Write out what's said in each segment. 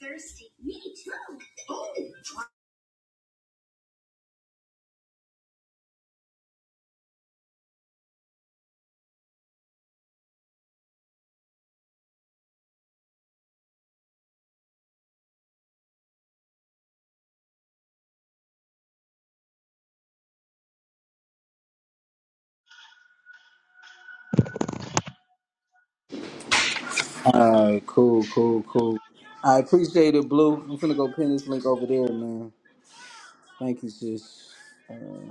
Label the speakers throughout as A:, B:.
A: Thirsty. Me too. Oh,
B: Alright, cool, cool, cool. I appreciate it, Blue. I'm finna go pin this link over there, man. Thank you, sis. Uh,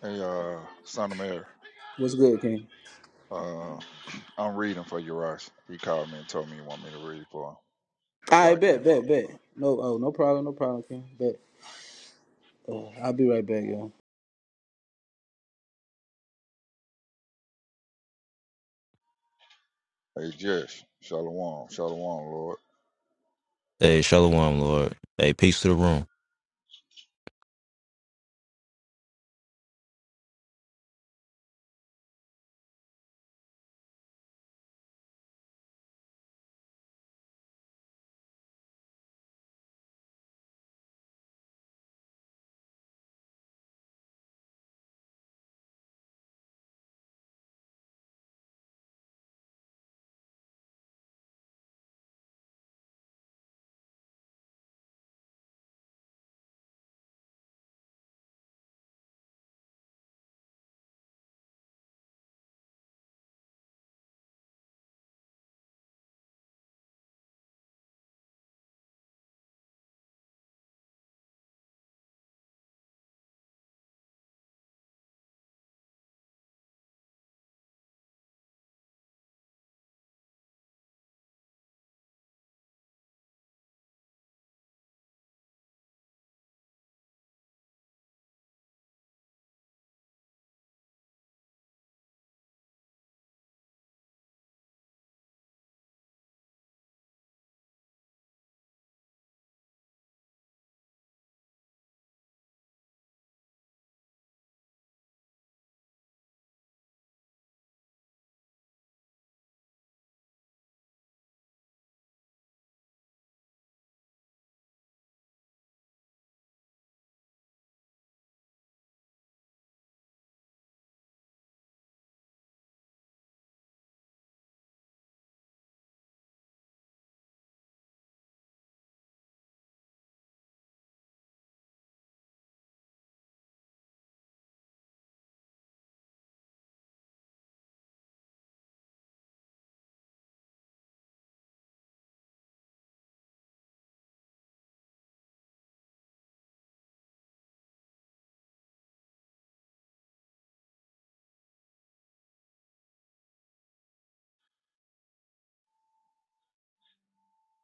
C: Hey, uh, Son of Mary,
B: what's good, King?
C: uh, I'm reading for you, He called me and told me he want me to read for him. That's why
B: I
C: I
B: bet,
C: came up.
B: bet, bet. No, oh, no problem, no problem, King. Bet. Uh, I'll be right back, y'all.
C: Hey, Jess, Shalom, Shalom, Lord.
D: Hey, shalom, Lord. Hey, peace to the room.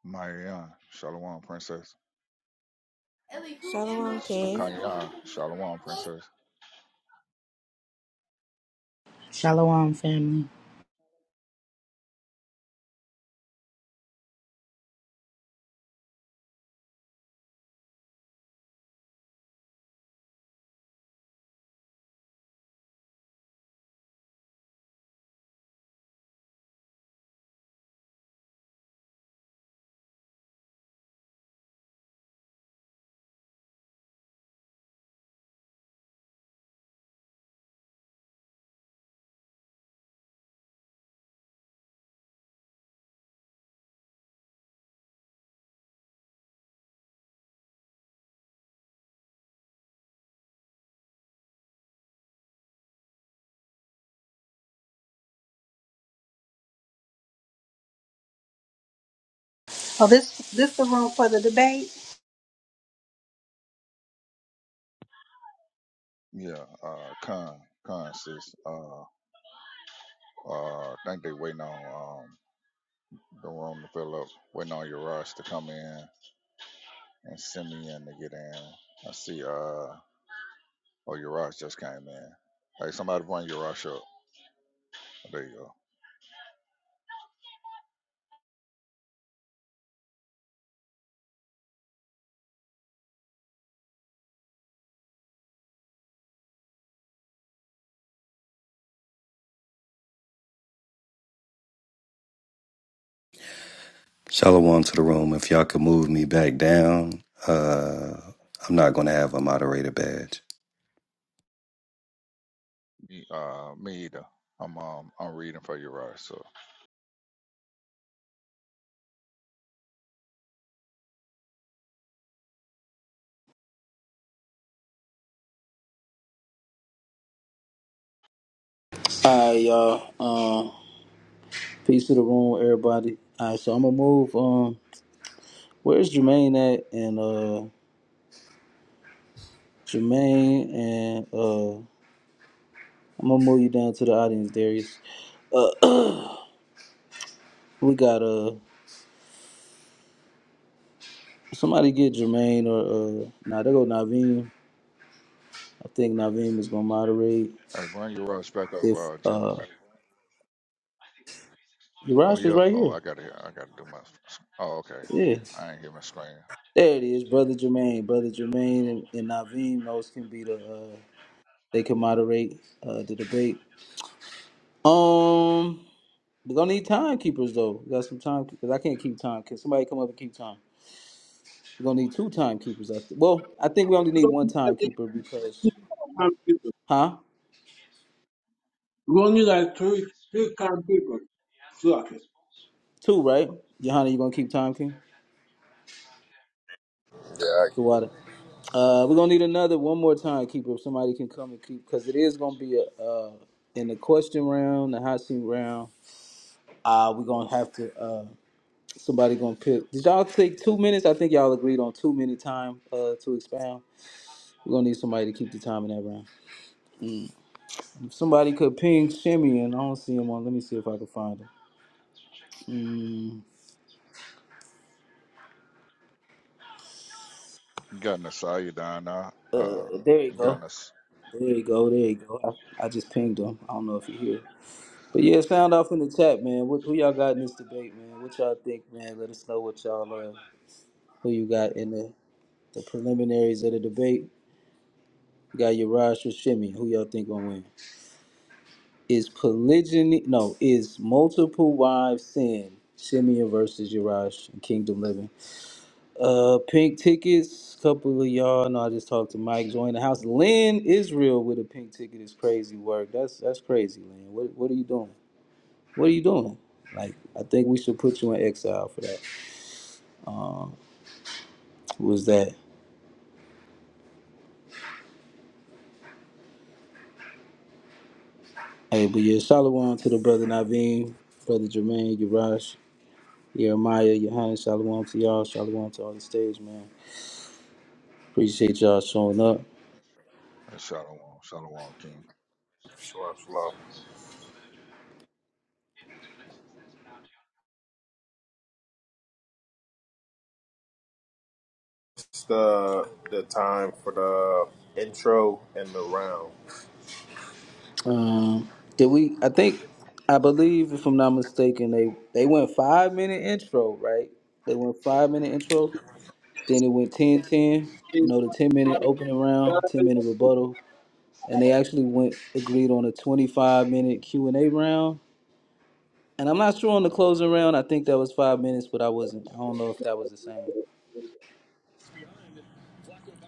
C: Marianne, Shalom, Princess.
E: Shalom
C: Sister
E: King.
C: Kanya, Shalom, Princess.
F: Shalom, family.
A: Oh, this this the room for the debate.
C: Yeah, uh, Khan, Khan, sis. Uh, uh, I think they waiting on, um, the room to fill up, waiting on Uriah to come in and send me in to get in. I see, uh, oh, Uriah just came in. Hey, somebody bring Uriah up. There you go.
G: Shalom to the room. If y'all could move me back down, uh, I'm not going to have a moderator badge.
C: Uh, me either. I'm um I'm reading for your rush. So
B: All right, y'all. Um, peace to the room, everybody. All right, so I'm gonna move. Um, where's Jermaine at? And uh, Jermaine and uh, I'm gonna move you down to the audience, Darius. We got uh, somebody get Jermaine or uh, nah, they go Naveen. I think Naveem is gonna moderate.
C: hey, bring your rush back up,
B: If
C: uh, Jim.
B: uh,
C: Oh
B: Urash is
C: yeah.
B: right
C: Oh,
B: here.
C: I gotta hear. I gotta do my.
B: Yeah,
C: I ain't hear my screen.
B: there it is, brother Jermaine. Brother Jermaine and, and Naveem those can be the uh, they can moderate uh the debate. Um, we're gonna need timekeepers though. We got some time because I can't keep time. Can somebody come up and keep time? We're gonna need two timekeepers. I well, I think we only
H: We
B: need one timekeeper because huh?
H: only as I three three kind of people, suck it.
B: Two, right? Johanna, you gonna keep time, King?
I: Yeah, I keep
B: The
I: can.
B: water. Uh, we're gonna need another one more time keeper. If somebody can come and keep, because it is gonna be a uh, in the question round, the hot seat round. Uh, we're gonna have to uh, somebody gonna pick. Did y'all take two minutes? I think y'all agreed on two minute time uh, to expound. We're gonna need somebody to keep the time in that round. If somebody could ping Shimmy, and I don't see him on. Let me see if I can find him. Mm,
C: You got Nasaya down now. Uh,
B: uh, there you
C: you got
B: go.
C: Nas
B: There you go. There you go. I, I just pinged him. I don't know if he here. But yeah, sound off in the chat, man. What, who y'all got in this debate, man? What y'all think, man? Let us know what y'all uh, who you got in the, the preliminaries of the debate. You got your Raj Shimmy. Who y'all think gonna win? Is polygyny no, is multiple wives sin? Shimeon versus Yaraj and Kingdom Living. Uh pink tickets, couple of y'all. No, I just talked to Mike. Join the house. Lynn Israel with a pink ticket is crazy work. That's that's crazy, Lynn. What what are you doing? what are you doing? Like, I think we should put you in exile for that. Um, was that? Hey, but yeah, shalom to the brother Naveen, brother Jermaine, Yarash, Jeremiah, Yohanan, shalom to y'all, shalom to all the stage, man. Appreciate y'all showing up.
C: uh, Shalom Shalom King.
I: Shalom, shalom. It's the the time for the intro and the rounds.
B: Um, did we? I think, I believe, if I'm not mistaken, they they went five minute intro, right? They went five minute intro.
H: It's,
B: Then it went 10 10. you
H: it's,
B: know, the 10 minute opening round, 10 minute rebuttal, and they actually went agreed on a 25 minute q&a round and i'm not sure on the closing round i think that was five minutes but i wasn't i don't know if that was the same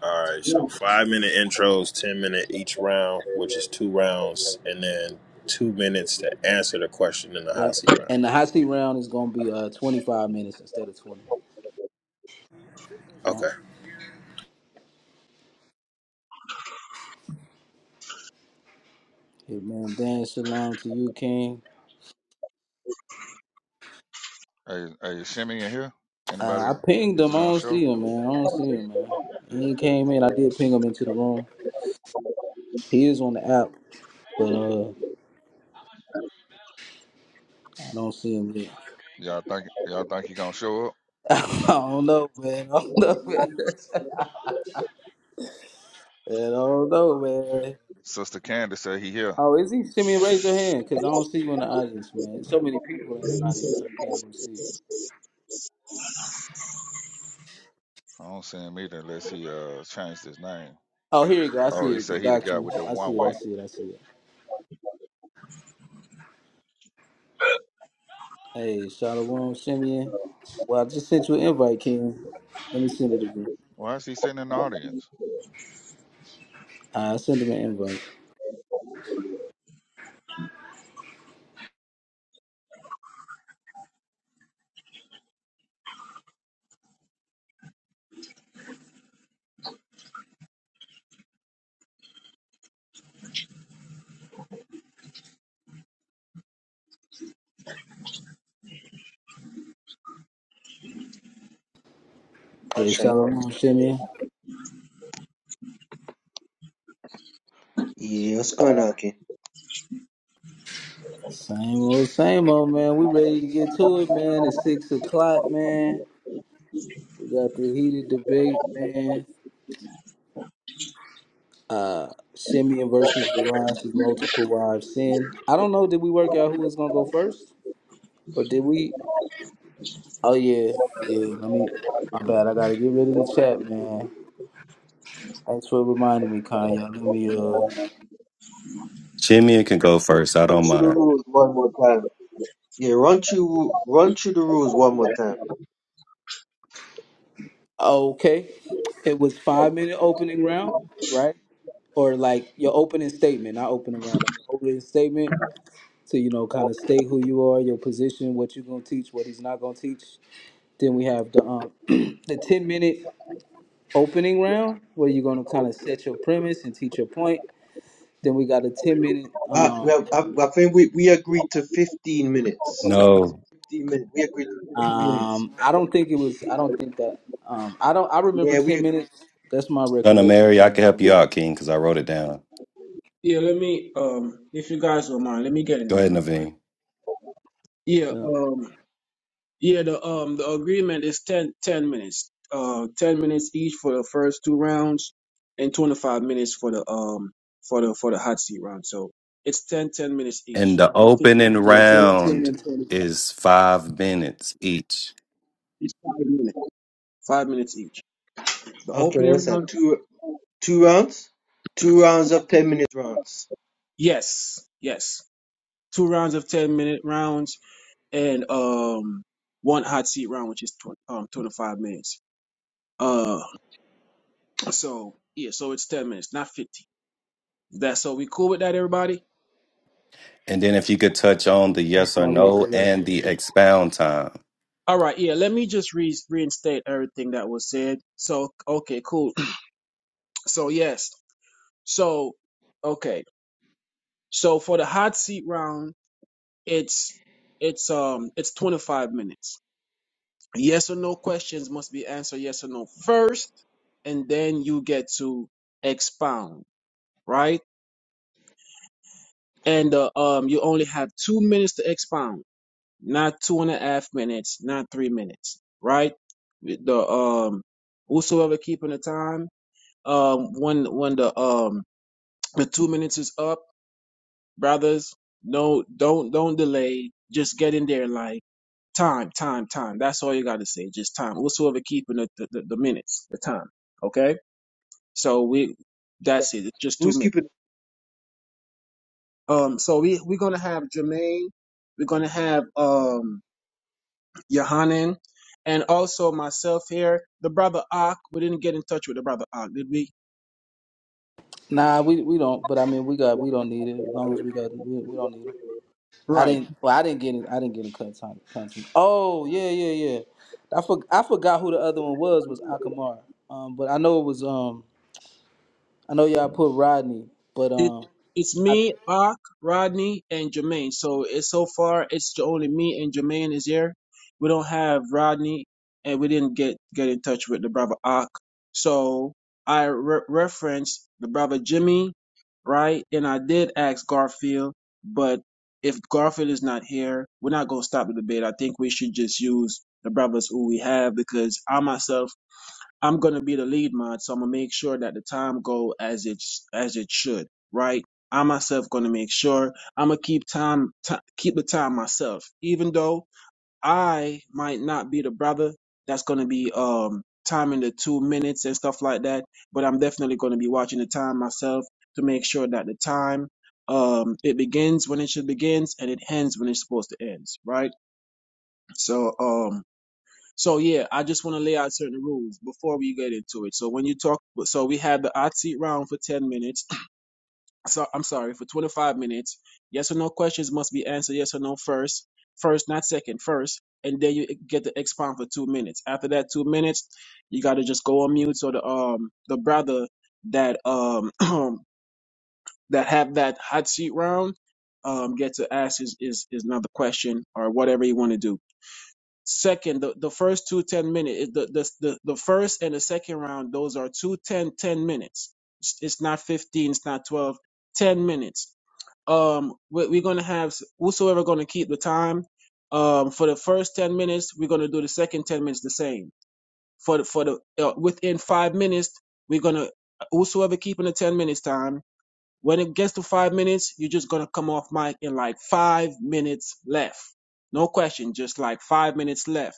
I: All right, so five minute intros, ten minute each round, which is two rounds, and then two minutes to answer the question in the
B: yep
I: hot seat round.
B: and the hot seat round is going to be uh 25 minutes instead of 20 yep.
I: Okay.
B: Hey man, Dan, shalom to you, King.
C: Hey, hey, Shimmy in here? Anybody?
B: Uh, I pinged
C: Is he
B: him. I
C: gonna
B: don't
C: show?
B: see him, man. I don't see him, man. He ain't came in. I did ping him into the room. He is on the app, but uh, I don't see him yet.
C: Y'all think y'all think he gonna show up?
B: I don't know, man. I don't know, man. Man, I don't know, man.
C: Sister Candace said he here.
B: Oh, is he? Simeon, raise your hand, cause I don't see you in the audience, man. There's So many people in the audience, I can't even see.
C: I don't see him either unless he uh changed his name.
B: Oh, here you go. I
C: Oh,
B: see
C: he
B: it. The
C: said he the guy
B: doctrine.
C: with the
B: I
C: one
B: see it. I
C: way.
B: see it. I see it. Hey, Shalom, Simeon. Well, I just sent you an invite, King. Let me send it again.
C: Why is he sitting in the audience?
B: I sent him an invite. Hey,
J: Arsenal.
B: Shalom, Simeon.
J: Yeah, let's go now, okay.
B: Same old, same old, man. We ready to get to it, man. It's six o'clock, man. We got the heated debate, man. uh Simeon versus Uriah's multiple wives sin. I don't know. Did we work out who was gonna go first, or did we? Oh yeah, yeah. Let me. My bad. I gotta get rid of the chat, man. Thanks for reminding me, Kanye. Let me. Uh.
G: Shimeon can go first. I
J: Run
G: don't
J: through the
G: mind.
J: rules one more time. Yeah, run through run through the rules one more time.
B: Okay. It was five minute opening round, right? Or like your opening statement, not opening round, like your opening statement to you know kind of state who you are, your position, what you're gonna teach, what he's not gonna teach. Then we have the um the ten minute opening round where you're going to kind of set your premise and teach your point. Then we got a 10 minute.
J: But we
B: Um,
J: have, I, I think we, we agreed to fifteen minutes.
G: No,
J: Fifteen minutes. We agreed to fifteen minutes.
B: um, I don't think it was, I don't think that, um, I don't, I remember
J: Yeah, we
B: 10 minutes. That's my
G: son of
B: recollection,
G: Mary, I
B: King.
G: can
B: I
G: help you
B: remember.
G: out, King, because I wrote it down.
H: yeah, let me um, if you guys don't mind, let me get in
G: Go
H: there
G: ahead,
H: real quick.
G: Naveen.
H: Yeah,
B: Yeah.
H: um, yeah, the um, the agreement is 10 10 minutes, uh, ten minutes each for the first two rounds, and twenty five minutes for the um, for the for the hot seat round. So it's 10 10 minutes
G: And
H: each,
G: the
H: not
G: opening
H: 15,
B: Yeah,
H: 10, ten
B: 10, ten
H: minutes.
G: round
B: and 25.
G: is five minutes each.
H: It's five minutes, five minutes each. The
J: okay.
H: opening
J: What's
H: round,
J: that? Two two rounds. Two rounds of ten minute rounds.
H: yes, yes. two rounds of 10 minute rounds and um one hot seat round which is tw- um 25 minutes uh so yeah so it's 10 minutes not 50 that so we cool with that everybody
G: And then if you could touch on the
B: That's
G: yes or
B: my
G: no and
B: recollection.
G: the expound time.
H: all right yeah let me just re- reinstate everything that was said so okay cool so yes so okay so for the hot seat round it's it's um it's 25 minutes yes or no questions must be answered yes or no first and then you get to expound right? And uh, um, you only have two minutes to expound, not two and a half minutes, not three minutes, right? The um, whosoever keeping the time, um, when when the um the two minutes is up, brothers, no, don't don't delay. Just get in there like time, time, time. That's all you got to say. Just time. Whosoever keeping the, the the the minutes, the time. Okay, so we that's it. It's just two
J: Who's
H: minutes.
J: keeping?
H: Um, so we we're gonna have Jermaine, we're gonna have um Yohanan, and also myself here. The brother Ak, we didn't get in touch with the brother Ak, did we?
B: Nah, we, we don't, but I mean, we got, we don't need it as long as we got, we, we don't need it. I
H: Right.
B: didn't, well, I didn't get it. I didn't get a cut time. Content. Oh, yeah, yeah, yeah. I, for, I forgot who the other one was, was Akamar. Um, but I know it was, um, I know y'all put Rodney, but
H: It,
B: um,
H: it's
B: I,
H: me, Ak, Rodney, and Jermaine. So it's so far it's only me and Jermaine is here. We don't have Rodney, and we didn't get get in touch with the brother Ak. So I re- referenced the brother Jimmy, right? And I did ask Garfield, but if Garfield is not here, we're not gonna stop the debate. I think we should just use the brothers who we have because I myself I'm gonna be the lead mod, so I'm gonna make sure that the time go as it's as it should, right? I myself gonna make sure I'm gonna keep time ti keep the time myself, even though I might not be the brother that's gonna be um timing the two minutes and stuff like that, but I'm definitely gonna be watching the time myself to make sure that the time um it begins when it should begins and it ends when it's supposed to end, right? So um so yeah, I just want to lay out certain rules before we get into it. So when you talk, so we have the hot seat round for ten minutes. So I'm sorry for 25 minutes. Yes or no questions must be answered. Yes or no first, first not second, first, and then you get to expound for two minutes. After that two minutes, you got to just go on mute. So the um the brother that um that have that hot seat round um get to ask his is another question or whatever you want to do. Second, the, the first two ten minutes, the, the, the, the first and the second round, those are two ten ten minutes. It's it's not 15, it's not 12, 10 minutes. Um, we're, we're going to have whosoever going to keep the time. Um, for the first 10 minutes, we're going to do the second 10 minutes the same. For the, for the, uh, within five minutes, we're going to, whosoever keeping the 10 minutes time, when it gets to five minutes, you're just going to come off mic in like five minutes left. No question, just like five minutes left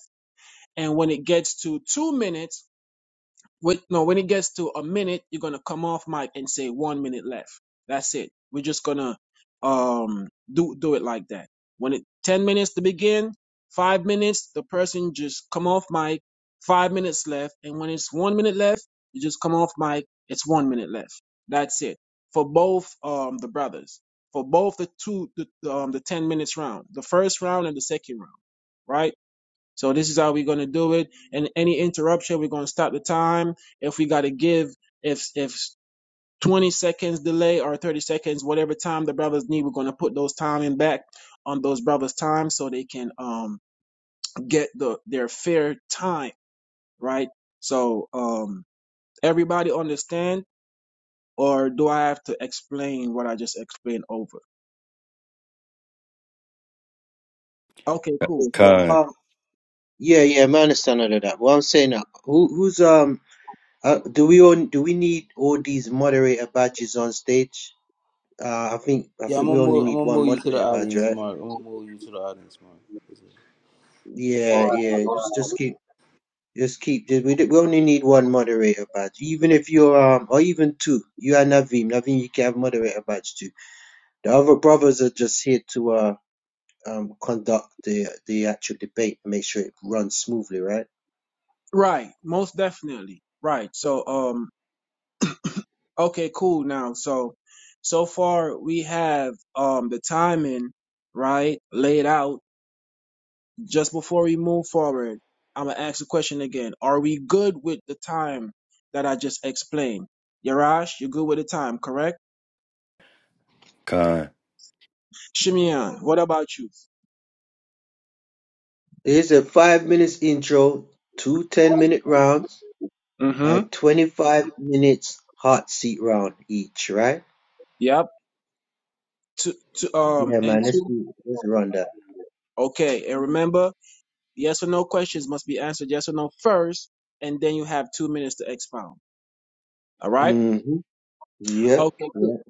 H: and when it gets to two minutes, wait, no, when it gets to a minute, you're gonna come off mic and say one minute left. That's it. We're just gonna um do do it like that. When it ten minutes to begin, five minutes, the person just come off mic, five minutes left, and when it's one minute left, you just come off mic, it's one minute left. That's it. For both um the brothers. For both the two the um the ten minutes round. The first round and the second round. Right? So this is how we're gonna do it. And any interruption, we're gonna stop the time. If we gotta give, if if 20 seconds delay or 30 seconds, whatever time the brothers need, we're gonna put those time in back on those brothers' time so they can um get the their fair time, right? So um everybody understand or do I have to explain what I just explained over? Okay, cool.
J: it? So,
G: Con,
J: um, yeah, yeah. I understand all of that. What I'm saying now, who who's um. Uh, do we all, do we need all these moderator badges on stage? Uh, I think I
B: yeah, I'm
J: think we
B: gonna
J: only
B: move. I'm
J: need
B: gonna
J: one
B: move you to the
J: moderator badge,
B: audience,
J: right?
B: Mark. I'm gonna move you to the audience, Mark.
J: Yeah, yeah. Just just keep just keep. just- We d- we only need one moderator badge. Even if you're um or even two. You and Naveem. Naveem, you can have moderator badge too. The other brothers are just here to uh um conduct the the actual debate and make sure it runs smoothly, right?
H: Right, most definitely. Right. So um Okay, cool. Now, so so far we have um the timing right laid out. Just before we move forward, I'm gonna ask the question again. Are we good with the time that I just explained? Yarash, you're good with the time, correct?
G: con.
H: Shimeon, what about you?
J: Here's a five minutes intro, two ten minute rounds,
H: Mm-hmm.
J: and 25 minutes hot seat round each, right?
H: Yep. Two, two, um,
J: Yeah,
H: and
J: man. Let's
H: two.
J: do let's run that.
H: Okay, and remember, yes or no questions must be answered yes or no first, and then you have two minutes to expound. All right.
J: Mm-hmm.
H: Okay.
J: Yep.
H: cool.
J: Yep.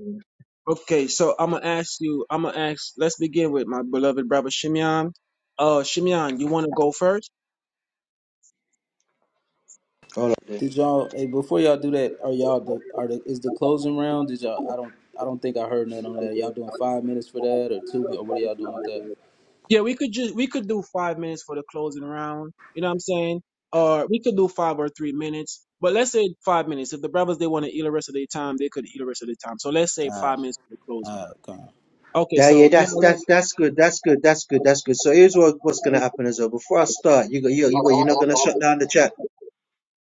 H: Okay, so I'm gonna ask you. I'm gonna ask. Let's begin with my beloved brother Shimeon. Uh, Shimeon, you want to go first?
J: All of then.
B: Did y'all? Hey, before y'all do that, are y'all the are the is the closing round? Did y'all? I don't. I don't think I heard nothing on that. Y'all doing five minutes for that or two? Or what are y'all doing with that?
H: Yeah, we could just we could do five minutes for the closing round. You know what I'm saying? Or we could do five or three minutes. But let's say five minutes. If the brothers they want to eat the rest of their time, they could eat the rest of their time. So let's say
B: All
H: five
B: right,
H: minutes for the closing
B: all right, come on.
H: round. Okay,
J: Yeah, yeah,
H: so
J: that's
H: now
J: that's that's good. That's good. That's good. That's good. So here's what what's gonna happen as well. Before I start, you go, you you what, you're not gonna shut down the chat.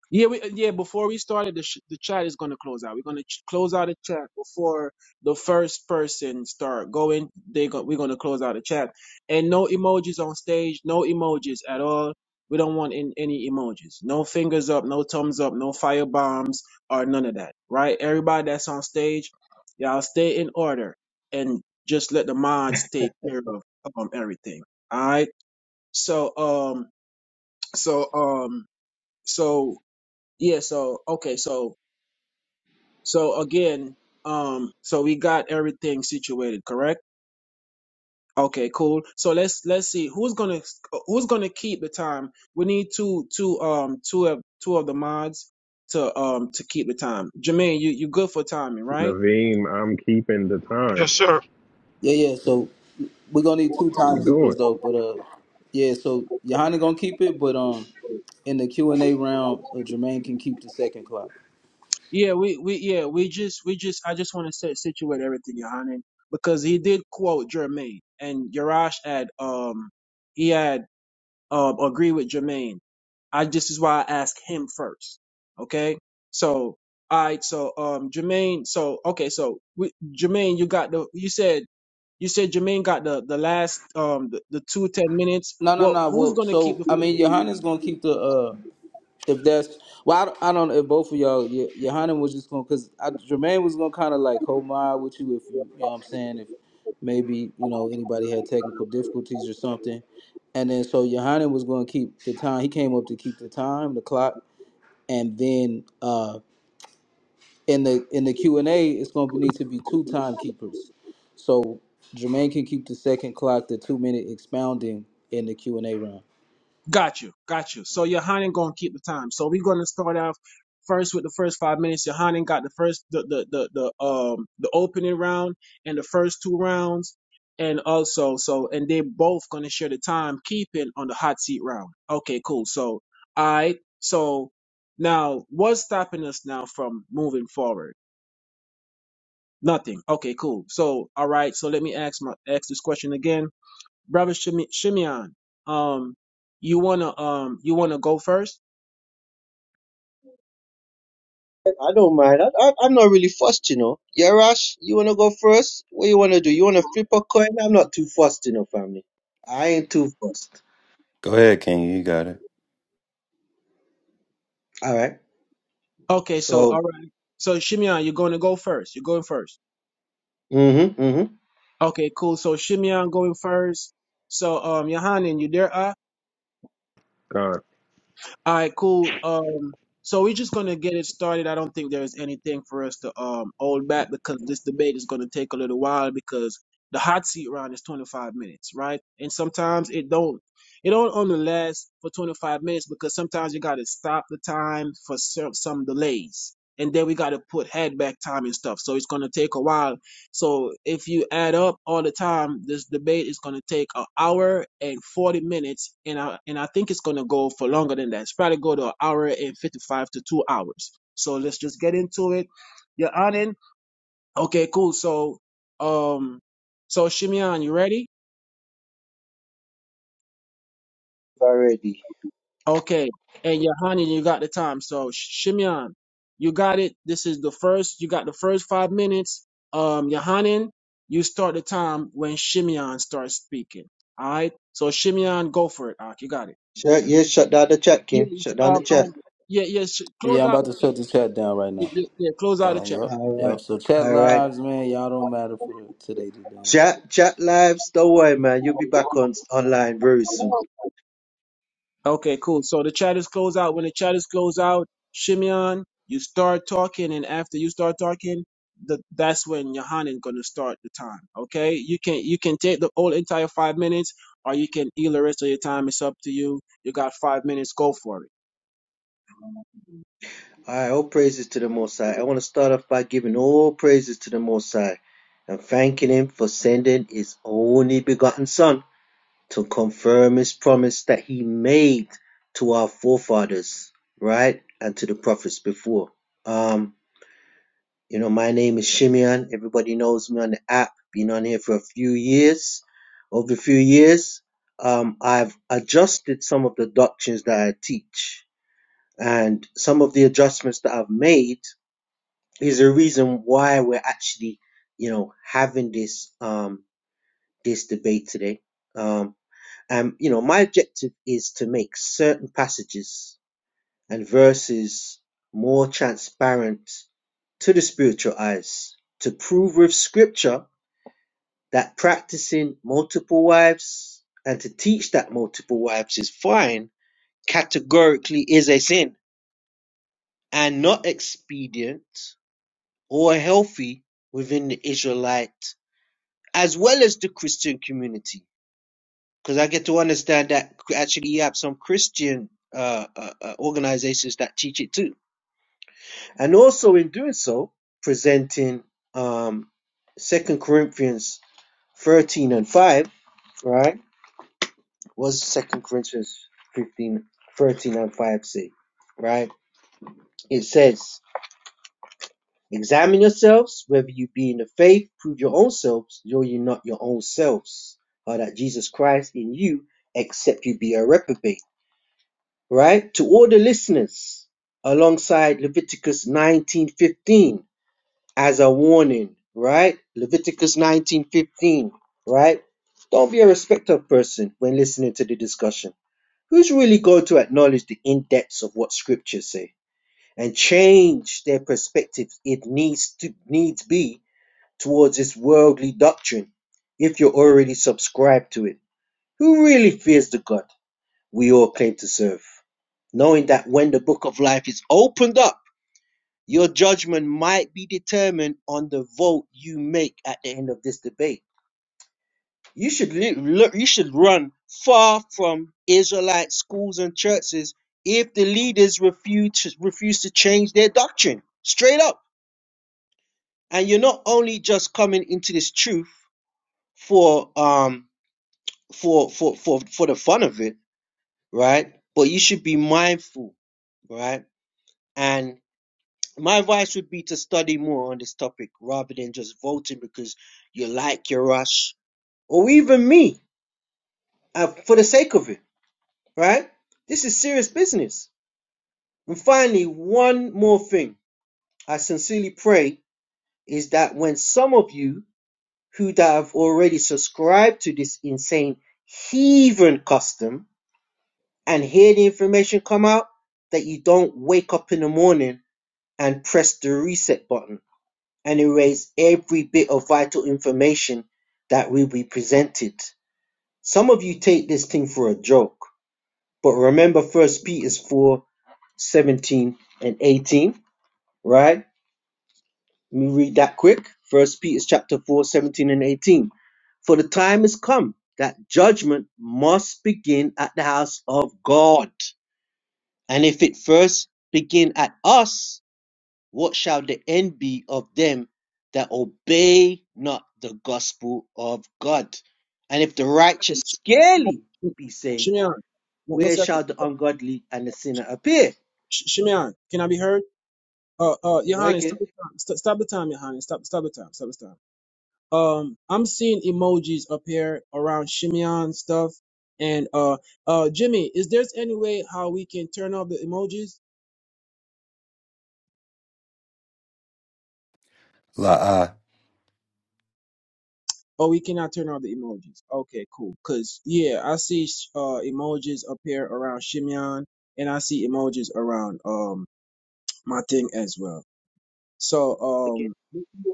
H: Yeah, we, uh, yeah. Before we started, the sh- the chat is gonna close out. We're gonna ch- close out the chat before the first person start going. They go, we're gonna close out the chat, and no emojis on stage. No emojis at all. We don't want in, any emojis. No fingers up. No thumbs up. No fire bombs or none of that. Right? Everybody that's on stage, y'all stay in order and just let the mods take care of um everything. All right. So um so um so. Yeah, so okay, so so again, um so we got everything situated, correct? Okay, cool. So let's let's see who's going to who's going to keep the time. We need two two um two of two of the mods to um to keep the time. Jermaine, you you good for timing, right?
I: Levine, I'm keeping the time.
K: Yes, sir.
B: Yeah, yeah. So we're gonna need two
I: What we
B: timekeepers
I: doing?
B: though. But uh, yeah. So Johanna gonna keep it, but um, in the Q and A round, uh, Jermaine can keep the second clock.
H: Yeah, we we yeah, we just we just I just want to set situate everything, Yohanan, because he did quote Jermaine and Yarash had um he had uh, agree with Jermaine. I this is why I asked him first. Okay. So all right. So um, Jermaine. So okay. So we, Jermaine, you got the. You said you said Jermaine got the the last um the, the two ten minutes.
B: No, no,
H: Well,
B: no.
H: who's
B: Well,
H: gonna keep
B: so
H: the
B: I mean, Johanna's gonna keep the uh, if that's well, I, don't- I don't know if both of y'all, Yo- Johanna was just gonna because Jermaine was gonna kind of like hold my eye with you if you, you know what I'm saying, if maybe you know anybody had technical difficulties or something, and then so Johanna was gonna keep the time. He came up to keep the time, the clock, and then uh, in the in the Q and A, it's gonna need to be two timekeepers. So Jermaine can keep the second clock, the two minute expounding in the Q and A round.
H: Got you, got you. So Yohanan gonna keep the time. So we're gonna start off first with the first five minutes. Yohanan got the first the the the, the um the opening round and the first two rounds. And also so and they both gonna share the time keeping on the hot seat round. Okay, cool. So I so now what's stopping us now from moving forward? Nothing. Okay, cool. So all right, so let me ask my ask this question again brother Shime- Shimeon, um, you wanna um, you wanna go first?
J: I don't mind. I, I I'm not really fussed, you know. Yarash, you wanna go first? What you wanna do? You wanna flip a coin? I'm not too fussed, you know, family. I ain't too fussed.
G: Go ahead, King. You got it.
J: All right.
H: Okay, so all
J: So,
H: right, so Shimeon, you're going to go first. You're going first.
J: mm-hmm, mm-hmm.
H: Okay, cool. So Shimeon going first. So um, Yohanan, you there? ah?
I: Con.
H: All right, cool. Um, so we're just gonna get it started. I don't think there's anything for us to um hold back because this debate is gonna take a little while because the hot seat round is 25 minutes, right? And sometimes it don't it don't only last for 25 minutes because sometimes you gotta stop the time for some some delays, and then we gotta put head back time and stuff. So it's gonna take a while so if you add up all the time, this debate is going to take an hour and 40 minutes, and I and I think it's going to go for longer than that. It's probably go to an hour and 55 to two hours. So let's just get into it. You're on in? Okay, cool. So, um, so Shimeon, you ready?
J: Already.
H: Okay, and Yohanan, you got the time. So Sh- Shimeon, you got it. This is the first. You got the first five minutes. Um, Yohanan, you start the time when Shimeon starts speaking. All right. So Shimeon, go for it. Ak, you got it.
J: Shut yeah, shut down the chat, King.
H: Yes.
J: Shut down the
H: Um.
J: chat.
H: um yeah. Yes. Yeah, sh-
B: Yeah,
H: close
B: I'm
H: out
B: about
H: the
B: to
H: chat.
B: shut the chat down right
H: Yeah,
B: now.
H: yeah. yeah, Close out the
B: Uh,
H: chat.
B: yep,
J: All right.
B: yep. So chat
J: All right.
B: lives, man, y'all don't matter for the, today, today.
J: Chat chat lives. Don't worry, man. You'll be back on online very soon.
H: Okay, cool. So the chat is closed out. When the chat is closed out, Shimeon, you start talking, and after you start talking, the, that's when Yohanan gonna start the time. Okay, you can you can take the whole entire five minutes, or you can eat the rest of your time. It's up to you. You got five minutes. Go for it.
J: All right, all praises to the Most High. I want to start off by giving all praises to the Most High and thanking Him for sending His only begotten Son to confirm His promise that He made to our forefathers, right, and to the prophets before. Um, you know, my name is Shimeon. Everybody knows me on the app. Been on here for a few years. Over a few years, um, I've adjusted some of the doctrines that I teach, and some of the adjustments that I've made is the reason why we're actually, you know, having this um this debate today. Um and you know, my objective is to make certain passages and verses more transparent to the spiritual eyes, to prove with scripture that practicing multiple wives and to teach that multiple wives is fine categorically is a sin and not expedient or healthy within the Israelite as well as the Christian community, because I get to understand that actually you have some Christian uh, uh, uh, organizations that teach it too, and also in doing so, presenting um, Second Corinthians thirteen and five, right? Was Second Corinthians 15, 13 and five say, right? It says. Examine yourselves whether you be in the faith, prove your own selves, know ye not your own selves, or that Jesus Christ in you, except you be a reprobate. Right? To all the listeners, alongside Leviticus 19:15 as a warning, right? Leviticus 19:15, right? Don't be a respecter of person when listening to the discussion. Who's really going to acknowledge the in-depths of what scriptures say and change their perspectives if needs to needs be towards its worldly doctrine if you're already subscribed to it? Who really fears the God we all claim to serve? Knowing that when the book of life is opened up, your judgment might be determined on the vote you make at the end of this debate. You should li- you should run far from Israelite schools and churches if the leaders refuse to, refuse to change their doctrine straight up. And you're not only just coming into this truth for um for for for for the fun of it, right? But you should be mindful, right? And my advice would be to study more on this topic rather than just voting because you like your rush, or even me, uh, for the sake of it, right? This is serious business. And finally, one more thing I sincerely pray is that when some of you who that have already subscribed to this insane heathen custom and hear the information come out that you don't wake up in the morning and press the reset button and erase every bit of vital information that will be presented. Some of you take this thing for a joke, but remember first Peter 4, 17 and 18, right? Let me read that quick. First Peter chapter 4, 17 and 18. For the time has come that judgment must begin at the house of God. And if it first begin at us, what shall the end be of them that obey not the gospel of God? And if the righteous
H: Second,
J: scarcely be
H: Sh-
J: saved,
H: Shimeon, one, one
J: where
H: second.
J: shall the ungodly and the sinner appear?
H: Sh- Shimeon, can I be heard? Uh, uh,
J: Okay,
H: Yohanan, stop the time. St- stop the time, Yohanan. Stop, stop the time. Stop the time. um I'm seeing emojis appear around Shimeon stuff. And uh uh Jimmy, is there's any way how we can turn off the emojis?
G: La'a.
H: Or we cannot turn off the emojis. Okay, cool. Cause yeah, I see uh emojis appear around Shimeon and I see emojis around um my thing as well. So
J: okay,
H: um,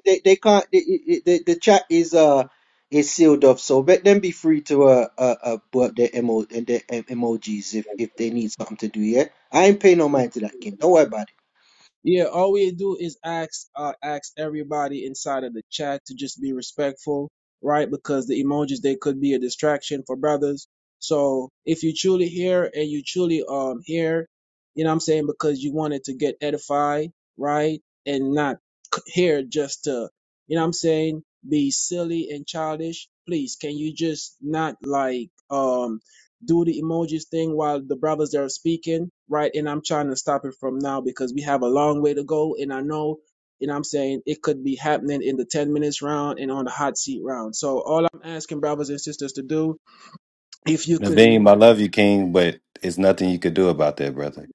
J: They, they can't. They, they, they- the chat is uh is sealed off, so let them be free to uh uh, uh put up their emo and their em- emojis if if they need something to do. Yeah, I ain't paying no mind to that, King. Don't worry about it.
H: Yeah, all we do is ask uh ask everybody inside of the chat to just be respectful, right? Because the emojis they could be a distraction for brothers. So if you truly here and you truly um here, you know what I'm saying, because you wanted to get edified, right? And not c- here just to, you know what I'm saying, be silly and childish. Please, can you just not like um do the emojis thing while the brothers are speaking, right? And I'm trying to stop it from now because we have a long way to go. And I know, and I'm saying it could be happening in the 10 minutes round and on the hot seat round. So all I'm asking brothers and sisters to do, if you could, not,
G: Naveem, I love you, King, but it's nothing you could do about that, brother.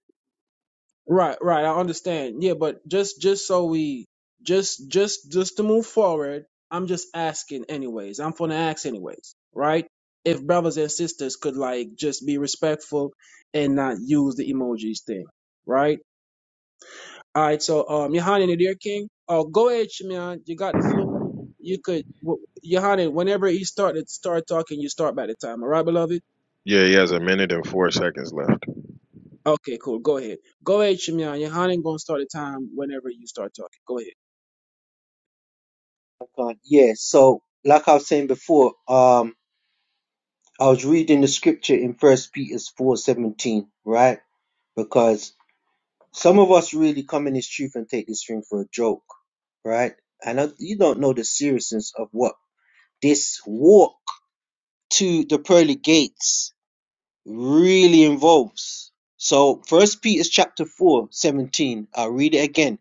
H: right, right, I understand. Yeah, but just, just so we, just, just, just to move forward, I'm just asking anyways. I'm going to ask anyways, right? If brothers and sisters could like just be respectful and not use the emojis thing, right? All right, so um, Yohanan, dear King, uh, go ahead, Shimeon. You got the floor. You could, w- Yohanan, whenever he started start talking, you start by the time. All right, beloved.
I: Yeah, he has a minute and four seconds left.
H: Okay, cool. Go ahead. Go ahead, Shimeon. Yohanan gonna start the time whenever you start talking. Go ahead.
J: God, yeah. So, like I was saying before, um, I was reading the scripture in First Peter's four seventeen, right? Because some of us really come in this truth and take this thing for a joke, right? And I, you don't know the seriousness of what this walk to the pearly gates really involves. So, First Peter's chapter four seventeen. I'll read it again,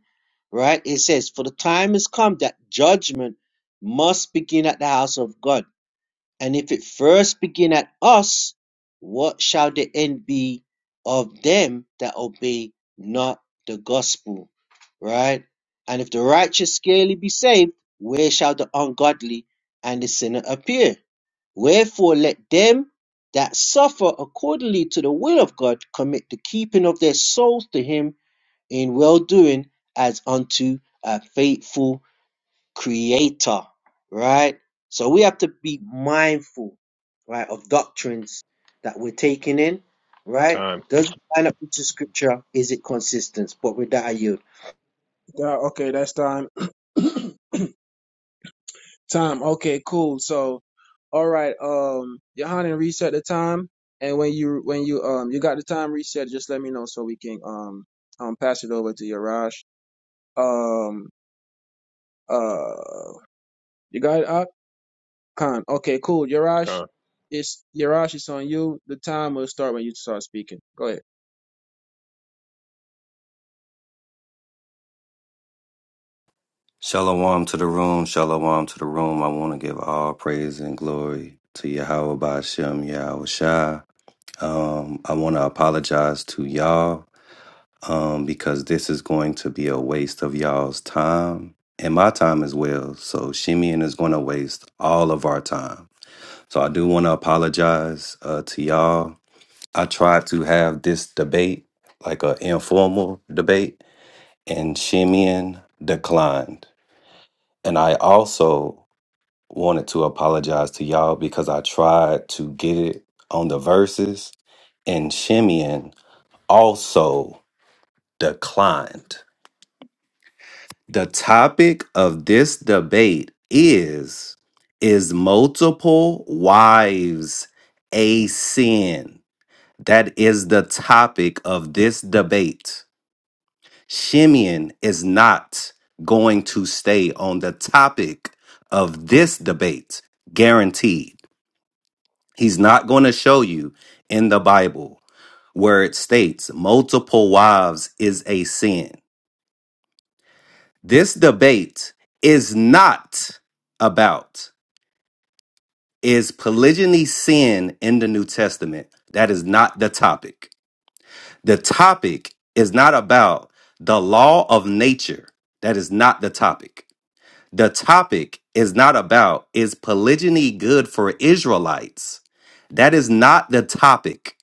J: right? It says, "For the time has come that judgment must begin at the house of God." And if it first begin at us, what shall the end be of them that obey not the gospel? Right? And if the righteous scarcely be saved, where shall the ungodly and the sinner appear? Wherefore let them that suffer accordingly to the will of God commit the keeping of their souls to him in well doing as unto a faithful creator, right? So we have to be mindful, right, of doctrines that we're taking in, right?
I: Time.
J: Does it line up with the scripture? Is it consistent? But with that, I yield.
H: Uh, okay, that's time. time. Okay, cool. So, all right, um, Yohanan, reset the time, and when you when you um you got the time reset, just let me know so we can um um pass it over to Yarash. Um uh, you got it, Ak? Khan. Okay, cool. Yarash,
I: Con.
H: it's Yarash. It's on you. The time will start when you start speaking. Go ahead.
G: Shalom to the room, shalom to the room. I want to give all praise and glory to Yahweh Bashem, Yahweh Shah. Um, I want to apologize to y'all um, because this is going to be a waste of y'all's time and my time as well. So Shimeon is going to waste all of our time. So I do want to apologize uh, to y'all I tried to have this debate, like an informal debate, and Shimeon declined. And I also wanted to apologize to y'all because I tried to get it on the verses, and Shimeon also declined. The topic of this debate is Is multiple wives a sin? That is the topic of this debate. Shimeon is not going to stay on the topic of this debate, guaranteed. He's not going to show you in the Bible where it states multiple wives is a sin. This debate is not about is polygyny sin in the New Testament. That is not the topic. The topic is not about the law of nature. That is not the topic. The topic is not about is polygyny good for Israelites? That is not the topic.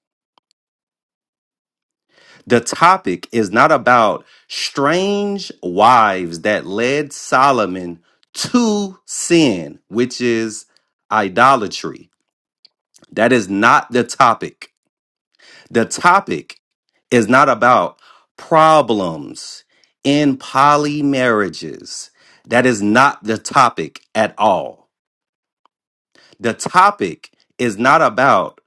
G: The topic is not about strange wives that led Solomon to sin, which is idolatry. That is not the topic. The topic is not about problems in poly marriages. That is not the topic at all. The topic is not about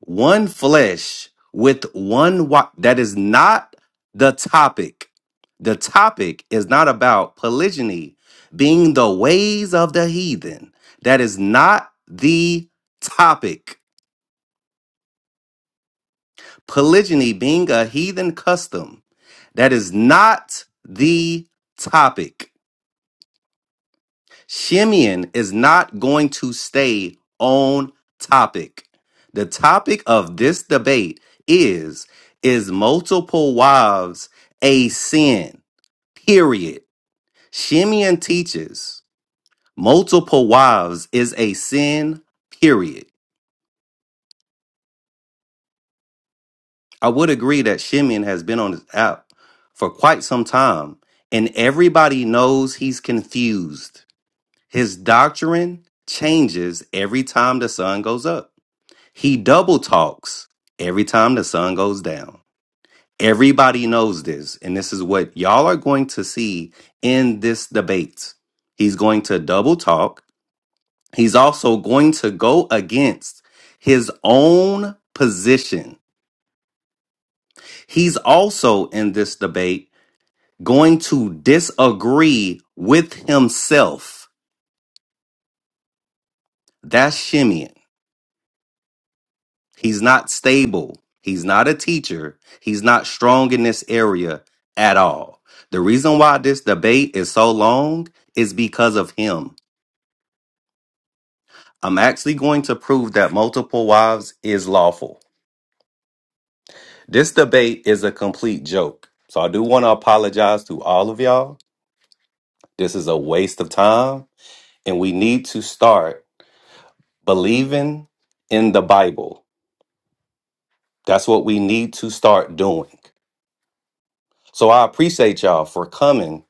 G: one flesh with one wife. That is not the topic. The topic is not about polygyny being the ways of the heathen. That is not the topic. Polygyny being a heathen custom. That is not the topic. Shimeon is not going to stay on topic. The topic of this debate is is multiple wives a sin? Period. Shimeon teaches multiple wives is a sin. Period. I would agree that Shimeon has been on this app for quite some time, and everybody knows he's confused. His doctrine changes every time the sun goes up. He double talks every time the sun goes down. Everybody knows this. And this is what y'all are going to see in this debate. He's going to double talk. He's also going to go against his own position. He's also in this debate going to disagree with himself. That's Shimeon. He's not stable. He's not a teacher. He's not strong in this area at all. The reason why this debate is so long is because of him. I'm actually going to prove that multiple wives is lawful. This debate is a complete joke. So I do want to apologize to all of y'all. This is a waste of time, and we need to start believing in the Bible. That's what we need to start doing. So I appreciate y'all for coming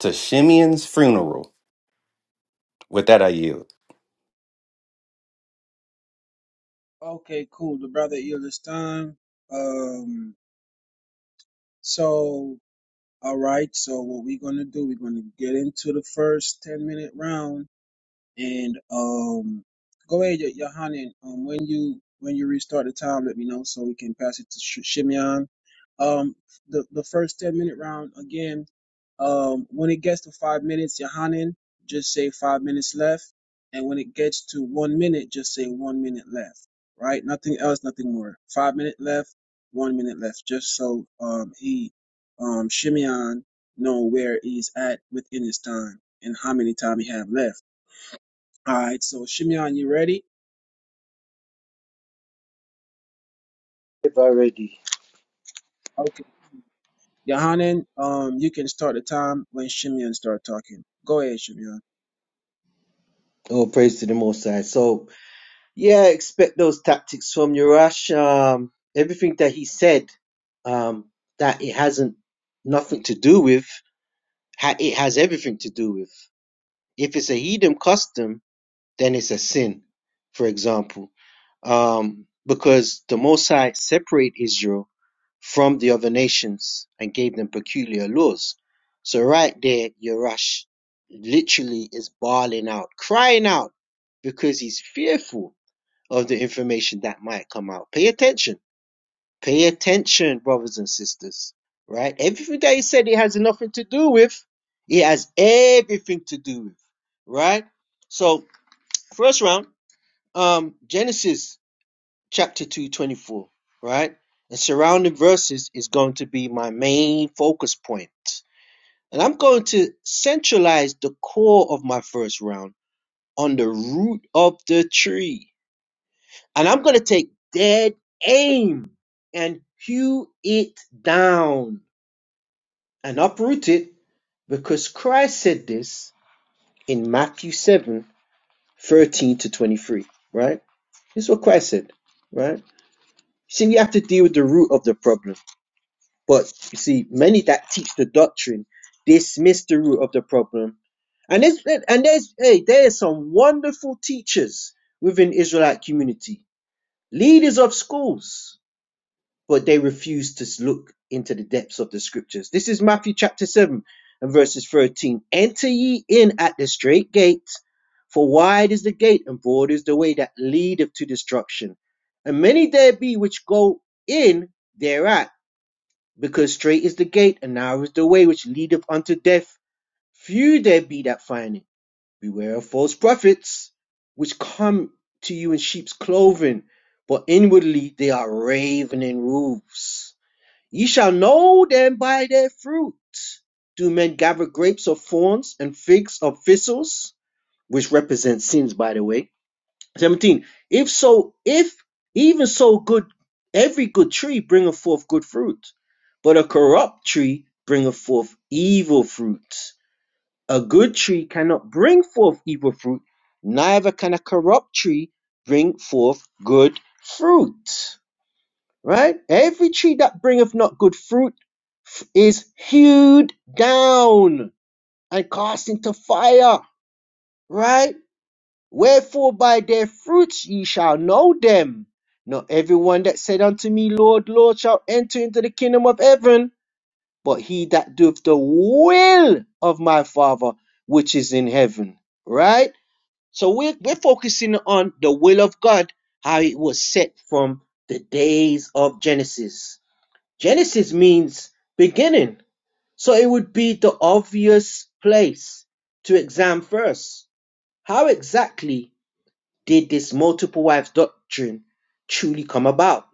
G: to Shimeon's funeral. With that, I yield.
H: Okay, cool. The brother Eula's time. Um, so all right. So what we're gonna do? We're gonna get into the first ten minute round. And um, go ahead, Yo- Yohanan. Um, when you when you restart the time, let me know so we can pass it to Sh- Shimeon. Um, the the first ten minute round again. Um, when it gets to five minutes, Yohanan, just say five minutes left. And when it gets to one minute, just say one minute left. Right? Nothing else, nothing more. Five minute left, one minute left. Just so um he um Shimeon know where he's at within his time and how many time he have left all right, so Shimeon, you ready?
J: If already,
H: Okay. Yohanan, um, you can start the time when Shimeon start talking. Go ahead, Shimeon.
J: Oh, praise to the Most High. So, yeah, expect those tactics from Urash. Um, everything that he said, um, that it hasn't nothing to do with, ha- it has everything to do with. If it's a heathen custom, then it's a sin, for example. Um, because the Most High separated Israel from the other nations and gave them peculiar laws. So right there, Yerash literally is bawling out, crying out, because he's fearful of the information that might come out. Pay attention. Pay attention, brothers and sisters. Right? Everything that he said it has nothing to do with, it has everything to do with. Right? So, first round um Genesis chapter 224, right? And surrounding verses is going to be my main focus point. And I'm going to centralize the core of my first round on the root of the tree. And I'm going to take dead aim and hew it down and uproot it because Christ said this in Matthew 713 to 23, right? This is what Christ said, right? see, we have to deal with the root of the problem. But you see, many that teach the doctrine dismiss the root of the problem. And there's and there's hey, there's some wonderful teachers within Israelite community, leaders of schools but they refuse to look into the depths of the scriptures. This is Matthew chapter 7 and verses 13. Enter ye in at the straight gate, for wide is the gate and broad is the way that leadeth to destruction. And many there be which go in thereat, because straight is the gate and narrow is the way which leadeth unto death. Few there be that find it. Beware of false prophets, which come to you in sheep's clothing, but inwardly they are ravening wolves. Ye shall know them by their fruit. Do men gather grapes of thorns and figs of thistles? Which represents sins, by the way. 17. If so, if even so good, every good tree bringeth forth good fruit, but a corrupt tree bringeth forth evil fruit. A good tree cannot bring forth evil fruit, neither can a corrupt tree bring forth good fruit right? Every tree that bringeth not good fruit is hewed down and cast into fire, right? Wherefore by their fruits ye shall know them. Not everyone that said unto me, Lord, Lord, shall enter into the kingdom of heaven, but he that doeth the will of my Father which is in heaven, right? So we're, we're focusing on the will of God, how it was set from the days of Genesis Genesis means beginning, so it would be the obvious place to examine first. How exactly did this multiple wives doctrine truly come about?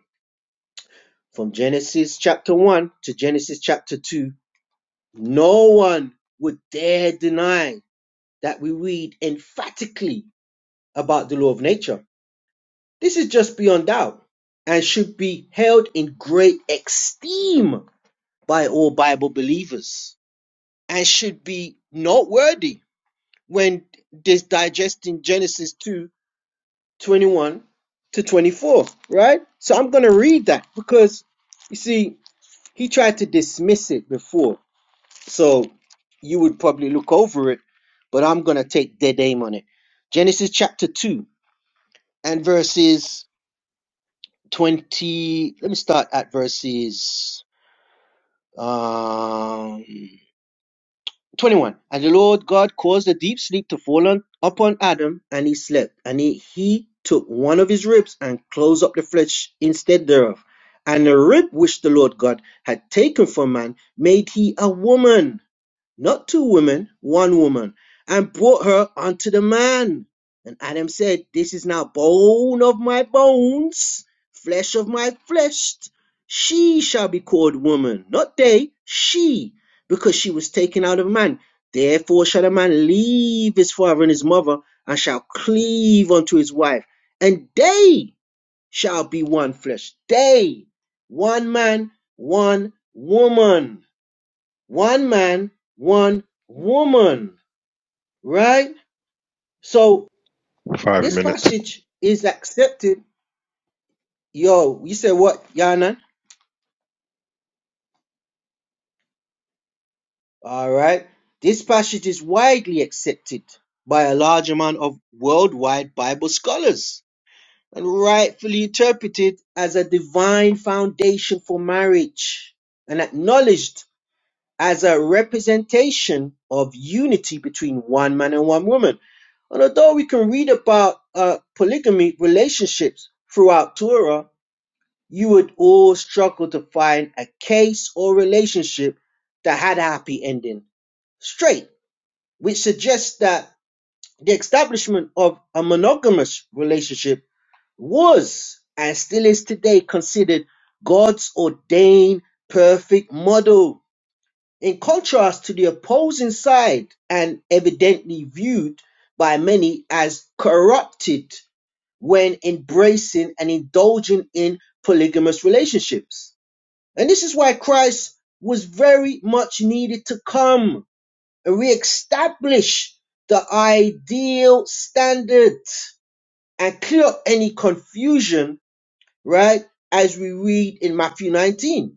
J: From Genesis chapter 1 to Genesis chapter 2, no one would dare deny that we read emphatically about the law of nature. This is just beyond doubt and should be held in great esteem by all Bible believers and should be noteworthy when this digesting Genesis 2 21 to 24, right? So I'm going to read that because you see, he tried to dismiss it before. So you would probably look over it, but I'm going to take dead aim on it. Genesis chapter 2 and verses 20. Let me start at verses. Um, 21. And the Lord God caused a deep sleep to fall upon Adam, and he slept. And he, he took one of his ribs and closed up the flesh instead thereof. And the rib which the Lord God had taken from man made he a woman not two women, one woman, and brought her unto the man. And Adam said, This is now bone of my bones, flesh of my flesh. She shall be called woman, not they, she, because she was taken out of man. Therefore shall a man leave his father and his mother, and shall cleave unto his wife, and they shall be one flesh. They, one man, one woman one man, one woman, right? So
I: Five
J: this
I: minutes.
J: passage is accepted. Yo, you say what, Yanan? All right. This passage is widely accepted by a large amount of worldwide Bible scholars and rightfully interpreted as a divine foundation for marriage and acknowledged as a representation of unity between one man and one woman. And although we can read about uh, polygamy relationships throughout Torah, you would all struggle to find a case or relationship that had a happy ending straight, which suggests that the establishment of a monogamous relationship was and still is today considered God's ordained perfect model in contrast to the opposing side and evidently viewed by many as corrupted when embracing and indulging in polygamous relationships. And this is why Christ was very much needed to come and re-establish the ideal standard and clear up any confusion, right? As we read in Matthew 19.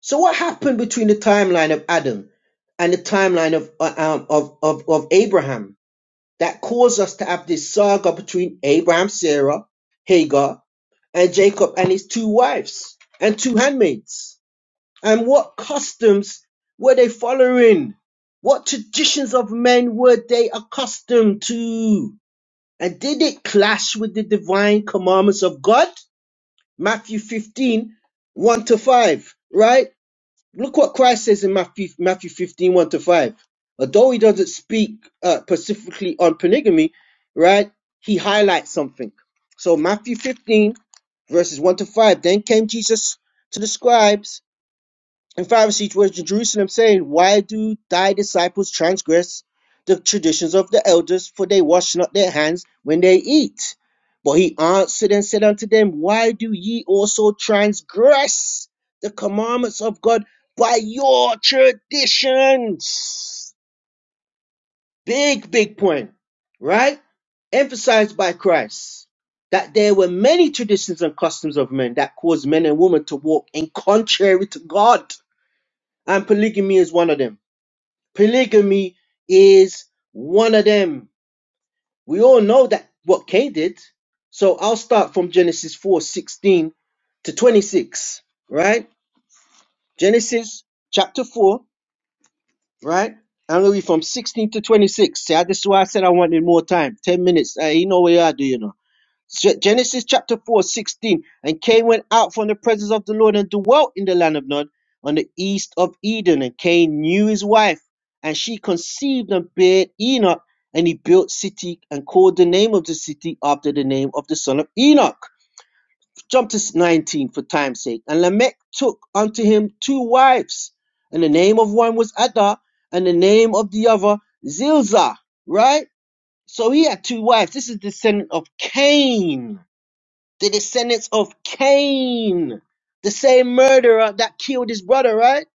J: So what happened between the timeline of Adam and the timeline of uh, um, of, of of Abraham that caused us to have this saga between Abraham, Sarah, Hagar, and Jacob and his two wives and two handmaids? And what customs were they following? What traditions of men were they accustomed to? And did it clash with the divine commandments of God? Matthew fifteen one to 5, right? Look what Christ says in Matthew, Matthew 15, one to 5. Although he doesn't speak uh, specifically on polygamy, right, he highlights something. So Matthew 15, verses 1 to 5. Then came Jesus to the scribes in Pharisee towards Jerusalem, saying, Why do thy disciples transgress the traditions of the elders, for they wash not their hands when they eat? But he answered and said unto them, Why do ye also transgress the commandments of God by your traditions? Big, big point, right? Emphasized by Christ that there were many traditions and customs of men that caused men and women to walk in contrary to God and polygamy is one of them. Polygamy is one of them. We all know that what Cain did. So I'll start from Genesis 4:16 to 26, right? Genesis chapter 4, right? I'm going to read from 16 to 26. See, I- this is why I said I wanted more time 10 minutes. Hey, you know where you are, do you know? Ge- Genesis chapter 4 16 And Cain went out from the presence of the Lord and dwelt in the land of Nod on the east of Eden. And Cain knew his wife, and she conceived and bare Enoch. And he built city and called the name of the city after the name of the son of Enoch. Jump to 19 for time's sake. And Lamech took unto him two wives, and the name of one was Ada, and the name of the other Zilzah. Right? So he had two wives. This is descendant of Cain the descendants of Cain, the same murderer that killed his brother, right?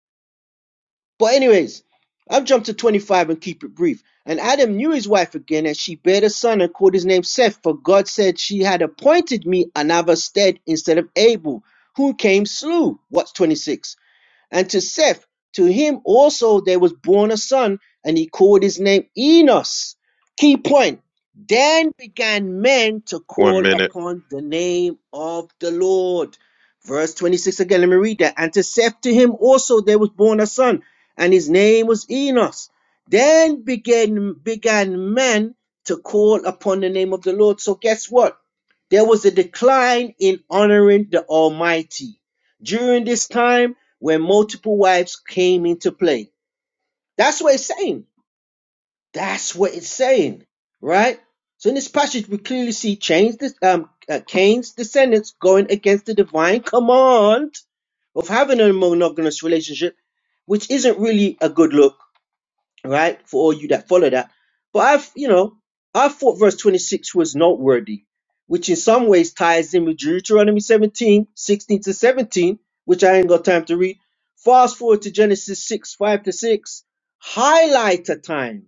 J: But anyways, I've jumped to 25 and keep it brief. And Adam knew his wife again, and she bare a son and called his name Seth, for God said she had appointed me another stead instead of Abel, who came slew. What's 26? And to Seth, to him also there was born a son, and he called his name Enos. Key point. Then began men to
I: One
J: call
I: minute.
J: upon the name of the Lord. Verse 26 again, let me read that. And to Seth, to him also there was born a son, and his name was Enos. Then began, began men to call upon the name of the Lord. So guess what? There was a decline in honoring the Almighty. During this time, where multiple wives came into play. That's what it's saying. That's what it's saying, right? So in this passage, we clearly see Cain's, um, uh, Cain's descendants going against the divine command of having a monogamous relationship, which isn't really a good look right? For all you that follow that. But I've, you know, I thought verse 26 was noteworthy, which in some ways ties in with Deuteronomy 17, 16 to 17, which I ain't got time to read. Fast forward to Genesis 6, 5 to 6. highlighter time.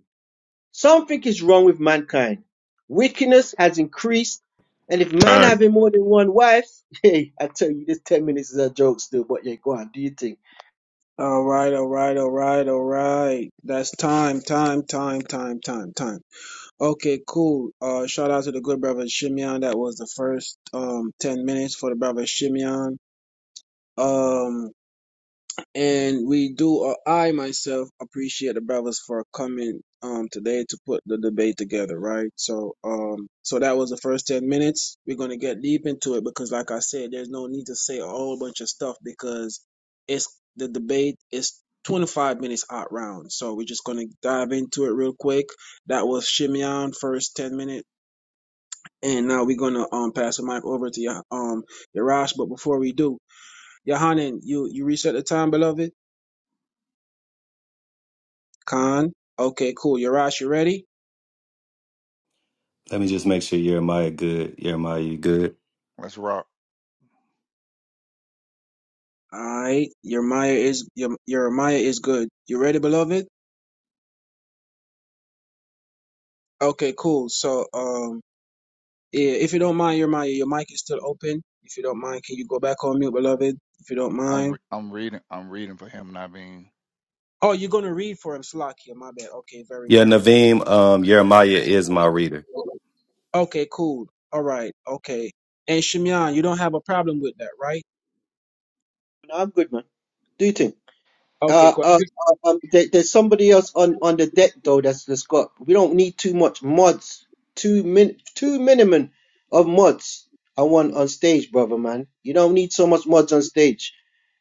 J: Something is wrong with mankind. Wickedness has increased. And if man
I: Time.
J: having more than one wife, hey, I tell you, this 10 minutes is a joke still, but yeah, go on, do you think?
H: All right, all right, all right, all right. That's time, time, time, time, time, time. Okay, cool. Uh, shout out to the good brother Shimeon. That was the first um ten minutes for the brother Shimeon. Um, And we do, or I myself appreciate the brothers for coming um today to put the debate together, right? So um so that was the first ten minutes. We're gonna get deep into it because like I said, there's no need to say a whole bunch of stuff because it's the debate is twenty five minutes out round. So we're just gonna dive into it real quick. That was Shimeon first ten minute. And now we're gonna um pass the mic over to your um Yarash. But before we do, Yohanan, you you reset the time, beloved? Khan. Okay, cool. Yarash, you ready?
G: Let me just make sure Jeremiah good. Jeremiah, you good?
C: Let's rock.
H: Alright. Your Maya is your your Maya is good. You ready, beloved? Okay, cool. So um yeah, if you don't mind, your Maya, your mic is still open. If you don't mind, can you go back on mute, beloved? If you don't
C: I'm
H: mind.
C: re- I'm reading I'm reading for him, not come
H: Oh, you're gonna read for him, Slakia, my bad. Okay, very
G: Yeah,
H: good.
G: Naveem, um, Jeremiah is my reader.
H: Okay, cool. All right, okay. And Shimyan, you don't have a problem with that, right?
J: No, I'm good, man. Do you think?
H: Okay,
J: Uh,
H: cool.
J: uh, uh, um, there, there's somebody else on, on the deck though. That's that's got. We don't need too much mods. Two min, two minimum of mods. I want on stage, brother man. You don't need so much mods on stage.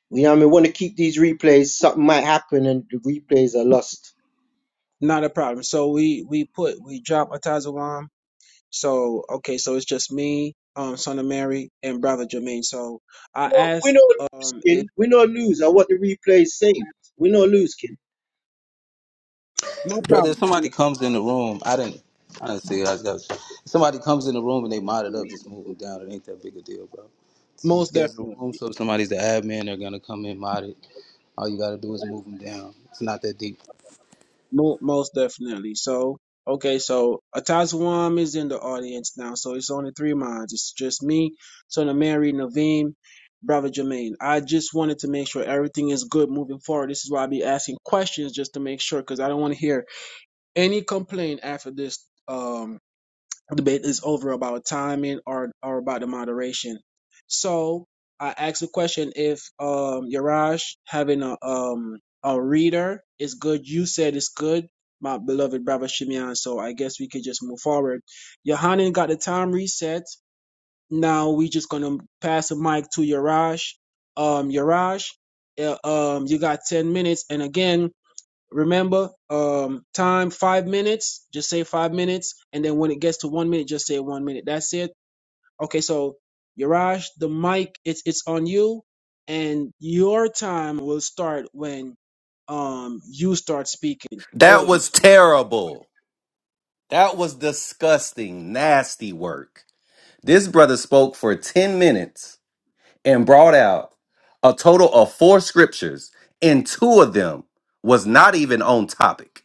J: You know what I mean? Want to keep these replays. Something might happen and the replays are lost.
H: Not a problem. So we we put we drop Atazawan So okay, so it's just me, um, son of Mary, and brother Jermaine. So I
J: No, We're
H: ask,
J: not
H: um, if
J: losing. We're not lose. I want the replays saved. We're not losing.
H: no
B: Brother,
H: problem,
B: if somebody comes in the room, I didn't, I didn't see it. I just got. If somebody comes in the room and they mod it up, just move them down. It ain't that big a deal, bro. It's a
H: most
B: scheduled room,
H: definitely,
B: so if somebody's the admin, they're gonna come in mod it. All you gotta do is move them down. It's not that deep.
H: Mo- most definitely. So okay, so Atazwam is in the audience now, so it's only three minds. It's just me, son of Mary, Naveem, brother Jermaine. I just wanted to make sure everything is good moving forward. This is why I be asking questions just to make sure, because I don't want to hear any complaint after this. Um, debate is over about timing or or about the moderation. So I asked the question if um Yaraj having a um a reader is good. You said it's good, my beloved brother Shimeon. So I guess we could just move forward. Yohanan got the time reset. Now we just gonna pass the mic to Yaraj. Um Yaraj, uh, um you got ten minutes and again Remember, um, time five minutes. Just say five minutes, and then when it gets to one minute, just say one minute. That's it. Okay, so Yaraj, the mic, it's it's on you, and your time will start when um you start speaking. Go
G: That
H: ahead.
G: was terrible. That was disgusting, nasty work. This brother spoke for 10 minutes and brought out a total of four scriptures, and two of them was not even on topic.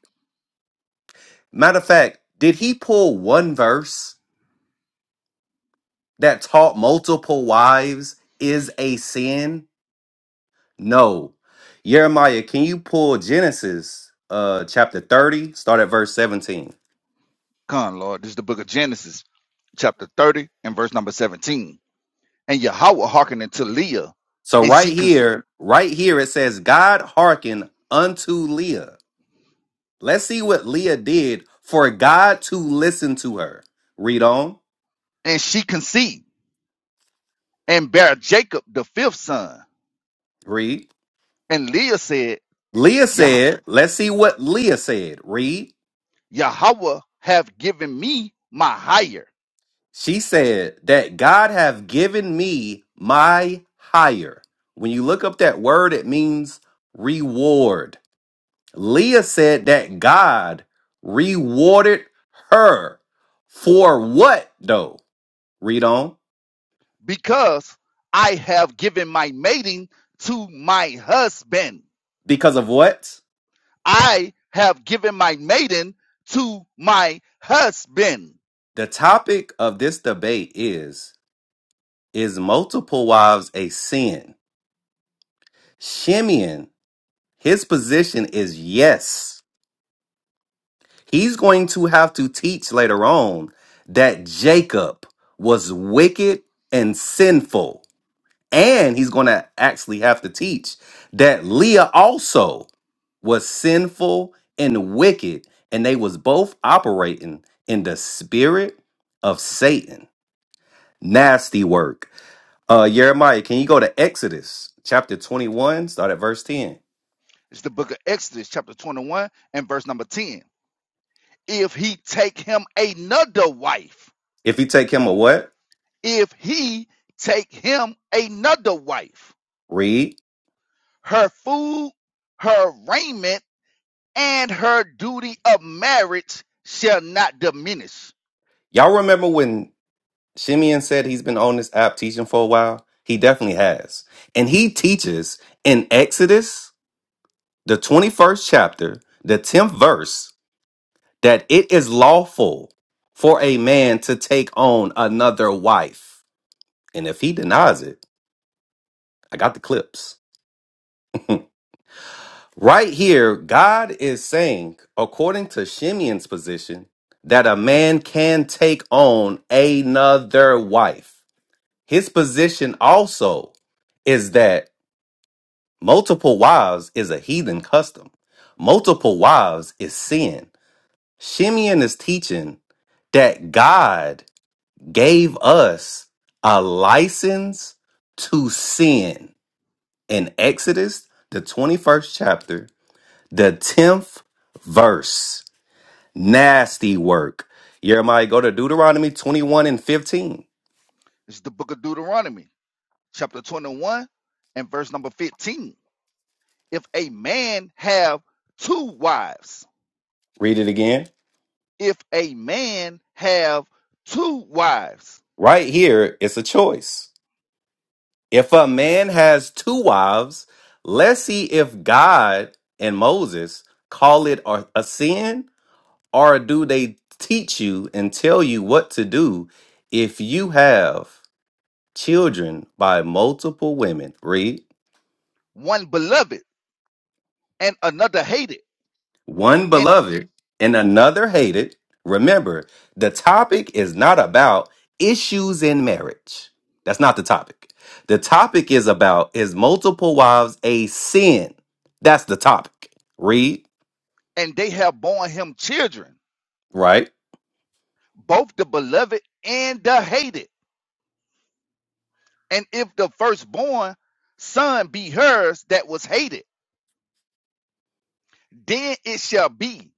G: Matter of fact, did he pull one verse? that taught multiple wives is a sin? No. Jeremiah, can you pull Genesis uh chapter 30, start at verse 17?
C: con Lord. This is the book of Genesis, chapter thirty and verse number seventeen. And Yahweh hearkened unto Leah,
G: So
C: and she
G: right
C: con-
G: here, right here it says, God hearkened unto Leah. Let's see what Leah did for God to listen to her. Read on.
C: and she conceived and bare Jacob the fifth son.
G: Read.
C: And Leah said,
G: Leah
C: Yah-
G: said, let's see what Leah said. Read.
C: Yahweh have given me my hire,
G: She said that God have given me my hire. When you look up that word, it means reward. Leah said that God rewarded her for what though? Read on.
C: because I have given my maiden to my husband.
G: Because of what?
C: I have given my maiden to my husband.
G: The topic of this debate is is multiple wives a sin? Shimeon, his position is yes. He's going to have to teach later on that Jacob was wicked and sinful. And he's going to actually have to teach that Leah also was sinful and wicked and they was both operating in the spirit of Satan. Nasty work. Uh Jeremiah, can you go to Exodus chapter 21 start at verse 10?
C: It's the book of Exodus, chapter 21, and verse number 10. If he take him another wife,
G: If you take him a what?
C: if he take him another wife,
G: Read.
C: her food, her raiment, and her duty of marriage shall not diminish.
G: Y'all remember when Shimeon said he's been on this app teaching for a while. He definitely has. And he teaches in Exodus, the 21st chapter, the 10th verse, that it is lawful for a man to take on another wife. And if he denies it, I got the clips. Right here, God is saying, according to Shimeon's position, that a man can take on another wife. His position also is that Multiple wives is a heathen custom. Multiple wives is sin. Shimeon is teaching that God gave us a license to sin in Exodus, the 21st chapter, the 10th verse. Nasty work. Jeremiah, go to Deuteronomy 21 and 15.
C: It's the book of Deuteronomy, chapter 21, and verse number 15. If a man have two wives,
G: Read it again.
C: if a man have two wives,
G: Right here, it's a choice. If a man has two wives, let's see if God and Moses call it a a sin, or do they teach you and tell you what to do if you have children by multiple women? Read.
C: one beloved, and another hated
G: one
C: and
G: beloved and another hated. Remember, the topic is not about issues in marriage. That's not the topic. The topic is about is multiple wives a sin? That's the topic. Read,
C: and they have borne him children
G: right,
C: both the beloved and the hated and if the firstborn son be hers that was hated then it shall be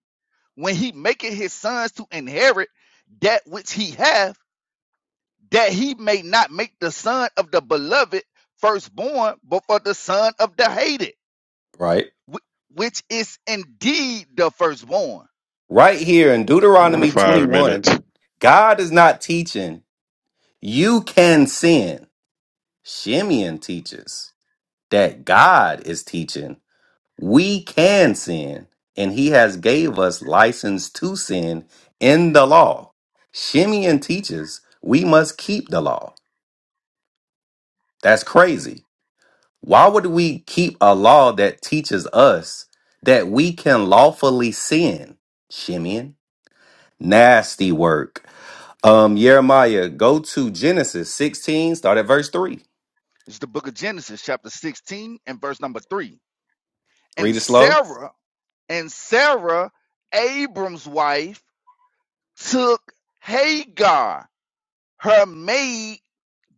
C: when he maketh his sons to inherit that which he hath that he may not make the son of the beloved firstborn but for the son of the hated
G: right.
C: wh- which is indeed the firstborn
G: Right here in Deuteronomy
I: Five minutes.
G: 21, God is not teaching you can sin. Shimeon teaches that God is teaching we can sin and he has gave us license to sin in the law shimeon teaches we must keep the law that's crazy why would we keep a law that teaches us that we can lawfully sin shimeon nasty work um jeremiah go to genesis 16 start at verse 3
C: it's the book of genesis chapter 16 and verse number 3 and
G: read it slow
C: Sarah and Sarah, Abram's wife, took Hagar, her maid,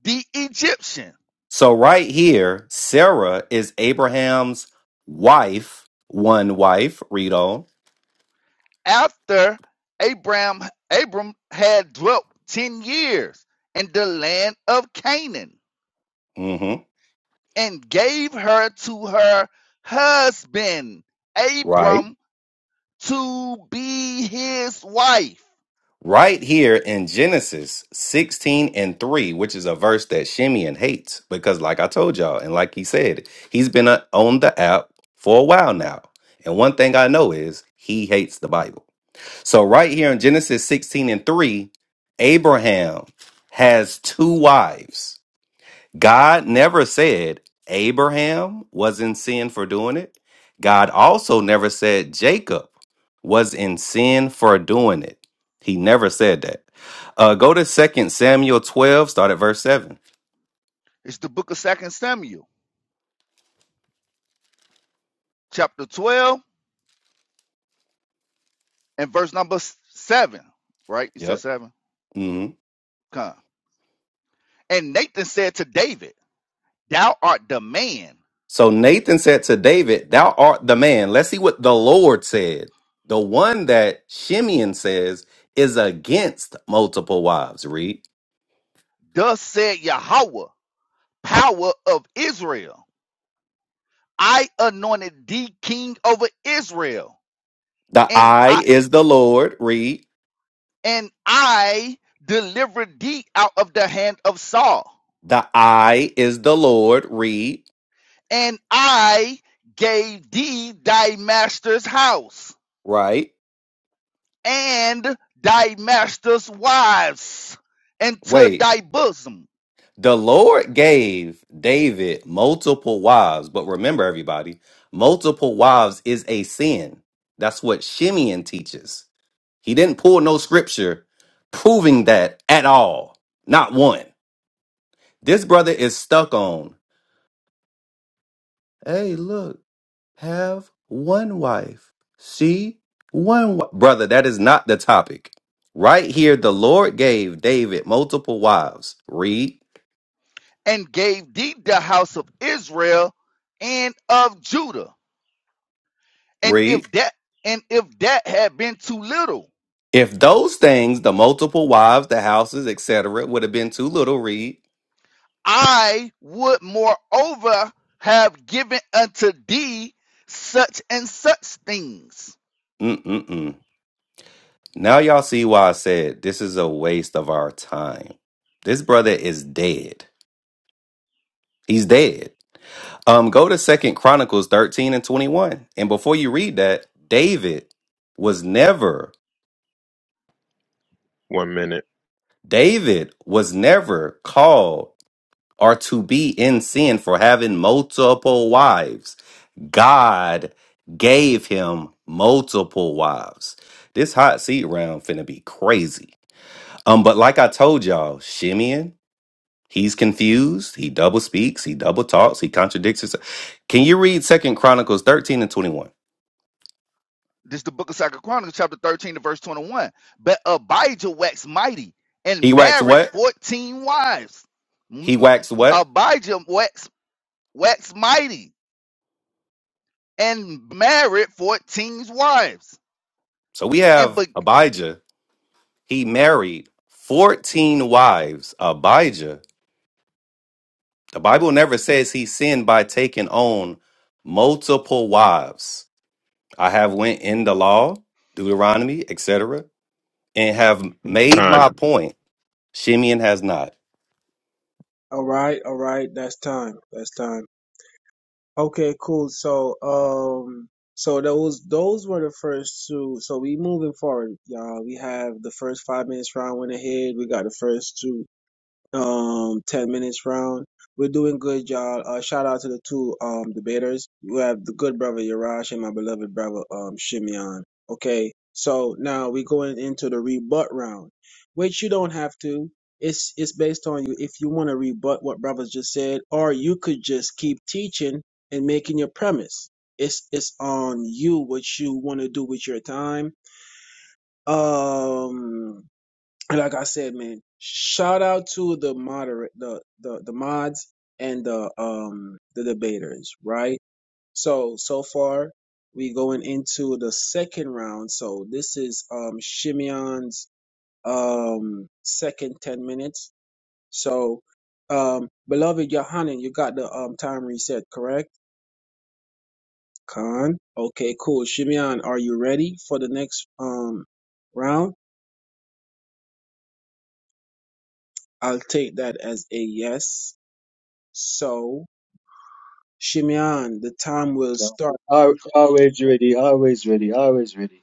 C: the Egyptian,
G: So, right here, Sarah is Abraham's wife, one wife, read on.
C: after Abram Abram had dwelt ten years in the land of Canaan,
G: hmm
C: and gave her to her husband
G: Right.
C: Abram to be his wife.
G: Right here in Genesis 16 and 3, which is a verse that Shimeon hates because, like I told y'all, and like he said, he's been uh, on the app for a while now. And one thing I know is he hates the Bible. So, right here in Genesis 16 and 3, Abraham has two wives God never said Abraham was in sin for doing it. God also never said Jacob was in sin for doing it. He never said that. Uh, go to Second Samuel 12, start at verse 7.
C: It's the book of Second Samuel, chapter twelve and verse number seven, right? You said
G: Yep.
C: seven.
G: hmm
C: Come. And Nathan said to David, Thou art the man.
G: So Nathan said to David, Thou art the man. Let's see what the Lord said. The one that Shimeon says is against multiple wives. Read.
C: Thus said Yahweh, power of Israel. I anointed thee king over Israel,
G: The
C: and
G: eye
C: I
G: is the Lord. Read.
C: and I delivered thee out of the hand of Saul,
G: The I is the Lord, read,
C: and I gave thee thy master's house
G: right?
C: and thy master's wives into
G: Wait.
C: thy bosom
G: The Lord gave David multiple wives, but remember, everybody, multiple wives is a sin. That's what Shimeon teaches. He didn't pull no scripture proving that at all. Not one. This brother is stuck on, hey, look. Have one wife. See? One wi- brother, that is not the topic. Right here the Lord gave David multiple wives. Read.
C: and gave thee the house of Israel and of Judah. And
G: Read.
C: if that and if that had been too little,
G: If those things, the multiple wives, the houses, etc., would have been too little, read.
C: I would moreover have given unto thee such and such things.
G: Mm-mm-mm. Now y'all see why I said this is a waste of our time. This brother is dead. He's dead. Um, go to Second Chronicles 13 and 21. And before you read that, David was never
I: One minute.
G: David was never called or to be in sin for having multiple wives. God gave him multiple wives. This hot seat round finna be crazy. Um, but like I told y'all, Shimeon, he's confused. He double speaks. He double talks. He contradicts himself. Can you read Second Chronicles thirteen and twenty one?
C: This is the book of Second Chronicles, chapter 13 to verse 21. But Abijah waxed mighty
G: He
C: and
G: waxed
C: married
G: what?
C: 14 wives.
G: He waxed what?
C: Abijah waxed, waxed mighty and married 14 wives.
G: So we
C: And
G: have
C: begat.
G: Abijah. He married fourteen wives. Abijah The Bible never says he sinned by taking on multiple wives. I have went in the law, Deuteronomy, etc., and have made my
I: Time.
G: point. Shimeon has not.
H: All right, all right. That's time. That's time. Okay, cool. So um, so those those were the first two. So we moving forward, y'all. We have the first five minutes round went ahead. We got the first two um 10 minutes round. We're doing good, y'all. Uh, shout out to the two um debaters. You have the good brother Yarash and my beloved brother um Shimeon. Okay, so now we're going into the rebut round, which you don't have to. It's it's based on you if you want to rebut what brothers just said, or you could just keep teaching and making your premise. It's it's on you what you want to do with your time. Um and like I said, man, shout out to the moderate, the the the mods and the um the debaters, right? So so far we going into the second round. So this is um Shimeon's um second ten minutes. So um beloved Yohanan, you got the um time reset, correct? Khan. Okay, cool. Shimeon, are you ready for the next um round? I'll take that as a yes. So Shimeon, the time will start.
J: Always ready. Always ready. Always ready.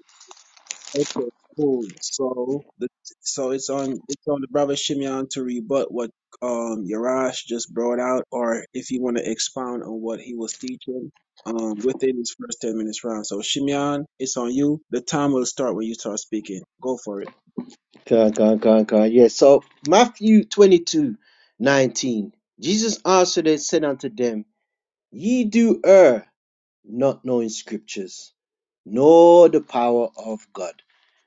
H: Okay, cool. So the so it's on it's on the brother Shimeon to rebut what um Yarash just brought out, or if you want to expound on what he was teaching um within his first ten minutes round. So Shimeon, it's on you. The time will start when you start speaking. Go for it.
J: God, God, God, God. Yeah. So Matthew 22, 19. Jesus answered and said unto them, Ye do err, not knowing scriptures, nor the power of God.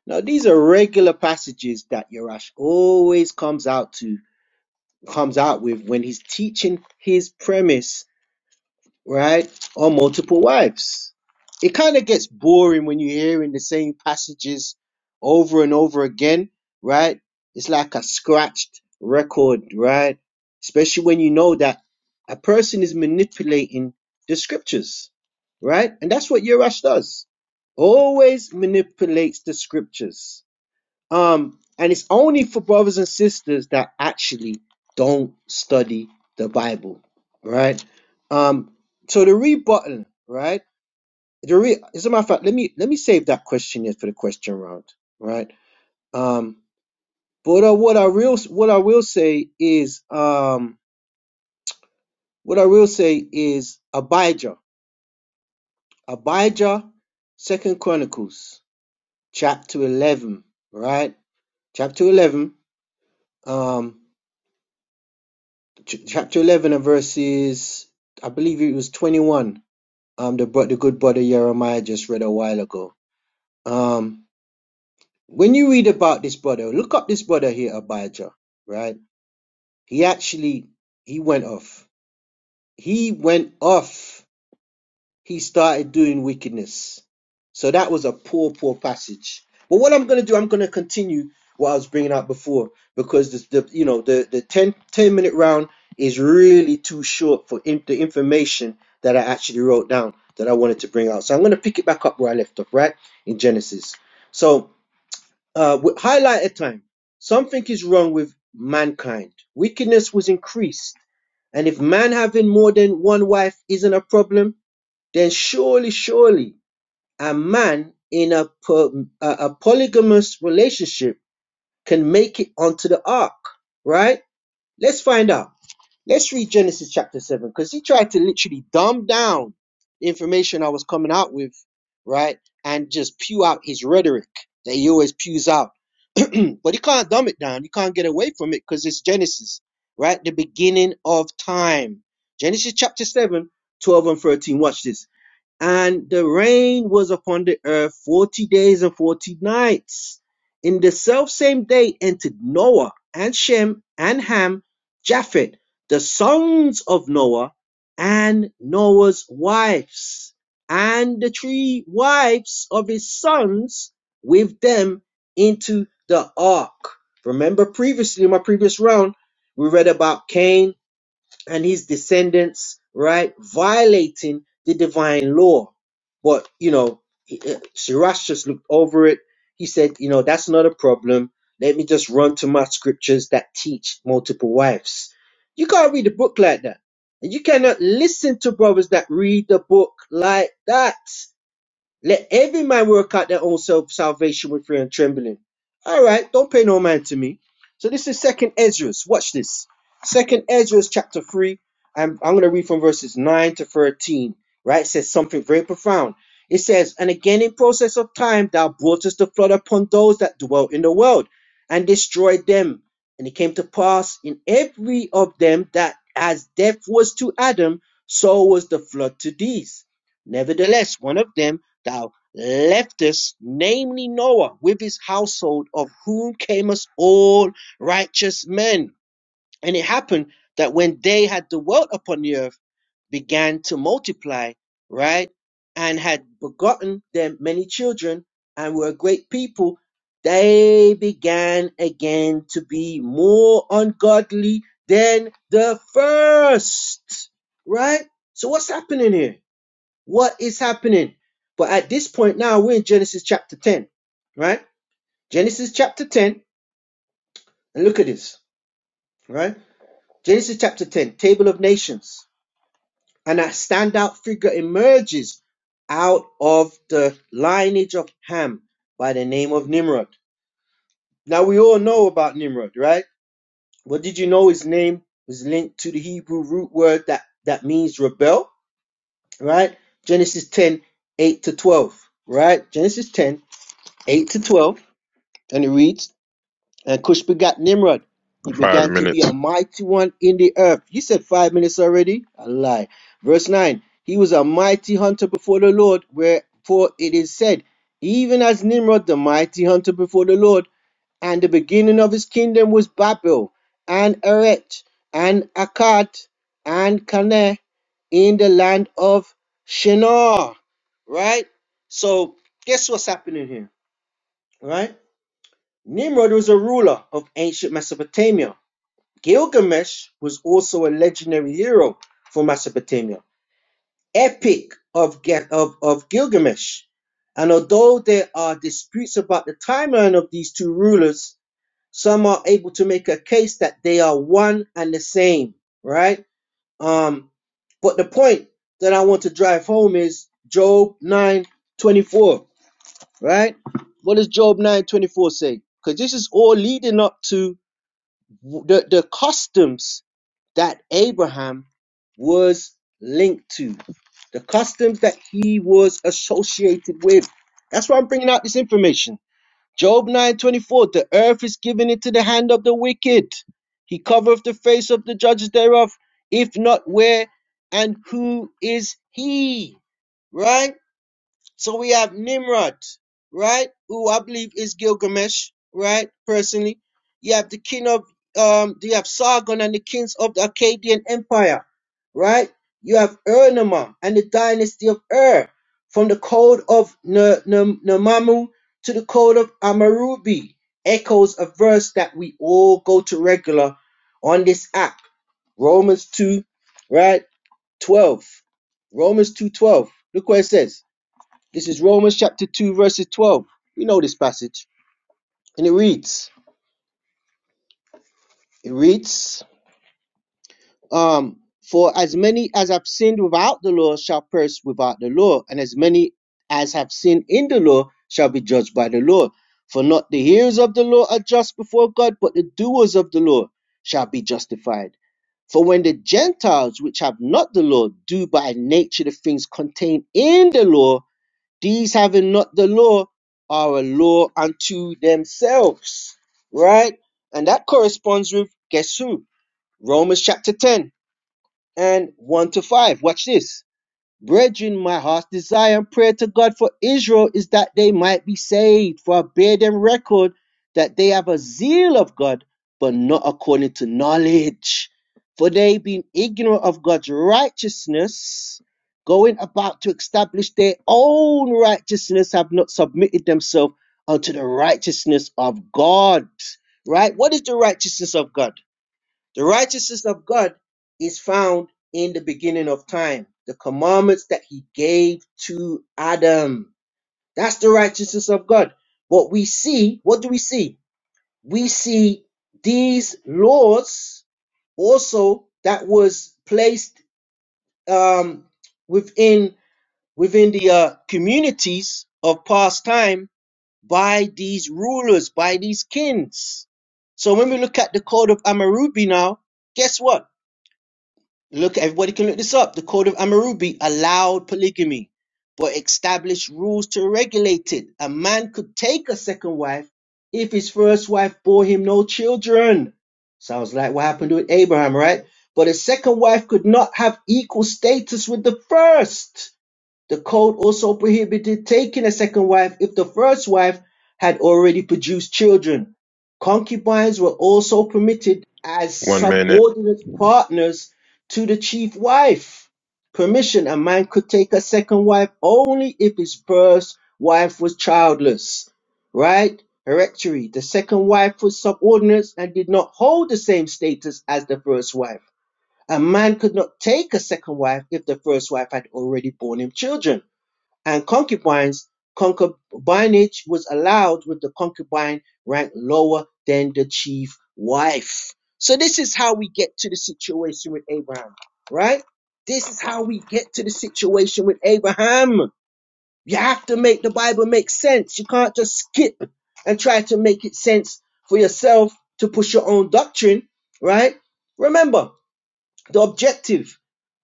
J: Now these are regular passages that Yerash always comes out to comes out with when he's teaching his premise right? Or multiple wives. It kind of gets boring when you're hearing the same passages over and over again, right? It's like a scratched record, right? Especially when you know that a person is manipulating the scriptures, right? And that's what Urash does. Always manipulates the scriptures um, and it's only for brothers and sisters that actually don't study the Bible, right? Um, so the read button, right? The re as a matter of fact, let me let me save that question here for the question round, right? Um, but uh, what I real what I will say is um what I will say is Abijah, Abijah, Second Chronicles, chapter eleven, right? Chapter eleven. Um, ch- chapter 11 and verses, I believe it was 21, um, the, bro- the good brother Jeremiah just read a while ago. Um, when you read about this brother, look up this brother here, Abijah, right? He actually, he went off. He went off. he started doing wickedness. So that was a poor, poor passage. But what I'm going to do, I'm going to continue what I was bringing up before because the, the you know the the 10 10 minute round is really too short for in, the information that I actually wrote down that I wanted to bring out. So I'm going to pick it back up where I left off, right in Genesis. So uh, with highlighted time. Something is wrong with mankind. Wickedness was increased, and if man having more than one wife isn't a problem, then surely, surely a man in a, po- a, a polygamous relationship can make it onto the ark, right? Let's find out. Let's read Genesis chapter 7 because he tried to literally dumb down the information I was coming out with, right? And just pew out his rhetoric that he always pews out. but he can't dumb it down. You can't get away from it because it's Genesis, right? The beginning of time. Genesis chapter 7, 12 and 13. Watch this. And the rain was upon the earth forty days and forty nights. In the selfsame day entered Noah and Shem and Ham, Japheth, the sons of Noah, and Noah's wives, and the three wives of his sons with them into the ark. Remember previously in my previous round, we read about Cain, and his descendants, right, violating the divine law. But, you know, he- uh, Shirach just looked over it. He said, you know, that's not a problem. Let me just run to my scriptures that teach multiple wives. You can't read a book like that. And you cannot listen to brothers that read the book like that. Let every man work out their own self salvation with fear and trembling. All right, don't pay no mind to me. So this is Second Ezra. Watch this. Second Ezra chapter three. I'm I'm gonna read from verses nine to thirteen. Right, it says something very profound. It says, "And again, in process of time, thou broughtest the flood upon those that dwelt in the world, and destroyed them. And it came to pass in every of them that as death was to Adam, so was the flood to these. Nevertheless, one of them." thou leftest, namely Noah, with his household, of whom came us all righteous men. And it happened that when they had dwelt upon the earth, began to multiply, right? And had begotten them many children and were a great people, they began again to be more ungodly than the first, right? So what's happening here? What is happening? But at this point now, we're in Genesis chapter 10, right? Genesis chapter 10, and look at this, right? Genesis chapter 10, Table of Nations. And a standout figure emerges out of the lineage of Ham by the name of Nimrod. Now, we all know about Nimrod, right? But did you know his name was linked to the Hebrew root word that, that means rebel, right? Genesis 10, 8 to 12, right? Genesis 10, 8 to 12 And it reads, And Cush begat Nimrod. He
I: Five
J: began to be
I: minutes.
J: a mighty one in the earth. You said five minutes already? A lie. Verse 9 He was a mighty hunter before the Lord, wherefore it is said, Even as Nimrod, the mighty hunter before the Lord, and the beginning of his kingdom was Babel, and Erech, and Akkad, and Calneh, in the land of Shinar. Right? So, guess what's happening here? Right? Nimrod was a ruler of ancient Mesopotamia. Gilgamesh was also a legendary hero for Mesopotamia. Epic of, Ge- of, of Gilgamesh. And although there are disputes about the timeline of these two rulers, some are able to make a case that they are one and the same, right? Um, but the point that I want to drive home is Job 9 24, right? What does Job 9 24 say? Because this is all leading up to the, the customs that Abraham was linked to, the customs that he was associated with. That's why I'm bringing out this information. Job 9:24, the earth is given into the hand of the wicked. He covereth the face of the judges thereof. If not, where and who is he? Right? So we have Nimrod, right? Who I believe is Gilgamesh, right? Personally, you have the king of um, you have Sargon and the kings of the Akkadian Empire, right? You have Ur-Nammu and the dynasty of Ur, from the code of N- N- Namamu to the code of Amarubi. Echoes a verse that we all go to regular on this app, Romans two, right? Twelve, Romans two twelve. Look what it says. This is Romans chapter 2, verses 12. We know this passage. And it reads, it reads, um, For as many as have sinned without the law shall perish without the law, and as many as have sinned in the law shall be judged by the law. For not the hearers of the law are just before God, but the doers of the law shall be justified. For when the Gentiles, which have not the law, do by nature the things contained in the law, These having not the law are a law unto themselves. Right? And that corresponds with, guess who? Romans chapter 10 and 1 to 5. Watch this. Brethren, my heart's desire and prayer to God for Israel is that they might be saved, for I bear them record that they have a zeal of God, but not according to knowledge. For they, being ignorant of God's righteousness, going about to establish their own righteousness, have not submitted themselves unto the righteousness of God. Right? What is the righteousness of God? The righteousness of God is found in the beginning of time, the commandments that he gave to Adam. That's the righteousness of God. But we see, what do we see? We see these laws also that was placed um, within within the uh, communities of past time by these rulers, by these kings. So when we look at the code of Amarubi now, guess what? Look, everybody can look this up. The Code of Hammurabi allowed polygamy, but established rules to regulate it. A man could take a second wife if his first wife bore him no children. Sounds like what happened with Abraham, right? But a second wife could not have equal status with the first. The code also prohibited taking a second wife if the first wife had already produced children. Concubines were also permitted as
I: One minute
J: subordinate partners to the chief wife. Permission a man could take a second wife only if his first wife was childless. Right? Hereditary. The second wife was subordinate and did not hold the same status as the first wife. A man could not take a second wife if the first wife had already borne him children and concubines, concubinage was allowed with the concubine ranked lower than the chief wife. So this is how we get to the situation with Abraham, right? This is how we get to the situation with Abraham. You have to make the Bible make sense. You can't just skip and try to make it sense for yourself to push your own doctrine, right? Remember, the objective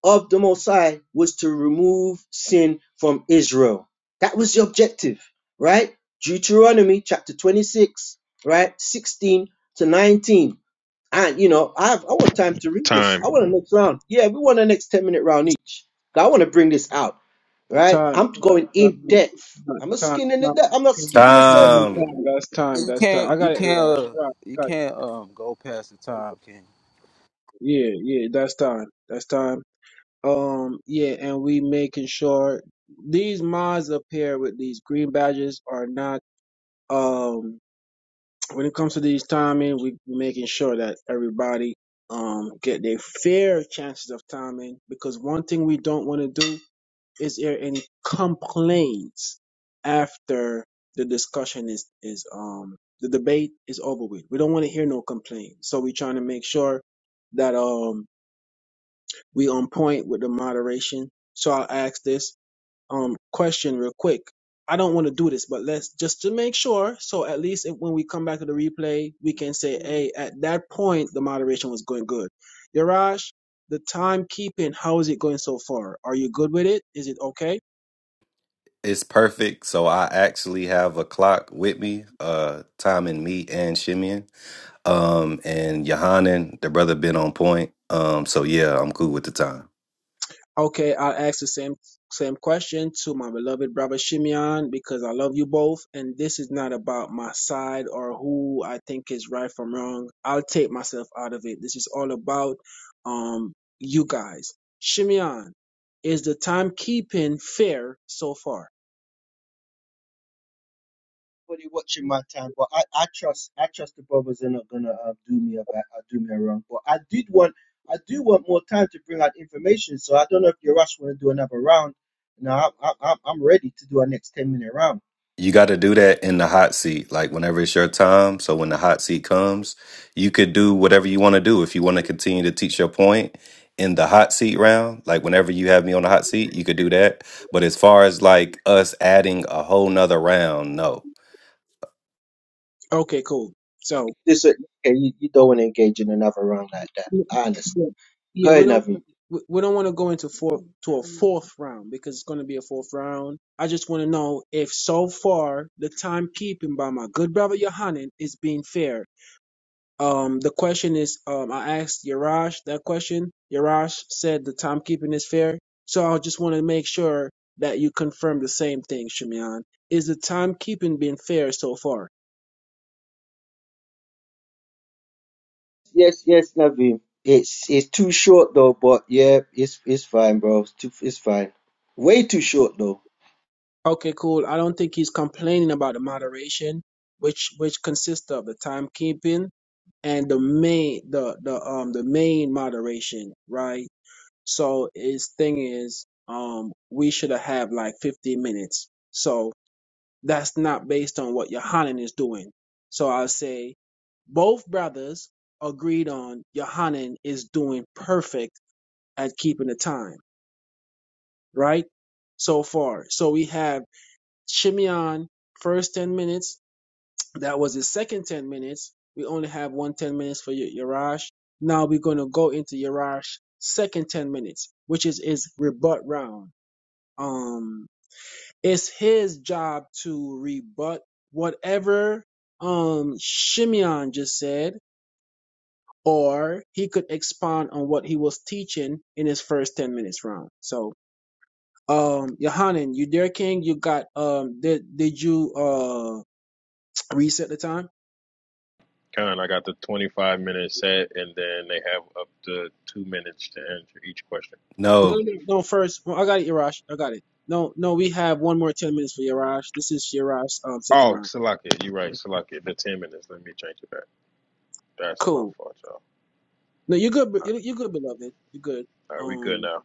J: of the Most High was to remove sin from Israel. That was the objective, right? Deuteronomy chapter 26, right? 16 to 19. And, you know, I have, I want time to read this. I want a
I: time.
J: next round. Yeah, we want a next 10 minute round
H: That's
J: each. I want to bring this out,
H: the
J: right?
H: time,
J: I'm
H: time,
J: going
H: time,
J: in depth.
H: time,
J: I'm not
H: time,
J: skinning the depth. I'm not skipping the surface.
H: time, time.
G: Time
H: That's
B: Yeah,
H: time.
B: You
H: That's time.
B: can't,
H: I
B: you
H: got it,
B: can't,
H: Yarash.
B: uh,
H: Yarash,
B: you
H: got it.
B: can't um go past the time, can you?
H: Yeah, yeah. That's time. That's time. Um, yeah, and we making sure these mods up here with these green badges are not. Um, when it comes to these timing, we making sure that everybody um get their fair chances of timing because one thing we don't want to do is hear any complaints after the discussion is is um the debate is over with. We don't want to hear no complaints, so we're trying to make sure that um we on point with the moderation. So I'll ask this um question real quick. I don't want to do this, but let's just to make sure. So at least if, when we come back to the replay, we can say, hey, at that point the moderation was going good. Yaraj, the timekeeping, how is it going so far? Are you good with it? Is it okay?
G: is perfect, so I actually have a clock with me. Uh, time and me and Shimeon, um, and Yohanan, the brother, been on point. Um, so yeah, I'm cool with the time.
H: Okay, I'll ask the same same question to my beloved brother Shimeon because I love you both, and this is not about my side or who I think is right from wrong. I'll take myself out of it. This is all about um you guys. Shimeon, is the timekeeping fair so far?
J: Nobody watching my time, but I, I trust I trust the brothers are not gonna uh, do me a bad, uh, do me a wrong. But I did want I do want more time to bring out information. So I don't know if you rush want to do another round. No, I, I, I'm I'm ready to do our next ten minute round.
G: you got to do that in the hot seat like whenever it's your time so when the hot seat comes you could do whatever you want to do if you want to continue to teach your point in the hot seat round like whenever you have me on the hot seat you could do that but as far as like us adding a whole nother round no
H: Okay, cool. So.
J: This okay, you, you don't want to engage in another round like that. I understand. Go
H: Yeah, we
J: ahead,
H: don't
J: Navi.
H: we we don't want to go into four to a fourth round because it's going to be a fourth round. I just want to know if so far the timekeeping by my good brother Yohanan is being fair. Um, the question is, um, I asked Yarash that question. Yarash said the timekeeping is fair, so I just want to make sure that you confirm the same thing, Shimeon. Is the timekeeping being fair so far?
J: Yes, yes, Navi. It's it's too short though, but yeah, it's it's fine, bro. It's, too, it's fine. Way too short though.
H: Okay, cool. I don't think he's complaining about the moderation, which which consists of the timekeeping and the main the the um the main moderation right so his thing is um we should have had like 15 minutes so that's not based on what yohanan is doing so i'll say both brothers agreed on yohanan is doing perfect at keeping the time right so far so we have shimeon first 10 minutes That was the second 10 minutes. We only have one 10 minutes for Y- Yarash. Now we're going to go into Yarash's second 10 minutes, which is his rebut round. Um, it's his job to rebut whatever um Shimeon just said, or he could expound on what he was teaching in his first 10 minutes round. So, um, Yohanan, you dare king, you got, um, did, did you, uh, reset the time?
I: Con, I got the 25 minute set, and then they have up to two minutes to answer each question.
H: No,
G: no
H: no, no. First, well, I got it, Yarash. I got it. No, no. We have one more ten minutes for Yarash. This is Yarash's um second
I: Oh,
H: round.
I: Salakia, you're right, Salakia. The 10 minutes. Let me change it back. That's my
H: Cool.
I: fault, y'all.
H: No, you're good. bro- You're, you're good, beloved. You're good.
I: All right, we good
H: Um,
I: now.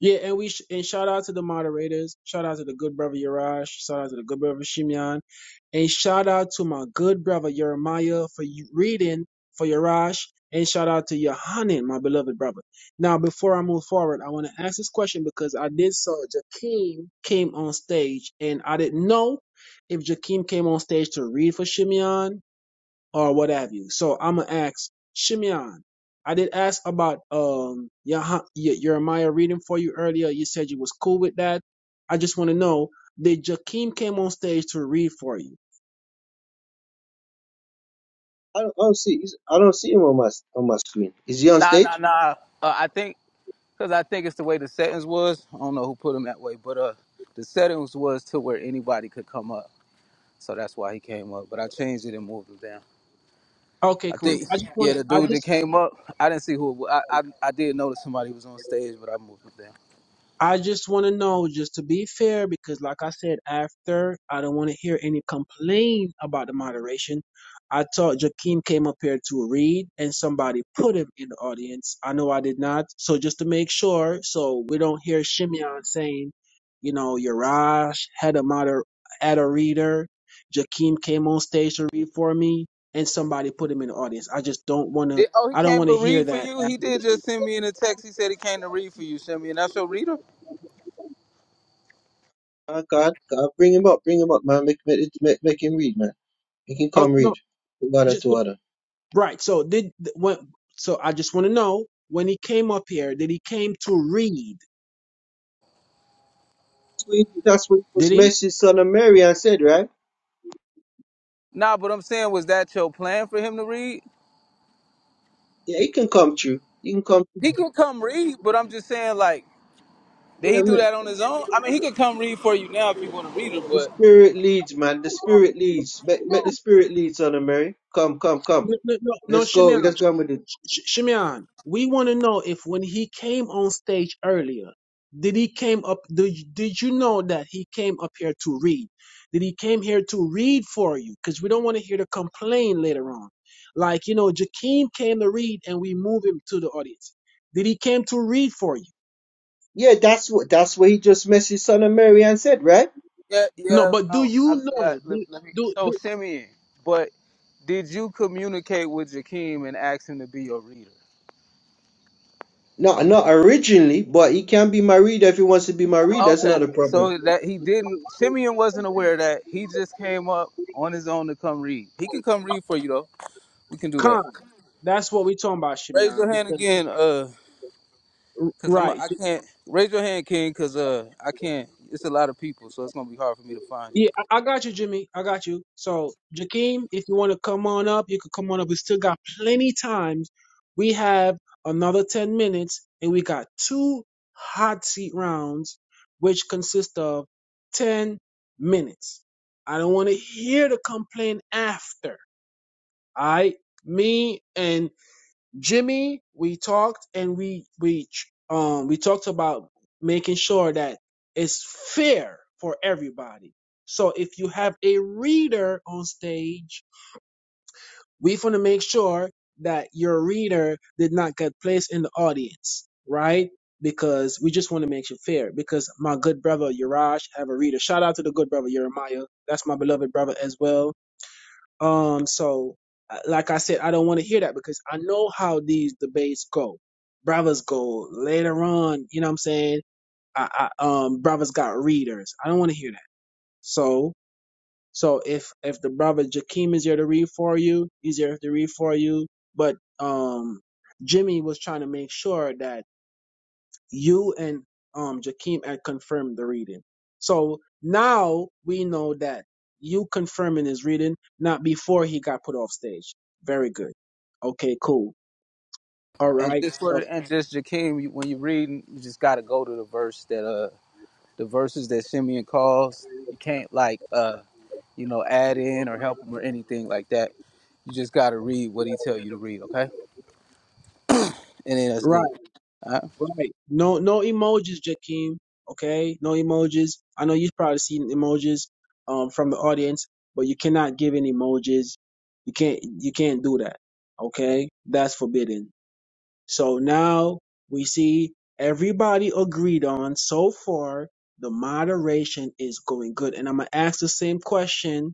H: Yeah, and we sh- and shout out to the moderators. Shout out to the good brother Yaraj. Shout out to the good brother Shimeon. And shout out to my good brother Jeremiah for you reading for Yaraj. And shout out to Yohanan, my beloved brother. Now, before I move forward, I want to ask this question because I did saw Jakeem came on stage, and I didn't know if Jakeem came on stage to read for Shimeon or what have you. So I'm gonna ask Shimeon. I did ask about um Yah- Ye- Jeremiah reading for you earlier. You said you was cool with that. I just want to know did Jakeem came on stage to read for you?
J: I don't, I don't see he's- I don't see him on my on my screen. Is he on
B: Nah, nah,
J: stage?
B: nah. Uh, I think. because I think it's the way the settings was. I don't know who put them that way, but uh, the settings was to where anybody could come up, so that's why he came up. But I changed it and moved him down.
H: Okay,
B: I
H: cool.
B: think,
H: I just want
B: yeah, the
H: I
B: dude that
H: just
B: came up, I didn't see who. It was. I, I I did notice somebody was on stage, but I moved him down.
H: I just want to know, just to be fair, because like I said, after I don't want to hear any complaint about the moderation. I thought Joaquin came up here to read, and somebody put him in the audience. I know I did not, so just to make sure, so we don't hear Shimeon saying, you know, Yarash had a moder had a reader. Joaquin came on stage to read for me, and somebody put him in the audience. I just don't want to.
B: Did- oh, he
H: I don't
B: came
H: want to
B: to
H: hear
B: read for
H: that
B: you.
H: after
B: He
H: the
B: did just
H: debate.
B: send me in a text. He said he came to read for you, Shimmy, and that's your reader.
J: Oh God, God, bring him up, bring him up, man. Make make, make, make him read, man. Make him
H: Oh
J: come
H: no,
J: read. From
H: just
J: to other.
H: Right. So did when? So I just want to know when he came up here, did he came to read?
J: That's what, he, that's what he
H: Did
J: was
H: he?
J: message son of Mary and said, right?
B: Nah, but I'm saying, was that your plan for him to read?
J: Yeah, he can come true. He can come.
B: He can come read, but I'm just saying, like, did he do
J: True.
B: that on his own? I mean, he could come read for you now if you want to read it,
J: The
B: but
J: spirit leads, man. The spirit leads. Make, make the spirit lead, son of Mary. Come, come, come.
H: No, no, no, no
J: Let's go.
H: Shimeon.
J: Let's go with it.
H: Sh- Sh- Shimeon, we want to know if when he came on stage earlier, did he came up? Did did you know that he came up here to read? Did he came here to read for you? Because we don't want to hear the complain later on. Like you know, Jakeem came to read, and we move him to the audience. Did he came to read for you?
J: Yeah, that's what that's what he just messaged son of Mary and said, right?
B: Yeah,
H: No,
B: yeah.
H: but do
B: No, I
H: you
B: got.
H: know?
B: Let,
H: Do,
B: let me.
H: do,
B: So Simeon, but did you communicate with Jakeem and ask him to be your reader?
J: Not not originally, but he can be my reader if he wants to be my reader. That's
B: Okay.
J: not a problem.
B: So that he didn't. Simeon wasn't aware of that he just came up on his own to come read. He can come read for you though. We can do that.
H: Con. That's what we talking about,
B: Raise
H: Shimeon.
B: your hand
H: Because,
B: again, uh,
H: r-
B: cause I'm.
H: right.
B: I
H: J-
B: can't. Raise your hand, King, cause uh, I can't. It's a lot of people, so it's gonna be hard for me to find you.
H: Yeah, I, I got you, Jimmy. I got you. So, Jakeem, if you want to come on up, you can come on up. We still got plenty times. We have another 10 minutes, and we got two hot seat rounds, which consist of 10 minutes. I don't want to hear the complaint after. All right? Me and Jimmy, we talked and we we um we talked about making sure that it's fair for everybody. So if you have a reader on stage, we want to make sure that your reader did not get placed in the audience, right? Because we just want to make it fair. Because my good brother Yarash have a reader. Shout out to the good brother Jeremiah. That's my beloved brother as well um, so, uh, like I said, I don't want to hear that because I know how these debates go. Brothers go later on. You know what I'm saying? I, I um, brothers got readers. I don't want to hear that. So, so if if the brother Jakeem is here to read for you, he's here to read for you. But um, Jimmy was trying to make sure that you and um Jakeem had confirmed the reading. So now we know that you confirming his reading not before he got put off stage. Very good. Okay, cool. All
B: And
H: right.
B: just for
H: So
B: the, and just Jakeem, you, when you're reading, you just gotta go to the verse that uh the verses that Simeon calls. You can't like uh you know add in or help him or anything like that. You just gotta read what he tell you to read, okay? And then that's
H: right,
B: good. All right.
H: right. No no emojis, Jakeem. Okay? No emojis. I know you've probably seen emojis um from the audience, but you cannot give any emojis. You can't you can't do that. Okay? That's forbidden. So now we see everybody agreed on so far the moderation is going good. And I'm gonna ask the same question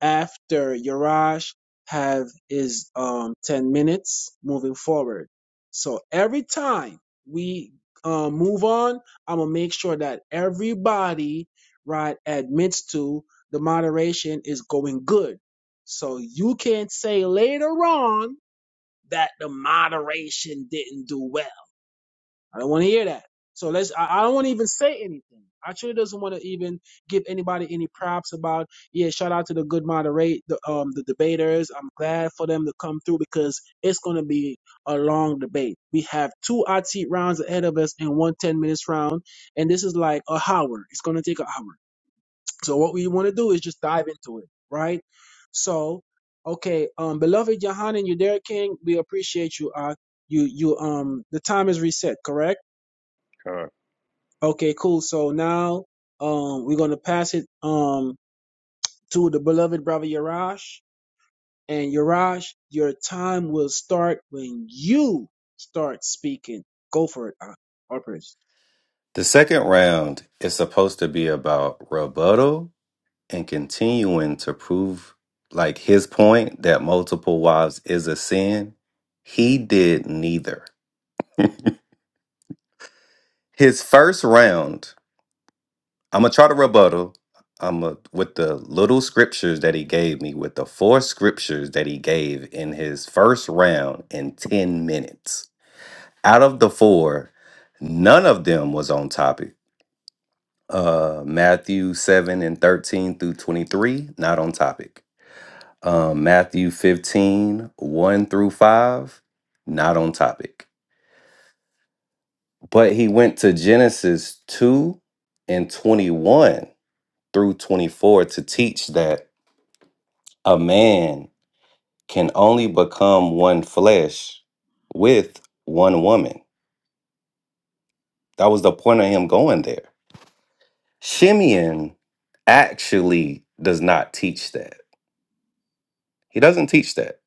H: after Yarash have his um ten minutes moving forward. So every time we uh, move on, I'm gonna make sure that everybody right admits to the moderation is going good. So you can say later on that the moderation didn't do well. I don't want to hear that. So let's, I, I don't want to even say anything. I truly doesn't want to even give anybody any props about, yeah, shout out to the good moderate, the, um, the debaters. I'm glad for them to come through because it's going to be a long debate. We have two hot seat rounds ahead of us and one 10 minutes round. And this is like a hour. It's going to take an hour. So what we want to do is just dive into it, right? So, okay, um, beloved Yohanan, you there, King. We appreciate you. Uh, you, you, um, the time is reset, correct?
I: Con,
H: Okay, cool. So now, um, we're gonna pass it, um, to the beloved brother Yarash. And Yarash, your time will start when you start speaking. Go for it, uh, Harper's.
G: the second round is supposed to be about rebuttal and continuing to prove like his point that multiple wives is a sin he did neither his first round I'm gonna try to rebuttal. I'm a, with the little scriptures that he gave me, with the four scriptures that he gave in his first round in 10 minutes. Out of the four, none of them was on topic. Uh, Matthew 7 and 13 through 23, not on topic. Um, Matthew fifteen one through 5, not on topic. But he went to Genesis 2 and 21 through 24 to teach that A man can only become one flesh with one woman. That was the point of him going there. Shimeon actually does not teach that. He doesn't teach that.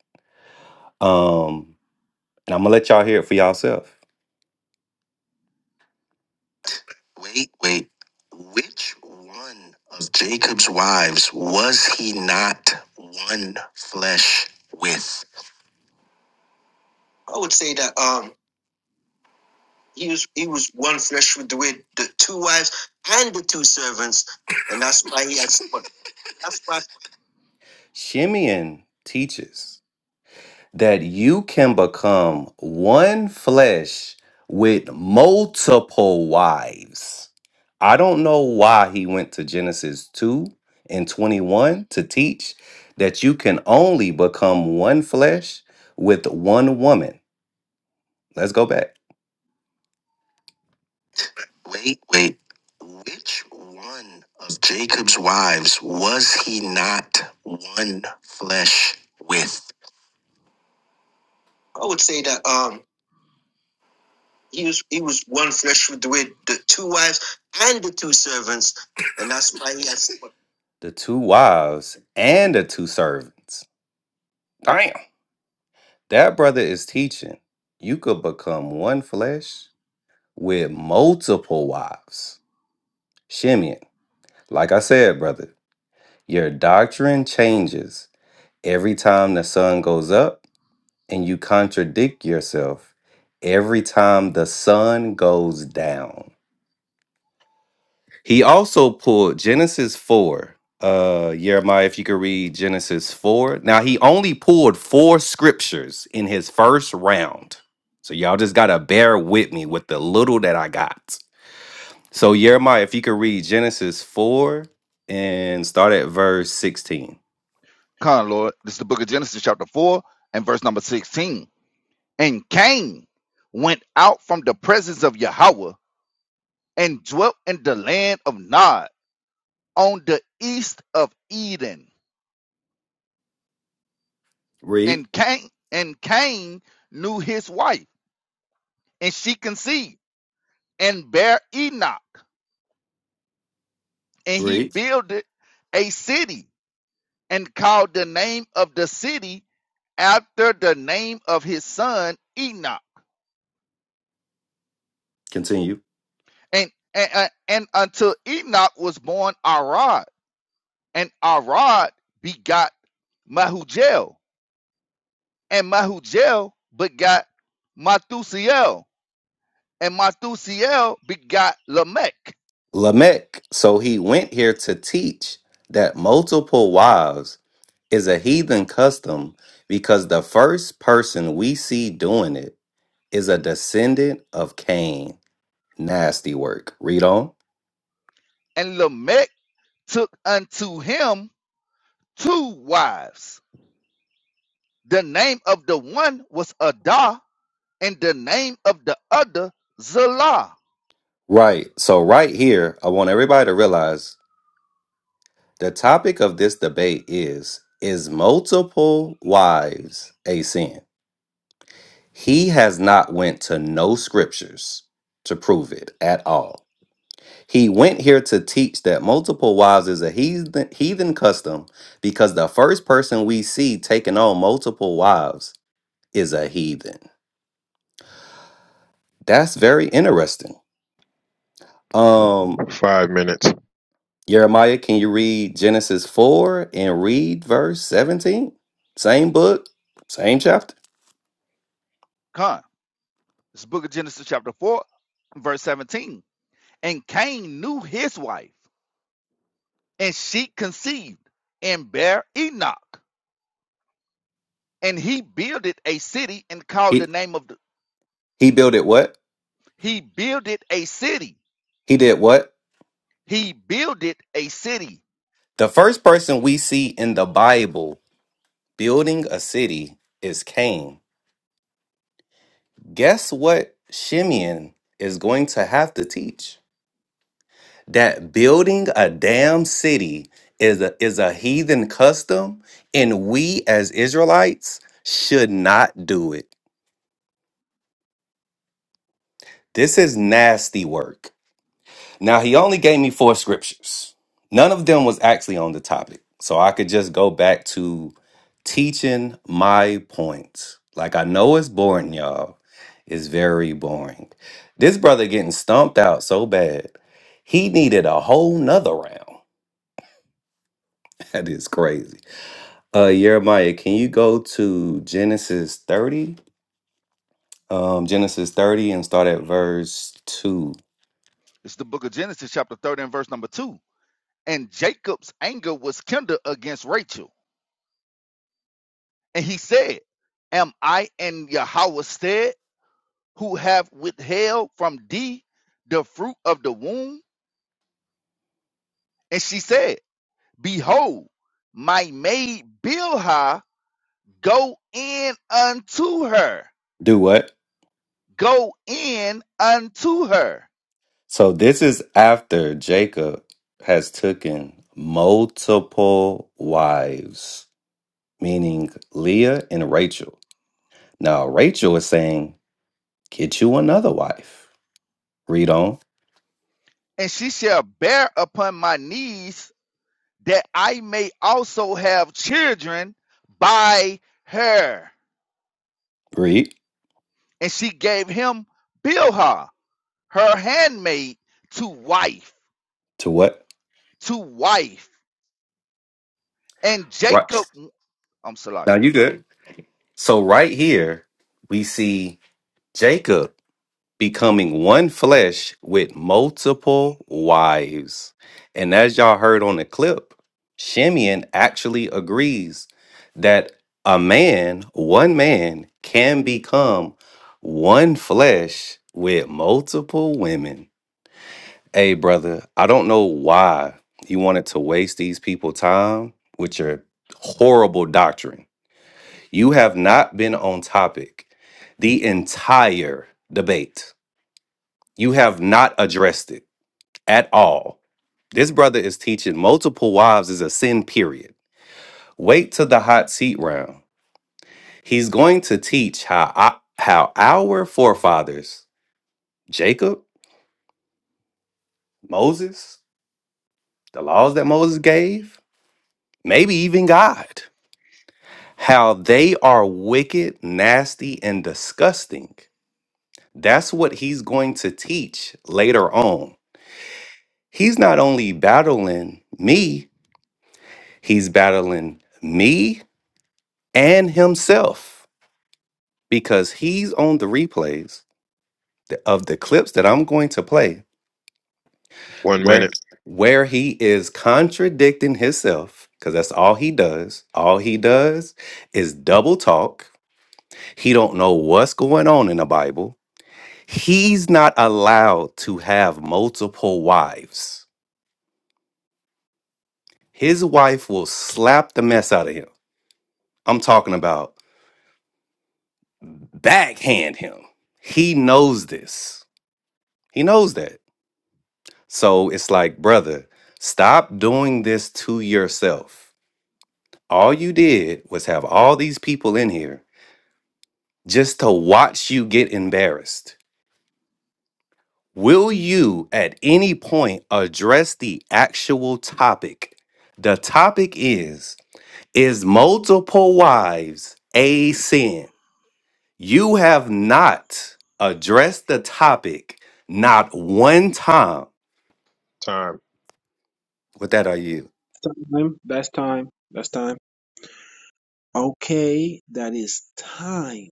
G: Um, and I'm gonna let y'all hear it for yourself. Wait, wait. Which one of Jacob's wives was he not one flesh with? I would say that. um He was he was one flesh with the with the two wives and the two servants, and that's why he had somewhat. That's why Shimeon teaches that you can become one flesh with multiple wives. I don't know why he went to Genesis 2 and 21 to teach that you can only become one flesh with one woman. Let's go back. Wait, wait. Which one of Jacob's wives was he not one flesh with? I would say that um he was he was one flesh with the with the two wives and the two servants, and that's why he has the two wives and the two servants. Damn. That brother is teaching. You could become one flesh with multiple wives. Shimeon, like I said, brother, your doctrine changes Every time the sun goes up and you contradict yourself, every time the sun goes down. He also pulled Genesis 4. Uh Jeremiah, if you could read Genesis 4. Now he only pulled four scriptures in his first round. So y'all just gotta bear with me with the little that I got. So Jeremiah, if you could read Genesis 4 and start at verse 16.
C: Come, on, Lord. This is the book of Genesis, chapter 4, and verse number 16. And Cain went out from the presence of Yahweh and dwelt in the land of Nod on the east of Eden.
G: Read,
C: And Cain and Cain knew his wife, and she conceived and bare Enoch. And he
G: read.
C: builded a city and called the name of the city after the name of his son Enoch
G: Continue.
C: and and, and until Enoch was born Arad, and Arad begot Mahujael, and Mahujael begot Mathusiel, and Mathusiel begot Lamech,
G: Lamech, so he went here to teach that multiple wives is a heathen custom because the first person we see doing it is a descendant of Cain. Nasty work. Read on.
C: and Lamech took unto him two wives. The name of the one was Adah, and the name of the other Zillah.
G: Right. So, right here, I want everybody to realize the topic of this debate is is multiple wives a sin? He has not went to no scriptures to prove it at all. He went here to teach that multiple wives is a heathen, heathen custom because the first person we see taking on multiple wives is a heathen. That's very interesting. Um,
I: five minutes.
G: Jeremiah, can you read Genesis 4 and read verse 17? Same book, same chapter.
C: Come, It's Book of Genesis chapter four, verse seventeen. And Cain knew his wife And she conceived and bare Enoch. And he builded a city and called the
G: He,
C: name of the
G: he built it what?
C: he builded a city.
G: He did what?
C: He builded a city.
G: The first person we see in the Bible building a city is Cain. Guess what Shimeon is going to have to teach? That building a damn city is a, is a heathen custom, and we as Israelites should not do it. This is nasty work. Now, he only gave me four scriptures. None of them was actually on the topic. So I could just go back to teaching my point. Like, I know it's boring, y'all. It's very boring. This brother getting stumped out so bad, he needed a whole nother round. That is crazy. Uh, Jeremiah, can you go to Genesis 30? Um, Genesis 30 and start at verse 2.
C: It's the book of Genesis, chapter 30 and verse number two. And Jacob's anger was kindled against Rachel. And he said, Am I in Yahweh's stead who have withheld from thee the fruit of the womb? And she said, Behold, my maid Bilhah Go in unto her.
G: Do what?
C: Go in unto her.
G: So this is after Jacob has taken multiple wives, meaning Leah and Rachel. Now Rachel is saying, "Get you another wife." Read on.
C: And she shall bear upon my knees that I may also have children by her.
G: Read
C: And she gave him Bilhah, her handmaid, to wife,
G: to what?
C: to wife. And
G: Right.
C: Jacob, I'm sorry.
G: Now you good. So right here we see Jacob becoming one flesh with multiple wives. And as y'all heard on the clip, Shimeon actually agrees that a man, one man, can become one flesh with multiple women. Hey, brother, I don't know why you wanted to waste these people time with your horrible doctrine. You have not been on topic the entire debate. You have not addressed it at all. This brother is teaching multiple wives is a sin, period. Wait to the hot seat round. He's going to teach how, I, how our forefathers, Jacob, Moses, the laws that Moses gave, maybe even God, how they are wicked, nasty, and disgusting. That's what he's going to teach later on. He's not only battling me, he's battling me and himself because he's on the replays th- of the clips that I'm going to play
I: One
G: where
I: minute
G: where he is contradicting himself because that's all he does. All he does is double talk. He don't know what's going on in the Bible. He's not allowed to have multiple wives. His wife will slap the mess out of him. I'm talking about backhand him. He knows this. He knows that. So it's like, brother, stop doing this to yourself. All you did was have all these people in here just to watch you get embarrassed. Will you at any point address the actual topic? The topic is Is multiple wives a sin? You have not addressed the topic not one time.
I: time.
G: With that, are you?
H: Time. That's time. That's time. Okay, that is time.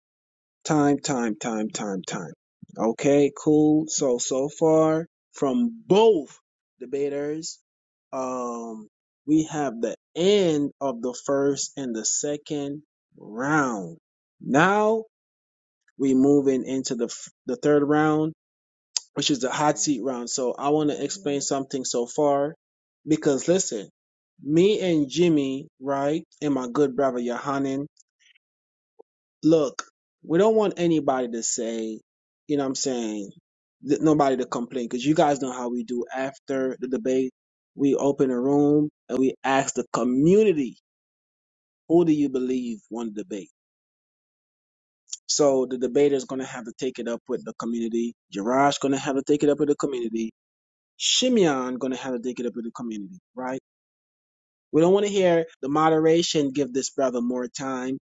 H: Time, time, time, time, time. Okay, cool. So, so far from both debaters, um, we have the end of the first and the second round. Now we moving into the f- the third round, which is the hot seat round. So I want to explain something so far, because listen, me and Jimmy, right, and my good brother Yohanan, look, we don't want anybody to say, you know what I'm saying, th- nobody to complain because you guys know how we do after the debate. We open a room and we ask the community, who do you believe won the debate? So the debater is going to have to take it up with the community. Jiraj going to have to take it up with the community. Shimeon going to have to take it up with the community, right? We don't want to hear the moderation give this brother more time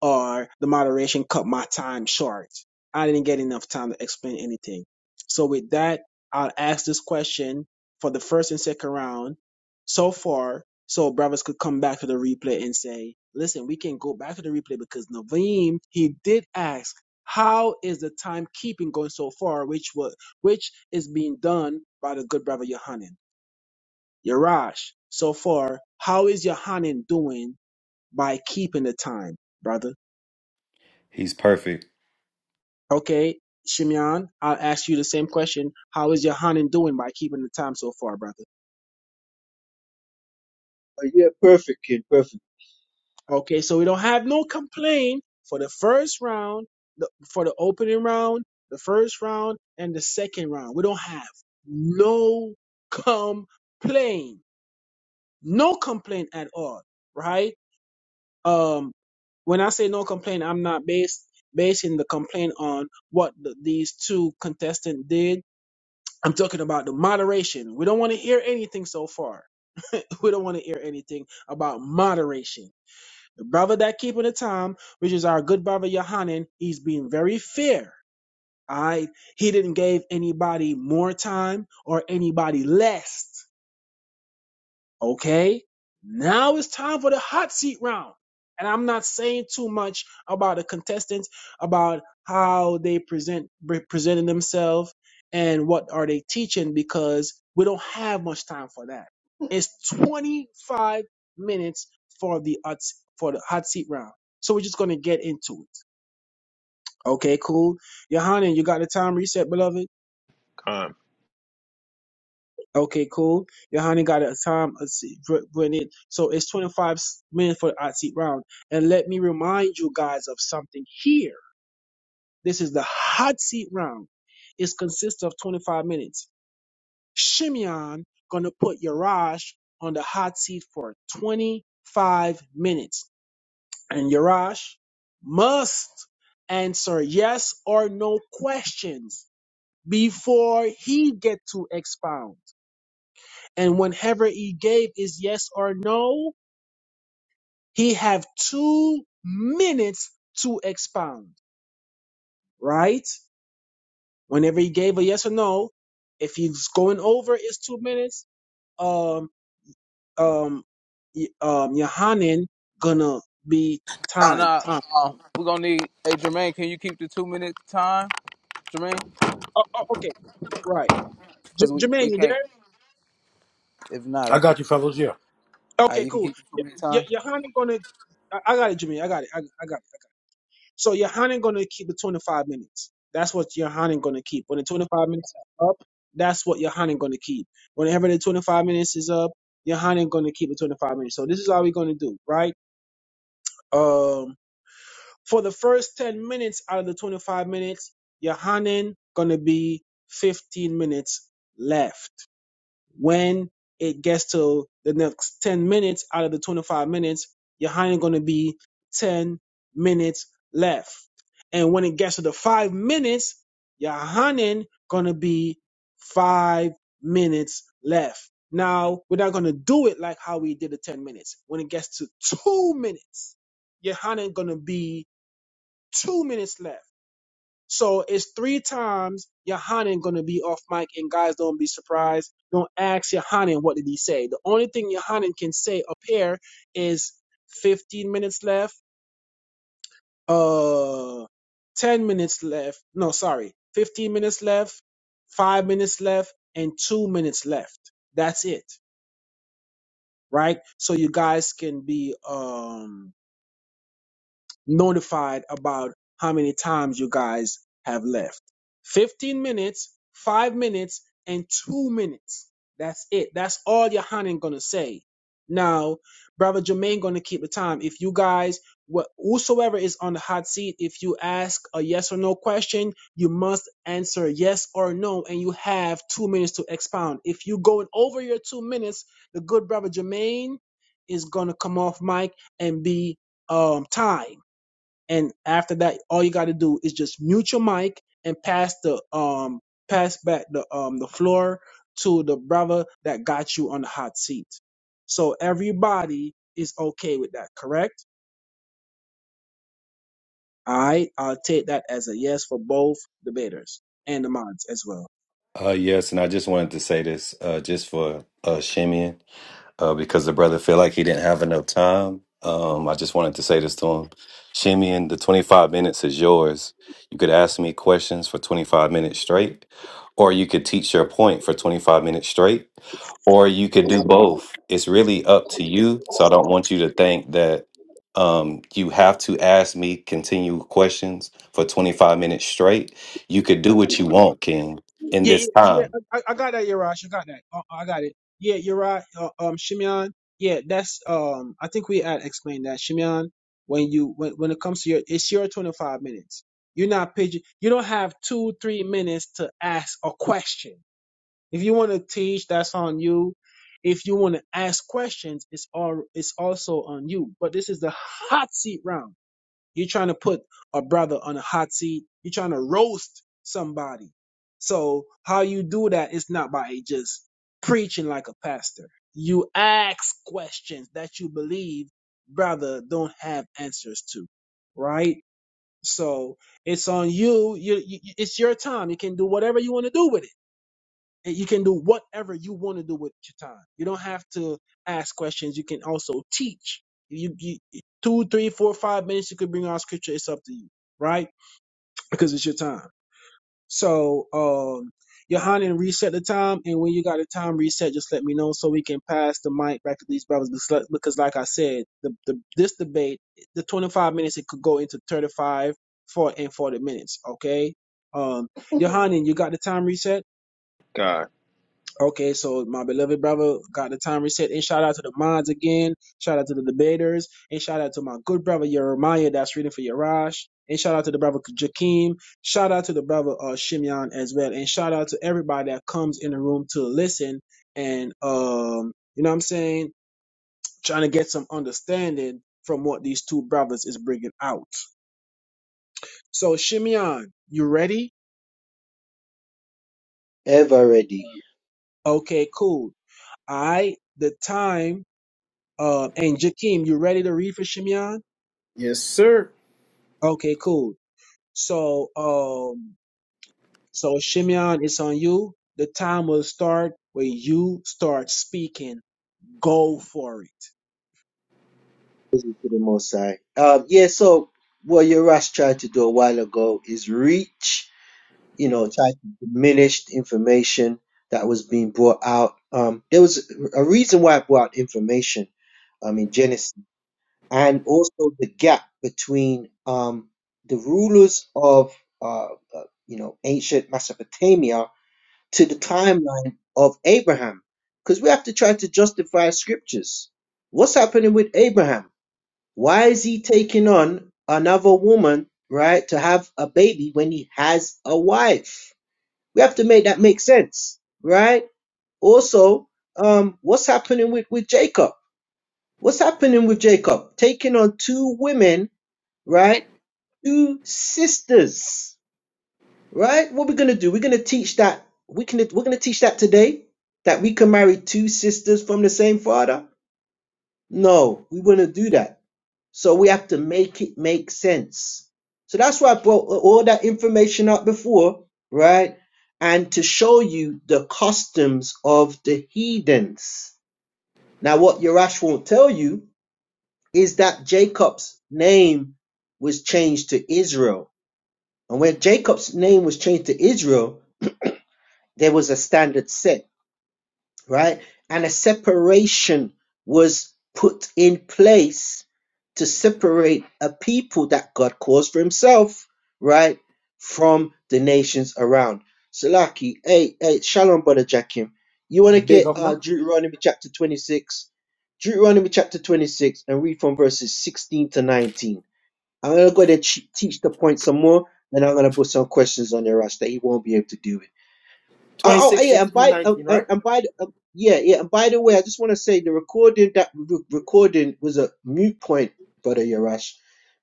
H: or the moderation cut my time short. I didn't get enough time to explain anything. So with that, I'll ask this question for the first and second round so far so brothers could come back to the replay and say, listen, we can go back to the replay because Naveem, he did ask, how is the timekeeping going so far, which was, which is being done by the good brother Yohanan? Yarash, so far, how is Yohanan doing by keeping the time, brother?
G: He's perfect.
H: Okay, Shimeon, I'll ask you the same question. How is Yohanan doing by keeping the time so far, brother?
J: But yeah, perfect, kid, perfect.
H: Okay, so we don't have no complaint for the first round, the, for the opening round, the first round, and the second round. We don't have no complaint. No complaint at all, right? Um, when I say no complaint, I'm not based basing the complaint on what the, these two contestants did I'm talking about the moderation. We don't want to hear anything so far. we don't want to hear anything about moderation. The brother that keeping the time, which is our good brother Yohanan, he's being very fair. All right. He didn't give anybody more time or anybody less. Okay. Now it's time for the hot seat round. And I'm not saying too much about the contestants, about how they present presenting themselves and what are they teaching because we don't have much time for that. It's 25 minutes for the hot for the hot seat round. So we're just gonna get into it. Okay, cool. Yohanan, you got the time reset, beloved?
I: Con,
H: Okay, cool. Johanny got a time. Let's see, Br- Brennan. So it's 25 s- minutes for the hot seat round. And let me remind you guys of something here. This is the hot seat round. It consists of 25 minutes. Shimeon gonna put Yarash on the hot seat for 25 minutes, and Yarash must answer yes or no questions before he get to expound. and whenever he gave his yes or no, he have two minutes to expound, right? Whenever he gave a yes or no, if he's going over his two minutes, um, um, y- um, Yohanan gonna be
B: Uh,
H: time,
B: nah,
H: time.
B: uh, we're gonna need. Hey, Jermaine, can you keep the two minute time, Jermaine?
H: Oh, oh, okay, right.
B: Cause we,
H: J-
B: we
H: Jermaine, you there?
B: can't. If not,
K: I
B: I can.
K: got you, fellas. Yeah.
B: Uh,
H: Okay,
B: you can
H: cool.
B: keep the two minute
H: Y- y-
B: time.
H: Yohanan gonna, I-, I got it, Jermaine. I got it. I, I got it. So Yohanan gonna keep the 25 minutes. That's what Yohanan gonna keep. When the 25 minutes is up, that's what Yohanan gonna keep. Whenever the 25 minutes is up, Yohanan gonna keep the 25 minutes. So this is all we're gonna do, right? Um, for the first 10 minutes out of the 25 minutes, Yohanan gonna be 15 minutes left. When it gets to the next 10 minutes out of the 25 minutes, you're hiring going to be 10 minutes left. And when it gets to the five minutes, your hunting gonna be five minutes left. Now we're not gonna do it like how we did the ten minutes. When it gets to two minutes, your hunting gonna be two minutes left. So it's three times Yohanan gonna be off mic, and guys don't be surprised. Don't ask Yohanan what did he say. The only thing Yohanan can say up here is 15 minutes left, uh, 10 minutes left. No, sorry, 15 minutes left, five minutes left, and two minutes left. That's it, right? So you guys can be um notified about how many times you guys have left. 15 minutes, five minutes, and two minutes. That's it. That's all your Yohanan gonna say. Now, brother Jermaine gonna keep the time. If you guys, wh- whosoever is on the hot seat, if you ask a yes or no question, you must answer yes or no, and you have two minutes to expound. If you going over your two minutes, the good brother Jermaine is gonna come off mic and be um tied. And after that, all you got to do is just mute your mic and pass the um pass back the um the floor to the brother that got you on the hot seat. So everybody is okay with that, correct? All right, I'll take that as a yes for both debaters and the mods as well.
G: Uh, yes, and I just wanted to say this uh, just for uh, Shimeon uh, because the brother felt like he didn't have enough time. Um, I just wanted to say this to him. Shimeon, the 25 minutes is yours. You could ask me questions for 25 minutes straight, or you could teach your point for 25 minutes straight, or you could do both. It's really up to you. So I don't want you to think that um, you have to ask me continual questions for 25 minutes straight. You could do what you want, King in
H: Yeah, yeah,
G: this
H: yeah.
G: time.
H: yeah, I, I got that, Yarash. I got that. Uh, uh, I got it. Yeah, you're right. Uh, um, Shimeon. Yeah, that's um. I think we had explained that Shimeon. When you when when it comes to your, it's your 25 minutes. You're not pigeon. You don't have two three minutes to ask a question. If you want to teach, that's on you. If you want to ask questions, it's all it's also on you. But this is the hot seat round. You're trying to put a brother on a hot seat. You're trying to roast somebody. So how you do that is not by just preaching like a pastor. You ask questions that you believe brother don't have answers to, right? So it's on you. You, you. It's your time. You can do whatever you want to do with it and You can do whatever you want to do with your time. You don't have to ask questions. You can also teach. You, you two, three, four, five minutes. You could bring out scripture. It's up to you, right? Because it's your time. So, um, Johanna, reset the time. And when you got a time reset, just let me know so we can pass the mic back to these brothers. Because, like because like I said, the, the this debate, the 25 minutes, it could go into 35, 40, and 40 minutes. Okay. Um, Johanna, you got the time reset?
I: God,
H: Okay, so my beloved brother got the time reset. And shout out to the mods again. Shout out to the debaters. And shout out to my good brother Jeremiah that's reading for Yarash. And shout out to the brother Jakeem. Shout out to the brother uh, Shimeon as well. And shout out to everybody that comes in the room to listen and, um, you know what I'm saying? Trying to get some understanding from what these two brothers is bringing out. So, Shimeon, you ready?
J: Ever ready.
H: Okay, cool. All right. The time Uh, and Jakeem, you ready to read for Shimeon?
L: Yes, sir.
H: Okay, cool. So, um, so Shimeon, it's on you. The time will start when you start speaking. Go for it.
J: Praise to the Most High. Um, yeah. So what your Rash tried to do a while ago is reach you know, tried to diminish the information that was being brought out. Um, there was a reason why I brought information um, in Genesis, and also the gap between um, the rulers of, uh, uh, you know, ancient Mesopotamia to the timeline of Abraham, because we have to try to justify scriptures. What's happening with Abraham? Why is he taking on another woman, right, to have a baby when he has a wife? We have to make that make sense, right? Also, um, what's happening with, with Jacob? What's happening with Jacob? Taking on two women, right? Two sisters, right? What we're gonna do? We're gonna teach that. We can. We're gonna teach that today that we can marry two sisters from the same father. No, we wouldn't do that So we have to make it make sense. So that's why I brought all that information up before, right? And to show you the customs of the heathens. Now, what Yerash won't tell you is that Jacob's name was changed to Israel. And when Jacob's name was changed to Israel, there was a standard set right? And a separation was put in place to separate a people that God caused for himself, right, from the nations around. Salaki, hey, hey, shalom, brother Jackim. You want to
L: Big
J: get uh,
L: opener.
J: Deuteronomy chapter 26? Deuteronomy chapter 26 and read from verses 16 to 19. I'm going to go ahead and teach the point some more, and I'm going to put some questions on your Rash that he won't be able to do it. Oh, oh
L: 26,
J: yeah, and
L: 16,
J: by
L: nineteen,
J: uh, uh,
L: right?
J: and by the- uh, yeah, yeah, and by the way, I just want to say the recording that re- recording was a mute point, brother Yarash,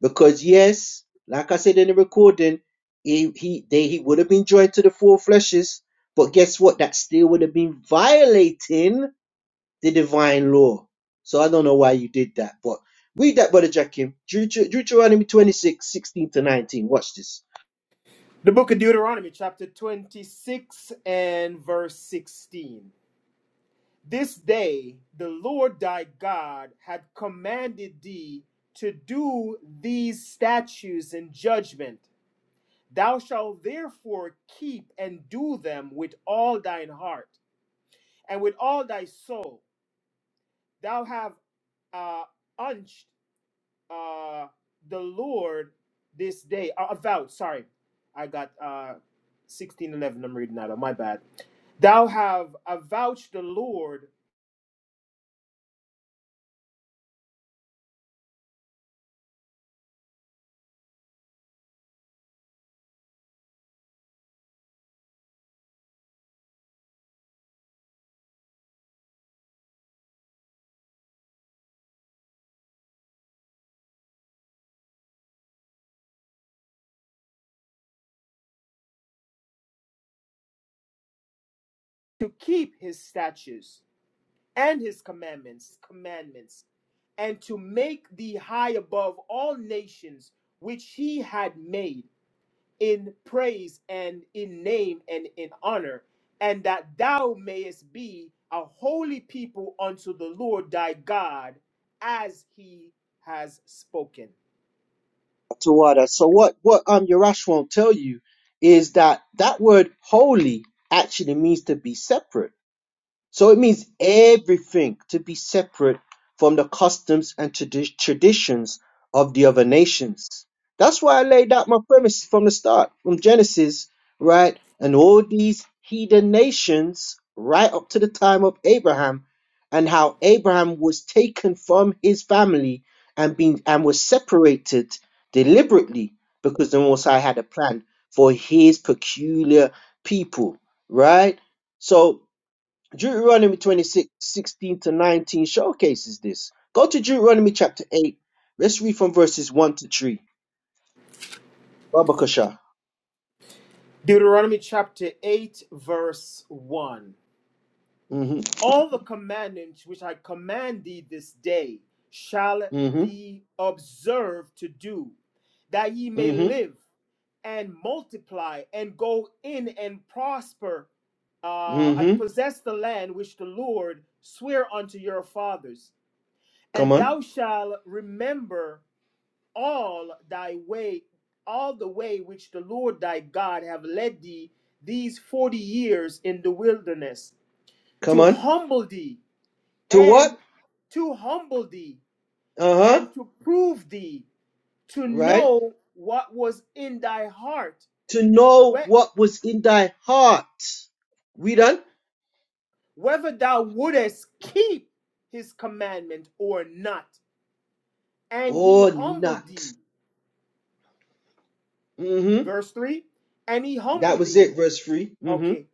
J: because yes, like I said in the recording, he he they he would have been joined to the four fleshes, but guess what? That still would have been violating the divine law. So I don't know why you did that, but read that, brother Jackim, Deuteronomy 26 16 to nineteen. Watch this.
L: The book of Deuteronomy, chapter 26 and verse 16. This day the Lord thy God had commanded thee to do these statutes and judgment. Thou shalt therefore keep and do them with all thine heart and with all thy soul. Thou have uh, unched uh the Lord this day uh, avowed. Sorry, I got uh sixteen eleven. I'm reading that. of my bad. Thou have avouched the Lord to keep His statutes and His commandments, commandments, and to make thee high above all nations which He had made. in praise and in name and in honor, and that thou mayest be a holy people unto the Lord thy God, as he has spoken.
J: to what So what what um Urash won't tell you is that that word holy actually means to be separate. So it means everything to be separate from the customs and tradi- traditions of the other nations. That's why I laid out my premise from the start, from Genesis, right? And all these heathen nations, right up to the time of Abraham, and how Abraham was taken from his family and being and was separated deliberately because the Most High had a plan for his peculiar people, right? So Deuteronomy 26 16 to 19 showcases this. Go to Deuteronomy chapter 8. Let's read from verses 1 to 3. Babakasha.
L: Deuteronomy chapter 8, verse 1.
J: Mm-hmm.
L: All the commandments which I command thee this day shall
J: Mm-hmm.
L: thee observe to do, that ye may
J: Mm-hmm.
L: live and multiply and go in and prosper uh, and
J: Mm-hmm.
L: possess the land which the Lord sware unto your fathers.
J: Come
L: And
J: on.
L: thou shalt remember all thy way, all the way which the Lord thy God have led thee these forty years in the wilderness,
J: Come
L: to
J: on.
L: humble thee
J: To
L: and
J: what?
L: to humble thee
J: Uh-huh.
L: and to prove thee to
J: Right?
L: know what was in thy heart
J: To know what was in thy heart. Read on.
L: whether thou wouldest keep his commandment or not and he
J: Or not.
L: humbled thee
J: Mm-hmm.
L: verse 3 and he
J: That
L: humbled
J: was
L: thee
J: it, verse 3.
L: okay
J: Mm-hmm.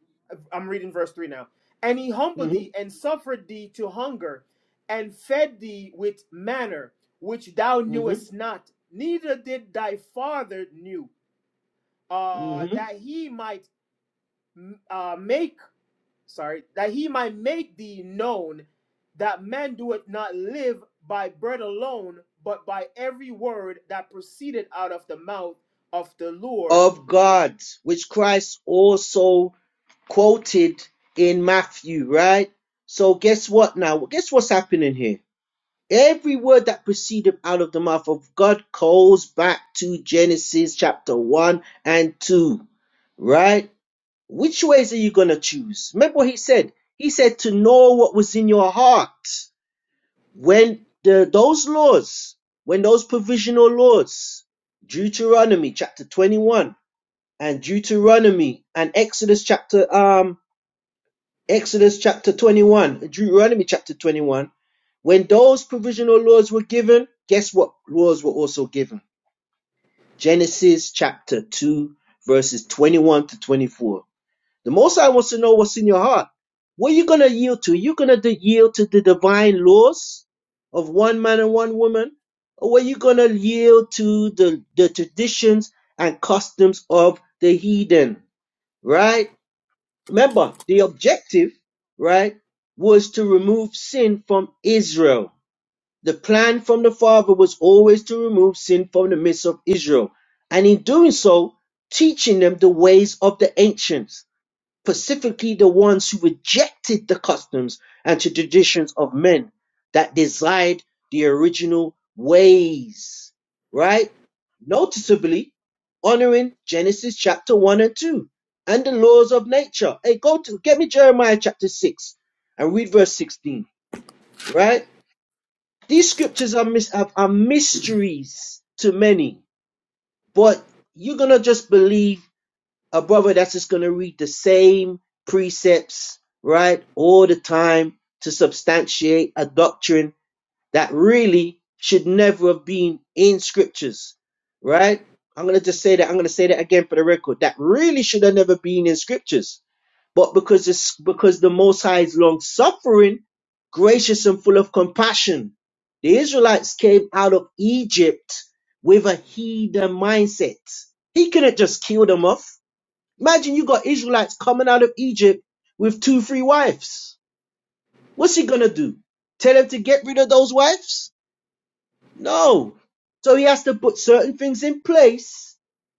L: i'm reading verse 3 now and he humbled thee
J: Mm-hmm.
L: and suffered thee to hunger and fed thee with manner which thou
J: Mm-hmm.
L: knewest not neither did thy father knew uh,
J: Mm-hmm.
L: that he might uh, make sorry that he might make thee known that man doeth not live by bread alone but by every word that proceeded out of the mouth of the lord
J: Of God, which Christ also quoted in Matthew, right? So guess what now? Guess what's happening here? Every word that proceeded out of the mouth of God calls back to Genesis chapter 1 and 2, right? Which ways are you going to choose? Remember what he said? He said to know what was in your heart. When the, those laws, when those provisional laws, Deuteronomy chapter 21 and Deuteronomy and Exodus chapter um. Exodus chapter 21, Deuteronomy chapter 21, when those provisional laws were given, guess what laws were also given? Genesis chapter 2, verses 21 to 24. The Most High wants to know what's in your heart. What are you going to yield to? Are you going to yield to the divine laws of one man and one woman? Or are you going to yield to the, the traditions and customs of the heathen? Right? Remember, the objective, right, was to remove sin from Israel. The plan from the Father was always to remove sin from the midst of Israel. And in doing so, teaching them the ways of the ancients specifically the ones who rejected the customs and the traditions of men that desired the original ways, right? Noticeably honoring Genesis chapter 1 and 2 and the laws of nature. Hey, go to get me Jeremiah chapter 6 and read verse 16, right? These scriptures are, mis- are are mysteries to many, but you're going to just believe a brother that's just going to read the same precepts, right, all the time to substantiate a doctrine that really should never have been in scriptures, right? I'm going to just say that. I'm going to say that again for the record. That really should have never been in scriptures. But because it's because the Most High is long suffering, gracious and full of compassion, the Israelites came out of Egypt with a heathen mindset. He couldn't just kill them off. Imagine you got Israelites coming out of Egypt with two, three wives. What's he gonna do? Tell him to get rid of those wives? No. So he has to put certain things in place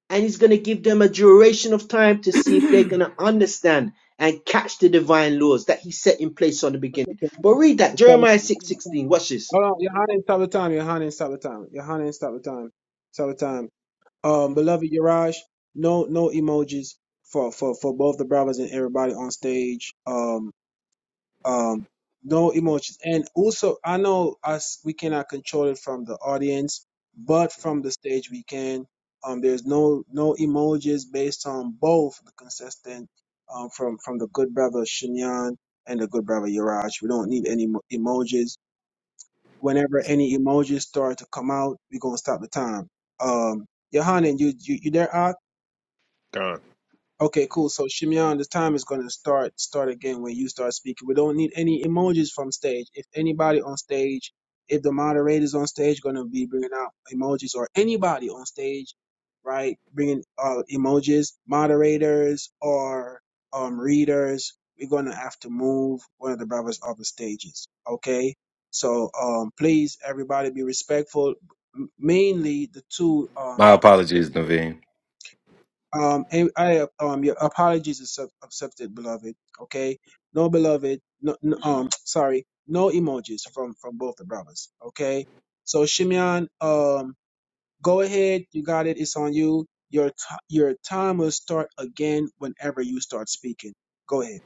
J: and he's gonna give them a duration of time to see if they're gonna understand and catch the divine laws that he set in place on the
H: That's
J: beginning.
H: okay.
J: But read that,
H: Stop the
J: Jeremiah six
H: time. Stop
J: sixteen.
H: the time.
J: watch this.
H: Hold on, Yohanan, stop the time. Yohanan, stop the time. Yohanan, stop the time. Stop the time. Um, beloved Yaraj, no, no emojis for for for both the brothers and everybody on stage. Um, um no emotions and also i know us we cannot control it from the audience but from the stage we can um there's no no emojis based on both the consistent um from from the good brother shinyan and the good brother Yaraj. we don't need any emo- emojis whenever any emojis start to come out we're gonna stop the time um Yohanan, you you, you there Ak?
I: Con.
H: Okay, cool. So Shimeon, the time is gonna start start again when you start speaking. We don't need any emojis from stage. If anybody on stage, if the moderators on stage, gonna be bringing out emojis, or anybody on stage, right, bringing uh, emojis, moderators or um readers, we're gonna have to move one of the brothers off the stages. Okay, so um please everybody be respectful. M- Mainly the two um
G: My apologies, Naveen.
H: um, and I um your apologies is sub- accepted, beloved. Okay, no beloved, no, no um sorry, no emojis from from both the brothers. Okay, so Shimeon, um, go ahead, you got it. It's on you. Your t- your time will start again whenever you start speaking. Go ahead.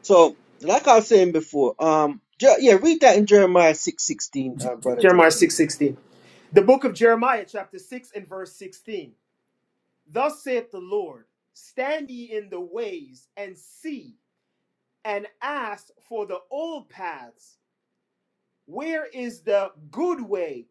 J: So, like I was saying before, um, yeah, read that in Jeremiah six sixteen,
L: J-
J: uh,
L: J-
J: brother John.
L: jeremiah 6.16 the book of jeremiah chapter 6 and verse 16 thus saith the lord stand ye in the ways and see and ask for the old paths where is the good way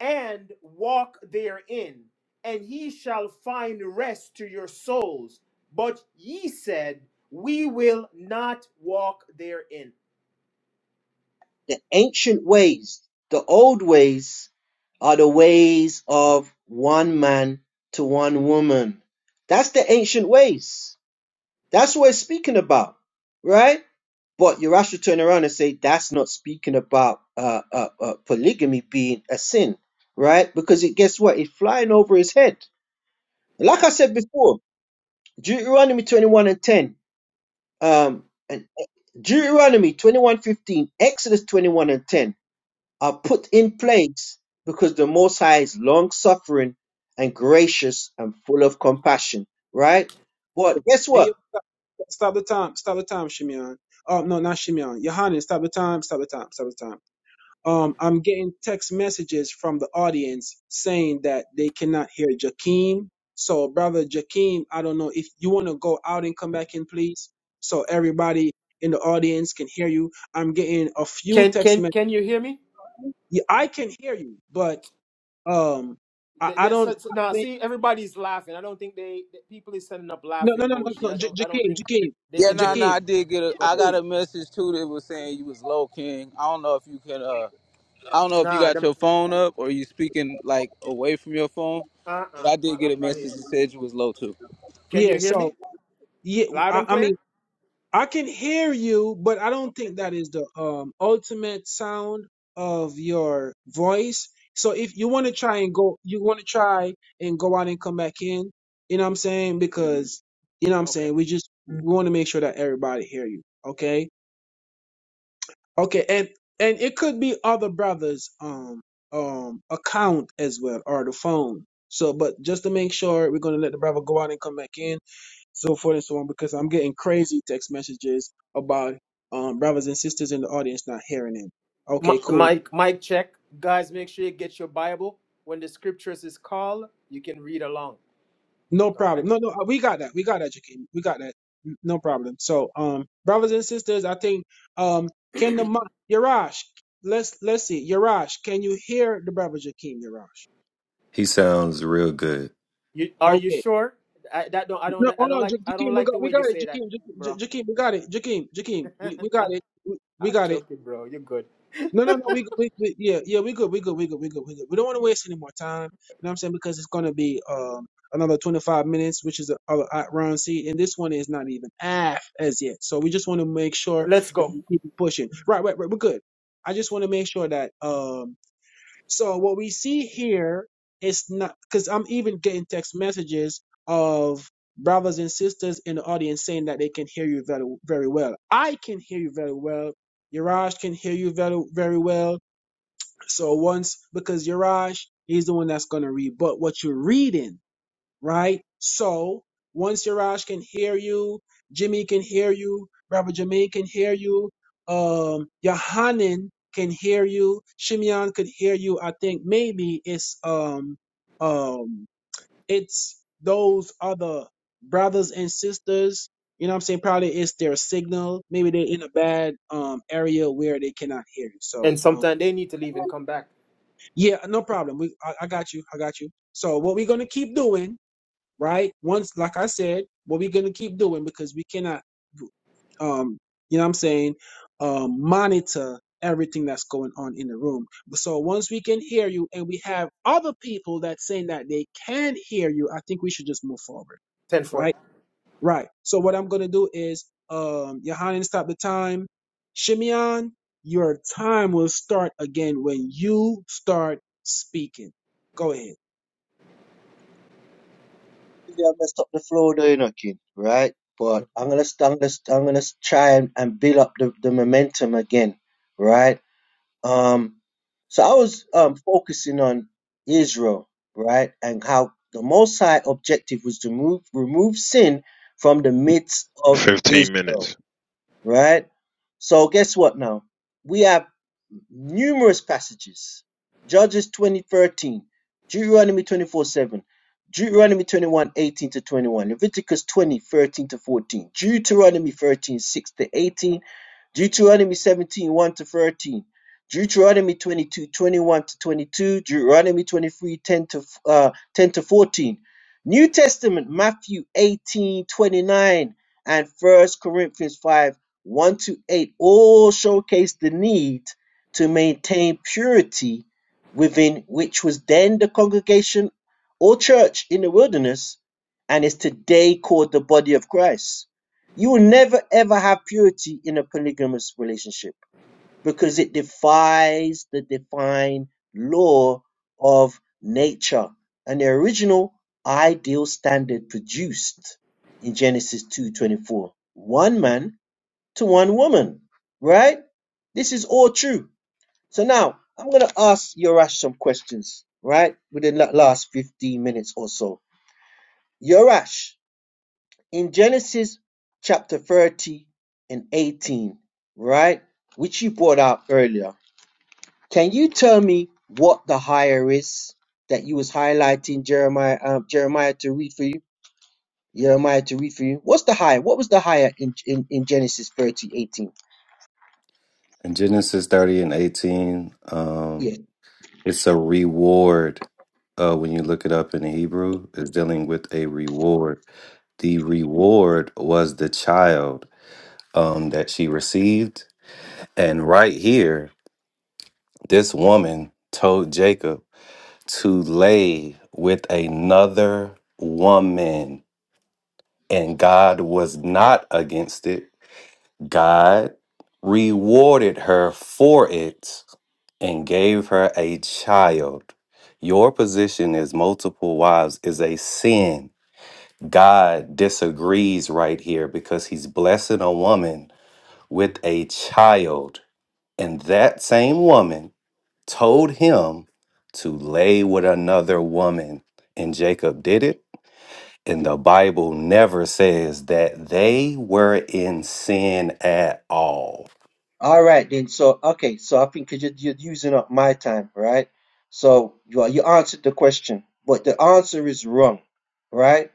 L: and walk therein, and ye shall find rest to your souls. But ye said, We will not walk therein.
J: The ancient ways, the old ways, are the ways of one man to one woman. That's the ancient ways. That's what it's speaking about, right? But you should turn around and say that's not speaking about uh, uh, uh, polygamy being a sin, right? Because it guess what? It's flying over his head. Like I said before, Deuteronomy 21 and 10, um, and uh, Deuteronomy 21:15, Exodus 21: 10. are put in place because the Most High is long suffering and gracious and full of compassion, right? But guess
H: Hey, yo,
J: what?
H: stop, stop the time. Stop the time, Shimeon. Oh no, not Shimeon. Yohanan, stop the time. Stop the time. Stop the time. Um, I'm getting text messages from the audience saying that they cannot hear Jakeem. So, brother Jakeem, I don't know if you want to go out and come back in, please, so everybody in the audience can hear you. I'm getting a few
L: Can
H: text
L: can
H: messages.
L: can you hear me?
H: Yeah, I can hear you, but um, I,
L: Th-
H: I
L: th-
H: don't.
L: so- so-
H: I
L: now
H: mean,
L: see everybody's laughing. I don't think they the people is sending up
H: no,
L: laughing
H: no, no, no,
L: emoji.
H: no.
L: I
H: J-
L: don't I don't
H: Jakeem,
L: think
H: Jakeem,
L: they
B: Yeah,
H: J-
L: can
B: no, nah,
L: hear
B: no,
L: me.
H: Jakeem,
B: nah, I did get a.
L: Go
B: I
L: ahead.
H: Jakeem.
B: got a message too that was saying you was low king. I don't know if you can. Uh, I don't know if you
L: Nah,
B: got
L: them,
B: your phone up or you speaking like away from your phone,
L: uh
B: but
L: uh,
B: I
L: my,
B: did
L: I'm
B: get a
L: right here.
B: message that said you was low too.
L: Can
H: Yeah.
L: you hear me?
H: So, yeah,
L: Loud
H: I,
L: and
H: I mean.
L: clear.
H: I can hear you, but I don't think that is the um, ultimate sound of your voice. So if you want to try and go, you want to try and go out and come back in. You know what I'm saying? Because you know what I'm
L: Okay.
H: saying. We just we want to make sure that everybody hear you. Okay. Okay, and and it could be other brothers' um um account as well or the phone. So, but just to make sure, we're gonna let the brother go out and come back in, so forth and so on, because I'm getting crazy text messages about um brothers and sisters in the audience not hearing him. Okay,
L: Mi-
H: cool,
L: Mike, Mike, check. Guys, make sure you get your Bible. When the scriptures is called, you can read along.
H: no
L: All right.
H: problem. No, no, uh, we got that. We got that, Jakeem. We got that. N- No problem. So, um, brothers and sisters, I think um can the mo- Yarash, let's let's see, Yarash, can you hear the brother Jakeem Yarash?
G: He sounds real good.
L: You are you
H: Okay.
L: sure? I, that don't I don't
H: No,
L: I
H: hold
L: don't
H: on,
L: like
H: Ja-
L: I don't
H: Jakeem. We
L: like the
H: got, we
L: way
H: got
L: you
H: it,
L: say that,
H: Jakeem. Ja- Ja-
L: bro.
H: Jakeem, we got it, Jakeem. Jakeem, we, we got
L: I'm
H: it. We, we got it.
L: joking, bro. You're good.
H: No, no, no. We, we, we, yeah, yeah. We good. We good. We good. We good. We good. We don't want to waste any more time. You know what I'm saying? Because it's gonna be um another 25 minutes, which is a, a, a round C, and this one is not even half as yet. So we just want to make sure
L: Let's
H: that
L: go.
H: we keep it pushing. Right, right, right. We're good. I just want to make sure that um so what we see here is not because I'm even getting text messages of brothers and sisters in the audience saying that they can hear you very very well. I can hear you very well. Yaraj can hear you very very well. So once because Yaraj he's the one that's gonna read, but what you're reading right? So once Siraj can hear you, Jimmy can hear you, Rabbi Jermaine can hear you, um, Yohanan can hear you, Shimeon could hear you. I think maybe it's um um it's those other brothers and sisters. You know what I'm saying? Probably it's their signal. Maybe they're in a bad um area where they cannot hear you. So
L: And
H: um
L: sometime they need to leave and come back.
H: yeah, no problem. We I, I got you. I got you. So what we're gonna keep doing right? Once, like I said, what we're gonna keep doing because we cannot, um, you know, what I'm saying, um, monitor everything that's going on in the room. So once we can hear you, and we have other people that saying that they can hear you, I think we should just move forward,
L: Ten four.
H: right? Right. So what I'm gonna do is, um, Yohanan, stop the time. Shimeon, your time will start again when you start speaking. Go ahead.
J: Yeah, I'm gonna stop the flow doing again, right? But I'm gonna, st- I'm gonna, st- I'm gonna try and, and build up the, the momentum again, right? Um, so I was um focusing on Israel, right, and how the Most High objective was to move, remove sin from the midst of
I: 15
J: Israel
I: minutes.
J: right? So guess what now? We have numerous passages. Judges 20:13, Deuteronomy twenty four seven, Deuteronomy 21:18 to 21, Leviticus 20:13 to 14, Deuteronomy 13:6 to 18, Deuteronomy seventeen one to 13, Deuteronomy 22 21 to 22, Deuteronomy 23 10 to, uh, 10 to 14, New Testament, Matthew 18 29 and First Corinthians 5, 1 to 8, all showcase the need to maintain purity within which was then the congregation or church in the wilderness and is today called the body of Christ. You will never ever have purity in a polygamous relationship because it defies the divine law of nature and the original ideal standard produced in Genesis 2:24. One man to one woman, right? This is all true. So now I'm going to ask Yorash some questions, right? Within the last 15 minutes or so. Yorash, in Genesis chapter 30 and 18, right? Which you brought out earlier. Can you tell me what the higher is that you was highlighting Jeremiah um, Jeremiah to read for you? Jeremiah to read for you. What's the higher? What was the higher in, in, in Genesis 30:18?
G: In Genesis 30 and 18,
J: 18?
G: um, it's a reward. Uh, when you look it up in Hebrew, it's dealing with a reward. The reward was the child um, that she received. And right here, this woman told Jacob to lay with another woman, and God was not against it God rewarded her for it and gave her a child. Your position as multiple wives is a sin. God disagrees right here because he's blessing a woman with a child. And that same woman told him to lay with another woman. And Jacob did it. And the Bible never says that they were in sin at all.
J: All right then. So okay, so I think 'cause you're, you're using up my time, right? So you are- you answered the question, but the answer is wrong, right?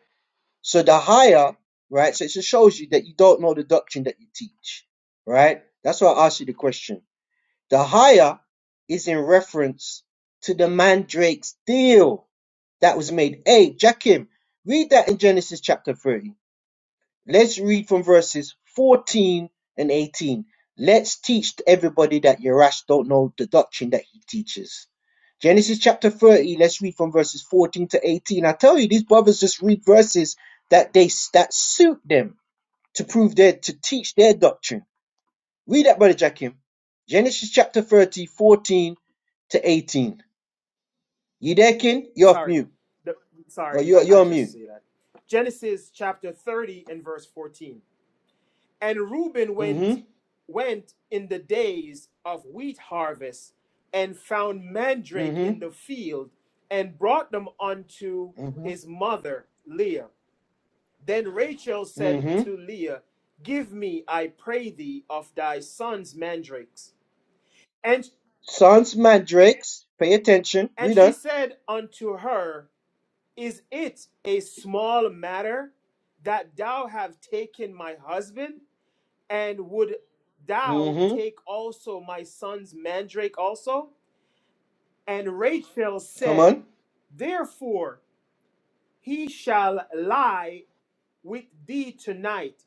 J: So the higher, right? So it just shows you that you don't know the doctrine that you teach, right? That's why I asked you the question. The higher is in reference to the mandrake's deal that was made. Hey, Jackim, read that in Genesis chapter 30. Let's read from verses 14 and 18. Let's teach everybody that Yerash don't know the doctrine that he teaches. Genesis chapter 30, let's read from verses 14 to 18. I tell you, these brothers just read verses that they that suit them to prove their to teach their doctrine. Read that, brother Jackim. Genesis chapter 30 14 to 18. You there, King? You're off
L: Sorry.
J: mute.
L: The-
J: Or
L: sorry,
J: you're
L: I, I
J: you're on
L: just
J: mute.
L: say that. Genesis chapter 30 and verse 14. And Reuben went
J: Mm-hmm.
L: went in the days of wheat harvest and found mandrake
J: Mm-hmm.
L: in the field and brought them unto
J: Mm-hmm.
L: his mother Leah. Then Rachel said
J: Mm-hmm.
L: to Leah, Give me, I pray thee, of thy son's mandrakes. And
J: Sons mandrakes. Pay attention.
L: and
J: Read
L: she
J: on.
L: said unto her, Is it a small matter that thou have taken my husband? And would thou
J: hmm
L: take also my son's mandrake also? And Rachel
J: Come
L: said,
J: on.
L: Therefore he shall lie with thee tonight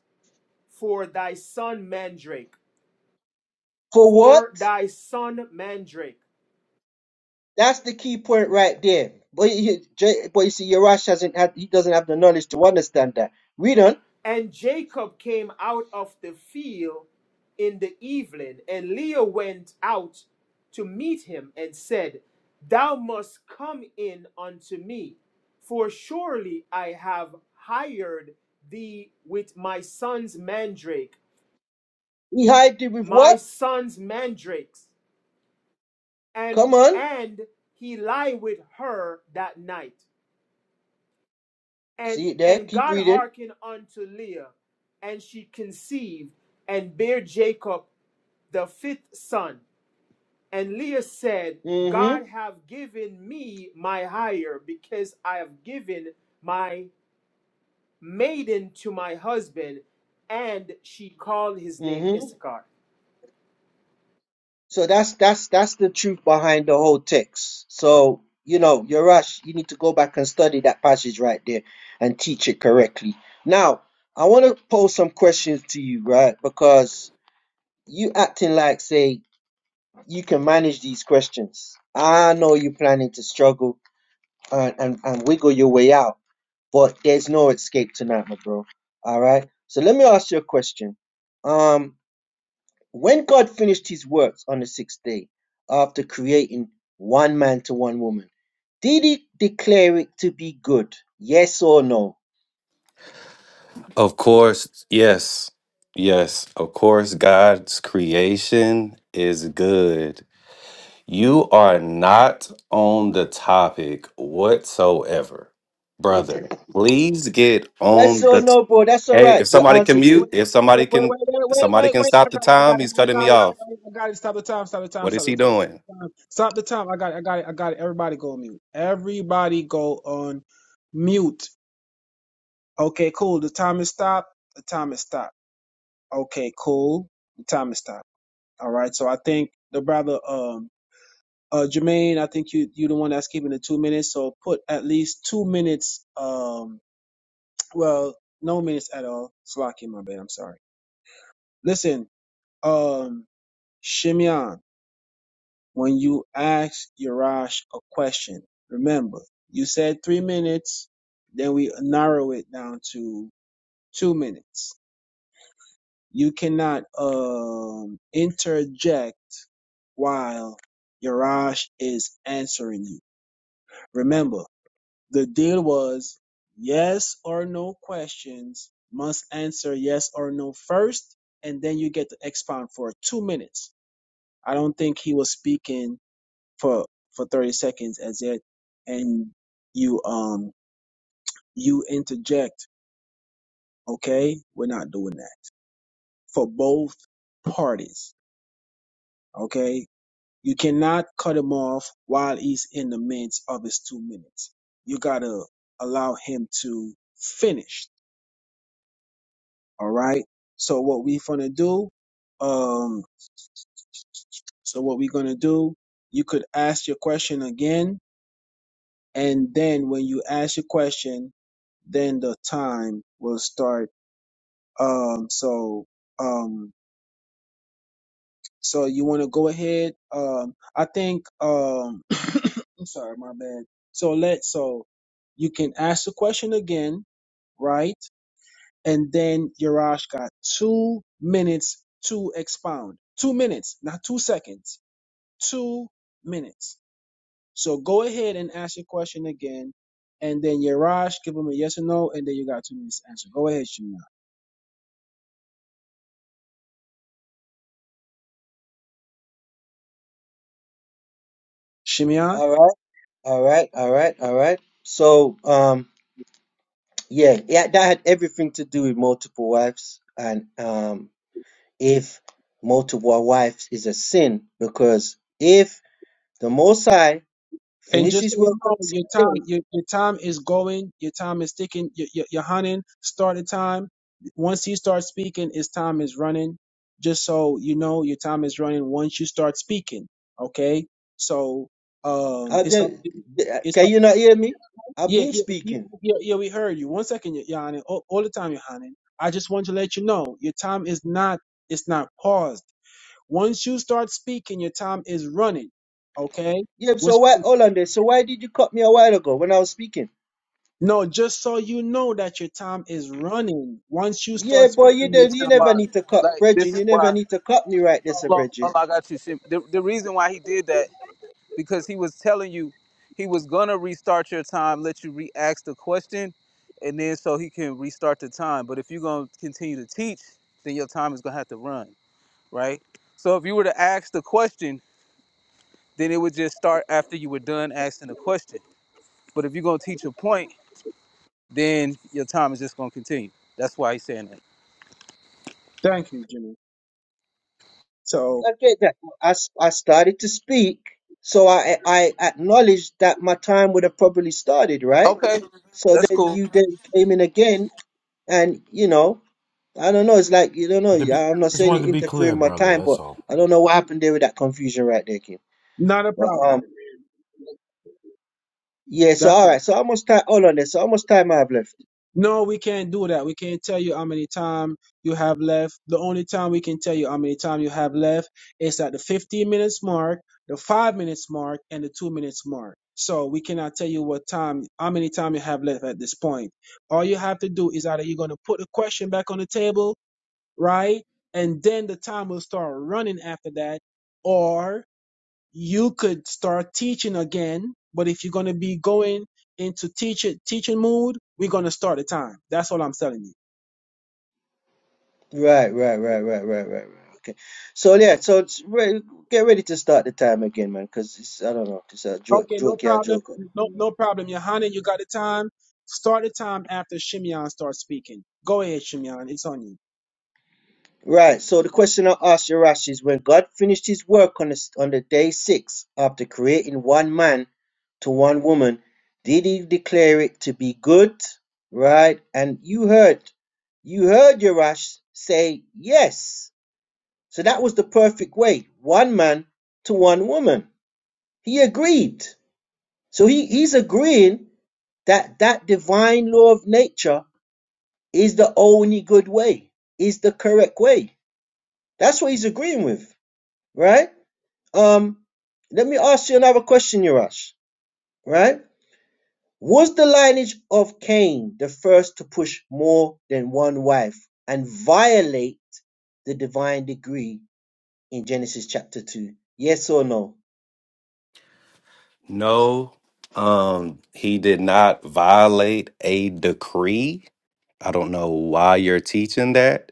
L: for thy son mandrake,
J: For what?
L: for thy son mandrake.
J: That's the key point right there. But you, J- but you see, Yerash hasn't had. He doesn't have the knowledge to understand that. Read on.
L: And Jacob came out of the field in the evening, and Leah went out to meet him and said, Thou must come in unto me, for surely I have hired thee with my son's mandrake,
J: He hide it with
L: my
J: what?
L: son's mandrakes. And
J: Come on.
L: and he lay with her that night. And
J: See it there.
L: and
J: Keep
L: God
J: reading.
L: hearkened unto Leah, and she conceived and bare Jacob the fifth son. And Leah said,
J: hmm
L: God have given me my hire because I have given my maiden to my husband. And she called his name
J: hmm
L: Issachar.
J: So that's that's that's the truth behind the whole text. So you know, Yarash, you need to go back and study that passage right there and teach it correctly. Now, I want to pose some questions to you, right? Because you acting like say you can manage these questions. I know you're planning to struggle and, and, and wiggle your way out, but there's no escape tonight, my bro. All right. So let me ask you a question. Um, when God finished his works on the sixth day, after creating one man to one woman, did he declare it to be good? Yes or no?
G: Of course, yes. Yes, of course, God's creation is good. You are not on the topic whatsoever, brother. Please get on
J: Yes or
G: the. T-
J: no, bro? That's all
G: hey,
J: right.
G: if
J: You
G: somebody can
J: answered it.
H: Wait,
G: mute,
H: wait,
G: if somebody
H: wait,
G: can, if
H: wait,
G: somebody
H: wait, wait,
G: can
H: I
G: stop the
H: got it, I got
G: time.
H: it,
G: He's
H: I
G: cutting
H: got
G: me
H: it, I
G: off.
H: got it, I got it. Stop the time, stop the time,
G: What is
H: stop the
G: he
H: time, stop
G: doing?
H: the time. Stop the time. I got it, I got it, I got it. Everybody go on mute. Everybody go on mute. Okay, cool. The time is stopped. The time is stopped. Okay, cool. The time is stopped. All right. So I think the brother um uh Jermaine, I think you you the one that's keeping the two minutes. So put at least two minutes, um well, no minutes at all. Slocky, my bad, I'm sorry. Listen. Um Shimeon, when you ask Yarash a question, remember, you said three minutes, then we narrow it down to two minutes. You cannot um, interject while Yarash is answering you. Remember, the deal was yes or no questions must answer yes or no first, and then you get to expound for two minutes. I don't think he was speaking for for 30 seconds as it and you um you interject okay we're not doing that for both parties okay you cannot cut him off while he's in the midst of his two minutes you gotta allow him to finish all right so what we are gonna do um so what we're gonna do you could ask your question again and then when you ask your question then the time will start Um, so, um, so you want to go ahead? Um, I think, um, I'm sorry, my bad. So let, so you can ask the question again, right? And then Yarash got two minutes to expound. Two minutes, not two seconds. Two minutes. So go ahead and ask your question again. And then Yarash, give him a yes or no, and then you got two minutes to answer. Go ahead, Shimon.
J: All right, all right, all right, all right. So, um, yeah, yeah, that had everything to do with multiple wives, and um, if multiple wives is a sin, because if the Most High
H: And just
J: finishes
H: so you
J: work on
H: know,
J: the
H: your
J: sixth
H: time your, your time is going. Your time is ticking. Your, your, your hunting started time. Once he starts speaking, his time is running. Just so you know, your time is running once you start speaking. Okay, so um,
J: I
H: it's up.
J: de-
H: to
J: de-
H: It's
J: can
H: up.
J: you not hear me? I've
H: Yeah,
J: been
H: yeah, you-
J: speaking.
H: yeah, yeah. We heard you. One second, your your Honor. All, all the time, your hunting. I just want to let you know your time is not. It's not paused. Once you start speaking, your time is running. Okay.
J: Yeah, so
H: Once
J: why, hold on there. So why did you cut me a while ago when I was speaking?
H: No, just so you know that your time is running. Once you start
J: Yeah, boy,
H: speaking,
J: you
B: This
H: your
J: don't, you
B: is
H: time is
J: never
B: why,
H: running.
J: need to cut
B: like, this
J: Bridging.
B: is
J: You never
B: why.
J: need to cut me right there, sir,
B: Hold on,
J: Bridging.
B: hold on, I got you. Shem. The, the reason why he did that because he was telling you he was gonna restart your time, let you re-ask the question, and then so he can restart the time. But if you're gonna continue to teach, then your time is gonna have to run, right? So if you were to ask the question, then it would just start after you were done asking the question. But if you're gonna teach a point then your time is just gonna continue. That's why he's saying that.
H: Thank you, Jimmy. So,
J: I get that. I, s- I started to speak, so I, I acknowledged that my time would have probably started, right?
B: Okay,
J: So
B: that's
J: then
B: cool.
J: you then came in again, and you know, I don't know. It's like, you don't know.
K: To be,
J: I'm not
K: just
J: saying
K: wanted
J: you
K: to be
J: interfere with
K: clear,
J: my
K: brother.
J: time,
K: That's
J: but
K: all.
J: I don't know what happened there with that confusion right there, Kim.
H: not a problem.
J: Yeah, so
H: That's
J: all
H: it.
J: right, so how much time? Hold on there. So how much time I have left?
H: No, we can't do that. We can't tell you how many time you have left. The only time we can tell you how many time you have left is at the 15 minutes mark, the 5 minutes mark, and the 2 minutes mark. So we cannot tell you what time, how many time you have left at this point. All you have to do is either you're going to put the question back on the table right? And then the time will start running after that. Or you could start teaching again. But if you're gonna be going into teaching teaching mood, we're gonna start the time. That's all I'm telling you.
J: Right, right, right, right, right, right, right. Okay. So yeah, so it's re get ready to start the time again, man, because it's I don't know, it's a joke,
H: Okay, no
J: joke, yeah,
H: problem.
J: joke.
H: No no problem. Johanna, you got the time. Start the time after Shimeon starts speaking. Go ahead, Shimeon. It's on you.
J: Right. So the question I asked you, Rashi, is when God finished His work on the s- on the day six after creating one man to one woman, did He declare it to be good? Right. And you heard, you heard Yerash say yes. So that was the perfect way. One man to one woman. He agreed. So he, he's agreeing that that divine law of nature is the only good way, is the correct way. That's what he's agreeing with, right? Um, let me ask you another question, Yarash, right? Was the lineage of Cain the first to push more than one wife and violate the divine decree in Genesis chapter 2? Yes or no?
G: No, um, he did not violate a decree. I don't know why you're teaching that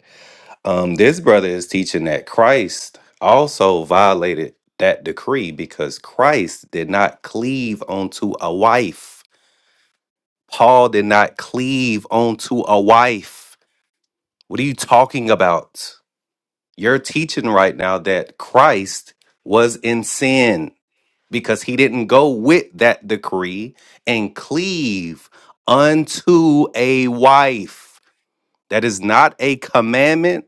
G: Um, this brother is teaching that Christ also violated that decree because Christ did not cleave onto a wife. Paul did not cleave onto a wife. What are you talking about? You're teaching right now that Christ was in sin because he didn't go with that decree and cleave unto a wife. That is not a commandment.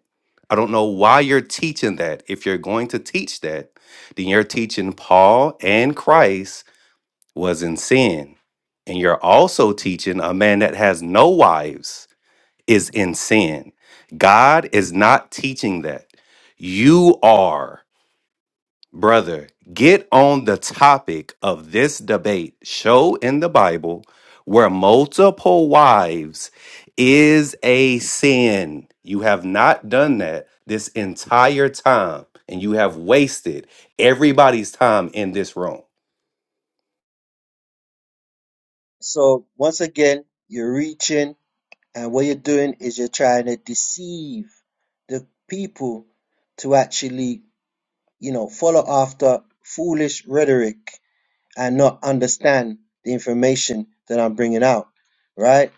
G: I don't know why you're teaching that. If you're going to teach that, then you're teaching Paul and Christ was in sin. And you're also teaching a man that has no wives is in sin. God is not teaching that. You are. Brother, get on the topic of this debate. Show in the Bible where multiple wives is a sin. You have not done that this entire time, and you have wasted everybody's time in this room.
J: So once again, you're reaching, and what you're doing is you're trying to deceive the people to actually, you know, follow after foolish rhetoric and not understand the information that I'm bringing out, right?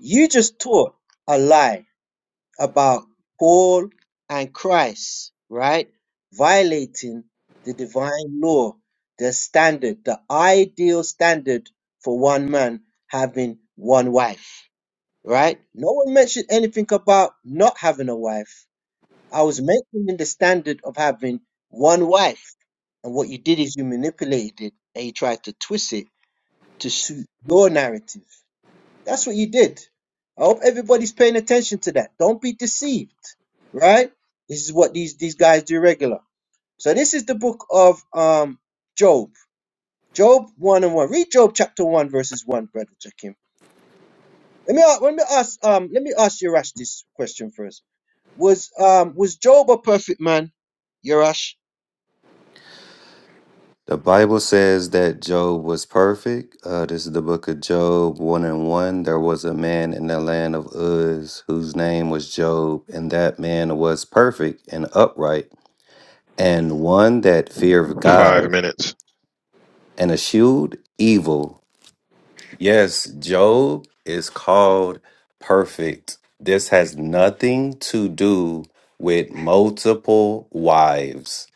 J: You just taught a lie about Paul and Christ, right? Violating the divine law, the standard, the ideal standard for one man having one wife, right? No one mentioned anything about not having a wife. I was mentioning the standard of having one wife. And what you did is you manipulated it and you tried to twist it to suit your narrative. That's what you did. I hope everybody's paying attention to that. Don't be deceived, right? This is what these these guys do regular. So this is the book of um Job. Job one and one. Read Job chapter one verses one, brother Jakim. Let me a- let me ask um let me ask Yerash this question first. Was um was Job a perfect man, Yerash?
G: The Bible says that Job was perfect. Uh, this is the book of Job 1 and 1. There was a man in the land of Uz whose name was Job, and that man was perfect and upright and one that feared
I: Five
G: God
I: minutes.
G: and eschewed evil. Yes, Job is called perfect. This has nothing to do with multiple wives.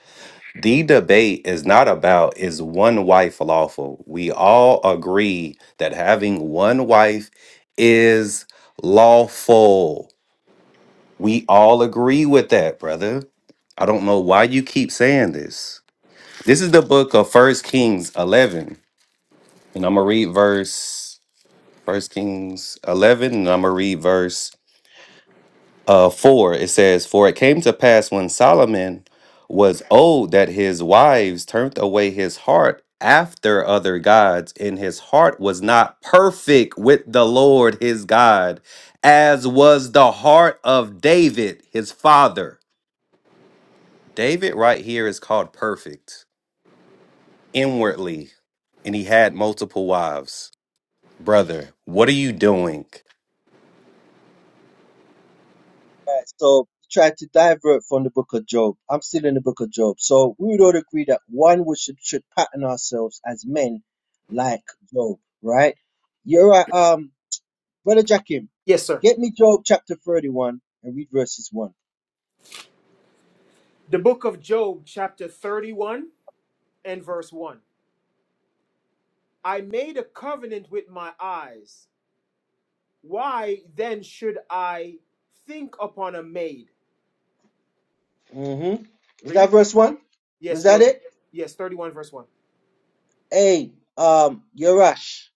G: The debate is not about is one wife lawful. We all agree that having one wife is lawful. We all agree with that, brother. I don't know why you keep saying this. This is the book of First Kings 11, and I'm gonna read verse First Kings 11, and I'm gonna read verse uh four. It says, "For it came to pass when Solomon was old that his wives turned away his heart after other gods, and his heart was not perfect with the Lord his God, as was the heart of David his father." David right here is called perfect inwardly, and he had multiple wives. Brother, what are you doing?
J: So try to divert from the book of Job. I'm still in the book of Job. So we would all agree that one we should should pattern ourselves as men like Job, right? You're right, um, brother Jackim,
L: Yes, sir.
J: get me Job chapter 31 and read verses one.
L: The book of Job, chapter 31 and verse 1. I made a covenant with my eyes. Why then should I think upon a maid?
J: Mm-hmm. Is
L: Read.
J: that verse one? Was
L: Yes,
J: that
L: work.
J: it?
L: Yes, 31 verse 1.
J: Hey, um, Yorash,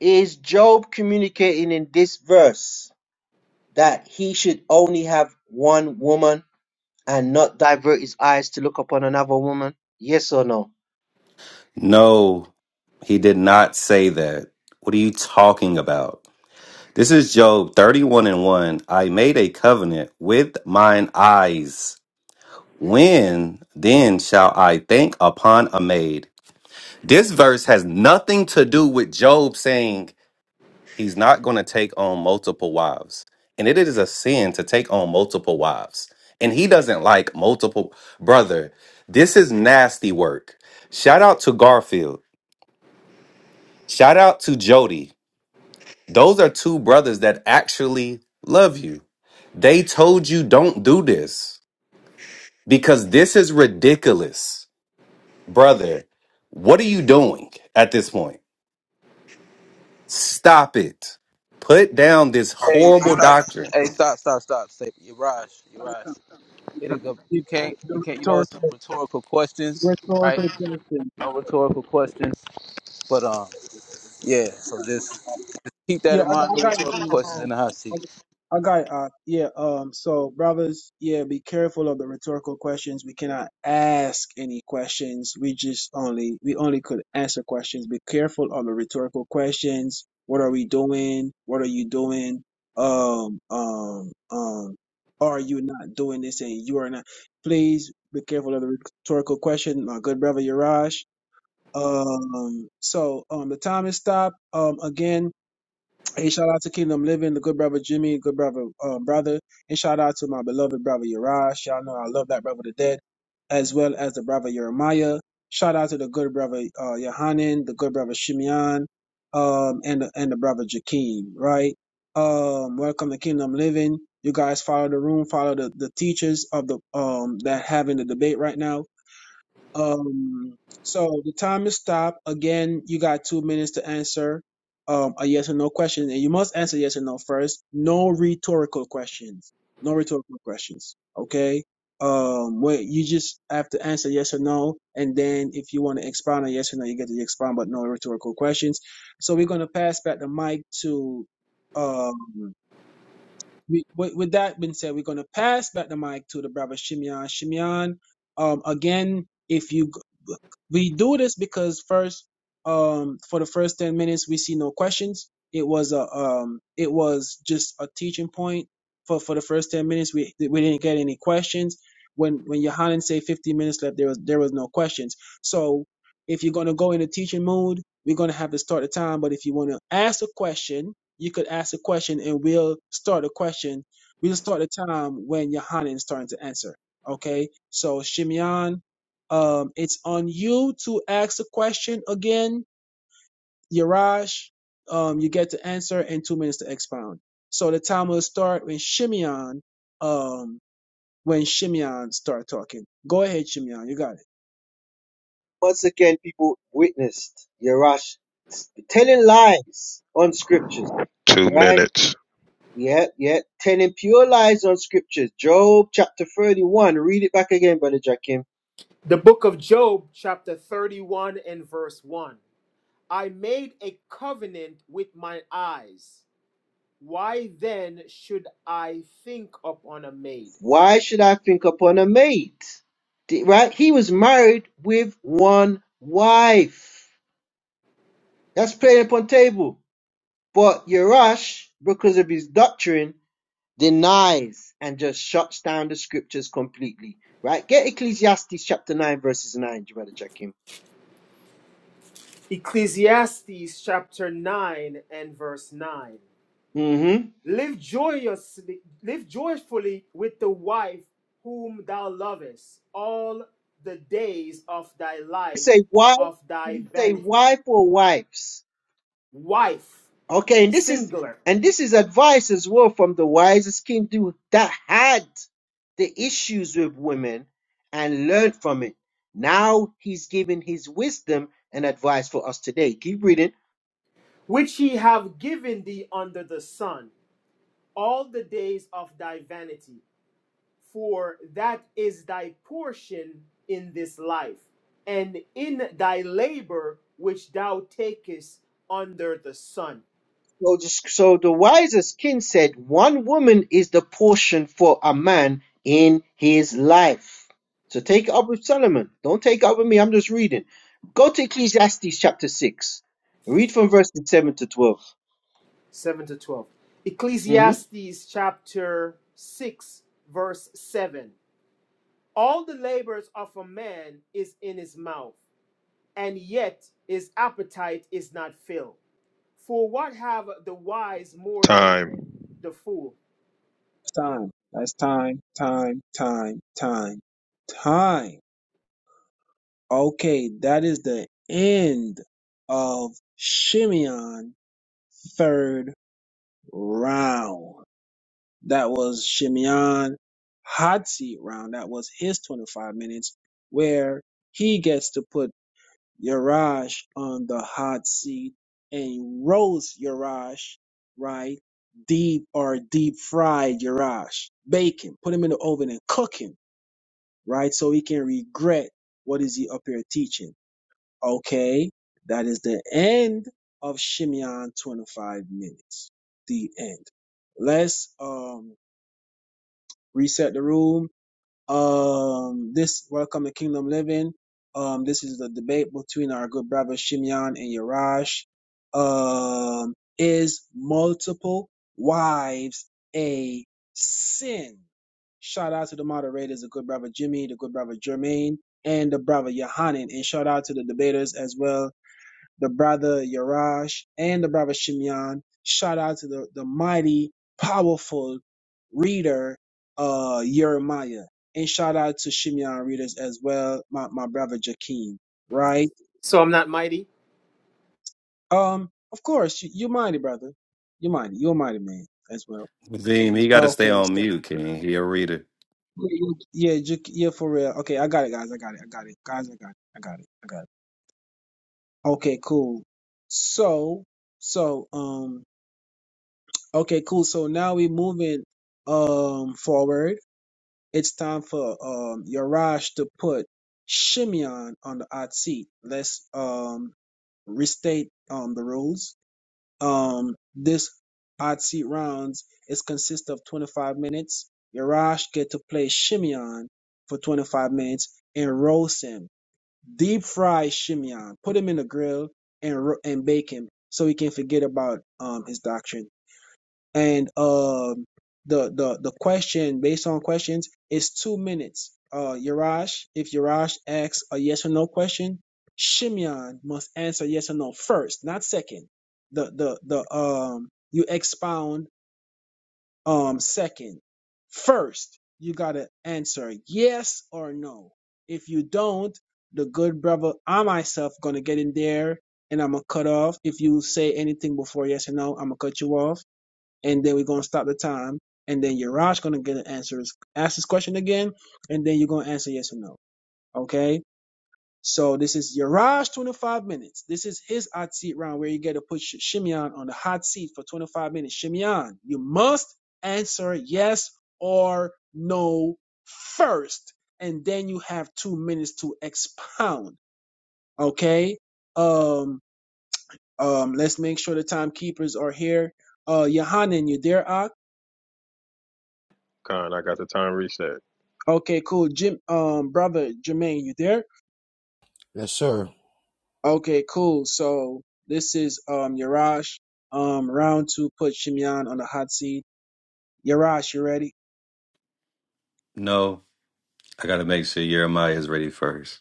J: is Job communicating in this verse that he should only have one woman? and not divert his eyes to look upon another woman? Yes or no?
G: No, he did not say that. What are you talking about? This is Job 31 and 1. I made a covenant with mine eyes. When then shall I think upon a maid? This verse has nothing to do with Job saying he's not going to take on multiple wives. And it is a sin to take on multiple wives. And he doesn't like multiple. Brother, this is nasty work. Shout out to Garfield. Shout out to Jody. Those are two brothers that actually love you. They told you don't do this because this is ridiculous. Brother, what are you doing at this point? Stop it. Put down this
B: Hey,
G: horrible
B: stop.
G: doctrine.
B: Hey, stop, stop, stop. Say, Yaraj, Yaraj. Here they go. You can't,
H: The
B: you can't. You know, it's
H: rhetorical,
B: rhetorical questions, right?
H: rhetorical question.
B: No rhetorical questions. But um, yeah. So just keep that
H: Yeah,
B: in
H: I, got-
B: mind.
H: I
B: No
H: got you,
B: rhetorical
H: Jimmy.
B: questions in the hot seat.
H: Okay. I got it. uh yeah um so brothers yeah be careful of the rhetorical questions we cannot ask any questions we just only we only could answer questions be careful of the rhetorical questions what are we doing what are you doing um um um are you not doing this and you are not please be careful of the rhetorical question my good brother Yarash um so um the time is stopped um again Hey, shout out to Kingdom Living, the good brother Jimmy, good brother uh, brother, and shout out to my beloved brother Yaraj. Y'all know I love that brother to death, as well as the brother Jeremiah. Shout out to the good brother uh, Yohanan, the good brother Shimeon, um, and the, and the brother Jakeem. Right. Um, welcome to Kingdom Living. You guys follow the room, follow the, the teachers of the um that having the debate right now um, so the time is stopped. Again, you got two minutes to answer um, a yes or no question, and you must answer yes or no first. No rhetorical questions. No rhetorical questions. Okay. Um, where you just have to answer yes or no, and then if you want to expound on yes or no, you get to expound, but no rhetorical questions. So we're gonna pass back the mic to um, we, with, with that being said, we're going to pass back the mic to the brother Shimeon. Shimeon, um, again, if you g- we do this because first, um, for the first ten minutes, we see no questions. It was a um, it was just a teaching point for for the first ten minutes. We we didn't get any questions. When when Yohanan say fifteen minutes left, there was there was no questions. So if you're going to go in a teaching mood, we're going to have to start the time. But if you want to ask a question you could ask a question and we'll start a question. We'll start a time when Yohanan is starting to answer. Okay. So Shimeon, um, it's on you to ask the question again. Yarash, um, you get to answer and two minutes to expound. So the time will start when Shimeon, um, when Shimeon start talking. Go ahead, Shimeon. You got it.
J: Once again, people witnessed Yerash telling lies on scriptures,
I: Two
J: right?
I: minutes.
J: Yeah, yeah, telling pure lies on scriptures. Job chapter 31, read it back again, Brother Jackim.
L: The book of Job, chapter 31 and verse 1. I made a covenant with my eyes. Why then should I think upon a maid?
J: Why should I think upon a maid? Di- Right? He was married with one wife. That's playing upon table. But Yerash, because of his doctrine, denies and just shuts down the scriptures completely. Right? Get Ecclesiastes chapter 9, verses 9. You better check him.
L: Ecclesiastes chapter 9 and verse 9.
J: Mm-hmm.
L: Live joyously, live joyfully with the wife whom thou lovest all the days of thy life
J: Say wife,
L: of thy
J: say
L: vanity.
J: wife or wives.
L: Wife,
J: Okay, and this is
L: singular,
J: and this is advice as well from the wisest king do that had the issues with women and learned from it. Now he's giving his wisdom and advice for us today. Keep reading.
L: which he have given thee under the sun, all the days of thy vanity, for that is thy portion in this life, and in thy labor which thou takest under the sun.
J: So the, so the wisest king said, One woman is the portion for a man in his life. So take it up with Solomon. Don't take it up with me. I'm just reading. Go to Ecclesiastes chapter 6. Read from verses 7 to 12.
L: 7 to 12.
J: hmm
L: Ecclesiastes chapter 6, verse 7. All the labors of a man is in his mouth, and yet his appetite is not filled. For what have the wise more than
I: Time.
L: the fool?
H: Time. That's time. Time. Time. Time. Time. Okay, that is the end of Shimeon third round. That was Shimeon hot seat round. That was his 25 minutes where he gets to put Yarash on the hot seat and roast Yarash, right? Deep or deep fried Yarash. Bake him, put him in the oven and cook him, right? So he can regret what is he up here teaching. Okay, that is the end of Shimeon 25 minutes. The end. Let's um reset the room. Um, this welcome to Kingdom Living. Um, this is the debate between our good brother Shimeon and Yarash. Um, is multiple wives a sin? Shout out to the moderators, the good brother Jimmy, the good brother Jermaine, and the brother Yohanan, and shout out to the debaters as well the brother Yarash, and the brother Shimeon. Shout out to the, the mighty, powerful reader, uh, Jeremiah. And shout out to Shimeon readers as well, my, my brother Jakeem, right?
L: So I'm not mighty.
H: Um, of course, you, you're mighty, brother. You're mighty. You're a mighty man as well.
G: Zim, he got to stay
H: Okay,
G: on
H: so
G: mute, King. He'll read it.
H: yeah, yeah, yeah, Jake- yeah, for real. Okay, I got it, guys. I got it. I got it, guys. I got it. I got it. I got it. Okay, cool. So, so, um, Okay, cool. So now we're moving um forward. It's time for um Yarash to put Shimeon on the hot seat. Let's um restate um the rules. Um this hot seat rounds is consist of 25 minutes. Yarash get to play Shimeon for 25 minutes and roast him. Deep fry Shimeon. Put him in the grill and ro- and bake him so he can forget about um his doctrine and um the the the question based on questions is two minutes. Uh, Yarash, if Yarash asks a yes or no question, Shimeon must answer yes or no first, not second. The the the um you expound um second. First, you gotta answer yes or no. If you don't, the good brother, I myself gonna get in there and I'm gonna cut off. If you say anything before yes or no, I'm gonna cut you off and then we're gonna stop the time, and then Yaraj gonna get an answer, ask his question again, and then you're gonna answer yes or no. Okay. So this is Yaraj 25 minutes. This is his hot seat round where you get to put Sh- Shimeon on the hot seat for 25 minutes. Shimeon, you must answer yes or no first, and then you have two minutes to expound. Okay. Um. Um. Let's make sure the timekeepers are here. Uh, Yohanan, you there, Ak?
I: Con, I got the time reset.
H: Okay, cool. Jim, um, brother Jermaine, you there?
K: Yes, sir.
H: Okay, cool. So this is um Yarash. Um, round two put Shimeon on the hot seat. Yarash, you ready?
G: No, I got to make sure Jeremiah is ready first.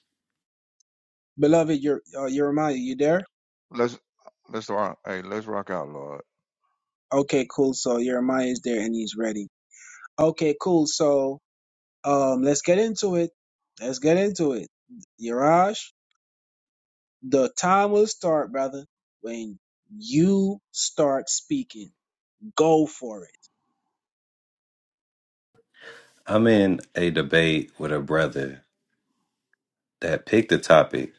H: Beloved, your uh, Jeremiah, you there?
C: Let's let's start.
H: Okay, cool. So Jeremiah is there and he's ready. Okay, cool. So um, let's get into it. Let's get into it. Yarash, the time will start, brother, when you start speaking. Go for it.
G: I'm in a debate with a brother that picked the topic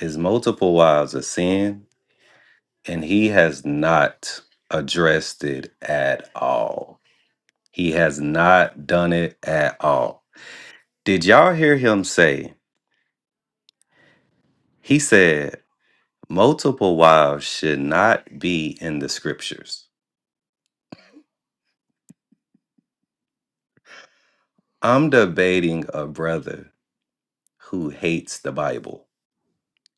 G: Is multiple wives a sin? And he has not addressed it at all. He has not done it at all. Did y'all hear him say, he said, multiple wives should not be in the scriptures. I'm debating a brother who hates the Bible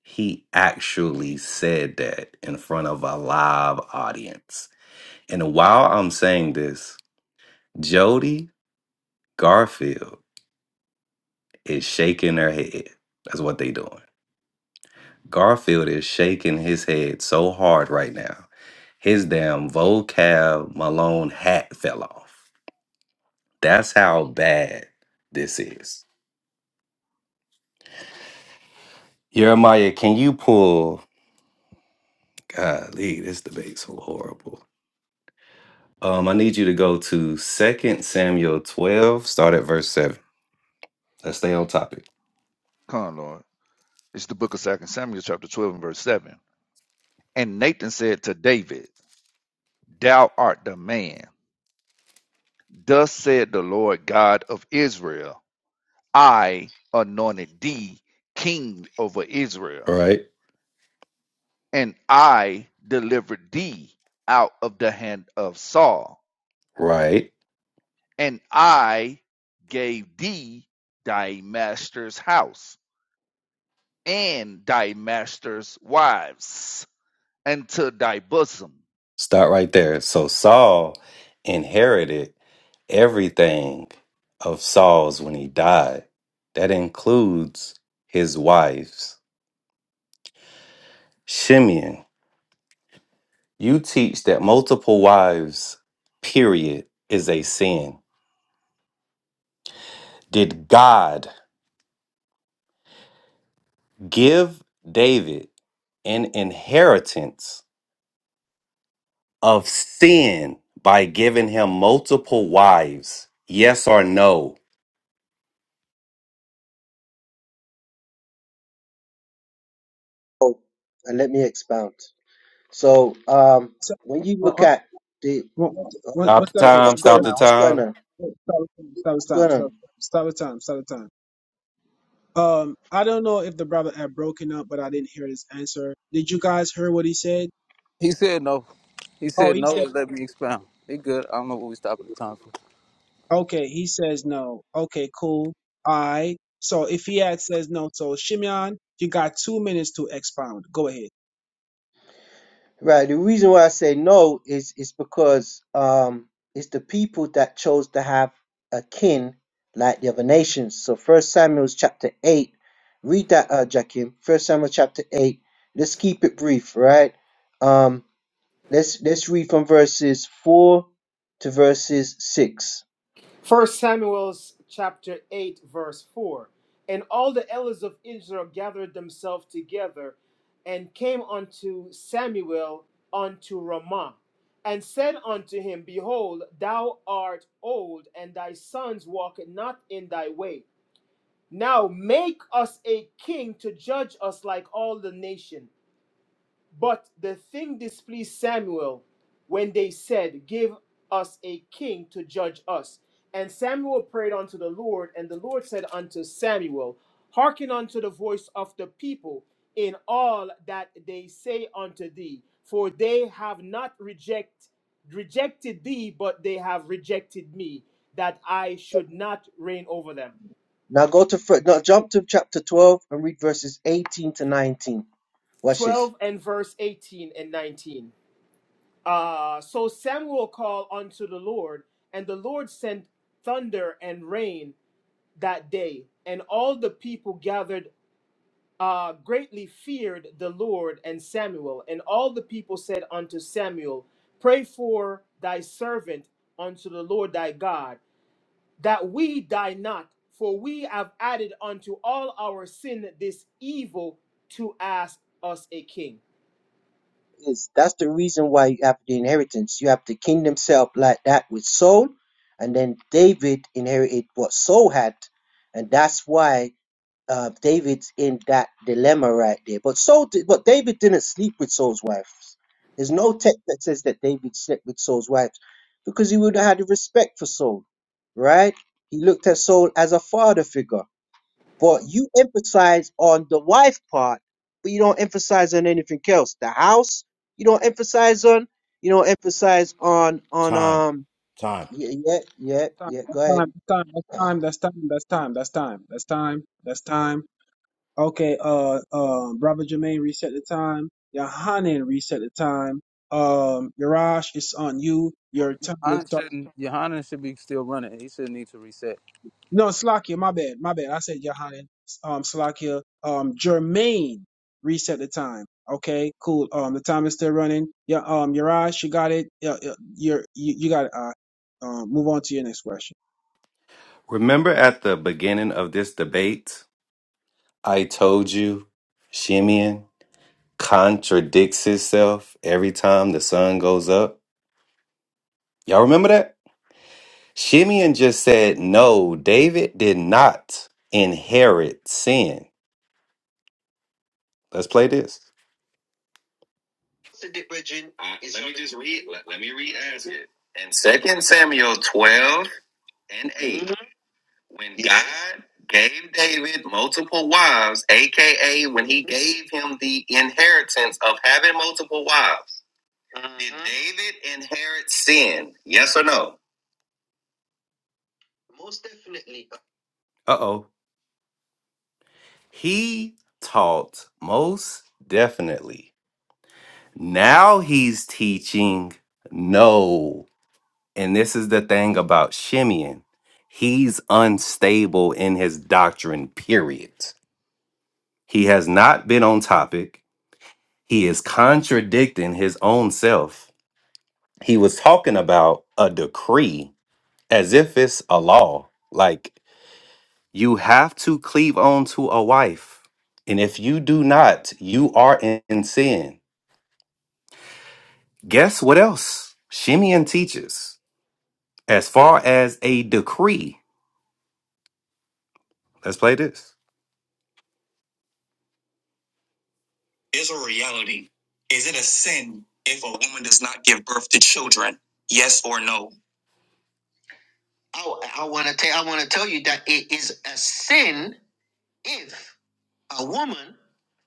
G: He actually said that in front of a live audience. And while I'm saying this, Jody Garfield is shaking her head. That's what they doing. Garfield is shaking his head so hard right now. His damn vocab Malone hat fell off. That's how bad this is. Jeremiah, can you pull? Golly, this debate's so horrible. Um, I need you to go to Second Samuel 12, start at verse 7. Let's stay on topic.
C: Come on, Lord. It's the book of Second Samuel, chapter twelve, and verse seven. And Nathan said to David, Thou art the man. Thus said the Lord God of Israel I anointed thee king over
G: All
C: Israel,
G: right.
C: and I delivered thee out of the hand of Saul,
G: Right.
C: and I gave thee thy master's house and thy master's wives unto thy bosom.
G: Start right there. So Saul inherited everything of Saul's when he died. That includes his wives. Shimeon, you teach that multiple wives, period, is a sin. Did God give David an inheritance of sin by giving him multiple wives? Yes or no?
J: Oh, and let me expound. So um,
H: So,
J: when you
H: uh,
J: look
H: uh,
J: at the.
H: one
J: uh,
H: one-
G: Stop
H: one
G: the
J: what-
G: time,
J: What's
H: second.
J: going
G: stop the
J: on? What's going
G: time.
J: on?
H: Stop the time, stop the
J: What's
H: time,
J: going on?
H: stop the time, stop the time. stop the time. Um, I don't know if the brother had broken up, but I didn't hear his answer. Did you guys hear what he said?
B: He said no. He
H: Oh,
B: said
H: he
B: no.
H: said,
B: and Let me expound. They good. I don't know what we stopping the time for.
H: okay, he says no. Okay, cool. All right. So if he had says no, so Shimeon, you got two minutes to expound. Go ahead.
J: Right. The reason why I say no is is because um it's the people that chose to have a kin like the other nations. So First Samuel chapter eight, read that, uh, Jakim. First Samuel chapter eight. Let's keep it brief, right? Um, let's let's read from verses four to verses six.
L: First Samuel's chapter 8, verse 4. And all the elders of Israel gathered themselves together and came unto Samuel unto Ramah, and said unto him, Behold, thou art old, and thy sons walk not in thy way. Now make us a king to judge us like all the nation. But the thing displeased Samuel when they said, Give us a king to judge us. And Samuel prayed unto the Lord, and the Lord said unto Samuel, Hearken unto the voice of the people in all that they say unto thee, for they have not reject, rejected thee, but they have rejected me, that I should not reign over them.
J: Now go to fir- now jump to chapter twelve and read verses eighteen to nineteen. Watch this.
L: 12 and verse 18 and 19. Uh, so Samuel called unto the Lord, and the Lord sent thunder and rain that day, and all the people gathered uh, greatly feared the Lord and Samuel. And all the people said unto Samuel, Pray for thy servant unto the Lord thy God, that we die not, for we have added unto all our sin this evil to ask us a king.
J: is that's the reason why you have the inheritance. You have the kingdom set up like that with Saul, and then David inherited what Saul had, and that's why uh, David's in that dilemma right there. But Saul, did, but David didn't sleep with Saul's wives. There's no text that says that David slept with Saul's wives because he would have had respect for Saul, right? He looked at Saul as a father figure. But you emphasize on the wife part, but you don't emphasize on anything else. The house, you don't emphasize on. You don't emphasize on on
K: Time.
J: um.
K: Time.
J: Yeah, yeah, yeah,
H: Time,
J: yeah.
H: that's
J: Go
H: time,
J: ahead.
H: that's time, that's time, that's time, that's time, that's time, that's time, that's time. Okay, uh, uh, Robert Jermaine, reset the time. Yohanan, reset the time. Um, Yarash, it's on you.
B: Well,
H: Your time will
B: Johanna
H: start.
B: shouldn't. Johanna should be still running. He shouldn't need to reset.
H: No, Slakia, my bad, my bad. I said Yohanan. Um, Slakia, um, Jermaine, reset the time. Okay, cool. Um, the time is still running. Yeah, um, Yarash, you got it. Yeah, yeah, you're, you, you got it. Uh, um, move on to your next question.
G: Remember at the beginning of this debate, I told you Shimeon contradicts himself every time the sun goes up. Y'all remember that? Shimeon just said, No, David did not inherit sin. Let's play this. Uh, let me just read. Let, let me read as it. In Second Samuel 12. and 8 mm-hmm. when god gave david multiple wives aka when he gave him the inheritance of having multiple wives mm-hmm. did david inherit sin yes or no most definitely uh-oh he taught most definitely now he's teaching no and this is the thing about shimeon he's unstable in his doctrine period He has not been on topic. He is contradicting his own self. He was talking about a decree as if it's a law. Like, you have to cleave on to a wife. And if you do not, you are in in sin. Guess what else? Shimeon teaches as far as a decree. Let's play this. Is a reality. Is it a sin if a woman does not give birth to children? Yes or no? I, I want to tell I want to tell you that it is a sin if a woman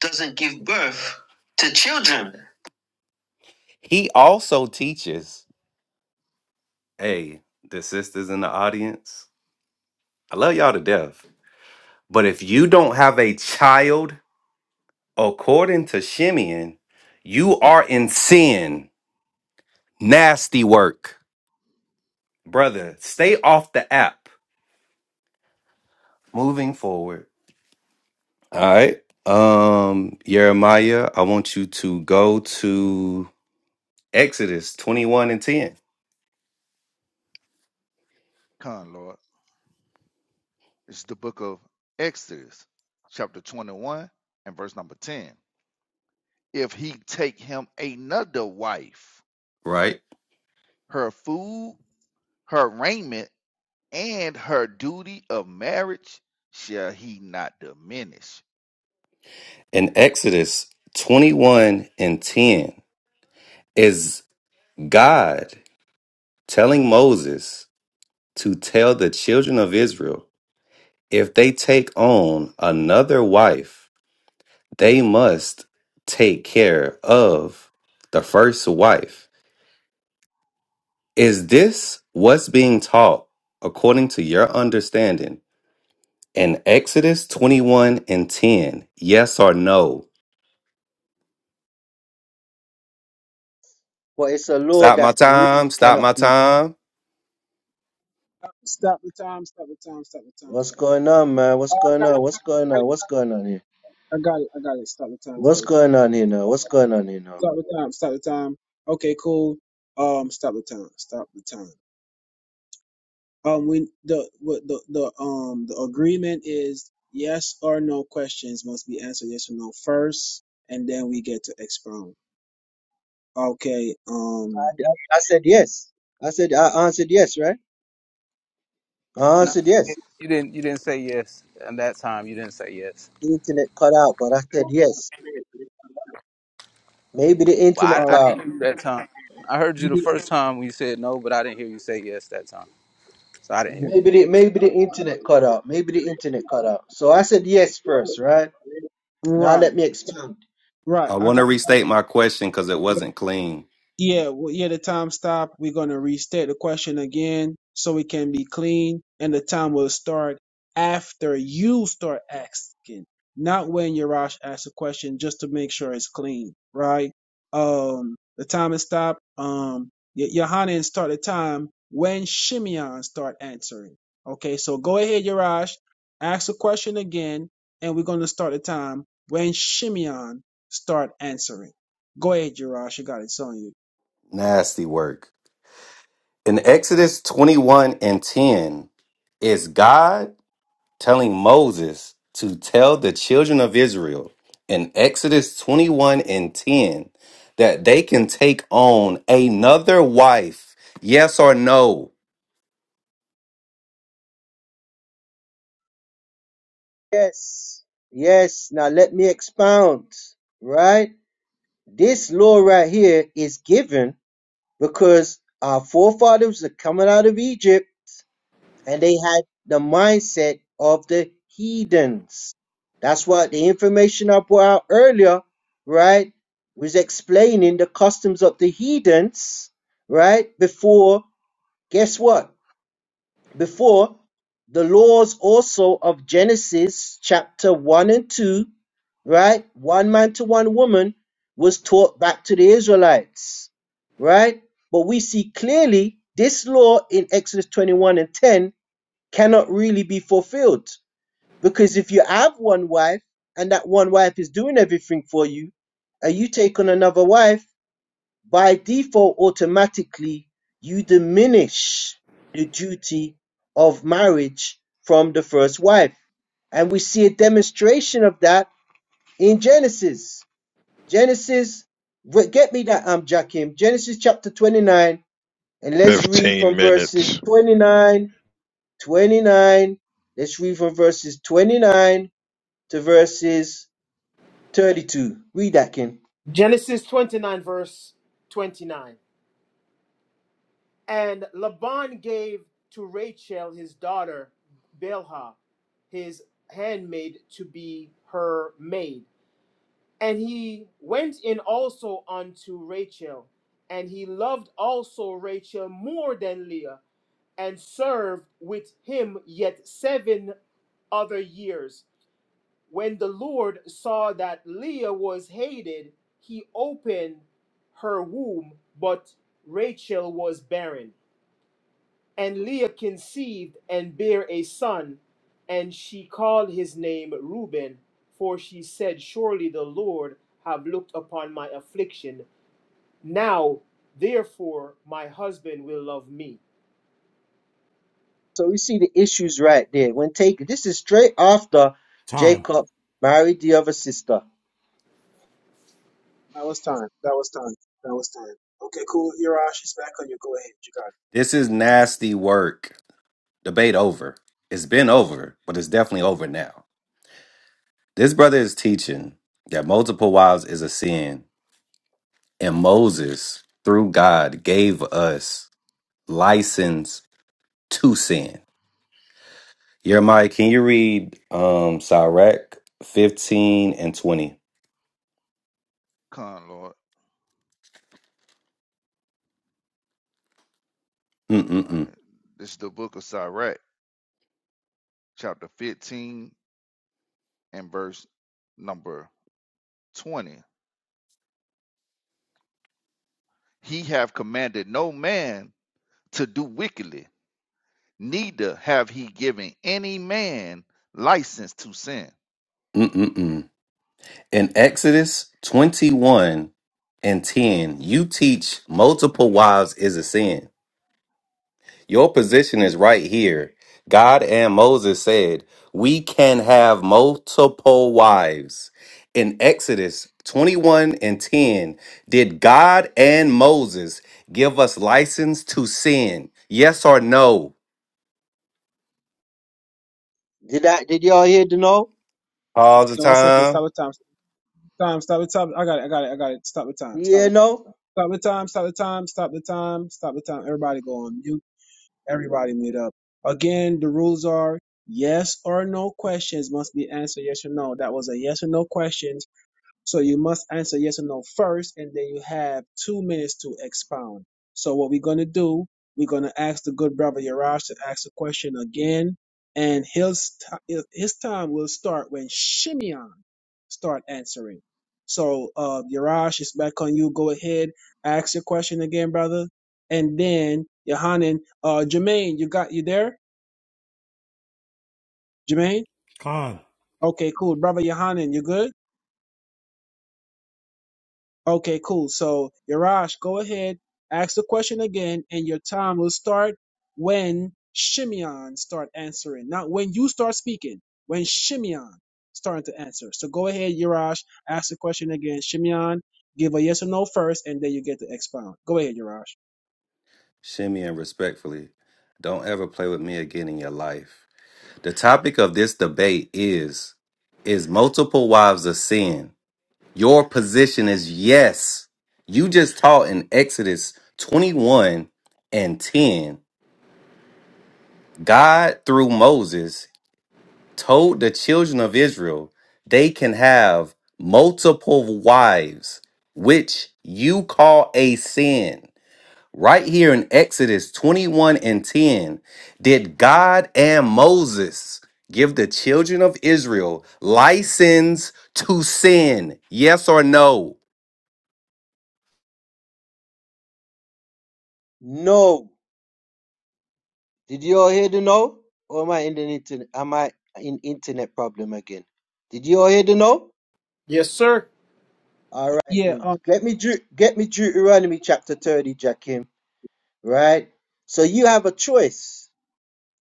G: doesn't give birth to children. He also teaches, hey, the sisters in the audience, I love y'all to death. But if you don't have a child, according to Shimeon, you are in sin. Nasty work. Brother, stay off the app. Moving forward. All right. Um, Jeremiah, I want you to go to Exodus 21 and 10.
C: Come, Lord. It's the book of Exodus, chapter 21 and verse number 10. If he take him another wife,
G: Right.
C: her food, her raiment, and her duty of marriage shall he not diminish.
G: In Exodus 21 and 10 is God telling Moses to tell the children of Israel if they take on another wife, they must take care of the first wife. Is this what's being taught according to your understanding? In Exodus 21 and 10, yes or no?
J: But it's a law
G: Stop my
J: that
G: time.
J: really
G: Stop my
J: cannot be.
G: time.
H: Stop the time, stop the time, stop the time,
J: What's
H: stop it.
J: going on, man? What's
H: Oh, I
J: going
H: got
J: on?
H: it, I
J: What's going
H: got
J: on?
H: it,
J: What's going on here?
H: I got it, I got it. Stop the time, stop
J: What's
H: the
J: going on here now?
H: time.
J: What's going on here now?
H: Stop the time. Stop the time. Okay, cool. Um, stop the time. Stop the time. Um, We the what the the um the agreement is yes or no questions must be answered yes or no first, and then we get to expound. Okay.
J: I
H: Um.
J: I, I said yes. I said I answered yes, right? I
B: No,
J: answered yes.
B: you didn't. You didn't say yes. And that time, you didn't say yes.
J: The internet cut out, but I said yes. Maybe the
B: Well,
J: internet
B: I,
H: Oh.
B: I
J: cut
B: didn't
J: out.
B: hear you that time. I heard you the first time when you said no, but I didn't hear you say yes that time. So I didn't hear it.
J: Maybe the maybe the internet cut out. Maybe the internet cut out. So I said yes first, right? Now
H: Right.
J: let me expound.
H: Right.
G: I
H: I
G: want to
H: got.
G: restate my question because it wasn't clean.
H: Yeah, well, yeah, the time stop. We're going to restate the question again so it can be clean, and the time will start after you start asking, not when Yarash asks a question, just to make sure it's clean, right? Um, the time is stopped. Um, Y- Yohanan start the time when Shimeon start answering. Okay, so go ahead, Yarash, ask a question again, and we're going to start the time when Shimeon start answering. Go ahead, Yarash. You got it, it's on you.
G: Nasty work. In Exodus 21 and 10, is God telling Moses to tell the children of Israel in Exodus 21 and 10 that they can take on another wife? Yes or no?
J: Yes. Yes. Now let me expound. Right? This law right here is given because our forefathers are coming out of Egypt. and they had the mindset of the heathens. That's what the information I brought out earlier, right, was explaining the customs of the heathens, right, before, guess what? Before the laws also of Genesis chapter 1 and 2, right, one man to one woman was taught back to the Israelites, right? But we see clearly this law in Exodus 21 and 10 cannot really be fulfilled because if you have one wife and that one wife is doing everything for you and you take on another wife by default automatically you diminish the duty of marriage from the first wife and we see a demonstration of that in genesis genesis get me that um jakim genesis chapter 29 and let's read
I: 15
J: from verses
I: minutes.
J: 29 29. Let's read from verses 29 to verses 32. Read that, Ken.
L: Genesis 29, verse 29. And Laban gave to Rachel his daughter Bilhah, his handmaid, to be her maid. And he went in also unto Rachel, and he loved also Rachel more than Leah, and served with him yet seven other years. When the Lord saw that Leah was hated, he opened her womb, but Rachel was barren. And Leah conceived and bare a son, and she called his name Reuben, for she said, Surely the Lord have looked upon my affliction. Now, therefore, my husband will love me.
J: So we see the issues right there. When taken, this is straight after
K: Time.
J: Jacob married the other sister.
H: That was time. That was time. That was time. Okay, cool. Yarash is back on you. Go ahead. You got it.
G: This is nasty work. debate over. It's been over, but it's definitely over now. This brother is teaching that multiple wives is a sin, and Moses, through God, gave us license to sin. Jeremiah, can you read um Sirach 15 and 20?
C: Come, Lord. All
G: Mm-mm-mm.
C: right. This is the book of Sirach, chapter 15 and verse number 20. He have commanded no man to do wickedly, neither have he given any man license to sin.
G: Mm-mm-mm. In Exodus 21 and 10, you teach multiple wives is a sin. Your position is right here. God and Moses said, We can have multiple wives. In Exodus 21 and 10, did God and Moses give us license to sin? Yes or no?
J: Did I? Did y'all hear the no?
G: All the
H: Okay, one second.
G: time.
H: Stop the time. Time. Stop the time. I got it. I got it. I got it. Stop the time.
J: Did you
H: Stop
J: hear
H: the
J: no?
H: time. Stop the time. Stop the time. Stop the time. Stop the time. Everybody go on mute. Everybody mute up. Again, the rules are yes or no questions must be answered yes or no. That was a yes or no question. So you must answer yes or no first, and then you have two minutes to expound. So what we're gonna do, we're gonna ask the good brother Yaraj to ask the question again, and his t- his time will start when Shimeon start answering. So uh, Yaraj, it's back on you. Go ahead, ask your question again, brother, and then Yohanan, uh, Jermaine, you got you there, Jermaine?
K: Con.
H: Okay, cool, brother Yohanan, you good? Okay, cool. So, Yarash, go ahead, ask the question again, and your time will start when Shimeon start answering. Not when you start speaking, when Shimeon starting to answer. So go ahead, Yarash, ask the question again. Shimeon, give a yes or no first, and then you get to expound. Go ahead, Yarash.
G: Shimmy respectfully, don't ever play with me again in your life. The topic of this debate is Is multiple wives a sin? Your position is yes. You just taught in Exodus 21 and 10. God, through Moses, told the children of Israel they can have multiple wives, which you call a sin. Right here in Exodus 21 and 10, did God and Moses give the children of Israel license to sin? Yes or no?
J: No. Did y'all hear the no? Or am I in the internet? Am I in internet problem again? Did y'all hear the no?
L: Yes, sir.
J: All right
H: Yeah,
J: then.
H: um,
J: Get me Deut- get me Deuteronomy chapter 30, Jakim. Right. So you have a choice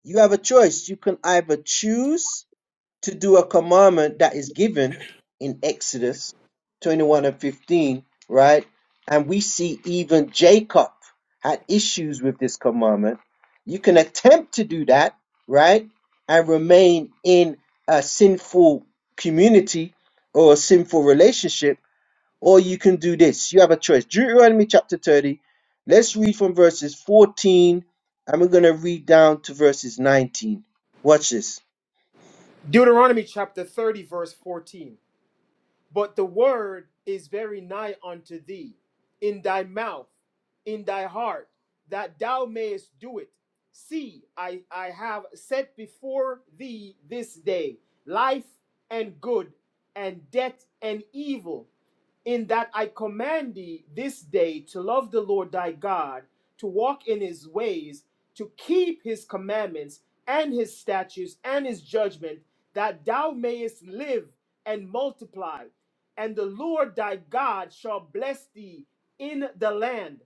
J: You have a choice. You can either choose to do a commandment that is given in Exodus 21 and 15, right? And we see even Jacob had issues with this commandment. You can attempt to do that, right? And remain in a sinful community or a sinful relationship or you can do this. You have a choice. Deuteronomy chapter 30. Let's read from verses 14 and we're going to read down to verses 19. Watch this.
L: Deuteronomy chapter 30, verse 14. But the word is very nigh unto thee, in thy mouth, in thy heart, that thou mayest do it. See, I, I have set before thee this day life and good, and death and evil in that I command thee this day to love the Lord thy God, to walk in his ways, to keep his commandments and his statutes and his judgment, that thou mayest live and multiply. And the Lord thy God shall bless thee in the land,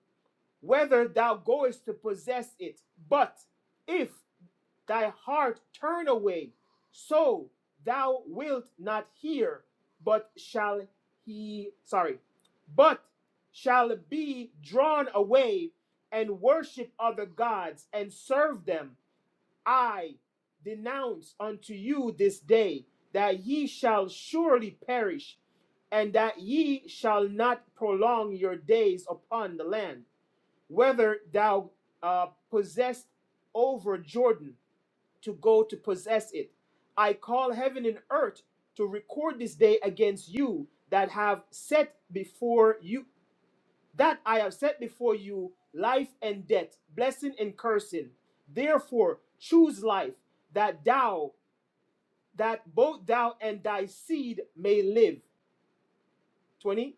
L: whether thou goest to possess it. But if thy heart turn away, so thou wilt not hear, but shall he, sorry, but shall be drawn away and worship other gods and serve them. I denounce unto you this day that ye shall surely perish, and that ye shall not prolong your days upon the land, whether thou uh, possessed over Jordan to go to possess it. I call heaven and earth to record this day against you that have set before you that I have set before you life and death, blessing and cursing. Therefore, choose life that thou that both thou and thy seed may live 20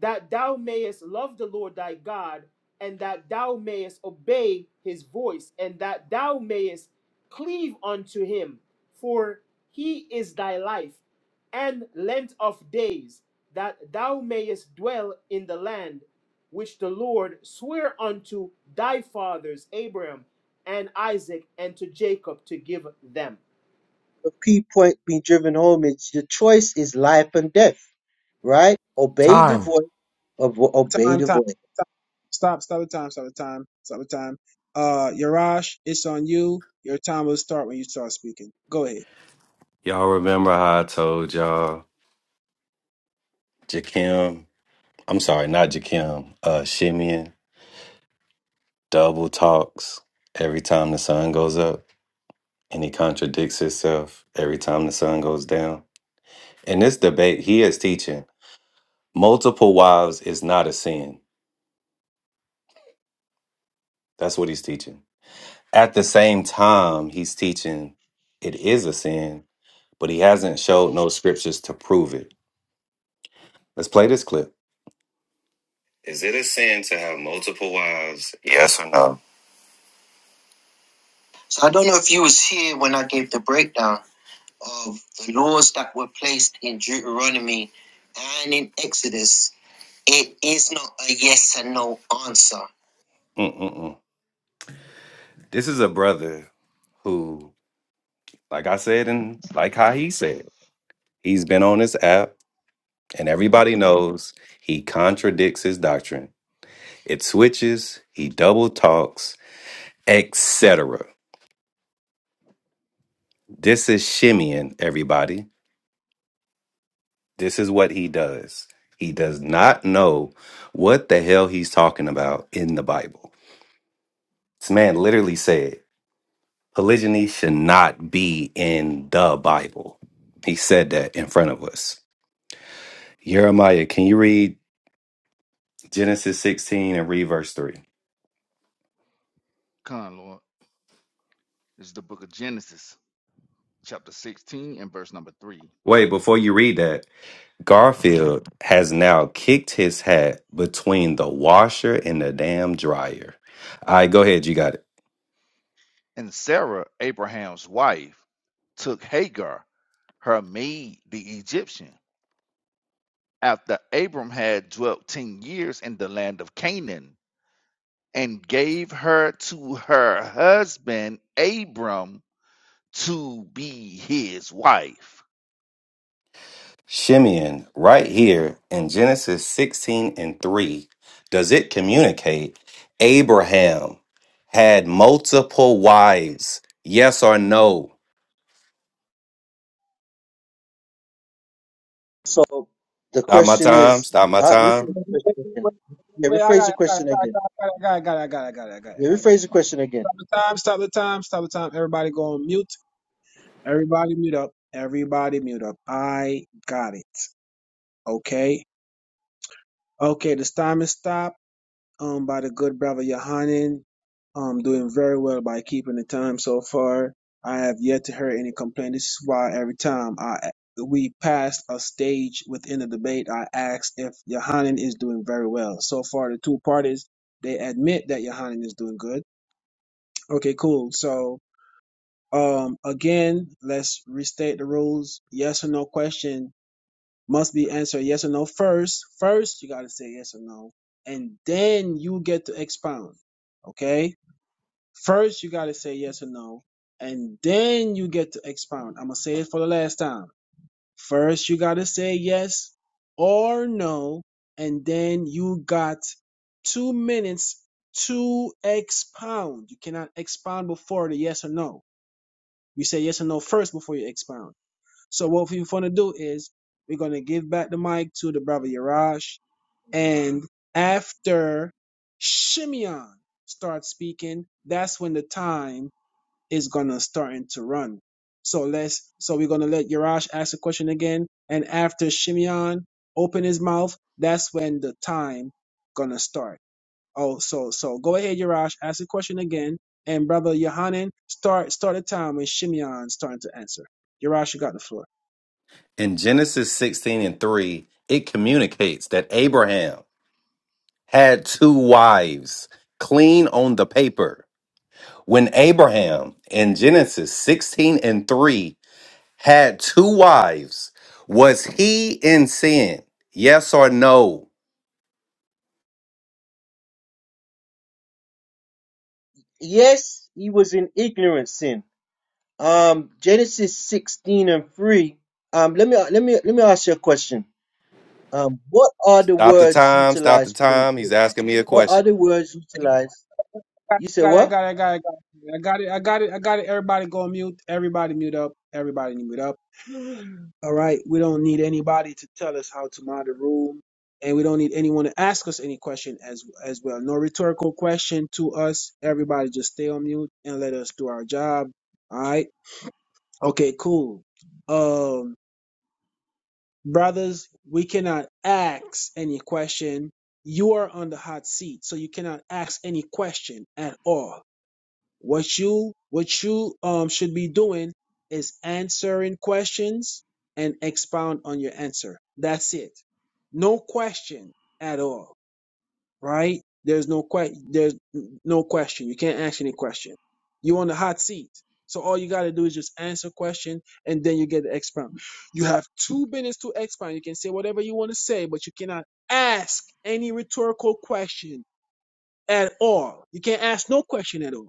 L: that thou mayest love the lord thy god and that thou mayest obey his voice and that thou mayest cleave unto him for he is thy life and length of days that thou mayest dwell in the land which the lord sware unto thy fathers abraham and isaac and to jacob to give them
J: The key point being driven home is the choice is life and death, right? Obey the
K: Time.
J: voice, ob- obey
H: time,
J: the
H: time, time.
J: voice.
H: Stop, stop the time, stop the time, stop the time. Uh, Yarash, it's on you. Your time will start when you start speaking. Go ahead.
G: Y'all remember how I told y'all Jakim? I'm sorry, not Jakim. Uh, Shimeon double talks every time the sun goes up, and he contradicts himself every time the sun goes down. In this debate, he is teaching multiple wives is not a sin. That's what he's teaching. At the same time, he's teaching it is a sin, but he hasn't showed no scriptures to prove it. Let's play this clip. Is it a sin to have multiple wives? Yes or no? So I don't know if you was here when I gave the breakdown of the laws that were placed in Deuteronomy and in Exodus. It is not a yes and no answer. Mm-mm-mm. This is a brother who, like I said, and like how he said, he's been on this app, and everybody knows he contradicts his doctrine. It switches, he double talks, etc. This is shimmying, everybody. This is what he does. He does not know what the hell he's talking about in the Bible. This man literally said polygyny should not be in the Bible. He said that in front of us. Jeremiah, can you read Genesis 16 and read verse 3?
C: Come, Lord. This is the book of Genesis, chapter 16 and verse number 3.
G: Wait, before you read that, Garfield has now kicked his hat between the washer and the damn dryer. All right, go ahead. You got it.
C: And Sarah, Abraham's wife, took Hagar, her maid, the Egyptian, after Abram had dwelt ten years in the land of Canaan, and gave her to her husband Abram to be his wife.
G: Shimeon, right here in Genesis 16 and 3, does it communicate Abraham had multiple wives? Yes or no?
J: So the
G: Stop my
J: question
G: time.
J: is,
G: Stop my
J: uh, rephrase
G: time.
J: the question again. Yeah,
H: Wait, I
J: rephrase
H: got,
J: the
H: I got, I got,
J: question again.
H: I got, I got, I got, I got, I got, I got, I
J: Yeah,
H: got, I
J: rephrase the question again.
H: Stop the time! Stop the time! Stop the time! Everybody go on mute. Everybody mute up. Everybody mute up. I got it. Okay. Okay. This time is stopped. um, by the good brother Yohanan. Um, doing very well by keeping the time so far. I have yet to hear any complaint. This is why every time I we passed a stage within the debate, I asked if Yohanan is doing very well. So far, the two parties they admit that Yohanan is doing good. Okay, cool. So um, again, let's restate the rules. Yes or no question must be answered yes or no first. First, you got to say yes or no, and then you get to expound. Okay? First, you got to say yes or no, and then you get to expound. I'm going to say it for the last time. First, you got to say yes or no, and then you got two minutes to expound. You cannot expound before the yes or no. You say yes or no first before you expound. So what we're going to do is we're going to give back the mic to the brother Yarash, And after Shimeon starts speaking, that's when the time is going to starting to run. So let's, so we're going to let Yarash ask a question again. And after Shimeon open his mouth, that's when the time going to start. Oh, so, so go ahead, Yarash, ask a question again. And brother Yohanan, start, start a time when Shimeon starting to answer. Yarash, you got the floor.
G: In Genesis 16 and 3, it communicates that Abraham had two wives, clean on the paper. When Abraham in Genesis 16 and 3 had two wives. Was he in sin? Yes or no?
J: Yes, he was in ignorance sin Um, Genesis 16 and 3. Um, let me let me let me ask you a question. Um, what are the
G: Stop the
J: words
G: time. Stop the
J: utilized for the
G: time. He's asking me a
J: what are
G: question.
J: the words utilized? You said
H: got it, I
J: what?
H: got it, I got it, I got it, I got it, I got it. I got it. Everybody go on mute. Everybody mute up. Everybody mute up. All right. We don't need anybody to tell us how to mod the room, and we don't need anyone to ask us any question as as well. No rhetorical question to us. Everybody just stay on mute and let us do our job. All right. Okay. Cool. Um, brothers, we cannot ask any question. You are on the hot seat, so you cannot ask any question at all. What you what you um should be doing is answering questions and expound on your answer. That's it. No question at all, right? There's no que- there's no question. You can't ask any question. You're on the hot seat. So all you gotta do is just answer question and then you get to expound. You have two minutes to expound. You can say whatever you want to say, but you cannot ask any rhetorical question at all. You can't ask no question at all.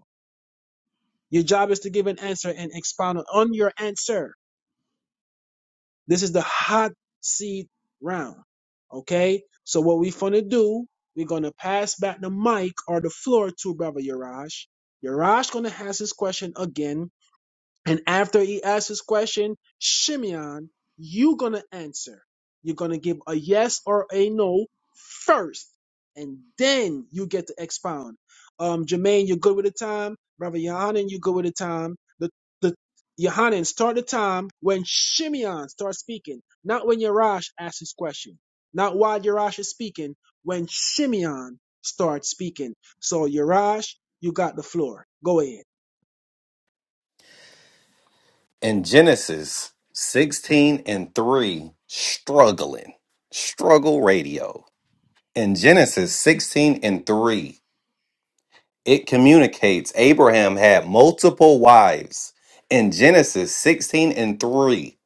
H: Your job is to give an answer and expound on your answer. This is the hot seat round. Okay? So what we're gonna do, we're gonna pass back the mic or the floor to Brother Yarash. Yarash gonna ask his question again and after he asks his question, Shimeon, you're going to answer. You're going to give a yes or a no first, and then you get to expound. Um, Jermaine, you're good with the time. Brother Yohanan, you're good with the time. The, the Yohanan, start the time when Shimeon starts speaking, not when Yarash asks his question, not while Yarash is speaking, when Shimeon starts speaking. So, Yarash, you got the floor. Go ahead.
G: In Genesis 16 and 3, struggling, struggle radio. In Genesis 16 and 3, it communicates Abraham had multiple wives. In Genesis 16 and 3,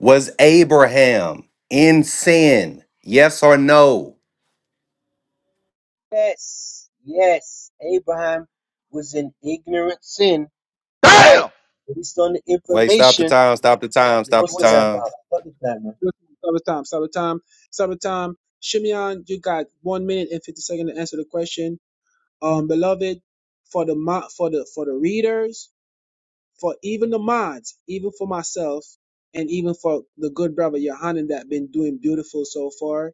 G: was Abraham in sin? Yes or no?
J: Yes, yes. Abraham was in ignorant sin, right?
C: Damn!
J: Based on the
G: Wait, stop the
J: information.
G: time, stop the time, stop the
J: What's all that
G: time.
J: about? Stop the man?
H: Sabatam, Sabatam, Sabatam. Shimeon, you got one minute and fifty seconds to answer the question. Um, beloved, for the mo- for the for the readers, for even the mods, even for myself, and even for the good brother Yohanan that been doing beautiful so far.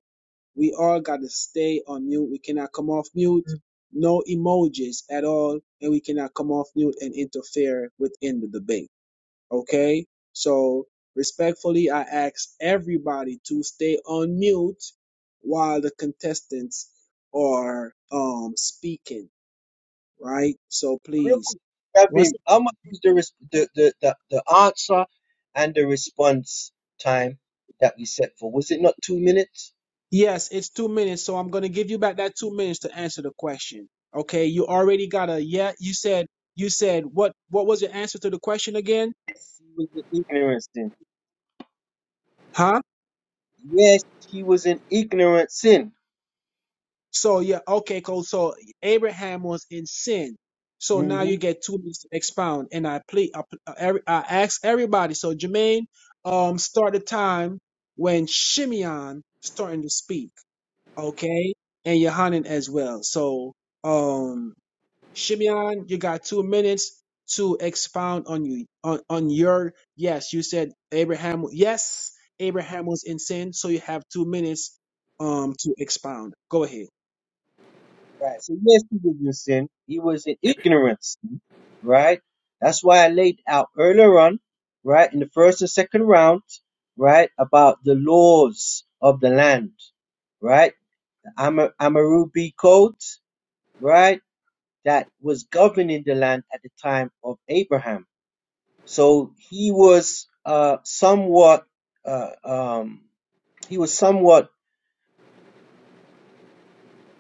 H: We all got to stay on mute. We cannot come off mute. No emojis at all, and we cannot come off mute and interfere within the debate. Okay? So respectfully, I ask everybody to stay on mute while the contestants are um speaking, right? So
J: Real
H: please.
J: quick,
H: Once
J: Rabbi, how much was the, res- the, the, the, the answer and the response time that we set for? Was it not two minutes?
H: yes, it's two minutes, so I'm gonna give you back that two minutes to answer the question. Okay, you already got a yeah, you said you said what what was your answer to the question again?
J: Yes, he was in ignorance then.
H: Huh?
J: Yes, he was in ignorant sin.
H: So yeah, okay, cool. So Abraham was in sin. So now
J: hmm
H: you get two minutes to expound, and I plead, I, I every- I ask everybody. So Jermaine, um, start the time when Shimeon starting to speak, okay, and Yohanan as well. So um, Shimeon, you got two minutes to expound on you on on your yes. You said Abraham. Yes, Abraham was in sin. So you have two minutes um to expound. Go ahead.
J: Right. So yes, he was in sin. He was in ignorance. Right. That's why I laid out earlier on, right, in the first and second round, right, about the laws of the land, right, the Ama- Amarubi code, right, that was governing the land at the time of Abraham. So he was uh, somewhat, uh, um, he was somewhat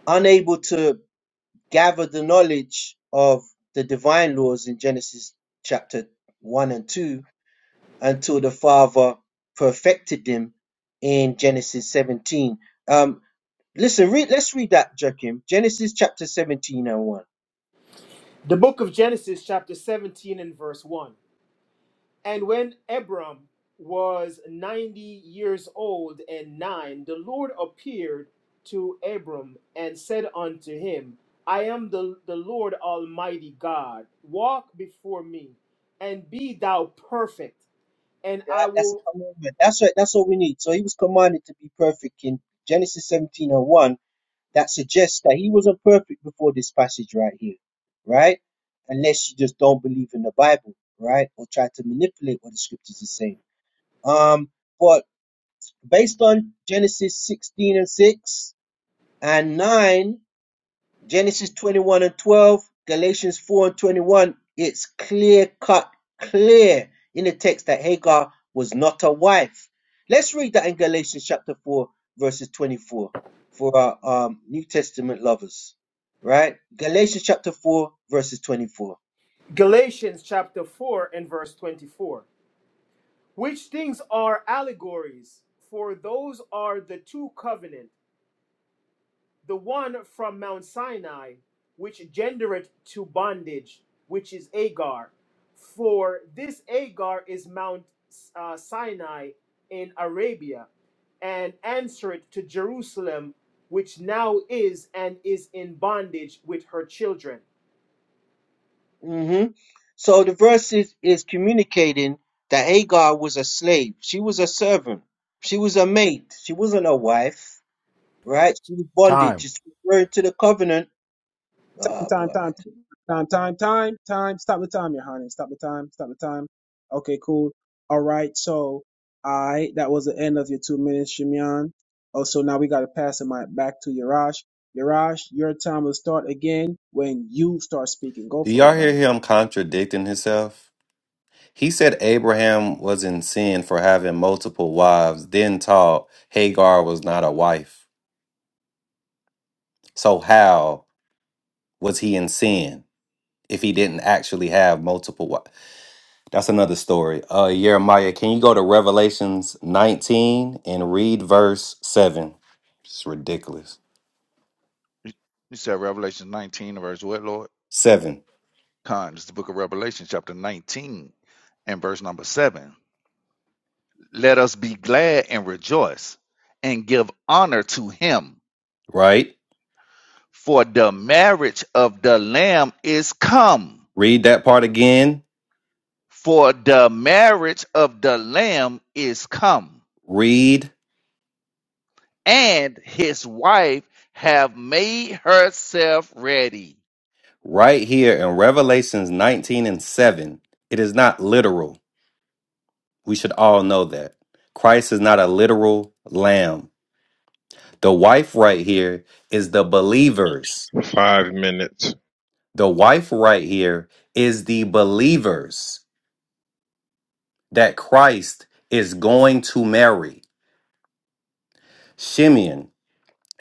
J: unable to gather the knowledge of the divine laws in Genesis chapter 1 and 2 until the Father perfected them in Genesis 17. Um, listen, read, let's read that, Joachim. Genesis chapter 17 and 1.
L: the book of genesis chapter 17 and verse 1 And when Abram was 90 years old and nine, the Lord appeared to Abram and said unto him, I am the, the Lord Almighty God. Walk before me and be thou perfect. And I
J: That, that's a
L: will.
J: commandment. That's right. That's what we need. So he was commanded to be perfect in Genesis 17 and 1. that suggests that he wasn't perfect before this passage right here, right? Unless you just don't believe in the Bible, right? Or try to manipulate what the scriptures are saying. Um, but based on Genesis 16 and 6 and 9, Genesis 21 and 12, Galatians 4 and 21, it's clear cut, clear in the text that Hagar was not a wife. Let's read that in Galatians chapter 4, verses 24 for our um, New Testament lovers, right? Galatians chapter 4, verses 24.
L: Galatians chapter 4 and verse 24. Which things are allegories? For those are the two covenants the one from Mount Sinai, which gendereth to bondage, which is Agar. For this Agar is Mount uh, Sinai in Arabia, and answereth to Jerusalem, which now is and is in bondage with her children.
J: hmm So the verse is, is communicating that Hagar was a slave, she was a servant, she was a maid, she wasn't a wife, right? She was bondage,
K: Time.
J: she's referring to the covenant Oh
H: time,
J: boy,
H: time, time, time, time, time. Stop the time, your honey. Stop the time. Stop the time. Okay, cool. All right. So, I that was the end of your two minutes, Shimyan. Also, now we gotta pass the mic back to Yarash. Yarash, your time will start again when you start speaking. Go
G: Do
H: for it,
G: y'all hear
H: brother.
G: him contradicting himself? He said Abraham was in sin for having multiple wives, then taught Hagar was not a wife. So how was he in sin if he didn't actually have multiple wives? That's another story. Uh Jeremiah, can you go to Revelations 19 and read verse 7? It's ridiculous.
C: You said Revelation 19, verse what, Lord?
G: 7,
C: Con, it's the book of Revelation, chapter 19, and verse number 7. Let us be glad and rejoice and give honor to him
G: right?
C: For the marriage of the Lamb is come.
G: Read that part again.
C: For the marriage of the Lamb is come.
G: Read
C: And his wife have made herself ready.
G: Right here in Revelations 19 and 7, it is not literal. We should all know that. Christ is not a literal lamb. The wife right here is the believers.
I: Five minutes.
G: The wife right here is the believers that Christ is going to marry. Shimeon,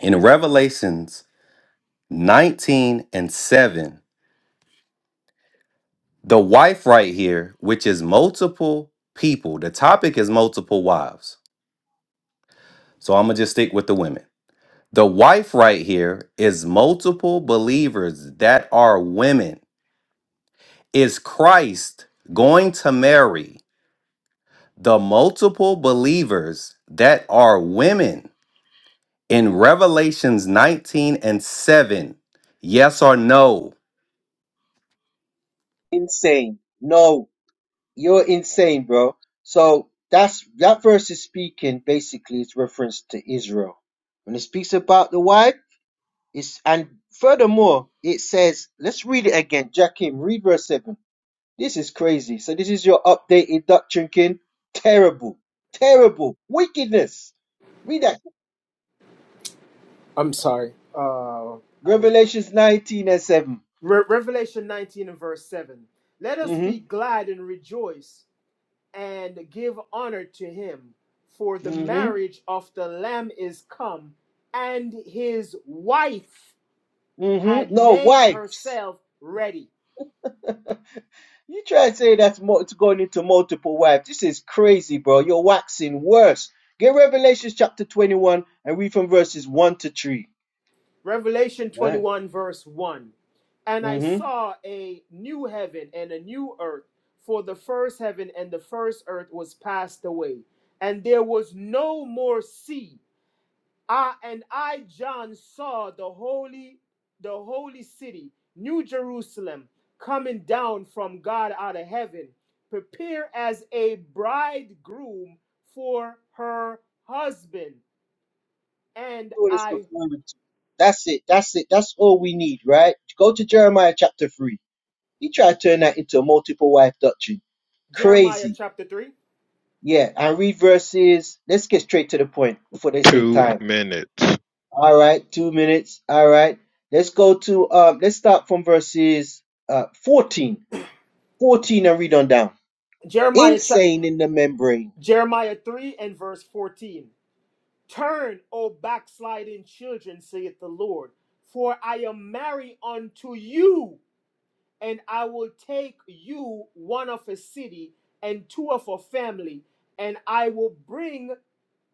G: in Revelations 19 and 7, the wife right here, which is multiple people, the topic is multiple wives. So I'm going to just stick with the women. The wife right here is multiple believers that are women. Is Christ going to marry the multiple believers that are women in Revelations 19 and 7? Yes or no?
J: insane. No, you're insane, bro. So that's that verse is speaking basically it's reference to Israel. When it speaks about the wife, it's and furthermore it says, let's read it again. Jackim, read verse seven. This is crazy. So this is your updated doctrine, kin. Terrible, terrible wickedness. Read that.
L: I'm sorry. Uh, I was
J: Revelations nineteen and seven.
L: Re- Revelation 19 and verse 7. Let us be
J: Mhm,
L: glad and rejoice and give honor to him. For the
J: mhm,
L: marriage of the Lamb is come, and his wife
J: mhm.
L: had
J: No
L: made
J: wives.
L: herself ready.
J: You try to say that's mo- it's going into multiple wives. This is crazy, bro. You're waxing worse. Get Revelation chapter 21 and read from verses 1 to 3.
L: Revelation
J: Right?
L: 21, verse 1. And I
J: Mm-hmm.
L: saw a new heaven and a new earth, for the first heaven and the first earth was passed away, and there was no more sea. I and I John saw the holy the holy city, New Jerusalem, coming down from God out of heaven, prepared as a bridegroom for her husband. And
J: All this
L: I
J: referring to. That's it. That's it. That's all we need, right? Go to Jeremiah chapter 3. He try to turn that into a multiple wife doctrine.
L: Jeremiah
J: Crazy.
L: chapter 3.
J: Yeah, and read verses. Let's get straight to the point before they say
I: Two
J: time.
I: minutes.
J: All right, two minutes. All right. Let's go to um let's start from verses uh 14. 14 and read on down.
L: Jeremiah cha-
J: Insane in the membrane.
L: Jeremiah 3 and verse 14. Turn, O backsliding children, saith the Lord, for I am married unto you and I will take you one of a city and two of a family, and I will bring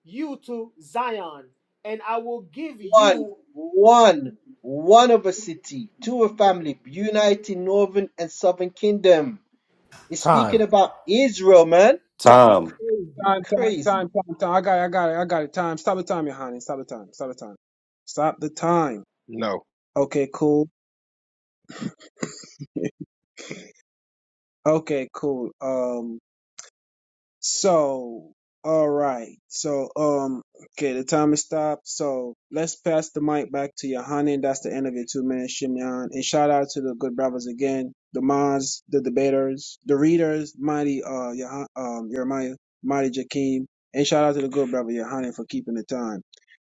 L: you to Zion, and I will give
J: One,
L: you
J: one, one of a city, two of family, uniting northern and southern kingdom. It's speaking
K: Time.
J: about Israel, man.
H: Time,
G: Tom,
J: Crazy,
H: time, time,
J: crazy.
H: time, time, time. I got it. I got it. I got it. Time. Stop the time, your honey. Stop the time. Stop the time. Stop the time.
I: No.
H: Okay, cool. Okay, cool. Um. So, all right. So, um, okay, the time has stopped. So let's pass the mic back to Yohani, and That's the end of your two minutes, Shimyan. And shout out to the good brothers again, the mods, the debaters, the readers, mighty uh, Yohan, um, Jeremiah, mighty Jakeem, and shout out to the good brother Yohani for keeping the time.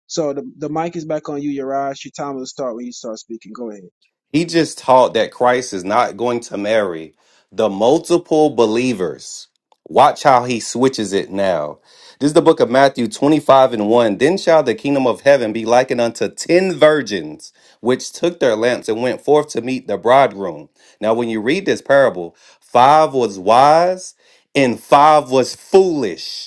H: So the the mic is back on you, Yaraj. Your time will start when you start speaking. Go ahead.
G: He just taught that Christ is not going to marry the multiple believers. Watch how he switches it now. This is the book of Matthew 25 and 1. Then shall the kingdom of heaven be likened unto ten virgins, which took their lamps and went forth to meet the bridegroom. Now, when you read this parable, five was wise and five was foolish.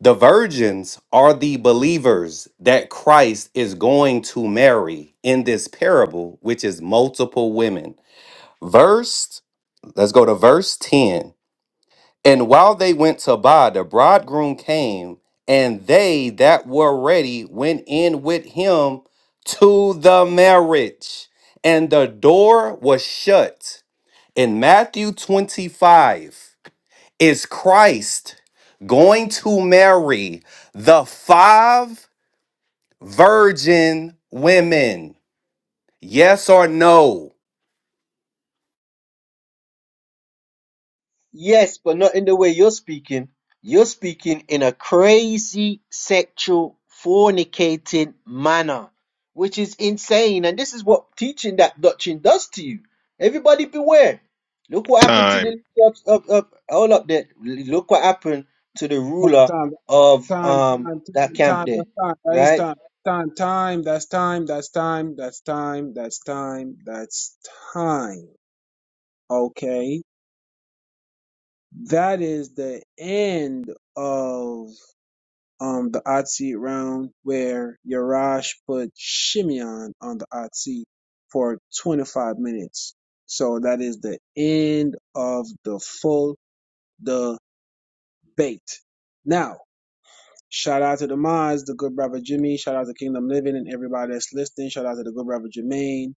G: The virgins are the believers that Christ is going to marry in this parable, which is multiple women. Verse, let's go to verse 10. And while they went to buy, the bridegroom came, and they that were ready went in with him to the marriage, and the door was shut. In Matthew 25, is Christ going to marry the five virgin women? Yes or no?
J: Yes, but not in the way you're speaking. You're speaking in a crazy sexual fornicating manner, which is insane. And this is what teaching that doctrine does to you. Everybody beware. Look what happened to the
I: Time.
J: up, up, up, all up there. Look what happened to the ruler
H: Time
J: of
H: Time,
J: um
H: time,
J: that
H: time,
J: camp
H: time.
J: there,
H: That's time. That is
J: right?
H: time. Time, time. That's time. That's time. That's time. That's time. That's time. Okay. That is the end of um the odd seed round where Yarash put Shimeon on the odd seed for 25 minutes. So that is the end of the full debate. Now, Shout out to the Demise, the good brother Jimmy. Shout out to Kingdom Living and everybody that's listening. Shout out to the good brother Jermaine.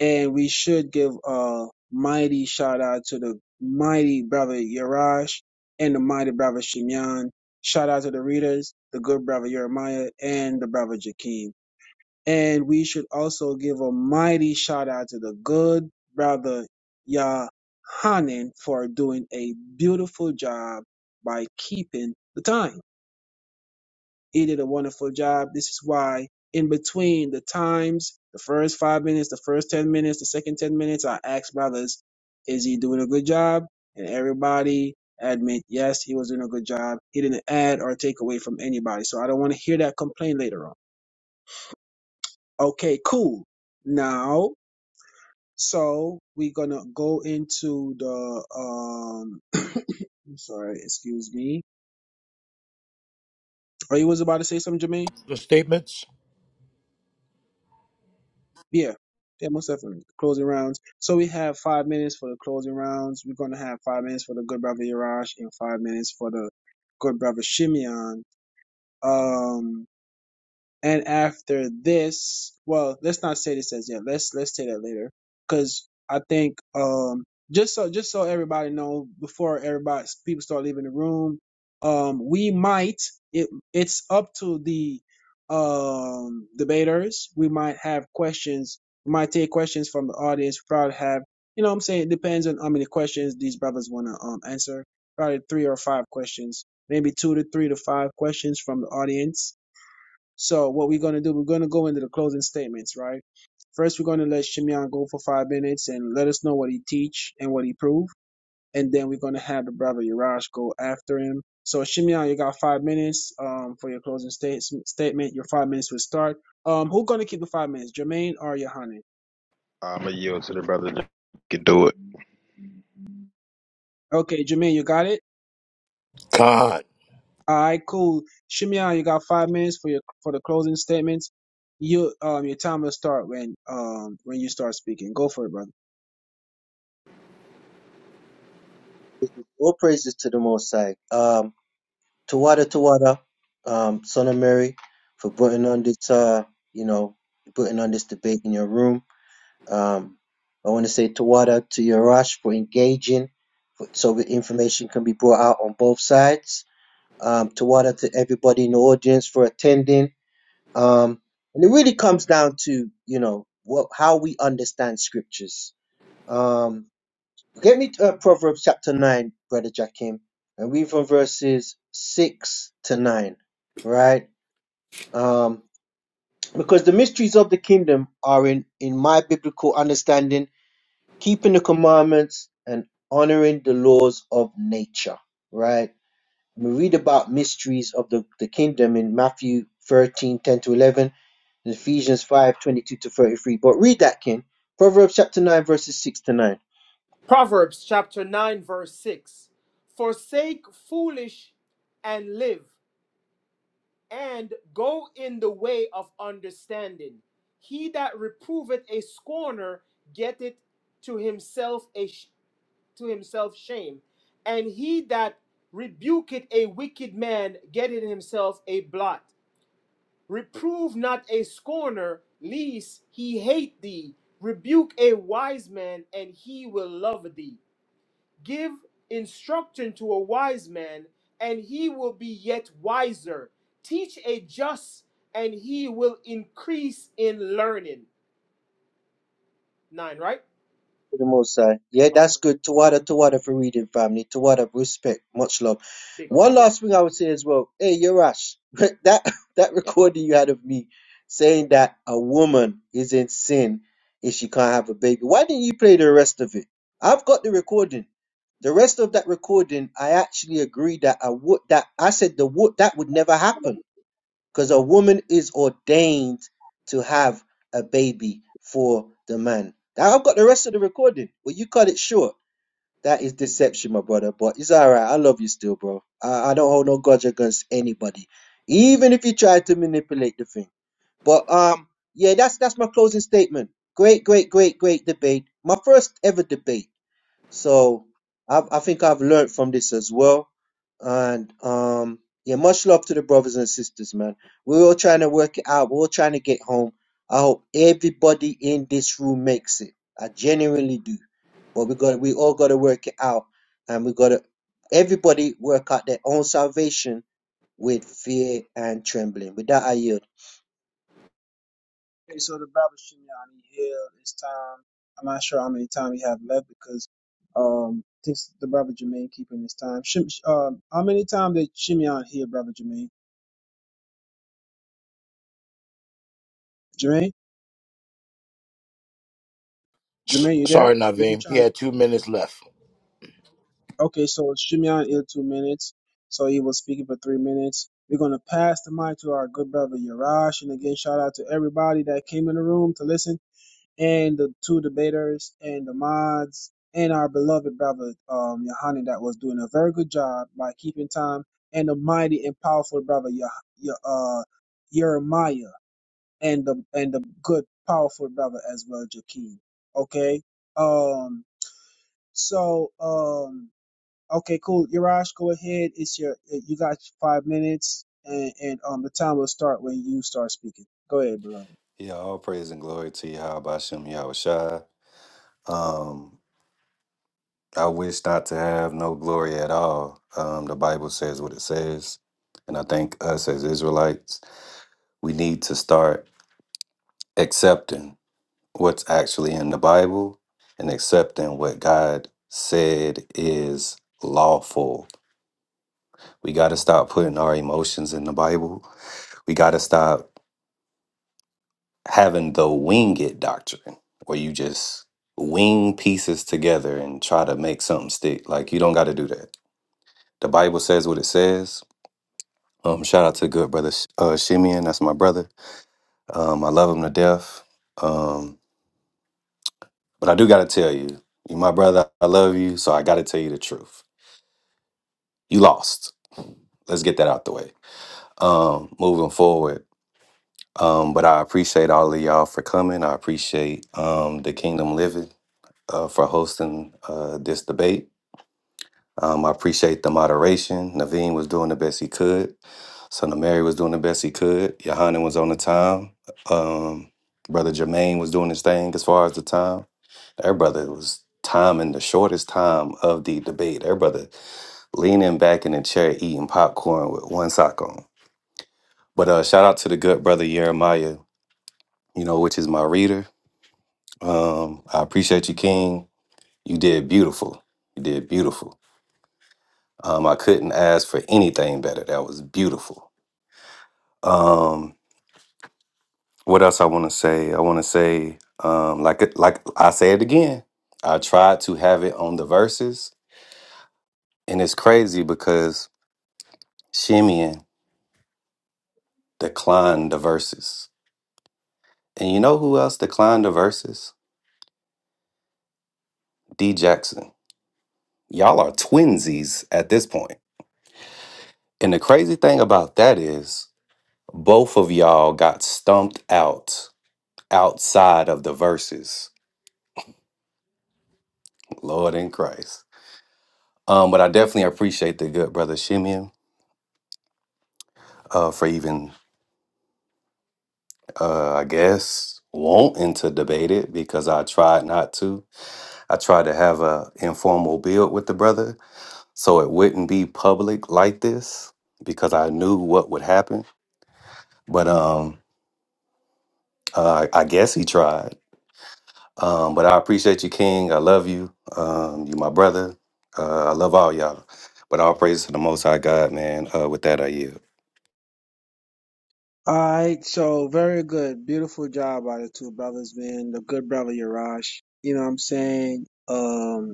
H: And we should give a mighty shout out to the mighty brother Yarash and the mighty brother Shimyan. Shout out to the readers, the good brother Jeremiah and the brother Jakeem. And we should also give a mighty shout out to the good brother Yahanan for doing a beautiful job by keeping the time. He did a wonderful job. This is why in between the times, the first five minutes, the first 10 minutes, the second 10 minutes, I asked brothers, is he doing a good job? And everybody admit, yes, he was doing a good job. He didn't add or take away from anybody. So I don't want to hear that complaint later on. Okay, cool. Now, so we're going to go into the, um, I'm sorry, excuse me. Are you was about to say something, Jermaine?
K: The statements?
H: Yeah, yeah, most definitely. Closing rounds. So we have five minutes for the closing rounds. We're gonna have five minutes for the good brother Yaraj and five minutes for the good brother Shimeon. Um, and after this, well, let's not say this as yet. Let's let's say that later, because I think um just so just so everybody know before everybody people start leaving the room, um we might it it's up to the um debaters. We might have questions. We might take questions from the audience. We probably have you know what I'm saying it depends on how many questions these brothers want to um answer. Probably three or five questions, maybe two to three to five questions from the audience so what we're gonna do, we're gonna go into the closing statements, right? First, we're gonna let Shimeon go for five minutes and let us know what he teach and what he prove, and then we're gonna have the brother Yaraj go after him. So Shimeon, you got five minutes um, for your closing state- statement. Your five minutes will start. Um, who's gonna keep the five minutes, Jermaine or Yohanan?
I: I'm going to yield to the brother that can do it.
H: Okay, Jermaine, you got it.
K: Con.
H: All right, cool. Shimeon, you got five minutes for your for the closing statements. You um your time will start when um when you start speaking. Go for it, brother.
J: All praises to the Most High. Um, Tawada Tawada, um, son of Mary, for putting on this uh, you know, putting on this debate in your room. Um, I want to say Tawada to Yarash for engaging for, so that information can be brought out on both sides. Um, Tawada to everybody in the audience for attending. Um, and it really comes down to, you know, what how we understand scriptures. Um, Get me to uh, Proverbs chapter 9, Brother Jackim, and read from verses 6 to 9, right? Um, because the mysteries of the kingdom are in, in my biblical understanding, keeping the commandments and honoring the laws of nature, right? We read about mysteries of the, the kingdom in Matthew 13 10 to 11, and Ephesians 5 22 to 33. But read that, King. Proverbs chapter 9, verses 6 to 9.
L: Proverbs chapter 9, verse 6 Forsake foolish and live, and go in the way of understanding. He that reproveth a scorner getteth to himself a. sh- to himself shame. And he that rebuketh a wicked man getteth himself a blot. Reprove not a scorner, lest he hate thee. Rebuke a wise man, and he will love thee. Give instruction to a wise man, and he will be yet wiser. Teach a just, and he will increase in learning. Nine, right?
J: to the Most High. Yeah,
L: Oh,
J: that's good. Tawada, Tawada for reading, family. Tawada, respect. Much love.
L: big up,
J: One
L: big
J: last thing I would say as well. Hey, Yarash, that, that recording you had of me saying that a woman is in sin if she can't have a baby. Why didn't you play the rest of it? I've got the recording. The rest of that recording, I actually agree that I would that I said the would that would never happen. Because a woman is ordained to have a baby for the man. Now I've got the rest of the recording, but you cut it short. That is deception, my brother. But it's all right. I love you still, bro. I, I don't hold no grudge against anybody, even if you try to manipulate the thing. But um, yeah, that's that's my closing statement. Great, great, great, great debate. My first ever debate. So I, I think I've learned from this as well. And um, yeah, much love to the brothers and sisters, man. We're all trying to work it out. We're all trying to get home. I hope everybody in this room makes it. I genuinely do. But we got we all got to work it out, and we got to everybody work out their own salvation with fear and trembling. With that, I yield.
H: Okay, so the Baba Shimeon he healed time. I'm not sure how many time he have left because um this the Baba Jermaine keeping his time. Shim, um, how many time did Shimeon here, Brother Jermaine? Jermaine,
K: S-
H: Jermaine, you there?
K: sorry,
H: If you're
K: Naveem. He
H: trying
K: had two minutes left.
H: to, okay, so Shimeon here two minutes, so he was speaking for three minutes. We're gonna pass the mic to our good brother Yarash, and again, shout out to everybody that came in the room to listen. and the two debaters and the mods and our beloved brother um Yohanan that was doing a very good job by keeping time and the mighty and powerful brother Yah Yah- uh, Jeremiah and the and the good powerful brother as well Jakeem. Okay. Um. So um. Okay. Cool. Yarash, go ahead. It's your you got five minutes and and um the time will start when you start speaking. Go ahead, beloved.
G: Yeah, all praise and glory to Yahweh Bashem Yahushai. Um, I wish not to have no glory at all. Um, the Bible says what it says. And I think us as Israelites, we need to start accepting what's actually in the Bible and accepting what God said is lawful We got to stop putting our emotions in the Bible. We got to stop having the wing it doctrine where you just wing pieces together and try to make something stick. Like, you don't got to do that. The Bible says what it says. Um, shout out to good brother Sh- uh, Shimeon. That's my brother. Um, I love him to death. Um, but I do got to tell you, you my brother. I love you. So I got to tell you the truth. You lost. Let's get that out the way. Um, moving forward Um, but I appreciate all of y'all for coming. I appreciate um, the Kingdom Living uh, for hosting uh, this debate. Um, I appreciate the moderation. Naveen was doing the best he could. Son of Mary was doing the best he could. Yohanan was on the time. Um, Brother Jermaine was doing his thing as far as the time. Their brother was timing the shortest time of the debate. Their brother leaning back in the chair eating popcorn with one sock on. But uh, shout out to the good brother Jeremiah, you know, which is my reader. Um, I appreciate you, King. You did beautiful. You did beautiful. Um, I couldn't ask for anything better. That was beautiful. Um, what else I want to say? I want to say, um, like it- like I say it again. I tried to have it on the verses, and it's crazy because Shimeon declined the verses, and you know who else declined the verses? D Jackson. Y'all are twinsies at this point. And the crazy thing about that is Both of y'all got stumped out outside of the verses. Lord in Christ. Um, but I definitely appreciate the good brother Shimeon uh, for even, uh, I guess, wanting to debate it because I tried not to. I tried to have a informal build with the brother so it wouldn't be public like this because I knew what would happen. But um, uh, I guess he tried. Um, but I appreciate you, King. I love you. Um, you my brother. Uh, I love all y'all. But all praise to the Most High God, man. Uh, with that, I yield.
H: All right, so very good. Beautiful job by the two brothers, man. The good brother Yaraj. You know what I'm saying? Um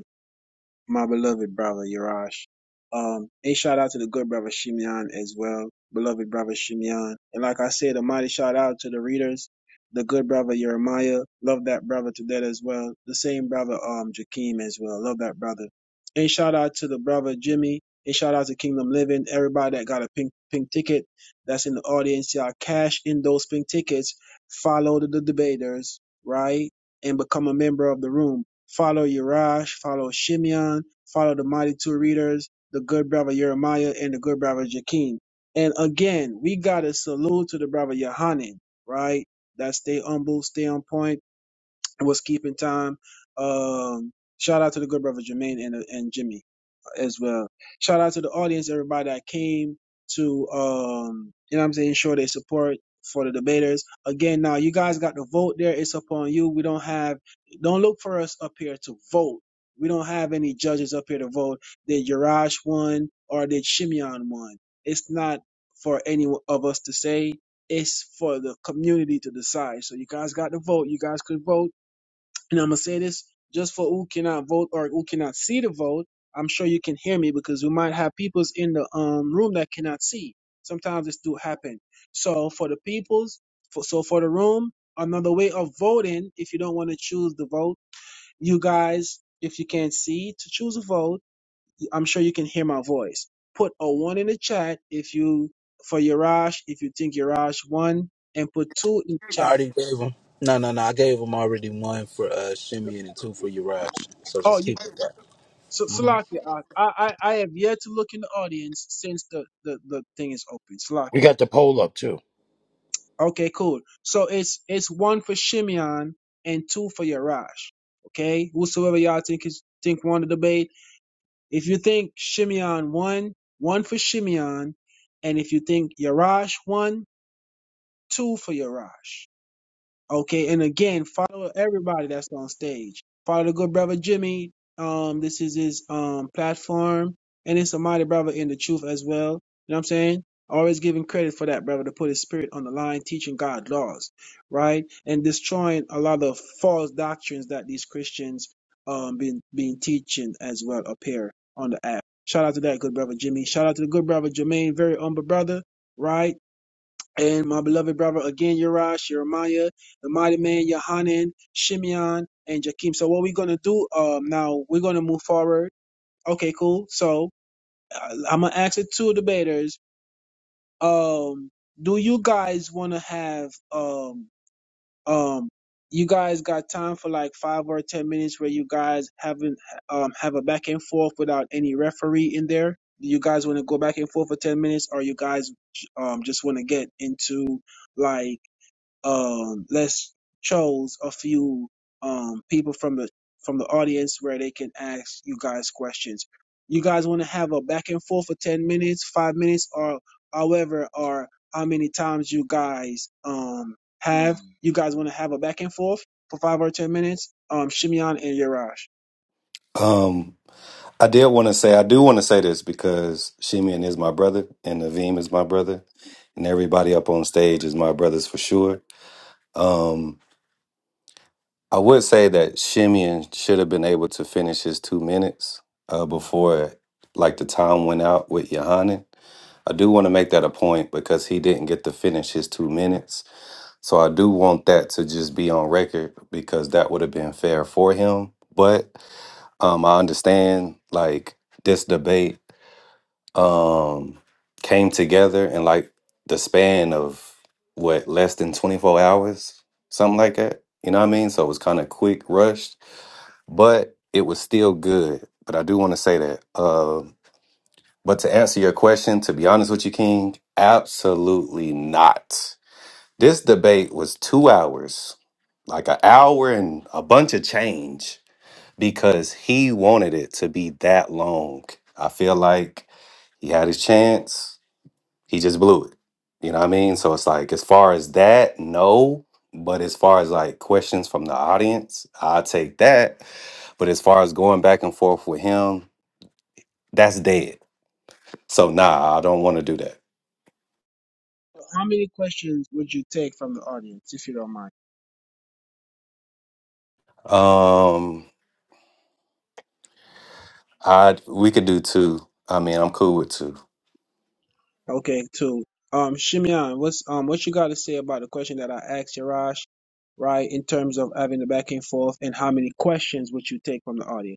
H: my beloved brother Yarash. Um, a shout out to the good brother Shimeon as well, beloved brother Shimeon. And like I said, a mighty shout out to the readers, the good brother Jeremiah. Love that brother to that as well. The same brother, um, Jakeem as well. Love that brother. And shout out to the brother Jimmy. And shout out to Kingdom Living. Everybody that got a pink pink ticket that's in the audience, y'all cash in those pink tickets. Follow the, the debaters, right? And become a member of the room. Follow Yerash, follow Shimeon, follow the mighty two readers, the good brother Jeremiah and the good brother Jakim. And again, we got a salute to the brother Yohanan, right? That stay humble, stay on point, was keeping time. Um, shout out to the good brother Jermaine and, and Jimmy as well. Shout out to the audience, everybody that came to, um, you know what I'm saying, show their support for the debaters. Again, now you guys got the vote there. It's upon you. We don't have, don't look for us up here to vote. We don't have any judges up here to vote. Did Yarash won or did Shimeon won? It's not for any of us to say. It's for the community to decide. So you guys got to vote. You guys could vote and I'm gonna say this just for who cannot vote or who cannot see the vote. I'm sure you can hear me because we might have peoples in the um room that cannot see. Sometimes this do happen. So for the peoples, for, so for the room, another way of voting. If you don't want to choose the vote, you guys, if you can't see to choose a vote, I'm sure you can hear my voice. Put a one in the chat if you for Yarash if you think Yarash won, and put two in the
B: I
H: chat.
B: already gave him. No, no, no. I gave him already one for uh, Simeon and two for Uriah. So
H: Oh,
B: just
H: you.
B: keep it that.
H: So
B: hmm All
H: Salakia, I, I I have yet to look in the audience since the, the, the thing is open.
K: We
H: Salakia.
K: got the poll up, too.
H: Okay, cool. So it's it's one for Shimeon and two for Yarash. Okay, whosoever y'all think is think won the debate. If you think Shimeon won, one for Shimeon, and if you think Yarash won, two for Yarash. Okay, and again, follow everybody that's on stage. Follow the good brother Jimmy. Um, this is his um platform, and it's a mighty brother in the truth as well. You know what I'm saying? Always giving credit for that brother to put his spirit on the line, teaching God laws, right, and destroying a lot of false doctrines that these Christians um been been teaching as well up here on the app. Shout out to that good brother Jimmy. Shout out to the good brother Jermaine, very humble brother, right? and my beloved brother again, Uriah, Jeremiah, the mighty man, Yohanan, Shimeon, and Jakim. So what we're gonna do um now, we're gonna move forward. Okay, cool. So uh, I'm gonna ask the two debaters. Um, do you guys wanna have um um you guys got time for like five or ten minutes where you guys haven't um have a back and forth without any referee in there? Do you guys want to go back and forth for ten minutes, or you guys um just want to get into like um, us chose a few um, people from the from the audience where they can ask you guys questions. You guys want to have a back and forth for ten minutes, five minutes, or however, or how many times you guys um, have. Mm. You guys want to have a back and forth for five or ten minutes. Um, Shimeon and Yarash.
G: Um, I did want to say, I do want to say this because Shimeon is my brother, and Naveem is my brother, and everybody up on stage is my brothers for sure. Um, I would say that Shimeon should have been able to finish his two minutes uh, before, like the time went out with Yohanan. I do want to make that a point because he didn't get to finish his two minutes So I do want that to just be on record because that would have been fair for him. But um, I understand like this debate um, came together in like the span of what less than 24 hours, something like that. You know what I mean? So it was kind of quick, rushed, but it was still good. But I do want to say that. Um, but to answer your question, to be honest with you, King, absolutely not. This debate was two hours, like an hour and a bunch of change, because he wanted it to be that long. I feel like he had his chance, he just blew it. You know what I mean? So it's like, as far as that, no. But as far as like questions from the audience, I take that. But as far as going back and forth with him, that's dead. So nah, I don't want to do that.
H: How many questions would you take from the audience, if you don't mind?
G: Um, I we could do two. I mean, I'm cool with two.
H: Okay, two. Um, Shimeon, what's um, what you got to say about the question that I asked Yarash, right? In terms of having the back and forth, and how many questions would you take from the audience?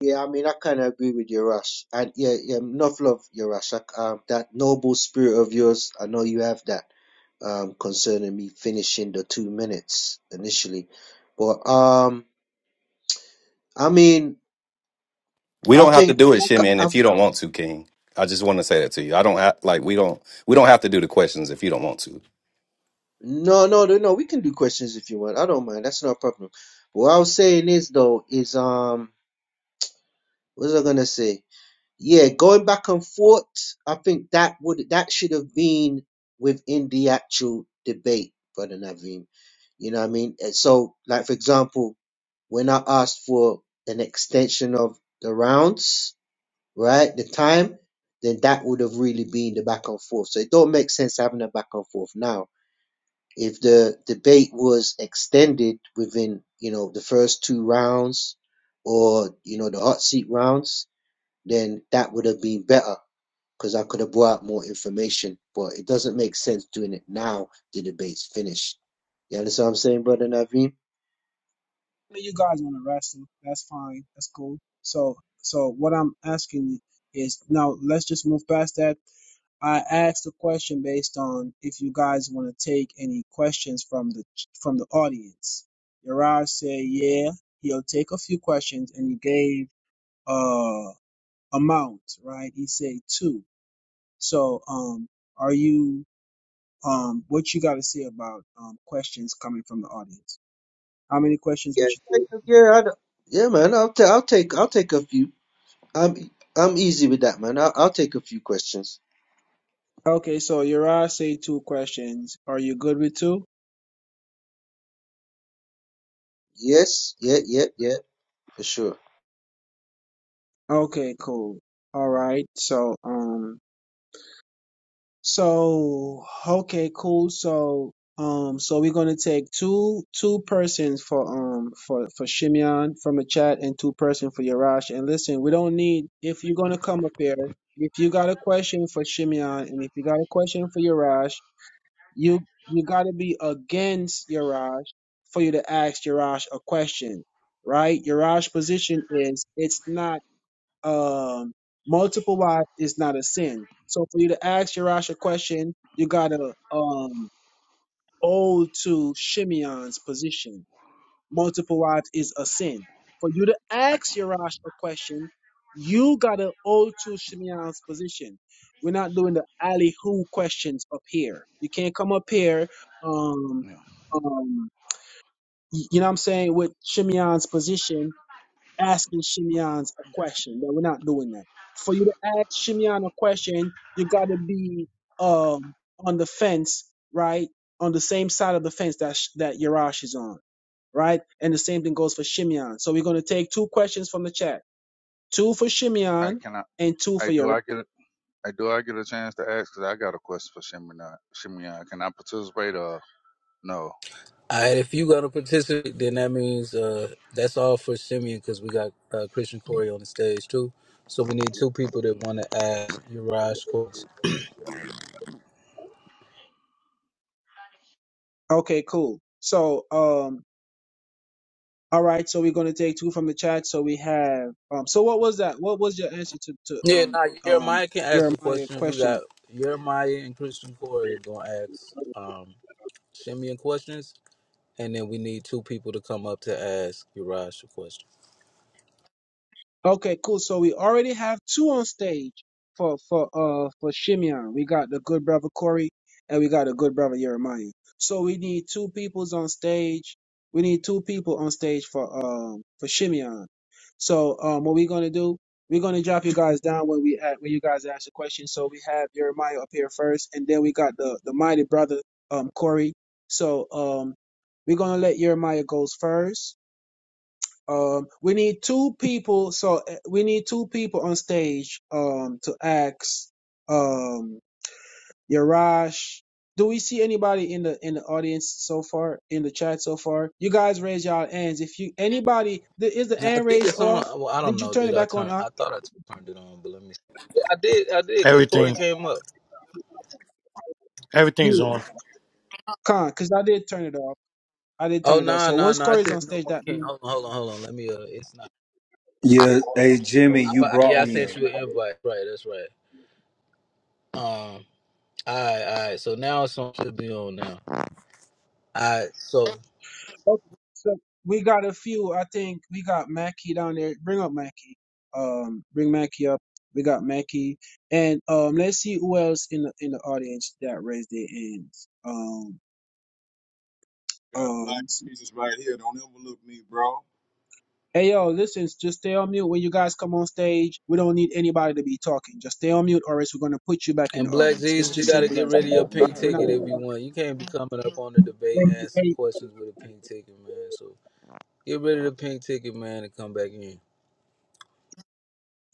J: Yeah, I mean, I kind of agree with your Russ. And yeah, yeah, enough love, your Russ. I, um, that noble spirit of yours, I know you have that um, concerning me finishing the two minutes initially. But um, I mean,
G: We
J: I
G: don't have to
J: think
G: do it, Shimon,
J: I've,
G: if you don't want to, King. I just want to say that to you. I don't have like we don't we don't have to do the questions if you don't want to.
J: no, no, no, no. We can do questions if you want. I don't mind. That's not a problem. What I was saying is though, is um, what was I gonna say? yeah, going back and forth, I think that would that should have been within the actual debate, brother Naveen. You know what I mean? And So, like for example, when I asked for an extension of the rounds, right, the time, then that would have really been the back and forth. So it don't make sense having a back and forth now. If the debate was extended within, you know, the first two rounds or, you know, the hot seat rounds, then that would have been better because I could have brought out more information, but it doesn't make sense doing it now. The debate's finished. You understand what I'm saying, brother Naveen?
H: Hey, you guys want to wrestle. That's fine. That's cool. So, so what I'm asking is now let's just move past that. I asked the question based on if you guys want to take any questions from the from the audience. Yaraj said, yeah, he'll take a few questions, and he gave uh amount, right? He said two. So, um, are you um, what you got to say about um questions coming from the audience? How many questions
J: Yeah,
H: would you?
J: yeah, yeah. I d- yeah, man. I'll take, I'll take, I'll take a few. I'm, I'm easy with that, man. I'll, I'll take a few questions.
H: Okay, so Uriah say two questions. Are you good with two?
J: Yes, yeah, yeah, yeah, for sure.
H: Okay, cool. All right. So, um, so okay, cool. So, um, so we're gonna take two two persons for um for for Shimeon from the chat and two person for Yarash. And listen, we don't need if you're gonna come up here. If you got a question for Shimeon and if you got a question for Yarash, You you gotta be against Yaraj for you to ask Yaraj a question, right? Yaraj's position is it's not um multiple wives is not a sin. So for you to ask Yaraj a question, you gotta um hold to Shimeon's position multiple wives is a sin. For you to
C: I,
H: ask Yarash a question, you gotta hold to Shimeon's position. We're not doing the alley who questions up here. You can't come up here, um,
C: yeah.
H: um, y- you know what I'm saying, with Shimeon's position asking Shimeon's a question. No, we're not doing that. For you to ask Shimeon a question, you got to be um on the fence, right? On the same side of the fence that Sh- that Yarash is on, right? And the same thing goes for Shimeon. So we're going to take two questions from the chat. Two for
C: I
H: Shimeon
C: cannot.
H: and two
C: I
H: for
C: do.
H: Yarash.
C: I get. I do. I get a chance to ask because I got a question for Shimeon. Shimeon, can I participate? Uh, no?
B: right. If you gonna participate, then that means uh, that's all for Simeon because we got uh, Christian Corey on the stage too. So we need two people that want to ask Uriah
H: Okay, cool. So um all right, so we're going to take two from the chat. So we have um so what was that? What was your answer to to
B: Yeah,
H: um
B: now
H: um
B: Jeremiah can ask a
H: Jeremiah
B: question. We
H: question?
B: got Jeremiah and Christian Corey gonna ask um Shimeon questions, and then we need two people to come up to ask Uriah a question.
H: Okay, cool. So we already have two on stage for for uh for Shimeon. We got the good brother Corey and we got the good brother Jeremiah. So we need two peoples on stage. We need two people on stage for um for Shimeon. So um what we're gonna do, we're gonna drop you guys down when we at when you guys ask a question. So we have Jeremiah up here first and then we got the the mighty brother um Corey. So um we're gonna let Jeremiah goes first um, we need two people. So uh, we need two people on stage. Um, to ask. Um, Yarash, do we see anybody in the in the audience so far in the chat so far? You guys raise y'all hands. If you anybody, the, is the
B: Now I
H: hand
B: think
H: raised
B: it's on.
H: off?
B: Well, I don't
H: Did you
B: know.
H: turn
B: Did
H: it
B: I
H: back on?
B: turn?
H: Huh?
B: I thought I turned it on, but let me. Yeah, I did. I did because Corey
K: Everything.
B: came up.
H: Yeah,
K: Everything's on.
H: con, because I did turn it off. I did turn
B: Oh
H: it off.
B: no
H: So
B: no
H: once
B: no! I
H: Corey's
B: said
H: on
B: no
H: stage,
B: one
H: that
B: can.
H: means
B: Hold on hold on hold on. Let me. Uh, it's not.
M: Yeah, hey Jimmy,
B: I,
M: you
B: but
M: brought
B: yeah, I
M: me
B: sent
M: up.
B: you an invite. Right, that's right. Um. All right, all right. So now it's on. Should be on now. All right. So
H: Okay. So we got a few. I think we got Mackie down there. Bring up Mackie. Um, bring Mackie up. We got Mackie, and um, let's see who else in the in the audience that raised their hands. Um,
N: Got black
H: um,
N: Jesus right here. Don't overlook me, bro.
H: hey yo, listen, just stay on mute when you guys come on stage. We don't need anybody to be talking. Just stay on mute, or else we're gonna put you back in the
B: And Black
H: audience. It's
B: Jesus, you
H: just
N: You-
B: got to
H: simple
B: get
H: as
B: rid of
N: come
H: that.
B: your
N: up
H: All
B: pink
N: with
H: right, we're
N: the
H: not
B: ticket if you want. You can't be coming up on the debate asking
H: gonna.
B: questions with a pink ticket, man. So get rid of the pink ticket, man, and come back in.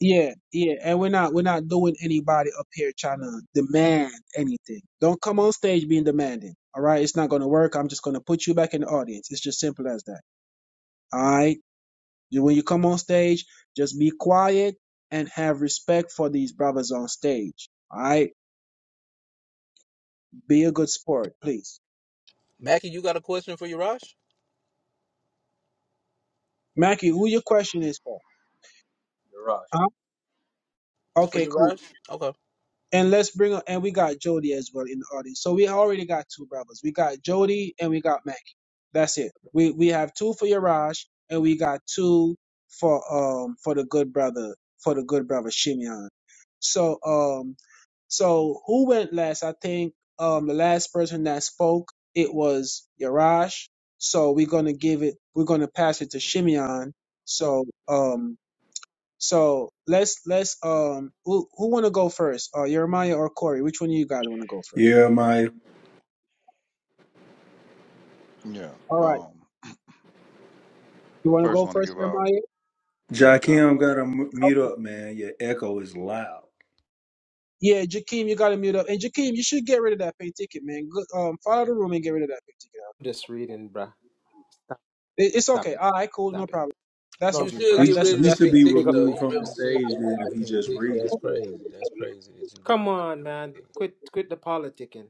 H: Yeah, yeah, and we're not we're not doing anybody up here trying to demand anything. Don't come on stage being demanding. All right, it's not gonna work. I'm just gonna put you back in the audience. It's just simple as that. All right, You- when you come on stage, just be quiet and have respect for these brothers on stage. All right, be a good sport, please.
B: Mackie, you got a question for Yarash?
H: Mackie, who your
O: Yes.
H: question is for?
O: Garage.
H: Huh?
B: It's for
H: Okay, cool.
B: Yarash? Okay.
H: And let's bring up, and we got Jody as well in the audience. So we already got two brothers. We got Jody and we got Mackie. That's it. We we have two for Yaraj, and we got two for um for the good brother for the good brother Shimeon. So um so who went last? I think um the last person that spoke it was Yaraj. So we're gonna give it. We're gonna pass it to Shimeon. So um so let's let's um who who want to go first? Uh, Jeremiah or Corey? Which one of you guys want to go first?
M: Yeah, my
C: Yeah.
H: All right,
C: Um.
H: you want to
C: First,
H: go
C: want to
H: first,
C: give out.
H: Jeremiah?
C: Yeah. Con.
M: Jakim got to m- mute
H: Okay.
M: up, man. Your echo is loud.
H: Yeah, Jakeem, you got to mute up. And Jakeem, you should get rid of that pay ticket, man. Good, um, follow the room and get rid of that pay ticket. huh?
L: up. Just reading, bruh. Stop,
H: It, it's
L: stop
H: okay.
L: it.
H: All right, cool, no
L: Stop it.
H: problem. That's all
B: You
L: Love
H: right.
L: you, bruh.
B: should
H: That's
M: He
B: get
H: that's
B: rid
M: he
B: of the
H: that's
M: should
B: pink
M: be
L: Big
B: ticket,
L: up.
B: though.
H: all
M: removed
B: You
M: from the
B: really should
M: stage
B: get rid
M: then
B: of the
M: if he
B: pink
M: just
B: ticket.
M: reading.
B: That's crazy.
H: right.
B: That's crazy that you don't.
L: Come on, man. Quit quit the politicking.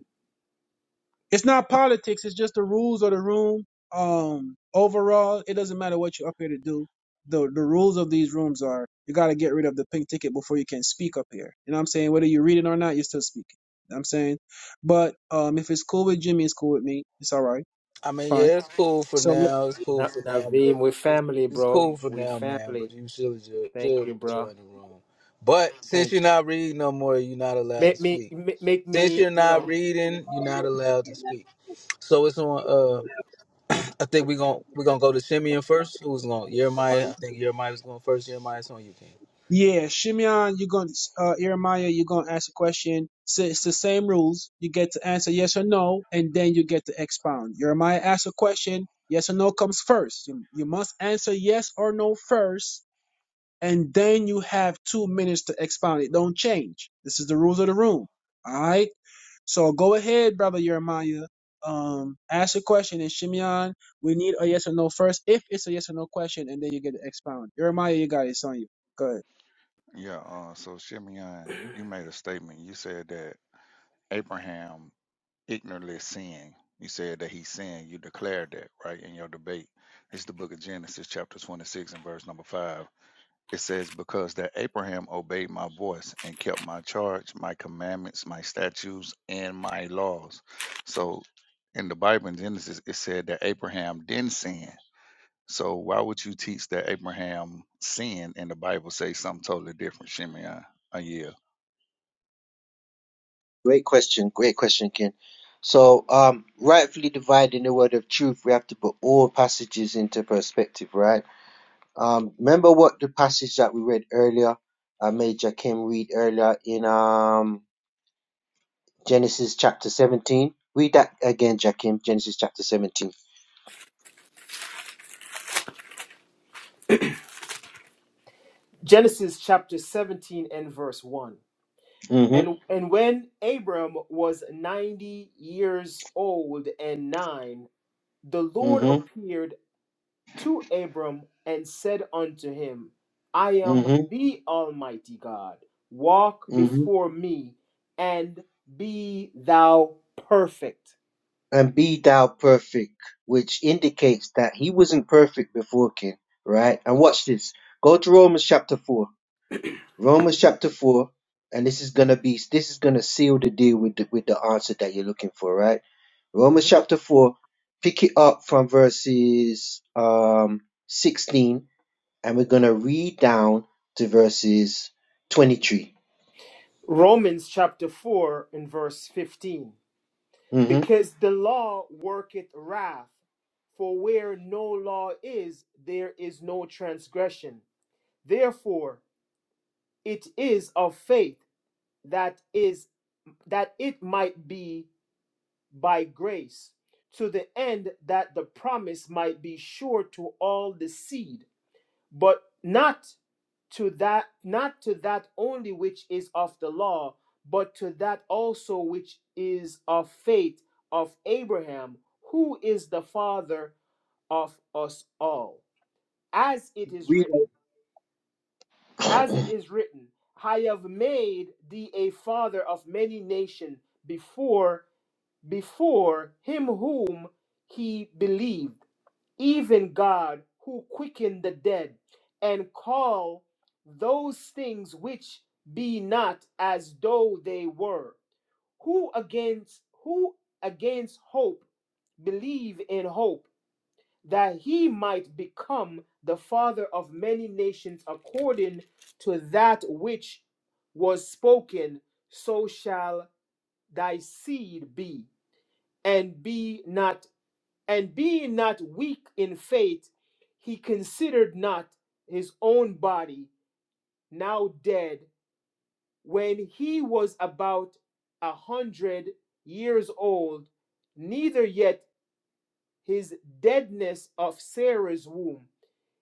H: It's not politics. It's just the rules of the room. Um, overall, it doesn't matter what you're up here to do. The the rules of these rooms are you got to get rid of the pink ticket before you can speak up here. You know what I'm saying? Whether you read it or not, you're still speaking. You know what I'm saying, but um, if it's cool with Jimmy, it's cool with me. It's all right.
B: I
H: It's
B: mean,
H: fine.
B: yeah, it's cool for
H: So
B: now. It's cool
L: Na-
B: for now,
L: Naveem,
B: but
L: we
B: it's,
L: family,
B: it's
L: bro.
B: cool for
L: We
B: now, man. But
L: family.
B: you should ju-
L: Thank
B: should
L: you, bro.
B: join the room. But since you're
L: Thank you.
B: not reading no more, you're not allowed to
L: Make me
B: speak.
L: ma- make
B: Since
L: me,
B: you're
L: you
B: not
L: know,
B: reading, you're not allowed to speak. So it's on. Uh, I think we're gonna we're gonna go to Simeon first. Who's going? Jeremiah. I think Jeremiah was going first. Jeremiah's on you, King.
H: Yeah, Shimeon, you're going to, uh, Jeremiah, you're going to ask a question. So it's the same rules. You get to answer yes or no, and then you get to expound. Jeremiah asks a question. Yes or no comes first. You, you must answer yes or no first, and then you have two minutes to expound. It don't change. This is the rules of the room. All right. So go ahead, brother Jeremiah. Um, ask a question, and Shimeon, we need a yes or no first. If it's a yes or no question, and then you get to expound. Jeremiah, you got it. It's on you. Go
C: Yeah. Uh. So Shimeon, you made a statement. You said that Abraham. ignorantly sin. You said that he sinned. You declared that, right, in your debate. It's the book of Genesis, chapter 26, and verse number 5. It says, Because that Abraham obeyed my voice and kept my charge, my commandments, my statutes, and my laws. So in the Bible in Genesis, it said that Abraham didn't sin. So why would you teach that Abraham sinned and the Bible say something totally different, Shimeon? Uh, yeah.
J: Great question, great question, Ken. So, um, rightfully dividing the word of truth, we have to put all passages into perspective, right? Um, remember what the passage that we read earlier, uh, Major Kim read earlier in um, Genesis chapter 17? Read that again, Jakim, Genesis chapter 17.
L: Genesis chapter 17 and verse 1.
J: Mm-hmm,
L: And and when Abram was 90 years old and 9, the Lord
J: mm-hmm,
L: appeared to Abram and said unto him, I am
J: mm-hmm,
L: the Almighty God. Walk
J: mm-hmm.
L: before me and be thou perfect.
J: And be thou perfect, which indicates that he wasn't perfect before King, right? And watch this. Go to Romans chapter 4. Romans chapter four, and this is gonna be this is gonna seal the deal with the, with the answer that you're looking for, right? Romans chapter four, pick it up from verses um sixteen, and we're gonna read down to verses 23
L: Romans chapter 4 and verse 15.
J: Mm-hmm.
L: Because the law worketh wrath, for where no law is, there is no transgression. Therefore, it is of faith that is that it might be by grace, to the end that the promise might be sure to all the seed but not to that not to that only which is of the law but to that also which is of faith of abraham who is the father of us all as it is
J: Read.
L: written
J: it.
L: as it is written i have made thee a father of many nations before before him whom he believed even God who quickened the dead, and call those things which be not as though they were. Who against who against hope believe in hope that he might become the father of many nations according to that which was spoken, so shall thy seed be, and be not and being not weak in faith, he considered not his own body now dead when he was about a hundred years old, neither yet his deadness of Sarah's womb.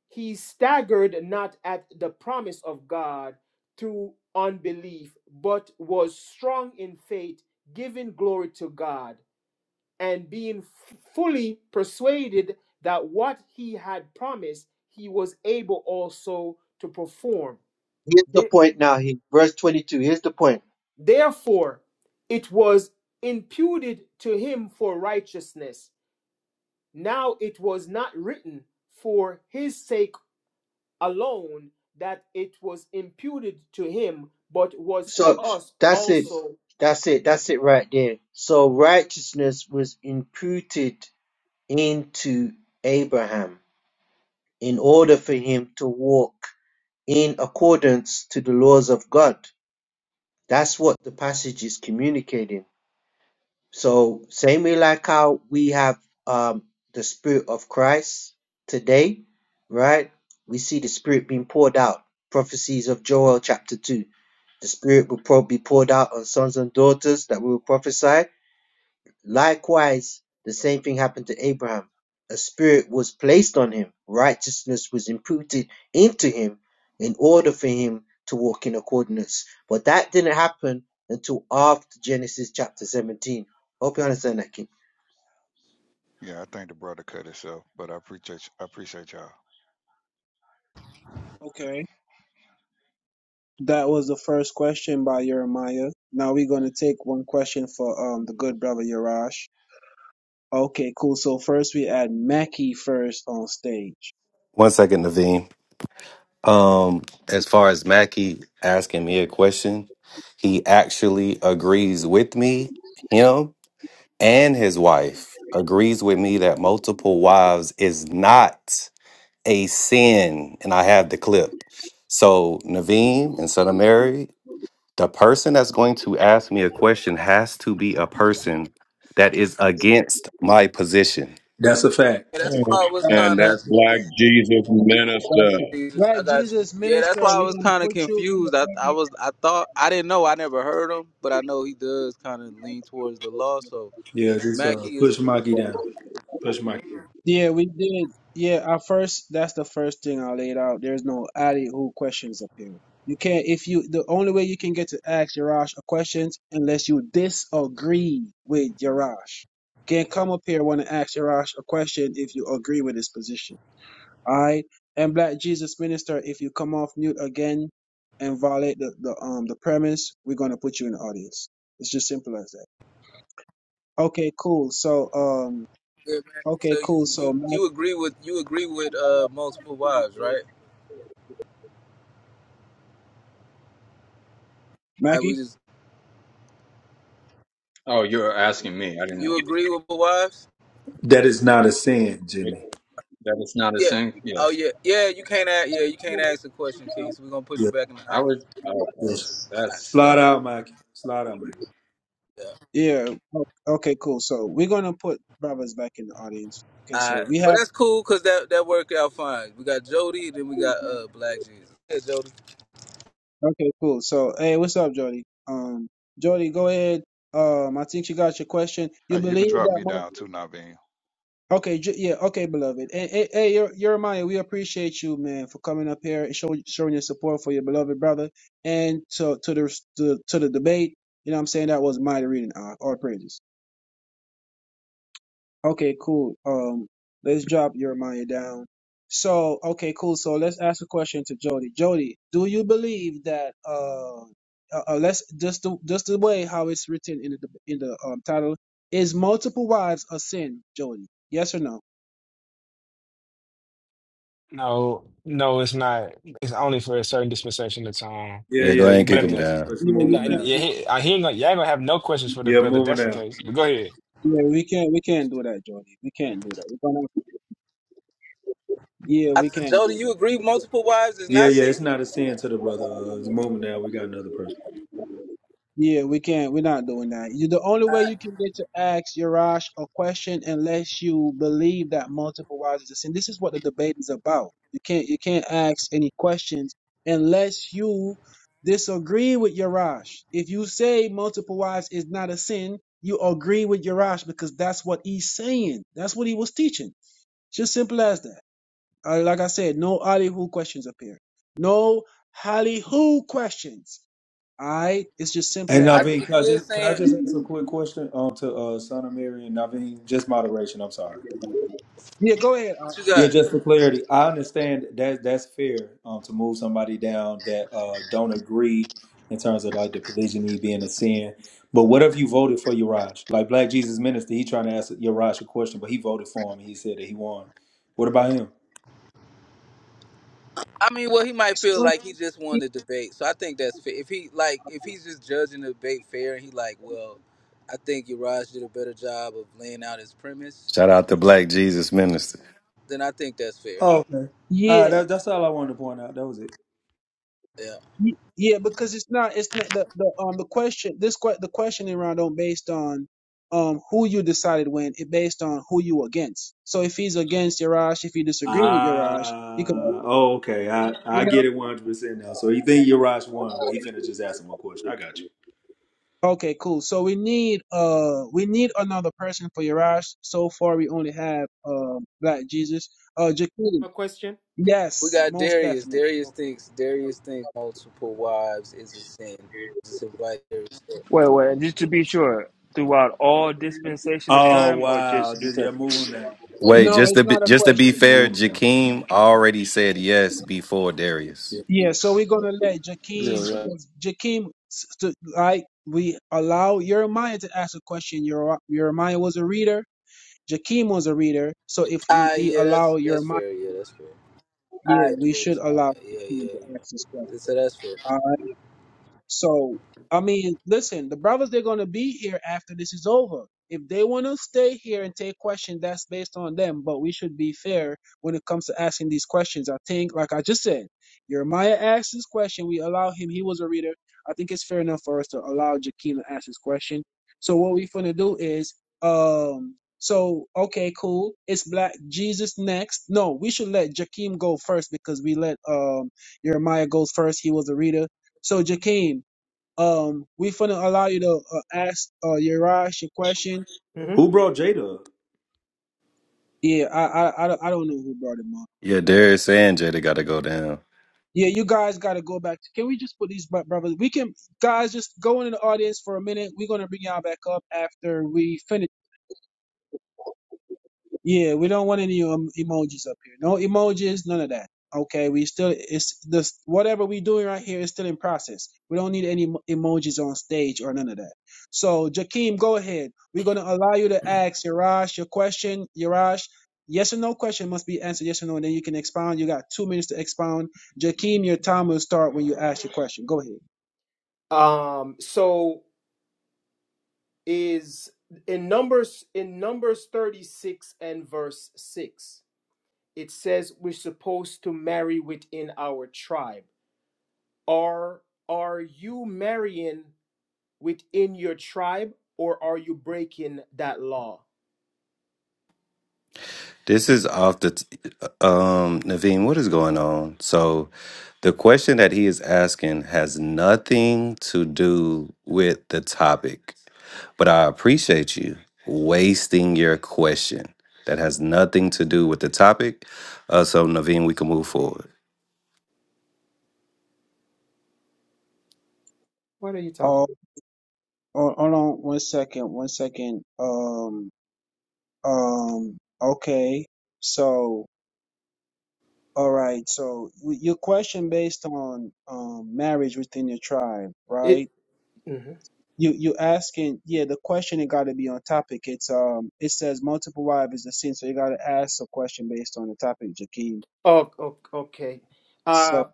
L: He staggered not at the promise of God through unbelief, but was strong in faith, giving glory to God, and being f- fully persuaded that what he had promised he was able also to perform.
J: Here's the
L: The-
J: point now. Here, verse twenty-two. Here's the point.
L: Therefore, it was imputed to him for righteousness. Now it was not written for his sake alone that it was imputed to him, but was for
J: So
L: us
J: that's it.
L: also.
J: That's it. That's it right there. So righteousness was imputed into Abraham in order for him to walk in accordance to the laws of God. That's what the passage is communicating. So, same way like how we have um, the Spirit of Christ today, right? We see the Spirit being poured out. Prophecies of Joel chapter 2. The Spirit will probably be poured out on sons and daughters that will prophesy Likewise, the same thing happened to Abraham. A spirit was placed on him, righteousness was imputed into him in order for him to walk in accordance. But that didn't happen until after Genesis chapter 17. Hope you understand that, King.
C: Yeah, I think the brother cut himself, but I appreciate I appreciate y'all.
H: ahead. That was the first question by Jeremiah. Now we're going to take one question for um the good brother Yarash. Okay, cool. So first we had Mackie first on stage.
G: One second, Naveen. Um, as far as Mackie asking me a question, he actually agrees with me. Him and his wife agrees with me that multiple wives is not a sin, and I have the clip. So Naveen and Son of Mary The person that's going to ask me a question has to be a person that is against my position.
M: That's a
B: Yeah,
M: fact.
B: that's why
N: food.
B: I was
H: Right,
N: And
B: kind
H: God,
B: of.
N: that's Black Jesus
H: God,
N: Minister.
B: Jesus, I
H: God,
B: got you.
H: Jesus,
B: Yeah, that's
H: minister,
B: why I
H: we're
B: was
H: going to
B: kind of
H: put you in the
B: confused. I, I was, I thought, I didn't know. I never heard him, but I know he does kind of lean towards the law. So
M: Yeah, just uh,
B: Mackie is.
M: push Mikey down. Push Mikey.
H: Yeah, we did. Yeah, at first, that's the first thing I laid out. There's no alley who questions up here. You can't, if you, the only way you can get to ask Yarash a questions unless you disagree with Yarash. Can't come up here want to ask Yarash a question if you agree with his position. All right? And Black Jesus Minister, if you come off mute again and violate the, the um the premise, we're gonna put you in the audience. It's just simple as that. Okay, cool. So um,
B: yeah, Mackie,
H: okay,
B: So you,
H: cool. So
B: you,
H: Mike.
B: you agree with you agree with uh multiple wives, right? I we
H: Mackie?
B: just
O: Oh, you're asking me. I didn't
B: you
O: know.
B: agree with the wives?
M: That is not a sin,
O: It-
M: Jimmy.
O: That it's not a
B: Yeah.
O: sin?
B: Oh
O: Yes.
B: yeah, yeah. You can't ask. Yeah, you can't ask the question, King. So we're gonna put you
M: Yeah,
B: back in the
O: I would.
B: audience.
O: Okay.
M: yes.
B: All right.
O: That's. uh,
M: Slide out, Mikey. Slide out, Mikey.
B: Yeah.
H: Yeah. o- Okay, cool. So we're gonna put brothers back in the audience. Okay,
B: All right.
H: so we
B: Well,
H: have
B: that's cool because that that worked out fine. We got Jody, then we got uh Black Jesus. Yeah, Jody.
H: okay, cool. So hey, what's up, Jody? Um Jody, go ahead. Um I think you got your question. You
C: Hey, you can
H: believe
C: drop
H: that
C: me
H: my
C: down too, Naveen.
H: Okay, J- yeah, okay, beloved. Hey, hey, hey Yer- Jeremiah, we appreciate you, man, for coming up here and show, showing your support for your beloved brother and to to the to, to the debate. You know what I'm saying? That was mighty reading, uh, all praises. Okay, cool. Um, let's drop Jeremiah down. So, okay, cool. So let's ask a question to Jody. Jody, do you believe that uh, uh uh, let's just the just the way how it's written in the in the um title is multiple wives a sin, Jody? Yes or no?
P: No, no, it's not. It's only for a certain dispensation of time.
M: Yeah,
G: Yeah, go
M: yeah,
G: ahead
M: he
G: and
P: But
G: kick
P: at
M: can't
G: them
P: the,
M: answer.
G: down.
M: Push,
H: No,
P: and,
M: move
H: we
M: him
P: and
H: can't.
M: down.
P: yeah,
H: do-
P: he- I hear like y'all gonna have no questions for the
M: Yeah,
P: brother if
M: move him
P: that's the
M: down.
P: case. But go ahead.
H: Yeah, we can't. We can't do that, Jody. We can't do that. We're gonna. Yeah,
B: I,
H: we can't
B: Joe,
H: do
B: do
H: that.
B: you agree multiple wives is
M: Yeah,
B: not
M: yeah, it's
B: sin?
M: not a sin to the brother. Uh, move him down. We got another person.
H: Yeah, we can't. We're not doing that. You, the only
B: I,
H: way you can get to ask Yarash a question unless you believe that multiple wives is a sin. This is what the debate is about. You can't. You can't ask any questions unless you disagree with Yarash. If you say multiple wives is not a sin, you agree with Yarash because that's what he's saying. That's what he was teaching. Just simple as that. Uh, like I said, no Hollywood questions up here. No Hollywood questions. All right, it's just simple
M: And
H: as
B: I
H: that.
M: Naveen,
B: think
M: can
B: he
M: I
B: is
M: just can I
B: saying
M: just ask a quick question um, to uh, Son of Mary and Naveen? Just moderation. I'm sorry.
H: Yeah, go ahead. Uh,
B: what you
H: go
M: Yeah,
H: ahead.
B: got.
M: just for clarity, I understand that that's fair um, to move somebody down that uh, don't agree in terms of like the polygyny being a sin. But what if you voted for Yaraj? Like Black Jesus Minister, he trying to ask Yaraj a question, but he voted for him and he said that he won. What about him?
B: I mean, well, he might
H: It's
B: feel
H: one-
B: like he just won the debate, so I think that's fair. If he like, if he's just judging the debate fair, and he like, well, I think Uraj did a better job of laying out his premise,
G: Shout out to Black Jesus Minister.
B: then I think that's fair.
M: Oh, okay.
B: I
M: Uh,
B: think,
H: Yeah,
M: that, that's all I wanted to point out. That was it.
B: yeah.
H: y- yeah, because it's not. It's not the, the um the question. This que- the questioning round don't based on um who you decided when. It based on who you against. So if he's against Yarash, if you disagree with Yarash, you could. You
M: Ah, oh, okay. I, I
H: know.
M: get it 100% now. So you think Urash won, but he finna just ask him a question. I got you.
H: Okay, cool. So we need uh we need another person for Yaraj. So far we only have um Black Jesus. Uh Jakeem.
L: A question?
B: We
H: Yes,
B: got
H: most
B: Darius.
H: definite.
B: Darius
L: Okay.
B: thinks Darius thinks multiple wives is a sin. Just invite Darius.
Q: Wait, wait, just to be sure, throughout all dispensation of
M: Oh,
Q: time or
M: wow.
Q: just New
M: Just, yeah,
Q: Testament?
M: move him down.
G: Wait,
H: No,
G: just
H: it's
G: to be,
H: not a
G: just to be
H: question.
G: fair,
M: Move him down.
G: Jakeem already said yes before
M: Yeah,
G: Darius.
M: yeah,
H: Yeah,
M: yeah.
H: so we're gonna let Jakeem
Q: Yeah, right.
H: Jakeem s- to- like we allow Jeremiah to ask a question. Yer- Jeremiah was a reader. Jakeem was a reader. So if you
B: Ah,
H: he
B: yeah,
H: allow
B: that's that's
H: Jeremiah,
B: fair. Yeah, that's fair.
H: yeah,
B: Alright,
H: we should
B: Darius, my
H: allow
B: bad. Yeah,
H: Jakeem
B: yeah,
H: to ask this
B: yeah.
H: question.
B: So that's fair.
H: So, I mean, listen, the brothers, they're going to be here after this is over. If they want to stay here and take questions, that's based on them. But we should be fair when it comes to asking these questions. I think, like I just said, Jeremiah asked his question. We allow him. He was a reader. I think it's fair enough for us to allow Jakeem to ask his question. So what we're going to do is, um, so, okay, cool. It's Black Jesus next. No, we should let Jakeem go first because we let um, Jeremiah goes first. He was a reader. So, Jakeem, um, we finna allow you to uh, ask uh Yarash your question.
L: Mhm.
M: Who brought Jada up?
H: Yeah, I I I don't, I don't know who brought him up,
G: Yeah,
H: but
G: Darius and Jada got to go down.
H: yeah, you guys got to go back. Can we just put these bro- brothers? We can guys just go into the audience for a minute. We're gonna bring y'all back up after we finish. Yeah, we don't want any um, emojis up here. No emojis, none of that. Okay, we still it's this whatever we doing right here is still in process. We don't need any emo- emojis on stage or none of that. So Jakeem, go ahead. We're gonna allow you to ask Yarash your question. Yarash, yes or no question must be answered yes or no, and then you can expound. You got two minutes to expound. Jakeem, your time will start when you ask your question. Go ahead.
L: Um, so is in numbers in numbers 36 and verse 6 it says we're supposed to marry within our tribe are are you marrying within your tribe or are you breaking that law
G: This is off the t- um Naveen, what is going on? So the question that he is asking has nothing to do with the topic. But I appreciate you wasting your question that has nothing to do with the topic. Uh, so Naveen, we can move forward.
L: what are you talking
H: Oh, oh hold on one second, one second. Um, um, okay. So All right. So w- your question based on um, marriage within your tribe,
L: it
H: right?
L: mhm.
H: You you asking, yeah. The question it got to be on topic. It's um, it says multiple wives is the sin, so you got to ask a question based on the topic, Jakeem.
L: oh, oh okay
H: So
L: uh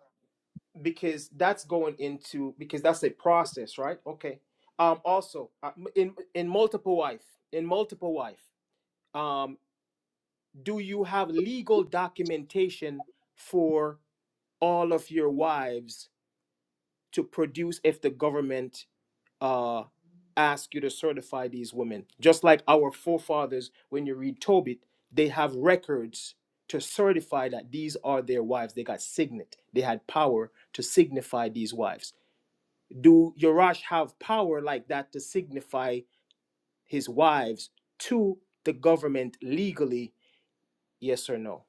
L: because that's going into because that's a process right okay um also uh, in in multiple wife in multiple wife Um. do you have legal documentation for all of your wives to produce if the government uh, asks you to certify these women? Just like our forefathers, when you read Tobit, they have records to certify that these are their wives. They got signet, they had power to signify these wives. Do Yorash have power like that to signify his wives to the government legally? Yes or no?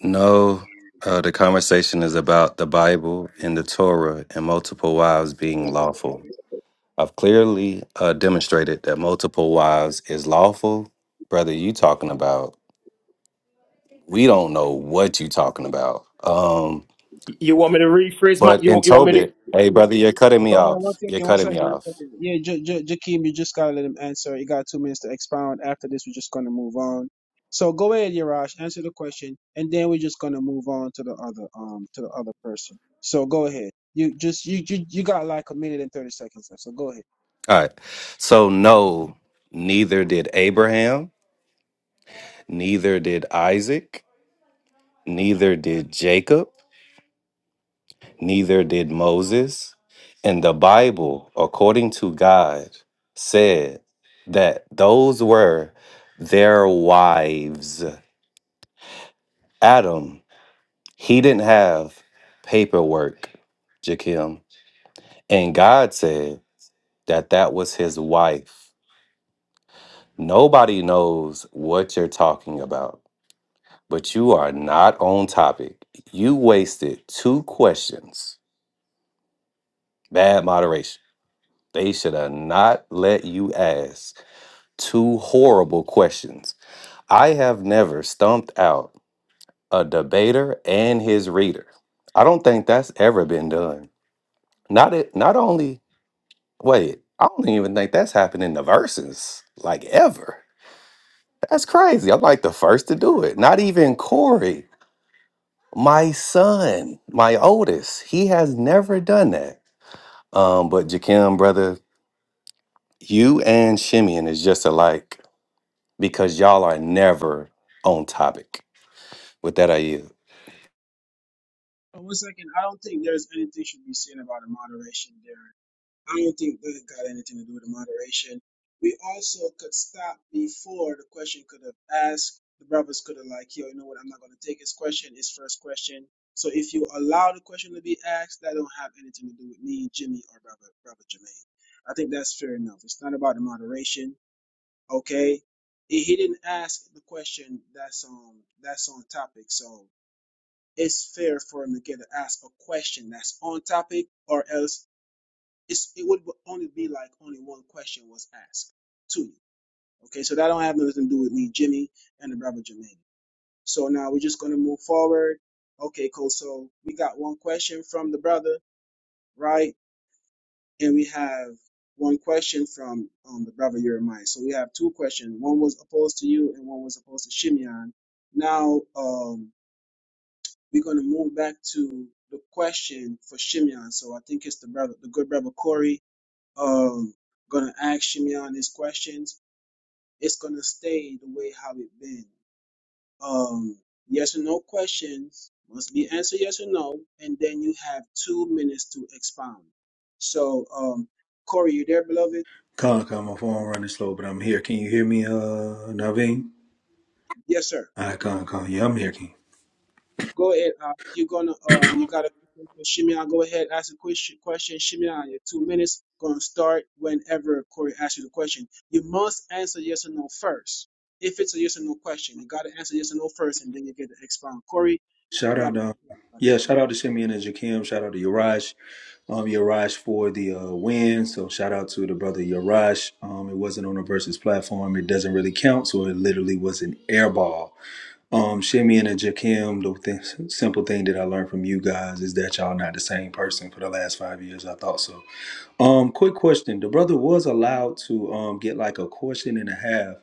G: No, uh, the conversation is about the Bible and the Torah and multiple wives being lawful. I've clearly uh, demonstrated that multiple wives is lawful. Brother, you talking about? We don't know what you talking about. Um,
L: You want me to rephrase my?
G: but
L: You
G: in
L: want, you want me to
G: Tobit, hey brother, you're cutting me
L: Okay.
H: Hold on one
G: off. You're
H: second, one
G: cutting
H: second,
G: me
H: one
G: off.
H: second. Yeah, J- J- Jakeem, you just gotta let him answer. You got two minutes to expound. After this, we're just gonna move on. So go ahead, Yarash, answer the question, and then we're just gonna move on to the other um to the other person. So go ahead. You just you you, you got like a minute and thirty seconds left. So go ahead.
G: All right. So no, neither did Abraham, neither did Isaac, neither did Jacob. neither did Moses. And the Bible, according to God, said that those were their wives. Adam, he didn't have paperwork, Jakim. And God said that that was his wife. Nobody knows what you're talking about, but you are not on topic. You wasted two questions. Bad moderation. They should have not let you ask Two horrible questions. I have never stumped out a debater and his reader. I don't think that's ever been done. Not it, not only wait, I don't even think that's happened in the verses like ever. That's crazy. I'm like the first to do it. Not even Corey, my son, my oldest, he has never done that. Um, but Jakim, brother, you and Shimeon is just alike because y'all are never on topic. With that, I yield.
H: Uh, One second. I don't think there's anything should be said about a moderation there. I don't think that got anything to do with the moderation. We also could stop before the question could have asked. The brothers could have like, yo, you know what? I'm not gonna take his question, his first question. So if you allow the question to be asked, that don't have anything to do with me, Jimmy, or brother, brother Jermaine. I think that's fair enough. It's not about the moderation, okay? If he didn't ask the question, that's on that's on topic. So it's fair for him to get to ask a question that's on topic, or else it's, it would only be like only one question was asked to you. Okay, so that don't have nothing to do with me, Jimmy, and the brother Jermaine. So now we're just gonna move forward. Okay, cool. So we got one question from the brother, right? And we have one question from um, the brother Jeremiah. So we have two questions. One was opposed to you, and one was opposed to Shimeon. Now um, we're gonna move back to the question for Shimeon. So I think it's the brother, the good brother Corey um gonna ask Shimeon these questions, it's gonna stay the way how it been. Um yes or no questions must be answered yes or no, and then you have two minutes to expound. So um Corey, you there, beloved?
M: Con, con, my phone running slow, but I'm here. Can you hear me, uh, Naveen?
H: Yes, sir.
M: All right, con, con. Yeah, I'm here, King.
H: Go ahead. Uh, you're gonna um, you got a Shimei. Go ahead, ask a question. Question, Shimei. Your two minutes gonna start whenever Corey asks you the question. You must answer yes or no first. If it's a yes or no question, you gotta answer yes or no first, and then you get to expound. Corey, you
M: Shout out,
H: gotta.
M: to, yeah, shout out to Simeon and Jakim. Shout out to Urash. um, Yarash for the uh, win. So shout out to the brother Yarash. Um, it wasn't on a versus platform. It doesn't really count. So it literally was an air ball. Um, Shimeon and Jakim, the th- simple thing that I learned from you guys is that y'all not the same person for the last five years. I thought so. Um, quick question. The brother was allowed to um get like a question and a half.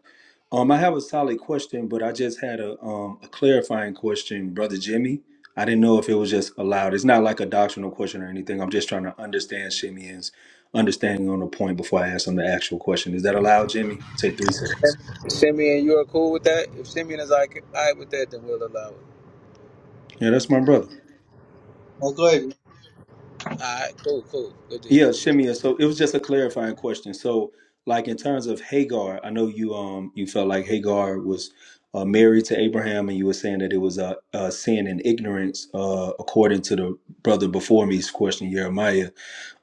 M: Um, I have a solid question, but I just had a um a clarifying question, brother Jimmy. I didn't know if it was just allowed. It's not like a doctrinal question or anything. I'm just trying to understand Shimeon's understanding on the point before I ask him the actual question. Is that allowed, Jimmy? Take three seconds.
B: Simeon, you are cool with that? If Simeon is like, all right with that, then we'll allow it.
M: Yeah, that's my brother.
J: Now go ahead.
B: All right, cool, cool, good deal.
M: Yeah, Shimia. So it was just a clarifying question. So, like in terms of Hagar, I know you um you felt like Hagar was uh, married to Abraham, and you were saying that it was a, a sin and ignorance, uh, according to the brother before me's question, Jeremiah.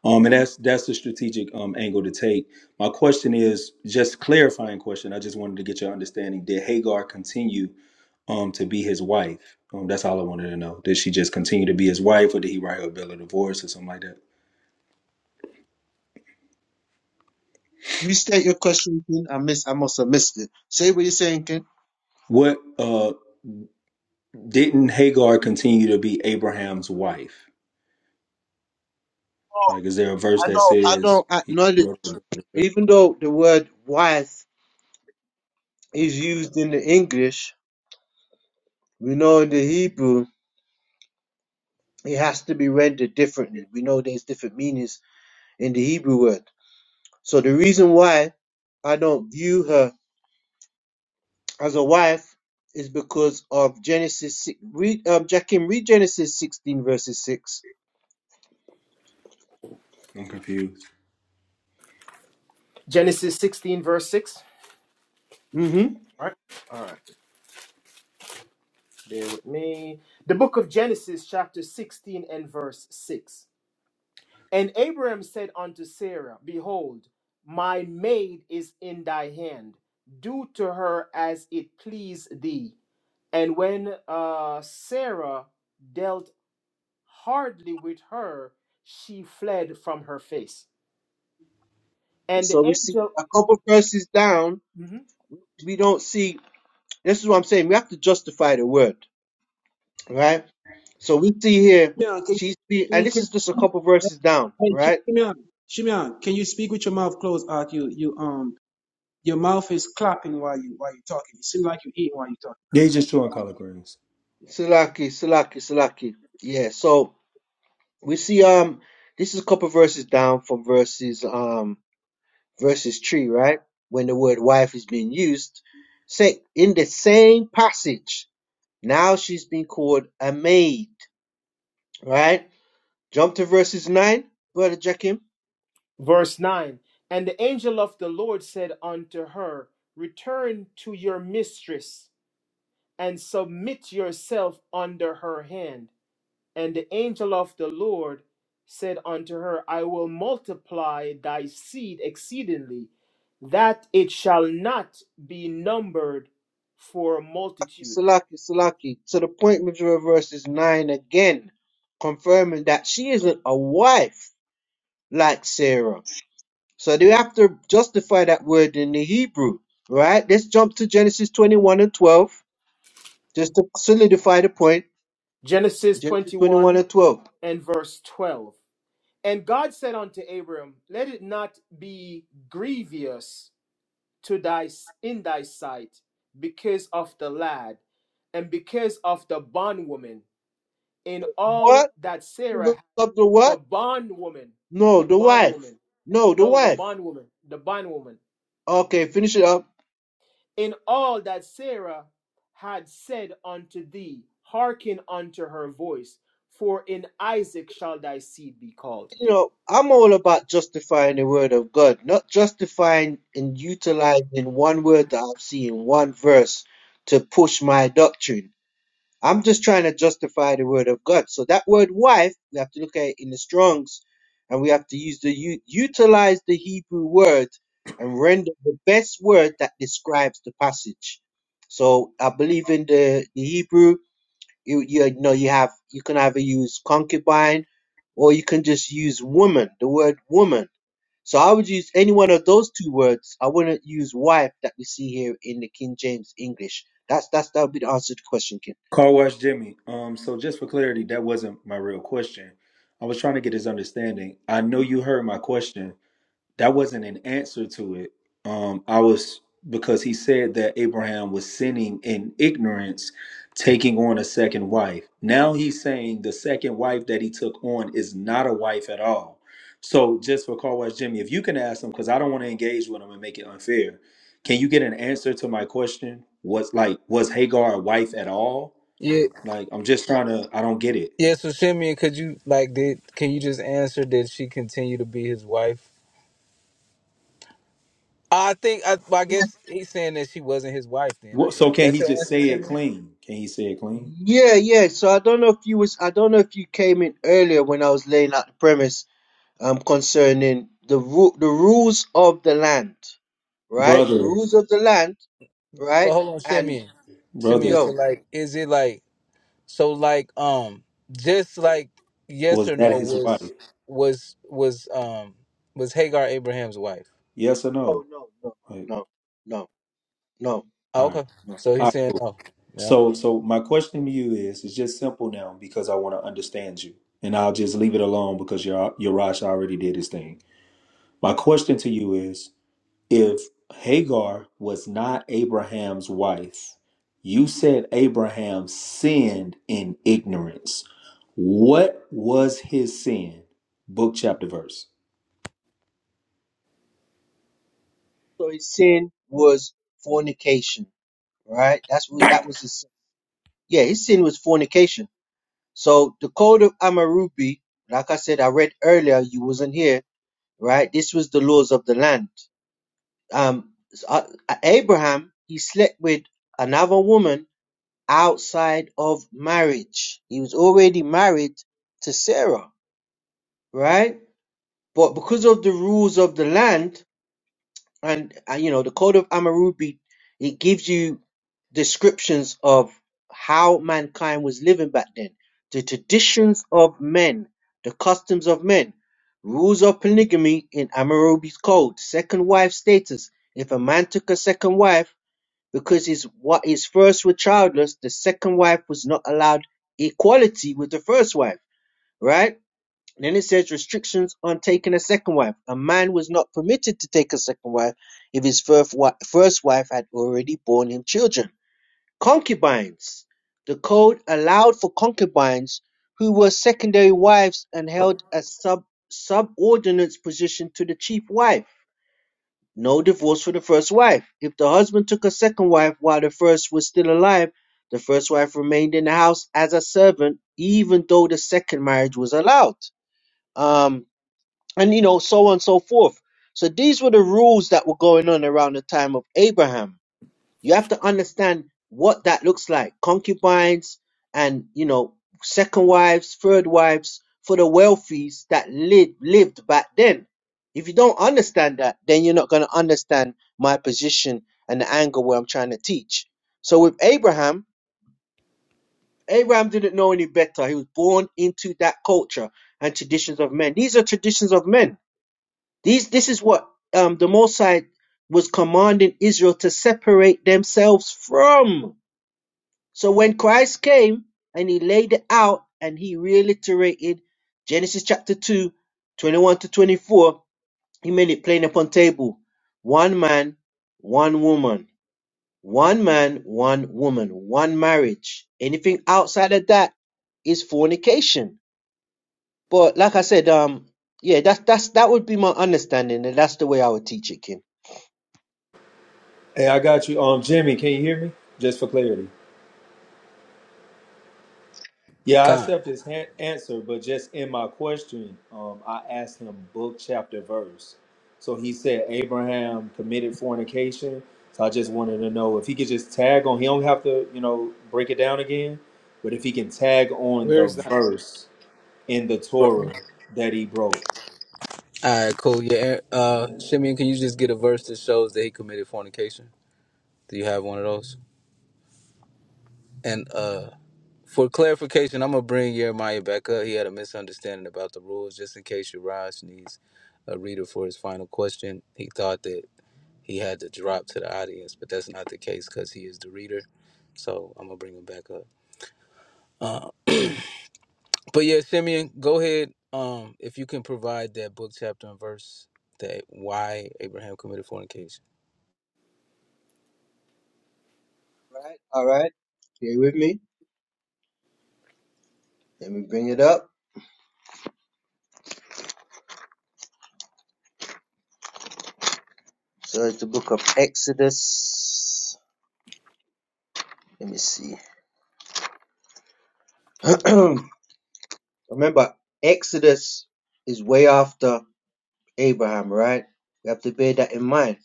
M: Um, and that's that's the strategic um angle to take. My question is just clarifying question. I just wanted to get your understanding. Did Hagar continue um to be his wife? Um, that's all I wanted to know. Did she just continue to be his wife, or did he write her a bill of divorce or something like that?
J: Restate your question, King. I miss I must have missed it. Say what you're saying, King.
M: What uh Didn't Hagar continue to be Abraham's wife?
J: Oh,
M: Like, is there a verse
J: I
M: that
J: don't I
M: says?
J: don't acknowledge
M: I'm
J: even though the word wife is used in the English, we know in the Hebrew it has to be rendered differently. We know there's different meanings in the Hebrew word. So the reason why I don't view her as a wife is because of Genesis. six- Read, um, Jackim, read Genesis 16 verses 6.
M: confused.
L: Genesis 16, verse 6.
J: hmm
L: All right. All right. Bear with me. The book of Genesis, chapter 16 and verse 6. And Abraham said unto Sarah, Behold, my maid is in thy hand. Do to her as it please thee. And when uh, Sarah dealt hardly with her, she fled from her face. And
J: So
L: the
J: we see
L: angel.
J: a couple verses down.
L: mm-hmm.
J: We don't see. This is what I'm saying. We have to justify the word, right? So we see here
H: Yeah, can
J: she's be,
H: you,
J: and
H: you
J: this
H: can
J: is just a couple
H: you,
J: verses down,
H: Hey, Sh-
J: right?
H: Shimeon, can you speak with your mouth closed? Out, you, you, um, your mouth is clapping while you while you're talking. It seems like you're eating while you're
M: Yeah, he's just chewing collard greens.
J: Salaki, Salaki, Salaki. Yeah. So We see um this is a couple verses down from verses um verses three, right? When the word wife is being used. Say in the same passage, now she's being called a maid, right? Jump to verses nine, brother Jackim.
L: Verse 9 And the angel of the Lord said unto her, Return to your mistress and submit yourself under her hand. And the angel of the Lord said unto her, I will multiply thy seed exceedingly, that it shall not be numbered for multitude.
J: Salaki, Salaki, to the point with your verses nine again, confirming that she isn't a wife like Sarah. So they have to justify that word in the Hebrew, right? Let's jump to Genesis 21 and 12 Just to solidify the point,
L: Genesis
J: Genesis 21
L: 21
J: and 12.
L: and verse 12. And God said unto Abram, Let it not be grievous to thy in thy sight because of the lad and because of the bondwoman in all
J: What?
L: that sarah
J: Up the
L: the
J: what?
L: bondwoman
J: No,
L: the
J: the wife.
L: bondwoman
J: No, the
L: no the
J: wife.
L: bondwoman the bondwoman
J: Okay, finish it up.
L: in all that sarah had said unto thee hearken unto her voice for in isaac shall thy seed be called
J: You know, I'm all about justifying the word of God, not justifying and utilizing one word that I've seen, one verse to push my doctrine. I'm just trying to justify the word of God. So that word wife, we have to look at it in the Strongs, and we have to use the u- utilize the Hebrew word and render the best word that describes the passage. So I believe in the, the Hebrew. You, you know you have you can either use concubine or you can just use woman the word woman so i would use any one of those two words i wouldn't use wife that we see here in the king james english that's that's that would be the answer to the question King.
M: Car wash Jimmy. Um, so just for clarity, that wasn't my real question. I was trying to get his understanding. I know you heard my question. that wasn't an answer to it. Um, I was because he said that Abraham was sinning in ignorance, taking on a second wife. Now he's saying the second wife that he took on is not a wife at all. So just for Carl West Jimmy, if you can ask him, because I don't want to engage with him and make it unfair. Can you get an answer to my question? Was like was Hagar a wife at all?
B: Yeah,
M: Like I'm just trying to. I don't get it.
B: yeah. So Simeon, could you like did? Can you just answer? Did she continue to be his wife? I think I, well, I guess he's saying that she wasn't his wife. Then I
M: What,
B: guess
M: so can
B: that's
M: he
B: your
M: just
B: answer,
M: say it
B: Simeon.
M: clean? Can he say it clean,
J: Yeah, yeah. So I don't know if you was I don't know if you came in earlier when I was laying out the premise um concerning the ru- the rules of the land, right? The
M: brother?
J: rules of the land,
B: But
J: right?
B: hold on,
J: And
B: Simeon.
M: Brother.
B: Simeon. So
J: yo,
B: like, is it like? So like um just like yes
M: Was
B: or
M: that
B: no
M: his wife?
B: was was was um was Hagar Abraham's wife.
M: Yes or
J: oh
M: no?
J: no, no,
M: Like,
J: no, no, no,
B: Oh,
M: all right.
B: okay.
J: no.
B: So
M: All
B: he's
M: right,
B: saying
M: cool.
B: no. Yeah.
M: So so my question to you is it's just simple now because I want to understand you. And I'll just leave it alone because your Yarash already did his thing. My question to you is if Hagar was not Abraham's wife, you said Abraham sinned in ignorance. What was his sin? Book chapter verse.
J: So his sin was fornication, right? That's what that was his. sin. Yeah, his sin was fornication. So the code of Amarubi, like I said, I read earlier. You wasn't here, right? This was the laws of the land um, uh, Abraham, he slept with another woman outside of marriage. He was already married to Sarah, right? But because of the rules of the land and, uh, you know, the code of Hammurabi, it gives you descriptions of how mankind was living back then, the traditions of men, the customs of men, rules of polygamy in Hammurabi's code, second wife status. If a man took a second wife, because his what, his first were childless, the second wife was not allowed equality with the first wife, right? And Then it says restrictions on taking a second wife. A man was not permitted to take a second wife if his first wi- first wife had already borne him children. Concubines. The code allowed for concubines who were secondary wives and held a sub subordinate position to the chief wife no divorce for the first wife. If the husband took a second wife while the first was still alive, the first wife remained in the house as a servant, even though the second marriage was allowed. Um, and you know, so on and so forth. So these were the rules that were going on around the time of Abraham. You have to understand what that looks like. Concubines and, you know, second wives, third wives for the wealthies that lived, lived back then. If you don't understand that, then you're not going to understand my position and the angle where I'm trying to teach. So with Abraham, Abraham didn't know any better. He was born into that culture and traditions of men. These are traditions of men. These, this is what um, the Mosai was commanding Israel to separate themselves from so when Christ came and he laid it out and he reiterated Genesis chapter 2, 21 to 24, he made it plain upon table. One man, one woman. One man, one woman. One marriage. Anything outside of that is fornication. But like I said, um, yeah, that's that's that would be my understanding, and that's the way I would teach it, Kim.
M: Hey, I got you. Um Jimmy, can you hear me? Just for clarity. Yeah, I
B: Con.
M: accept his han- answer, but just in my question, um, I asked him book, chapter, verse. So he said Abraham committed fornication. So I just wanted to know if he could just tag on. He don't have to, you know, break it down again, but if he can tag on
L: where
M: the
L: is that
M: verse in the
B: All
M: Torah that he broke.
B: right, cool. Yeah, uh, Shimeon, can you just get a verse that shows that he committed fornication? Do you have one of those? And uh, for clarification, I'm gonna bring Jeremiah back up. He had a misunderstanding about the rules, just in case your Raj needs a reader for his final question. He thought that he had to drop to the audience, but that's not the case because he is the reader. So I'm gonna bring him back up. But yeah, Simeon, go ahead. Um, if you can provide that book chapter and verse that why Abraham committed fornication.
J: Right? All right. You with me? Let me bring it up. So it's the book of Exodus. Let me see. Remember, Exodus is way after Abraham, right? We have to bear that in mind.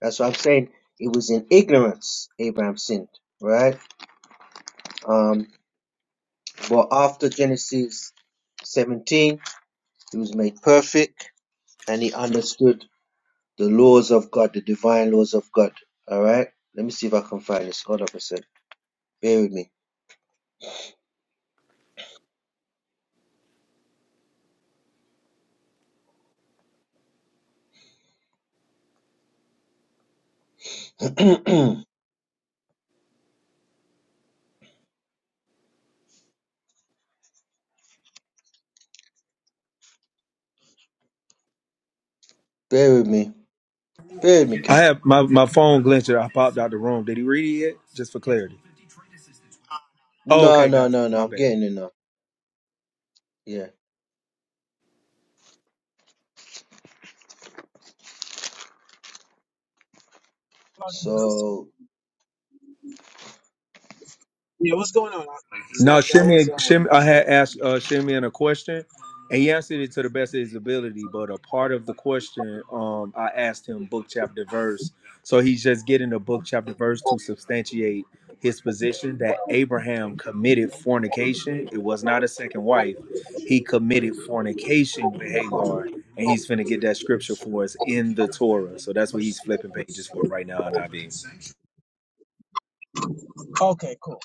J: That's what I'm saying. It was in ignorance Abraham sinned, right? Um, but after Genesis 17, he was made perfect and he understood the laws of God, the divine laws of God. All right? Let me see if I can find this. Hold up a sec. Bear with me. Bear with me.
M: I
J: filmmaking.
M: have my, my phone glitched. I popped out the room. Did he read it yet? Just for clarity. Oh,
J: No,
M: okay,
J: no,
M: got you.
J: no, no.
M: My
J: I'm
M: bad.
J: getting it now. Yeah.
H: talking.
J: So,
H: Yeah, what's going on?
M: No,
H: Slacky, I was
M: Shimmy,
H: um.
M: Shimmy,
H: off
M: I had asked uh, Shimmy a question, and he answered it to the best of his ability. But a part of the question, um, I asked him book, chapter, verse. So he's just getting the book, chapter, verse to substantiate his position that Abraham committed fornication. It was not a second wife. He committed fornication with Hagar, and he's finna get that scripture for us in the Torah. So that's what he's flipping pages for right now. And I be.
H: for- Okay, cool.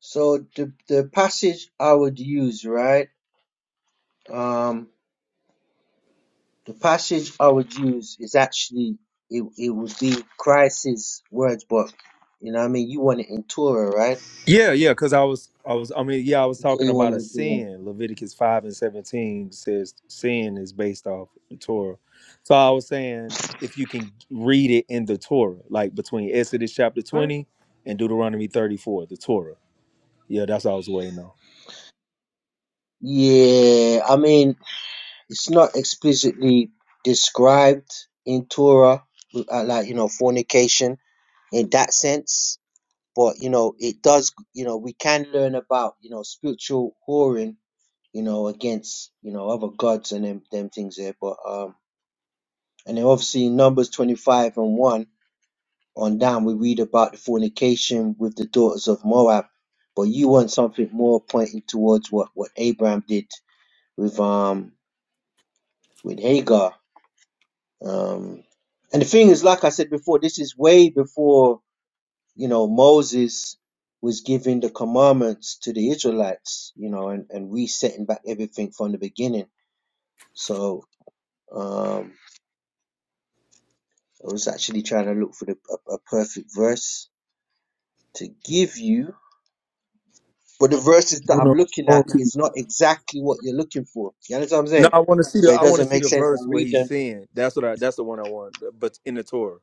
J: so the the passage I would use, right? Um, the passage I would use is actually it. It would be Christ's words, but you know, what I mean, you want it in Torah, right?
M: Yeah, yeah, because I was, I was, I mean, yeah, I was
J: You say
M: talking
J: you want
M: about a
J: it in Torah.
M: sin. Leviticus five and seventeen says sin is based off the Torah. So I was saying if you can read it in the Torah, like between Exodus chapter
L: Huh?
M: twenty and Deuteronomy thirty four, the Torah. Yeah, that's what I was waiting on.
J: Yeah. I mean, it's not explicitly described in Torah, uh, like you know, fornication in that sense but you know it does you know we can learn about you know spiritual whoring you know against you know other gods and them, them things there but um and then obviously in numbers 25 and 1 on down we read about the fornication with the daughters of moab but you want something more pointing towards what what abraham did with um with hagar um and the thing is like i said before this is way before you know, Moses was giving the commandments to the Israelites, you know, and, and resetting back everything from the beginning. So um, I was actually trying to look for the, a, a perfect verse to give you. But the verses that
M: No,
J: I'm
M: no,
J: looking at
M: okay.
J: is not exactly what you're looking for. You understand what I'm
M: No,
J: saying?
M: I want to see
J: So
M: the,
J: it
M: I want to
J: doesn't
M: see
J: make
M: the
J: sense to
M: verse where
J: read
M: he's
J: them.
M: saying. That's what I, that's the one I want. But in the Torah.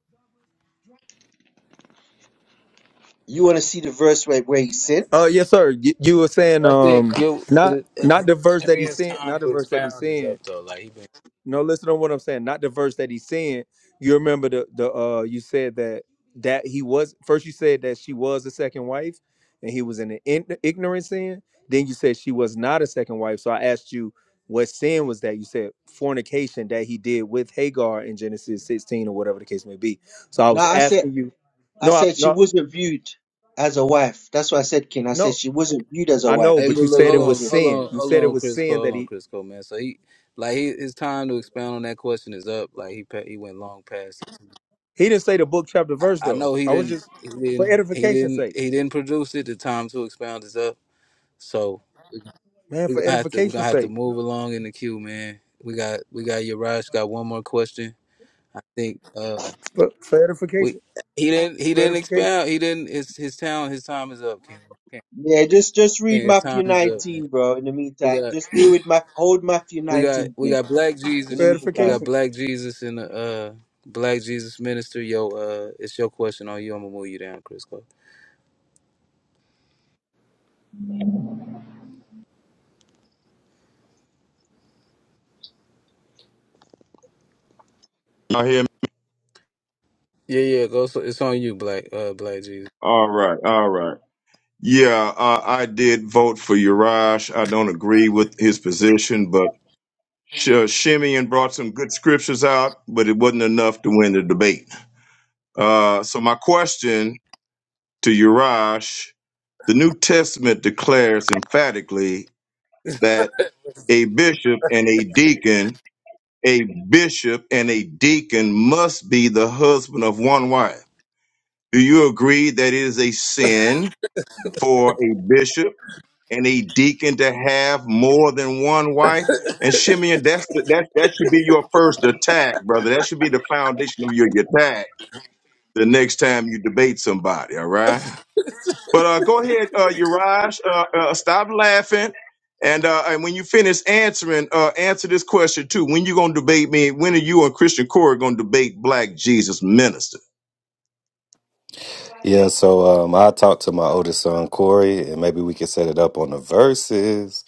J: You want to see the verse where, where he sinned?
M: Uh, yes, sir. You, you were saying,
B: I think
M: um,
B: you
M: not,
B: it, it,
M: not the verse that he's
B: Simeon's
M: saying, not
B: time
M: the
B: to
M: verse that he's
B: expound is
M: saying.
B: up though. Like he been.
M: No, listen to what I'm saying. Not the verse that he's saying. You remember the the uh you said that that he was first you said that she was a second wife and he was in an in, ignorant sin. Then you said she was not a second wife. So I asked you what sin was that? You said fornication that he did with Hagar in Genesis 16 or whatever the case may be. So I
J: No,
M: was
J: I said
M: asking you
J: I
M: No, I,
J: said she
M: no,
J: wasn't viewed as a wife. That's what I said, King. I said
M: no.
J: she wasn't viewed as a
M: I
J: wife,
M: know,
B: Hey,
M: but
B: but
M: you
J: even though
B: look,
J: the
M: said it
J: words
B: hold
M: was
B: on,
J: were
B: hold
M: sin.
B: on,
M: You
B: hold
M: said it
B: on,
M: was
B: Chris
M: sin
B: Cole,
M: that
B: hold on,
M: he
B: Chris Cole, man. So he, like, he, his time to expound on that question is up. Like he, pa- he went long past.
M: he didn't say the book chapter verse
B: I
M: though.
B: know he
M: I was
B: didn't
M: just
B: he
M: for
B: didn't he
M: edification's
B: didn't
M: sake.
B: he didn't produce it. The time to expound is up. So
M: man,
B: we're
M: for
B: gonna have to we're gonna
M: edification's
B: have to
M: sake,
B: move along in the queue, man. We got we got Yaraj got one more question. I think uh
M: for, for
B: we
M: edification,
B: he didn't he
M: for
B: didn't
M: edification,
B: expound he didn't his his town his time is up, Ken. Ken,
J: Yeah, just just
B: Ken,
J: read
B: his time
J: Matthew
B: is up, man.
J: 19, bro. In the
B: We
J: meantime,
B: got
J: just deal with my hold Matthew
B: we got
J: 19
B: we
J: in,
B: got black
J: in
M: for
J: the
B: Jesus. We
M: edification.
J: meantime.
B: got black Jesus and uh black Jesus minister. Yo, uh it's your question on you. I'm gonna move you down, Chris
N: Y'all hear me?
B: Yeah, yeah, go. So it's on you, Black uh, Black Jesus.
N: All right, all right. Yeah, uh, I did vote for Uriah. I don't agree with his position, but Sh- Shimeon brought some good scriptures out, but it wasn't enough to win the debate. Uh, so my question to Uriah, the New Testament declares emphatically that a bishop and a deacon a bishop and a deacon must be the husband of one wife. Do you agree that it is a sin for a bishop and a deacon to have more than one wife? And Shimeon, that's the, that that should be your first attack, brother. That should be the foundation of your attack the next time you debate somebody. All right. But uh, go ahead, uh, Uriah. Uh, uh, stop laughing, and uh, and when you finish answering, uh, answer this question too. When you gonna debate me? When are you and Christian Corey gonna debate Black Jesus Minister?
G: Yeah, so um, I talked to my oldest son Corey, and maybe we could set it up on the verses.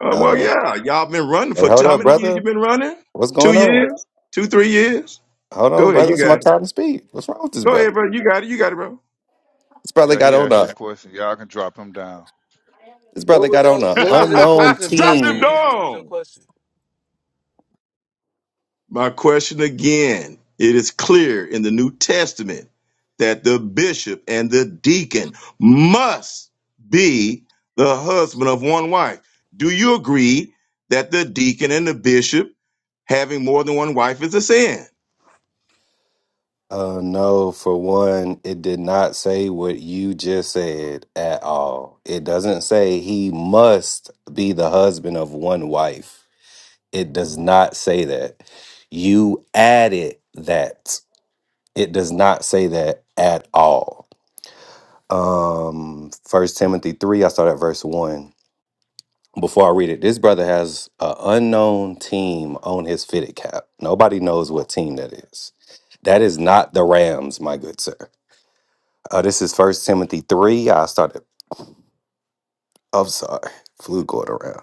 N: Uh, well,
G: Uh,
N: yeah, y'all been running
G: hey,
N: for
G: hold
N: two, how
G: up,
N: many years?
G: brother.
N: You been running?
G: What's
N: Two
G: going on?
N: years? Two, three years?
G: Hold
N: Go
G: on,
N: ahead,
G: brother.
N: you
G: It's my
N: got it.
G: time to speak. What's wrong with this
N: Go
G: brother?
N: ahead, bro. You got it. You got it, bro.
G: This brother
C: Yeah,
G: got
C: he
G: on
C: asked this
G: a
C: question. Y'all can drop him down.
G: this
B: What
G: brother
B: was
G: got on a
B: your What was your
G: unknown
B: question, Black
N: Drop them
G: team.
B: Jesus? What was
N: down.
B: your question?
N: My question again it is clear in the New Testament that the bishop and the deacon must be the husband of one wife. Do you agree that the deacon and the bishop having more than one wife is a sin?
G: Uh, no, for one, it did not say what you just said at all. It doesn't say he must be the husband of one wife. It does not say that. You added that. It does not say that at all. Um, First Timothy three, I start at verse one. Before I read it, this brother has an unknown team on his fitted cap. Nobody knows what team that is. That is not the Rams, my good sir. Uh, this is First Timothy three. I started. I'm sorry, flu going around.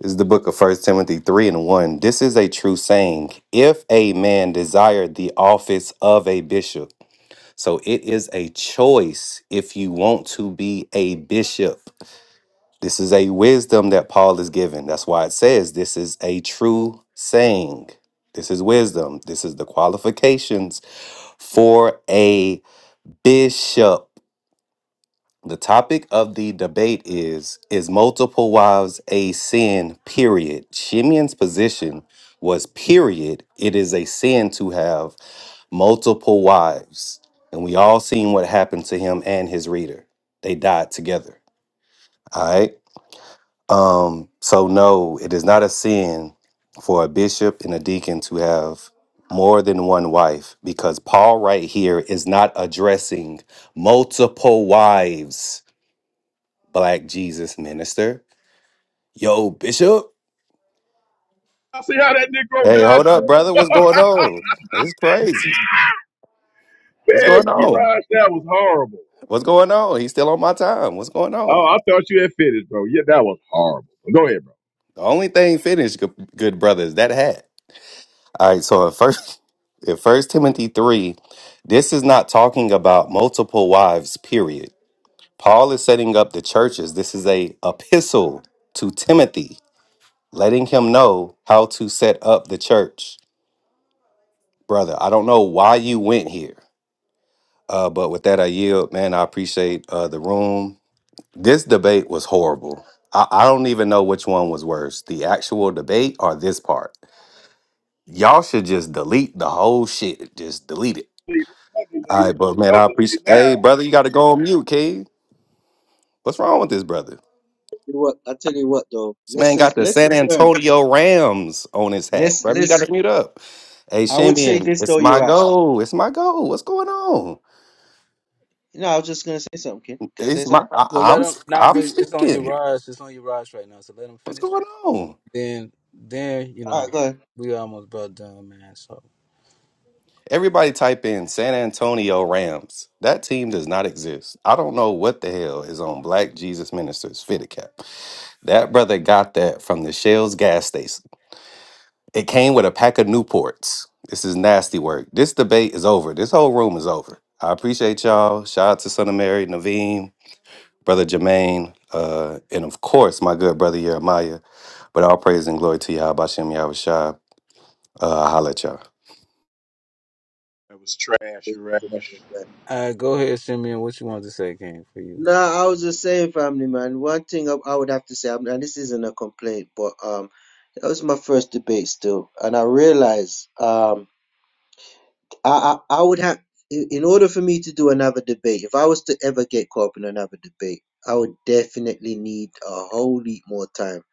G: This is the book of First Timothy three and one. This is a true saying. If a man desire the office of a bishop. So it is a choice if you want to be a bishop. This is a wisdom that Paul is giving. That's why it says this is a true saying. This is wisdom. This is the qualifications for a bishop. The topic of the debate is Is multiple wives a sin? Period. Shimeon's position was, period, it is a sin to have multiple wives, and we all seen what happened to him and his reader. They died together. All right. Um, so no, it is not a sin for a bishop and a deacon to have more than one wife because Paul right here is not addressing multiple wives, black Jesus minister. Yo, bishop.
N: I see how that Negro
G: Hey,
N: dodged
G: hold up,
N: that.
G: brother. What's going on? It's crazy. What's
N: Man,
G: going
N: you
G: on?
N: guys, that was horrible.
G: What's going on? He's still on my time. What's going on?
N: Oh, I thought you had finished, bro. Yeah, that was horrible. Go ahead, bro.
G: The only thing finished, good, good brother, is that hat. All right, so in first, in First Timothy three, this is not talking about multiple wives. Period. Paul is setting up the churches. This is a epistle to Timothy, letting him know how to set up the church, brother. I don't know why you went here, uh, but with that, I yield, man. I appreciate uh, the room. This debate was horrible. I, I don't even know which one was worse, the actual debate or this part. Y'all should just delete the whole shit. Just delete it.
N: Don't delete
G: All
N: it.
G: right, but man, I
N: Don't delete
G: appreciate.
N: it
G: Hey, brother, you got to go on mute, kid. What's wrong with this brother?
J: You know What I tell you what though,
G: This man got
J: lessons
G: the San
J: lessons learned.
G: Antonio Rams on his hat,
J: Let's
G: brother. You got
J: let's.
G: to mute up. Hey,
J: I would say
G: Shimian,
J: this
G: it's
J: though,
G: my
J: Yarash.
G: goal. It's my goal. What's going on?
J: No, I was just gonna say something. Kid. Can I say
G: It's my.
J: something?
G: I,
B: Well, let
G: I'm.
B: him. Nah,
G: I'm
B: but it's on your
G: speaking.
B: rise. It's on your rise right now. So let him
G: What's
B: finish.
G: going on?
B: Then, then you
J: All
B: know,
J: right, go ahead.
B: we almost about done, man. So,
G: Everybody type in San Antonio Rams. That team does not exist. I don't know what the hell is on Black Jesus Ministers Fitted Cap. That brother got that from the Shell's gas station. It came with a pack of Newports. This is nasty work. This debate is over. This whole room is over. I appreciate y'all. Shout out to Son of Mary, Naveem, Brother Jermaine, uh, and of course, my good brother Jeremiah. But all praise and glory to Yahbashim Yahushua. Uh, I'll holla at y'all.
B: all right, go ahead, Simeon. What you wanted to say, King, for you?
J: No, I was just saying, family man. One thing I, I would have to say, I and this isn't a complaint, but um, that was my first debate still, and I realized um. I, I, I would have, in in order for me to do another debate, if I was to ever get caught up in another debate, I would definitely need a whole heap more time.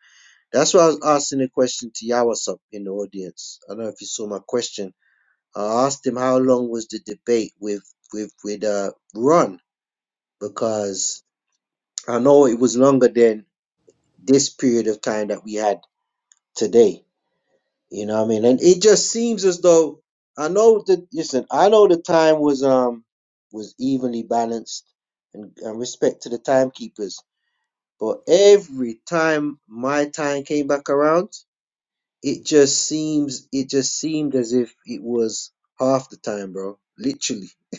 J: That's why I was asking the question to Yawasop in the audience. I don't know if you saw my question. I asked him how long was the debate with with with uh Ron because I know it was longer than this period of time that we had today. You know what I mean? And it just seems as though I know that listen, I know the time was um was evenly balanced and, and respect to the timekeepers. But every time my time came back around, it just seems it just seemed as if it was half the time, bro. Literally.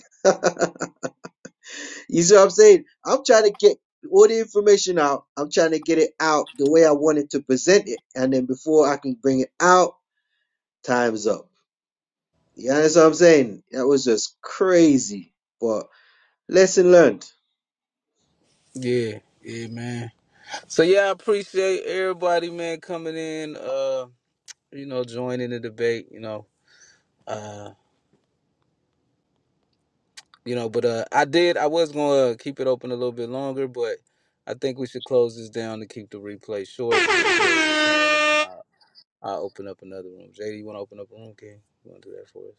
J: you see what I'm saying? I'm trying to get all the information out. I'm trying to get it out the way I wanted to present it. And then before I can bring it out, time's up You understand what I'm saying? That was just crazy. But lesson learned. To
B: Yeah, yeah, man. So yeah, I appreciate everybody, man, coming in. Uh, you know, joining the debate. You know, you know but uh i did i was gonna keep it open a little bit longer but i think we should close this down to keep the replay short as short as we can and then i'll, I'll open up another room j.d you want to open up a room king you want to do that for us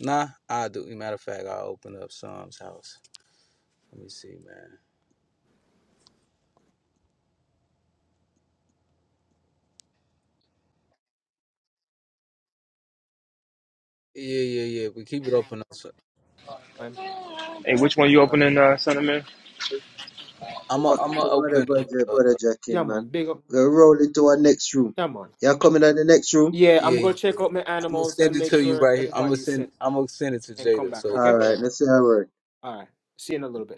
B: nah i do matter of fact i'll open up Psalm's house let me see man yeah yeah yeah we keep it open up so
L: Man,
Q: And which one you
L: uh,
Q: opening, uh, Son of Man?
B: i'm gonna
J: what
B: i
J: to what the
B: open
J: brother,
B: uh,
J: brother Jackie,
L: yeah
J: man.
L: man big up
J: We're rolling to our next room.
L: yeah man
J: Y'all coming out the next room?
L: yeah i'm
B: yeah
L: gonna
B: yeah
L: check out my
B: I'm gonna
L: animals
B: send
L: and
B: it
L: make
B: to you
L: sure
B: right here. I'm gonna
L: everybody is
B: send.
L: set
B: I'm gonna send it to
L: and come
B: Jada
L: back.
B: so he
L: Okay.
J: All
B: can look.
J: right, let's say all right.
L: All right. See you in a little bit.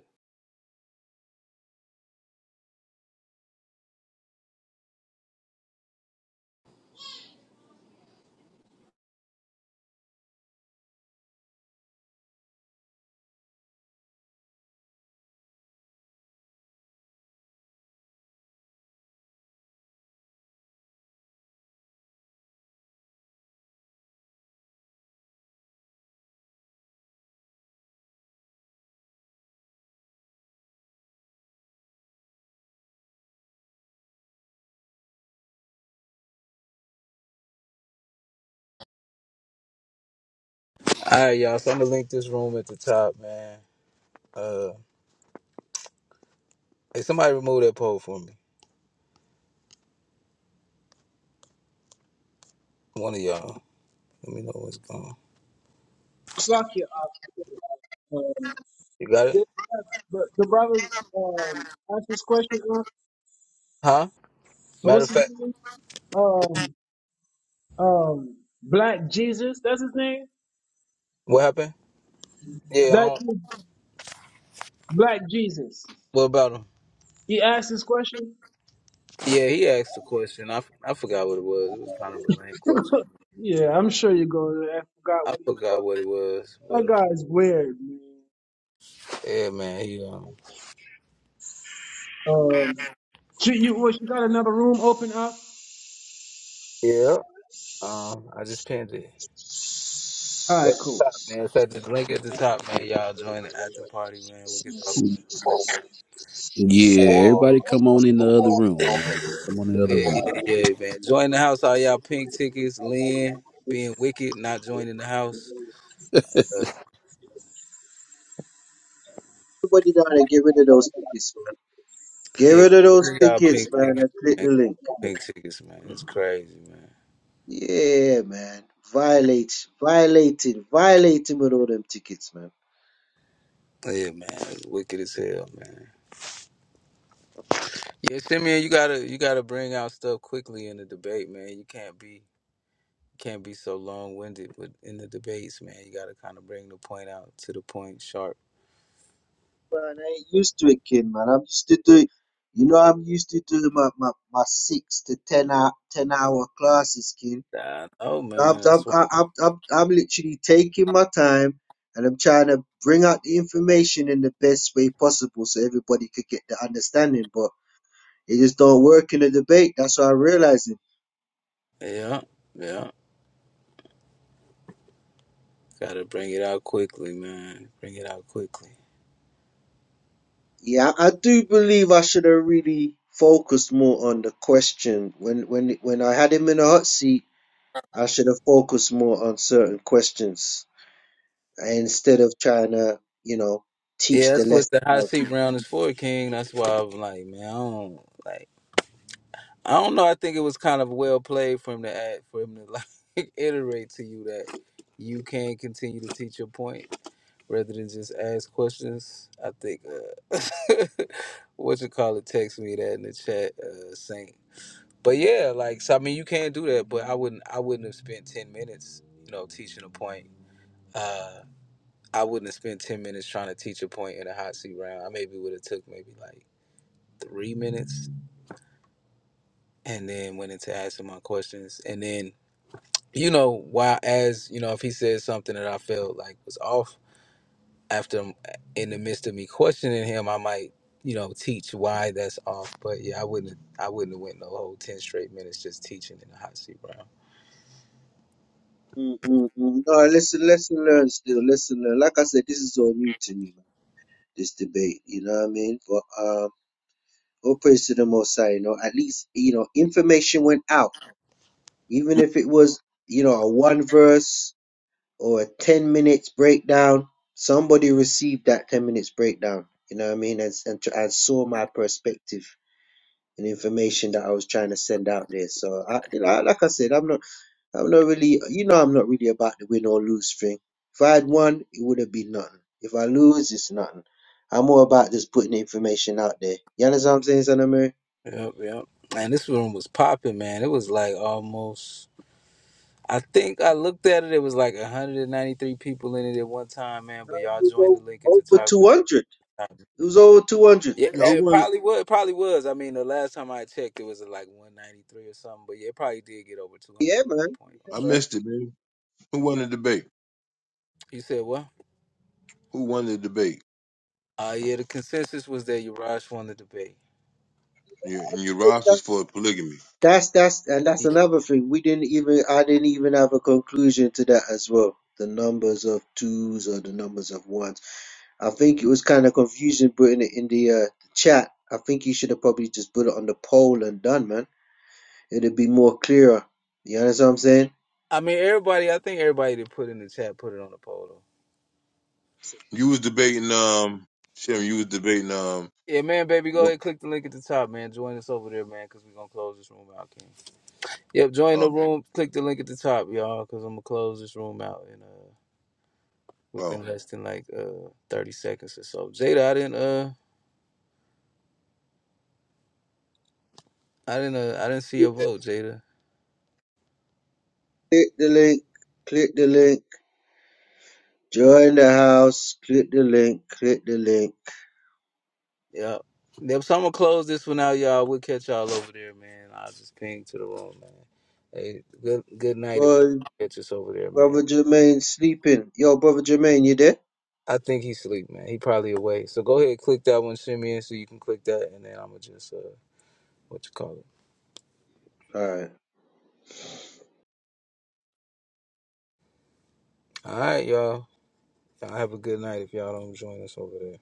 B: All right, y'all. So I'm gonna link this room at the top, man. Uh. Hey, somebody remove that poll for me. One of y'all. Let me know what's gone.
H: Slacky, uh, um,
B: You got it?
H: the, the the brother um asked this question. Uh,
B: Huh?
H: uh,
B: Matter
H: what's
B: of
H: his
B: fact,
H: name? Um, um, Black Jesus. That's his name.
B: what happened? Yeah, I
H: That
B: don't,
H: dude, Black Jesus.
B: what about him?
H: He asked this question.
B: Yeah, he asked a question. I, f- I forgot what it was. It was kind of a lame question.
H: yeah, I'm sure you go. I forgot
B: I
H: what he.
B: forgot what it was,
H: That
B: but um,
H: guy is weird, man.
B: yeah, man, he um,
H: Um, you, you, what, you got another room open up?
B: yeah, um, I just pinned it.
H: All right,
B: At
H: cool.
B: the top, man. It's at the link at the top, man. Y'all join the after party, man. We can talk about it.
R: Yeah, everybody come on in the other room, man. Come on in
B: man.
R: the other
B: Yeah,
R: room.
B: yeah, yeah, man. Join the house, all y'all pink tickets. Lynn being wicked, not joining the house.
J: Everybody down and get rid of those tickets, man. Get
B: Yeah,
J: rid of those
B: clearly y'all pink
J: tickets, man,
B: tickets,
J: and click
B: man.
J: the link.
B: Pink tickets, man. It's crazy, man.
J: Yeah, man. Violate, violating, violating with all them tickets, man.
B: Yeah, man. It's wicked as hell, man. Yeah, Simeon, you gotta you gotta bring out stuff quickly in the debate, man. You can't be can't be so long winded with in the debates, man. You gotta kind of bring the point out to the point sharp.
J: man. I ain't used to it, kid, man. I'm used to do, you know, I'm used to doing my, my, my six to ten hour ten hour classes, kid.
B: I know,
J: I'm,
B: man. That's
J: I'm,
B: why.
J: I'm, I'm, I'm literally taking my time and I'm trying to bring out the information in the best way possible so everybody could get the understanding. But it just don't work in a debate. That's what I'm realizing.
B: Yeah, yeah. Gotta bring it out quickly, man. Bring it out quickly.
J: Yeah, I I do believe I should have really focused more on the question when when when I had him in a hot seat. I should have focused more on certain questions. instead of trying to, you know,
B: Yeah,
J: teach the
B: that's what
J: lesson
B: the hot
J: out.
B: seat round is for, King. That's why I'm like, man, I don't like. I don't know. I think it was kind of well played for him to act, for him to like iterate to you that you can continue to teach your point rather than just ask questions. I think uh, what you call it text me that in the chat, uh, Saint. But yeah, like so. I mean, you can do that, but I wouldn't. I wouldn't have spent ten minutes, you know, teaching a point. Uh, I wouldn't have spent ten minutes trying to teach a point in a hot seat round. I maybe would have took maybe like three minutes, and then went into asking my questions, and then you know, why as you know, if he said something that I felt like was off after in the midst of me questioning him, I might, you know, teach why that's off. But yeah, I wouldn't have- I wouldn't have went no whole ten straight minutes just teaching in the hot seat round.
J: Mm, mm, mm. No, listen, lesson learned still, lesson learned. Like I said, this is all new to me, man, this debate, you know what I mean? But um, all praise to the Most High, you know, at least, you know, information went out. Even if it was, you know, a one verse or a 10 minutes breakdown, somebody received that 10 minutes breakdown, you know what I mean? And, and, and saw my perspective and information that I was trying to send out there. So, I, you know, like I said, I'm not. I'm not really, you know, I'm not really about the win or lose thing. If I had won, it would have been nothing. If I lose, it's nothing. I'm more about just putting the information out there. You understand what I'm saying, son of Mary?
B: Yep, yep. And this room was popping, man. It was like almost I think I looked at it, it was like 193 people in it at one time, man. But y'all
J: It
B: joined the
J: was
B: link at the
J: Over
B: top.
J: 200. It was over 200.
B: Yeah,
S: Yeah, who
B: it
S: won? it?
B: probably was. It probably was. I mean, the last time I checked, it was at like 193 or something. But yeah, it probably did get over 200 at
J: Yeah,
B: one
J: man.
B: point.
J: Yeah,
B: I'm
S: I
B: sure.
J: man.
S: missed it, man. Who won the debate?
B: You said what?
S: Who won the debate?
B: Uh, yeah, the consensus was that Urash won the debate.
S: Yeah, and your rosters for polygamy.
J: That's that's and that's
B: Yeah.
J: another thing. We didn't even I didn't even have a conclusion to that as well. The numbers of twos or the numbers of ones. I think it was kind of confusing putting it in the uh, chat. I think you should have probably just put it on the poll and done, man. it'll be more clearer. You understand what I'm saying?
B: I mean, everybody. I think everybody that put in the chat put it on the poll. Though.
S: You was debating, um, Shem. You was debating, um,
B: Yeah, man, baby, go
S: what?
B: ahead, click the link at the top, man. Join us over there, man, because we're gonna close this room out, King. Yep, join the
S: Oh,
B: room. Click the link at the top, y'all, because I'm gonna close this room out in uh
S: oh.
B: within less than like uh 30 seconds or so. Jada, I didn't uh I didn't. Uh, I didn't see your vote, Jada.
J: Click the link, click the link, join the house, click the link, click the link.
B: Yeah. Yep. So I'm gonna close this one out, y'all. We'll catch y'all over there, man. I'll just ping to the room, man. Hey, good good night if you
J: Boy,
B: catch us over there, man.
J: brother Jermaine sleeping. Yo, brother Jermaine, you there?
B: I think he's asleep, man. He probably awake. So go ahead, click that one, send me in, so you can click that, and then I'm gonna just uh, what you call it.
J: All right.
B: All right, y'all. Y'all have a good night if y'all don't join us over there.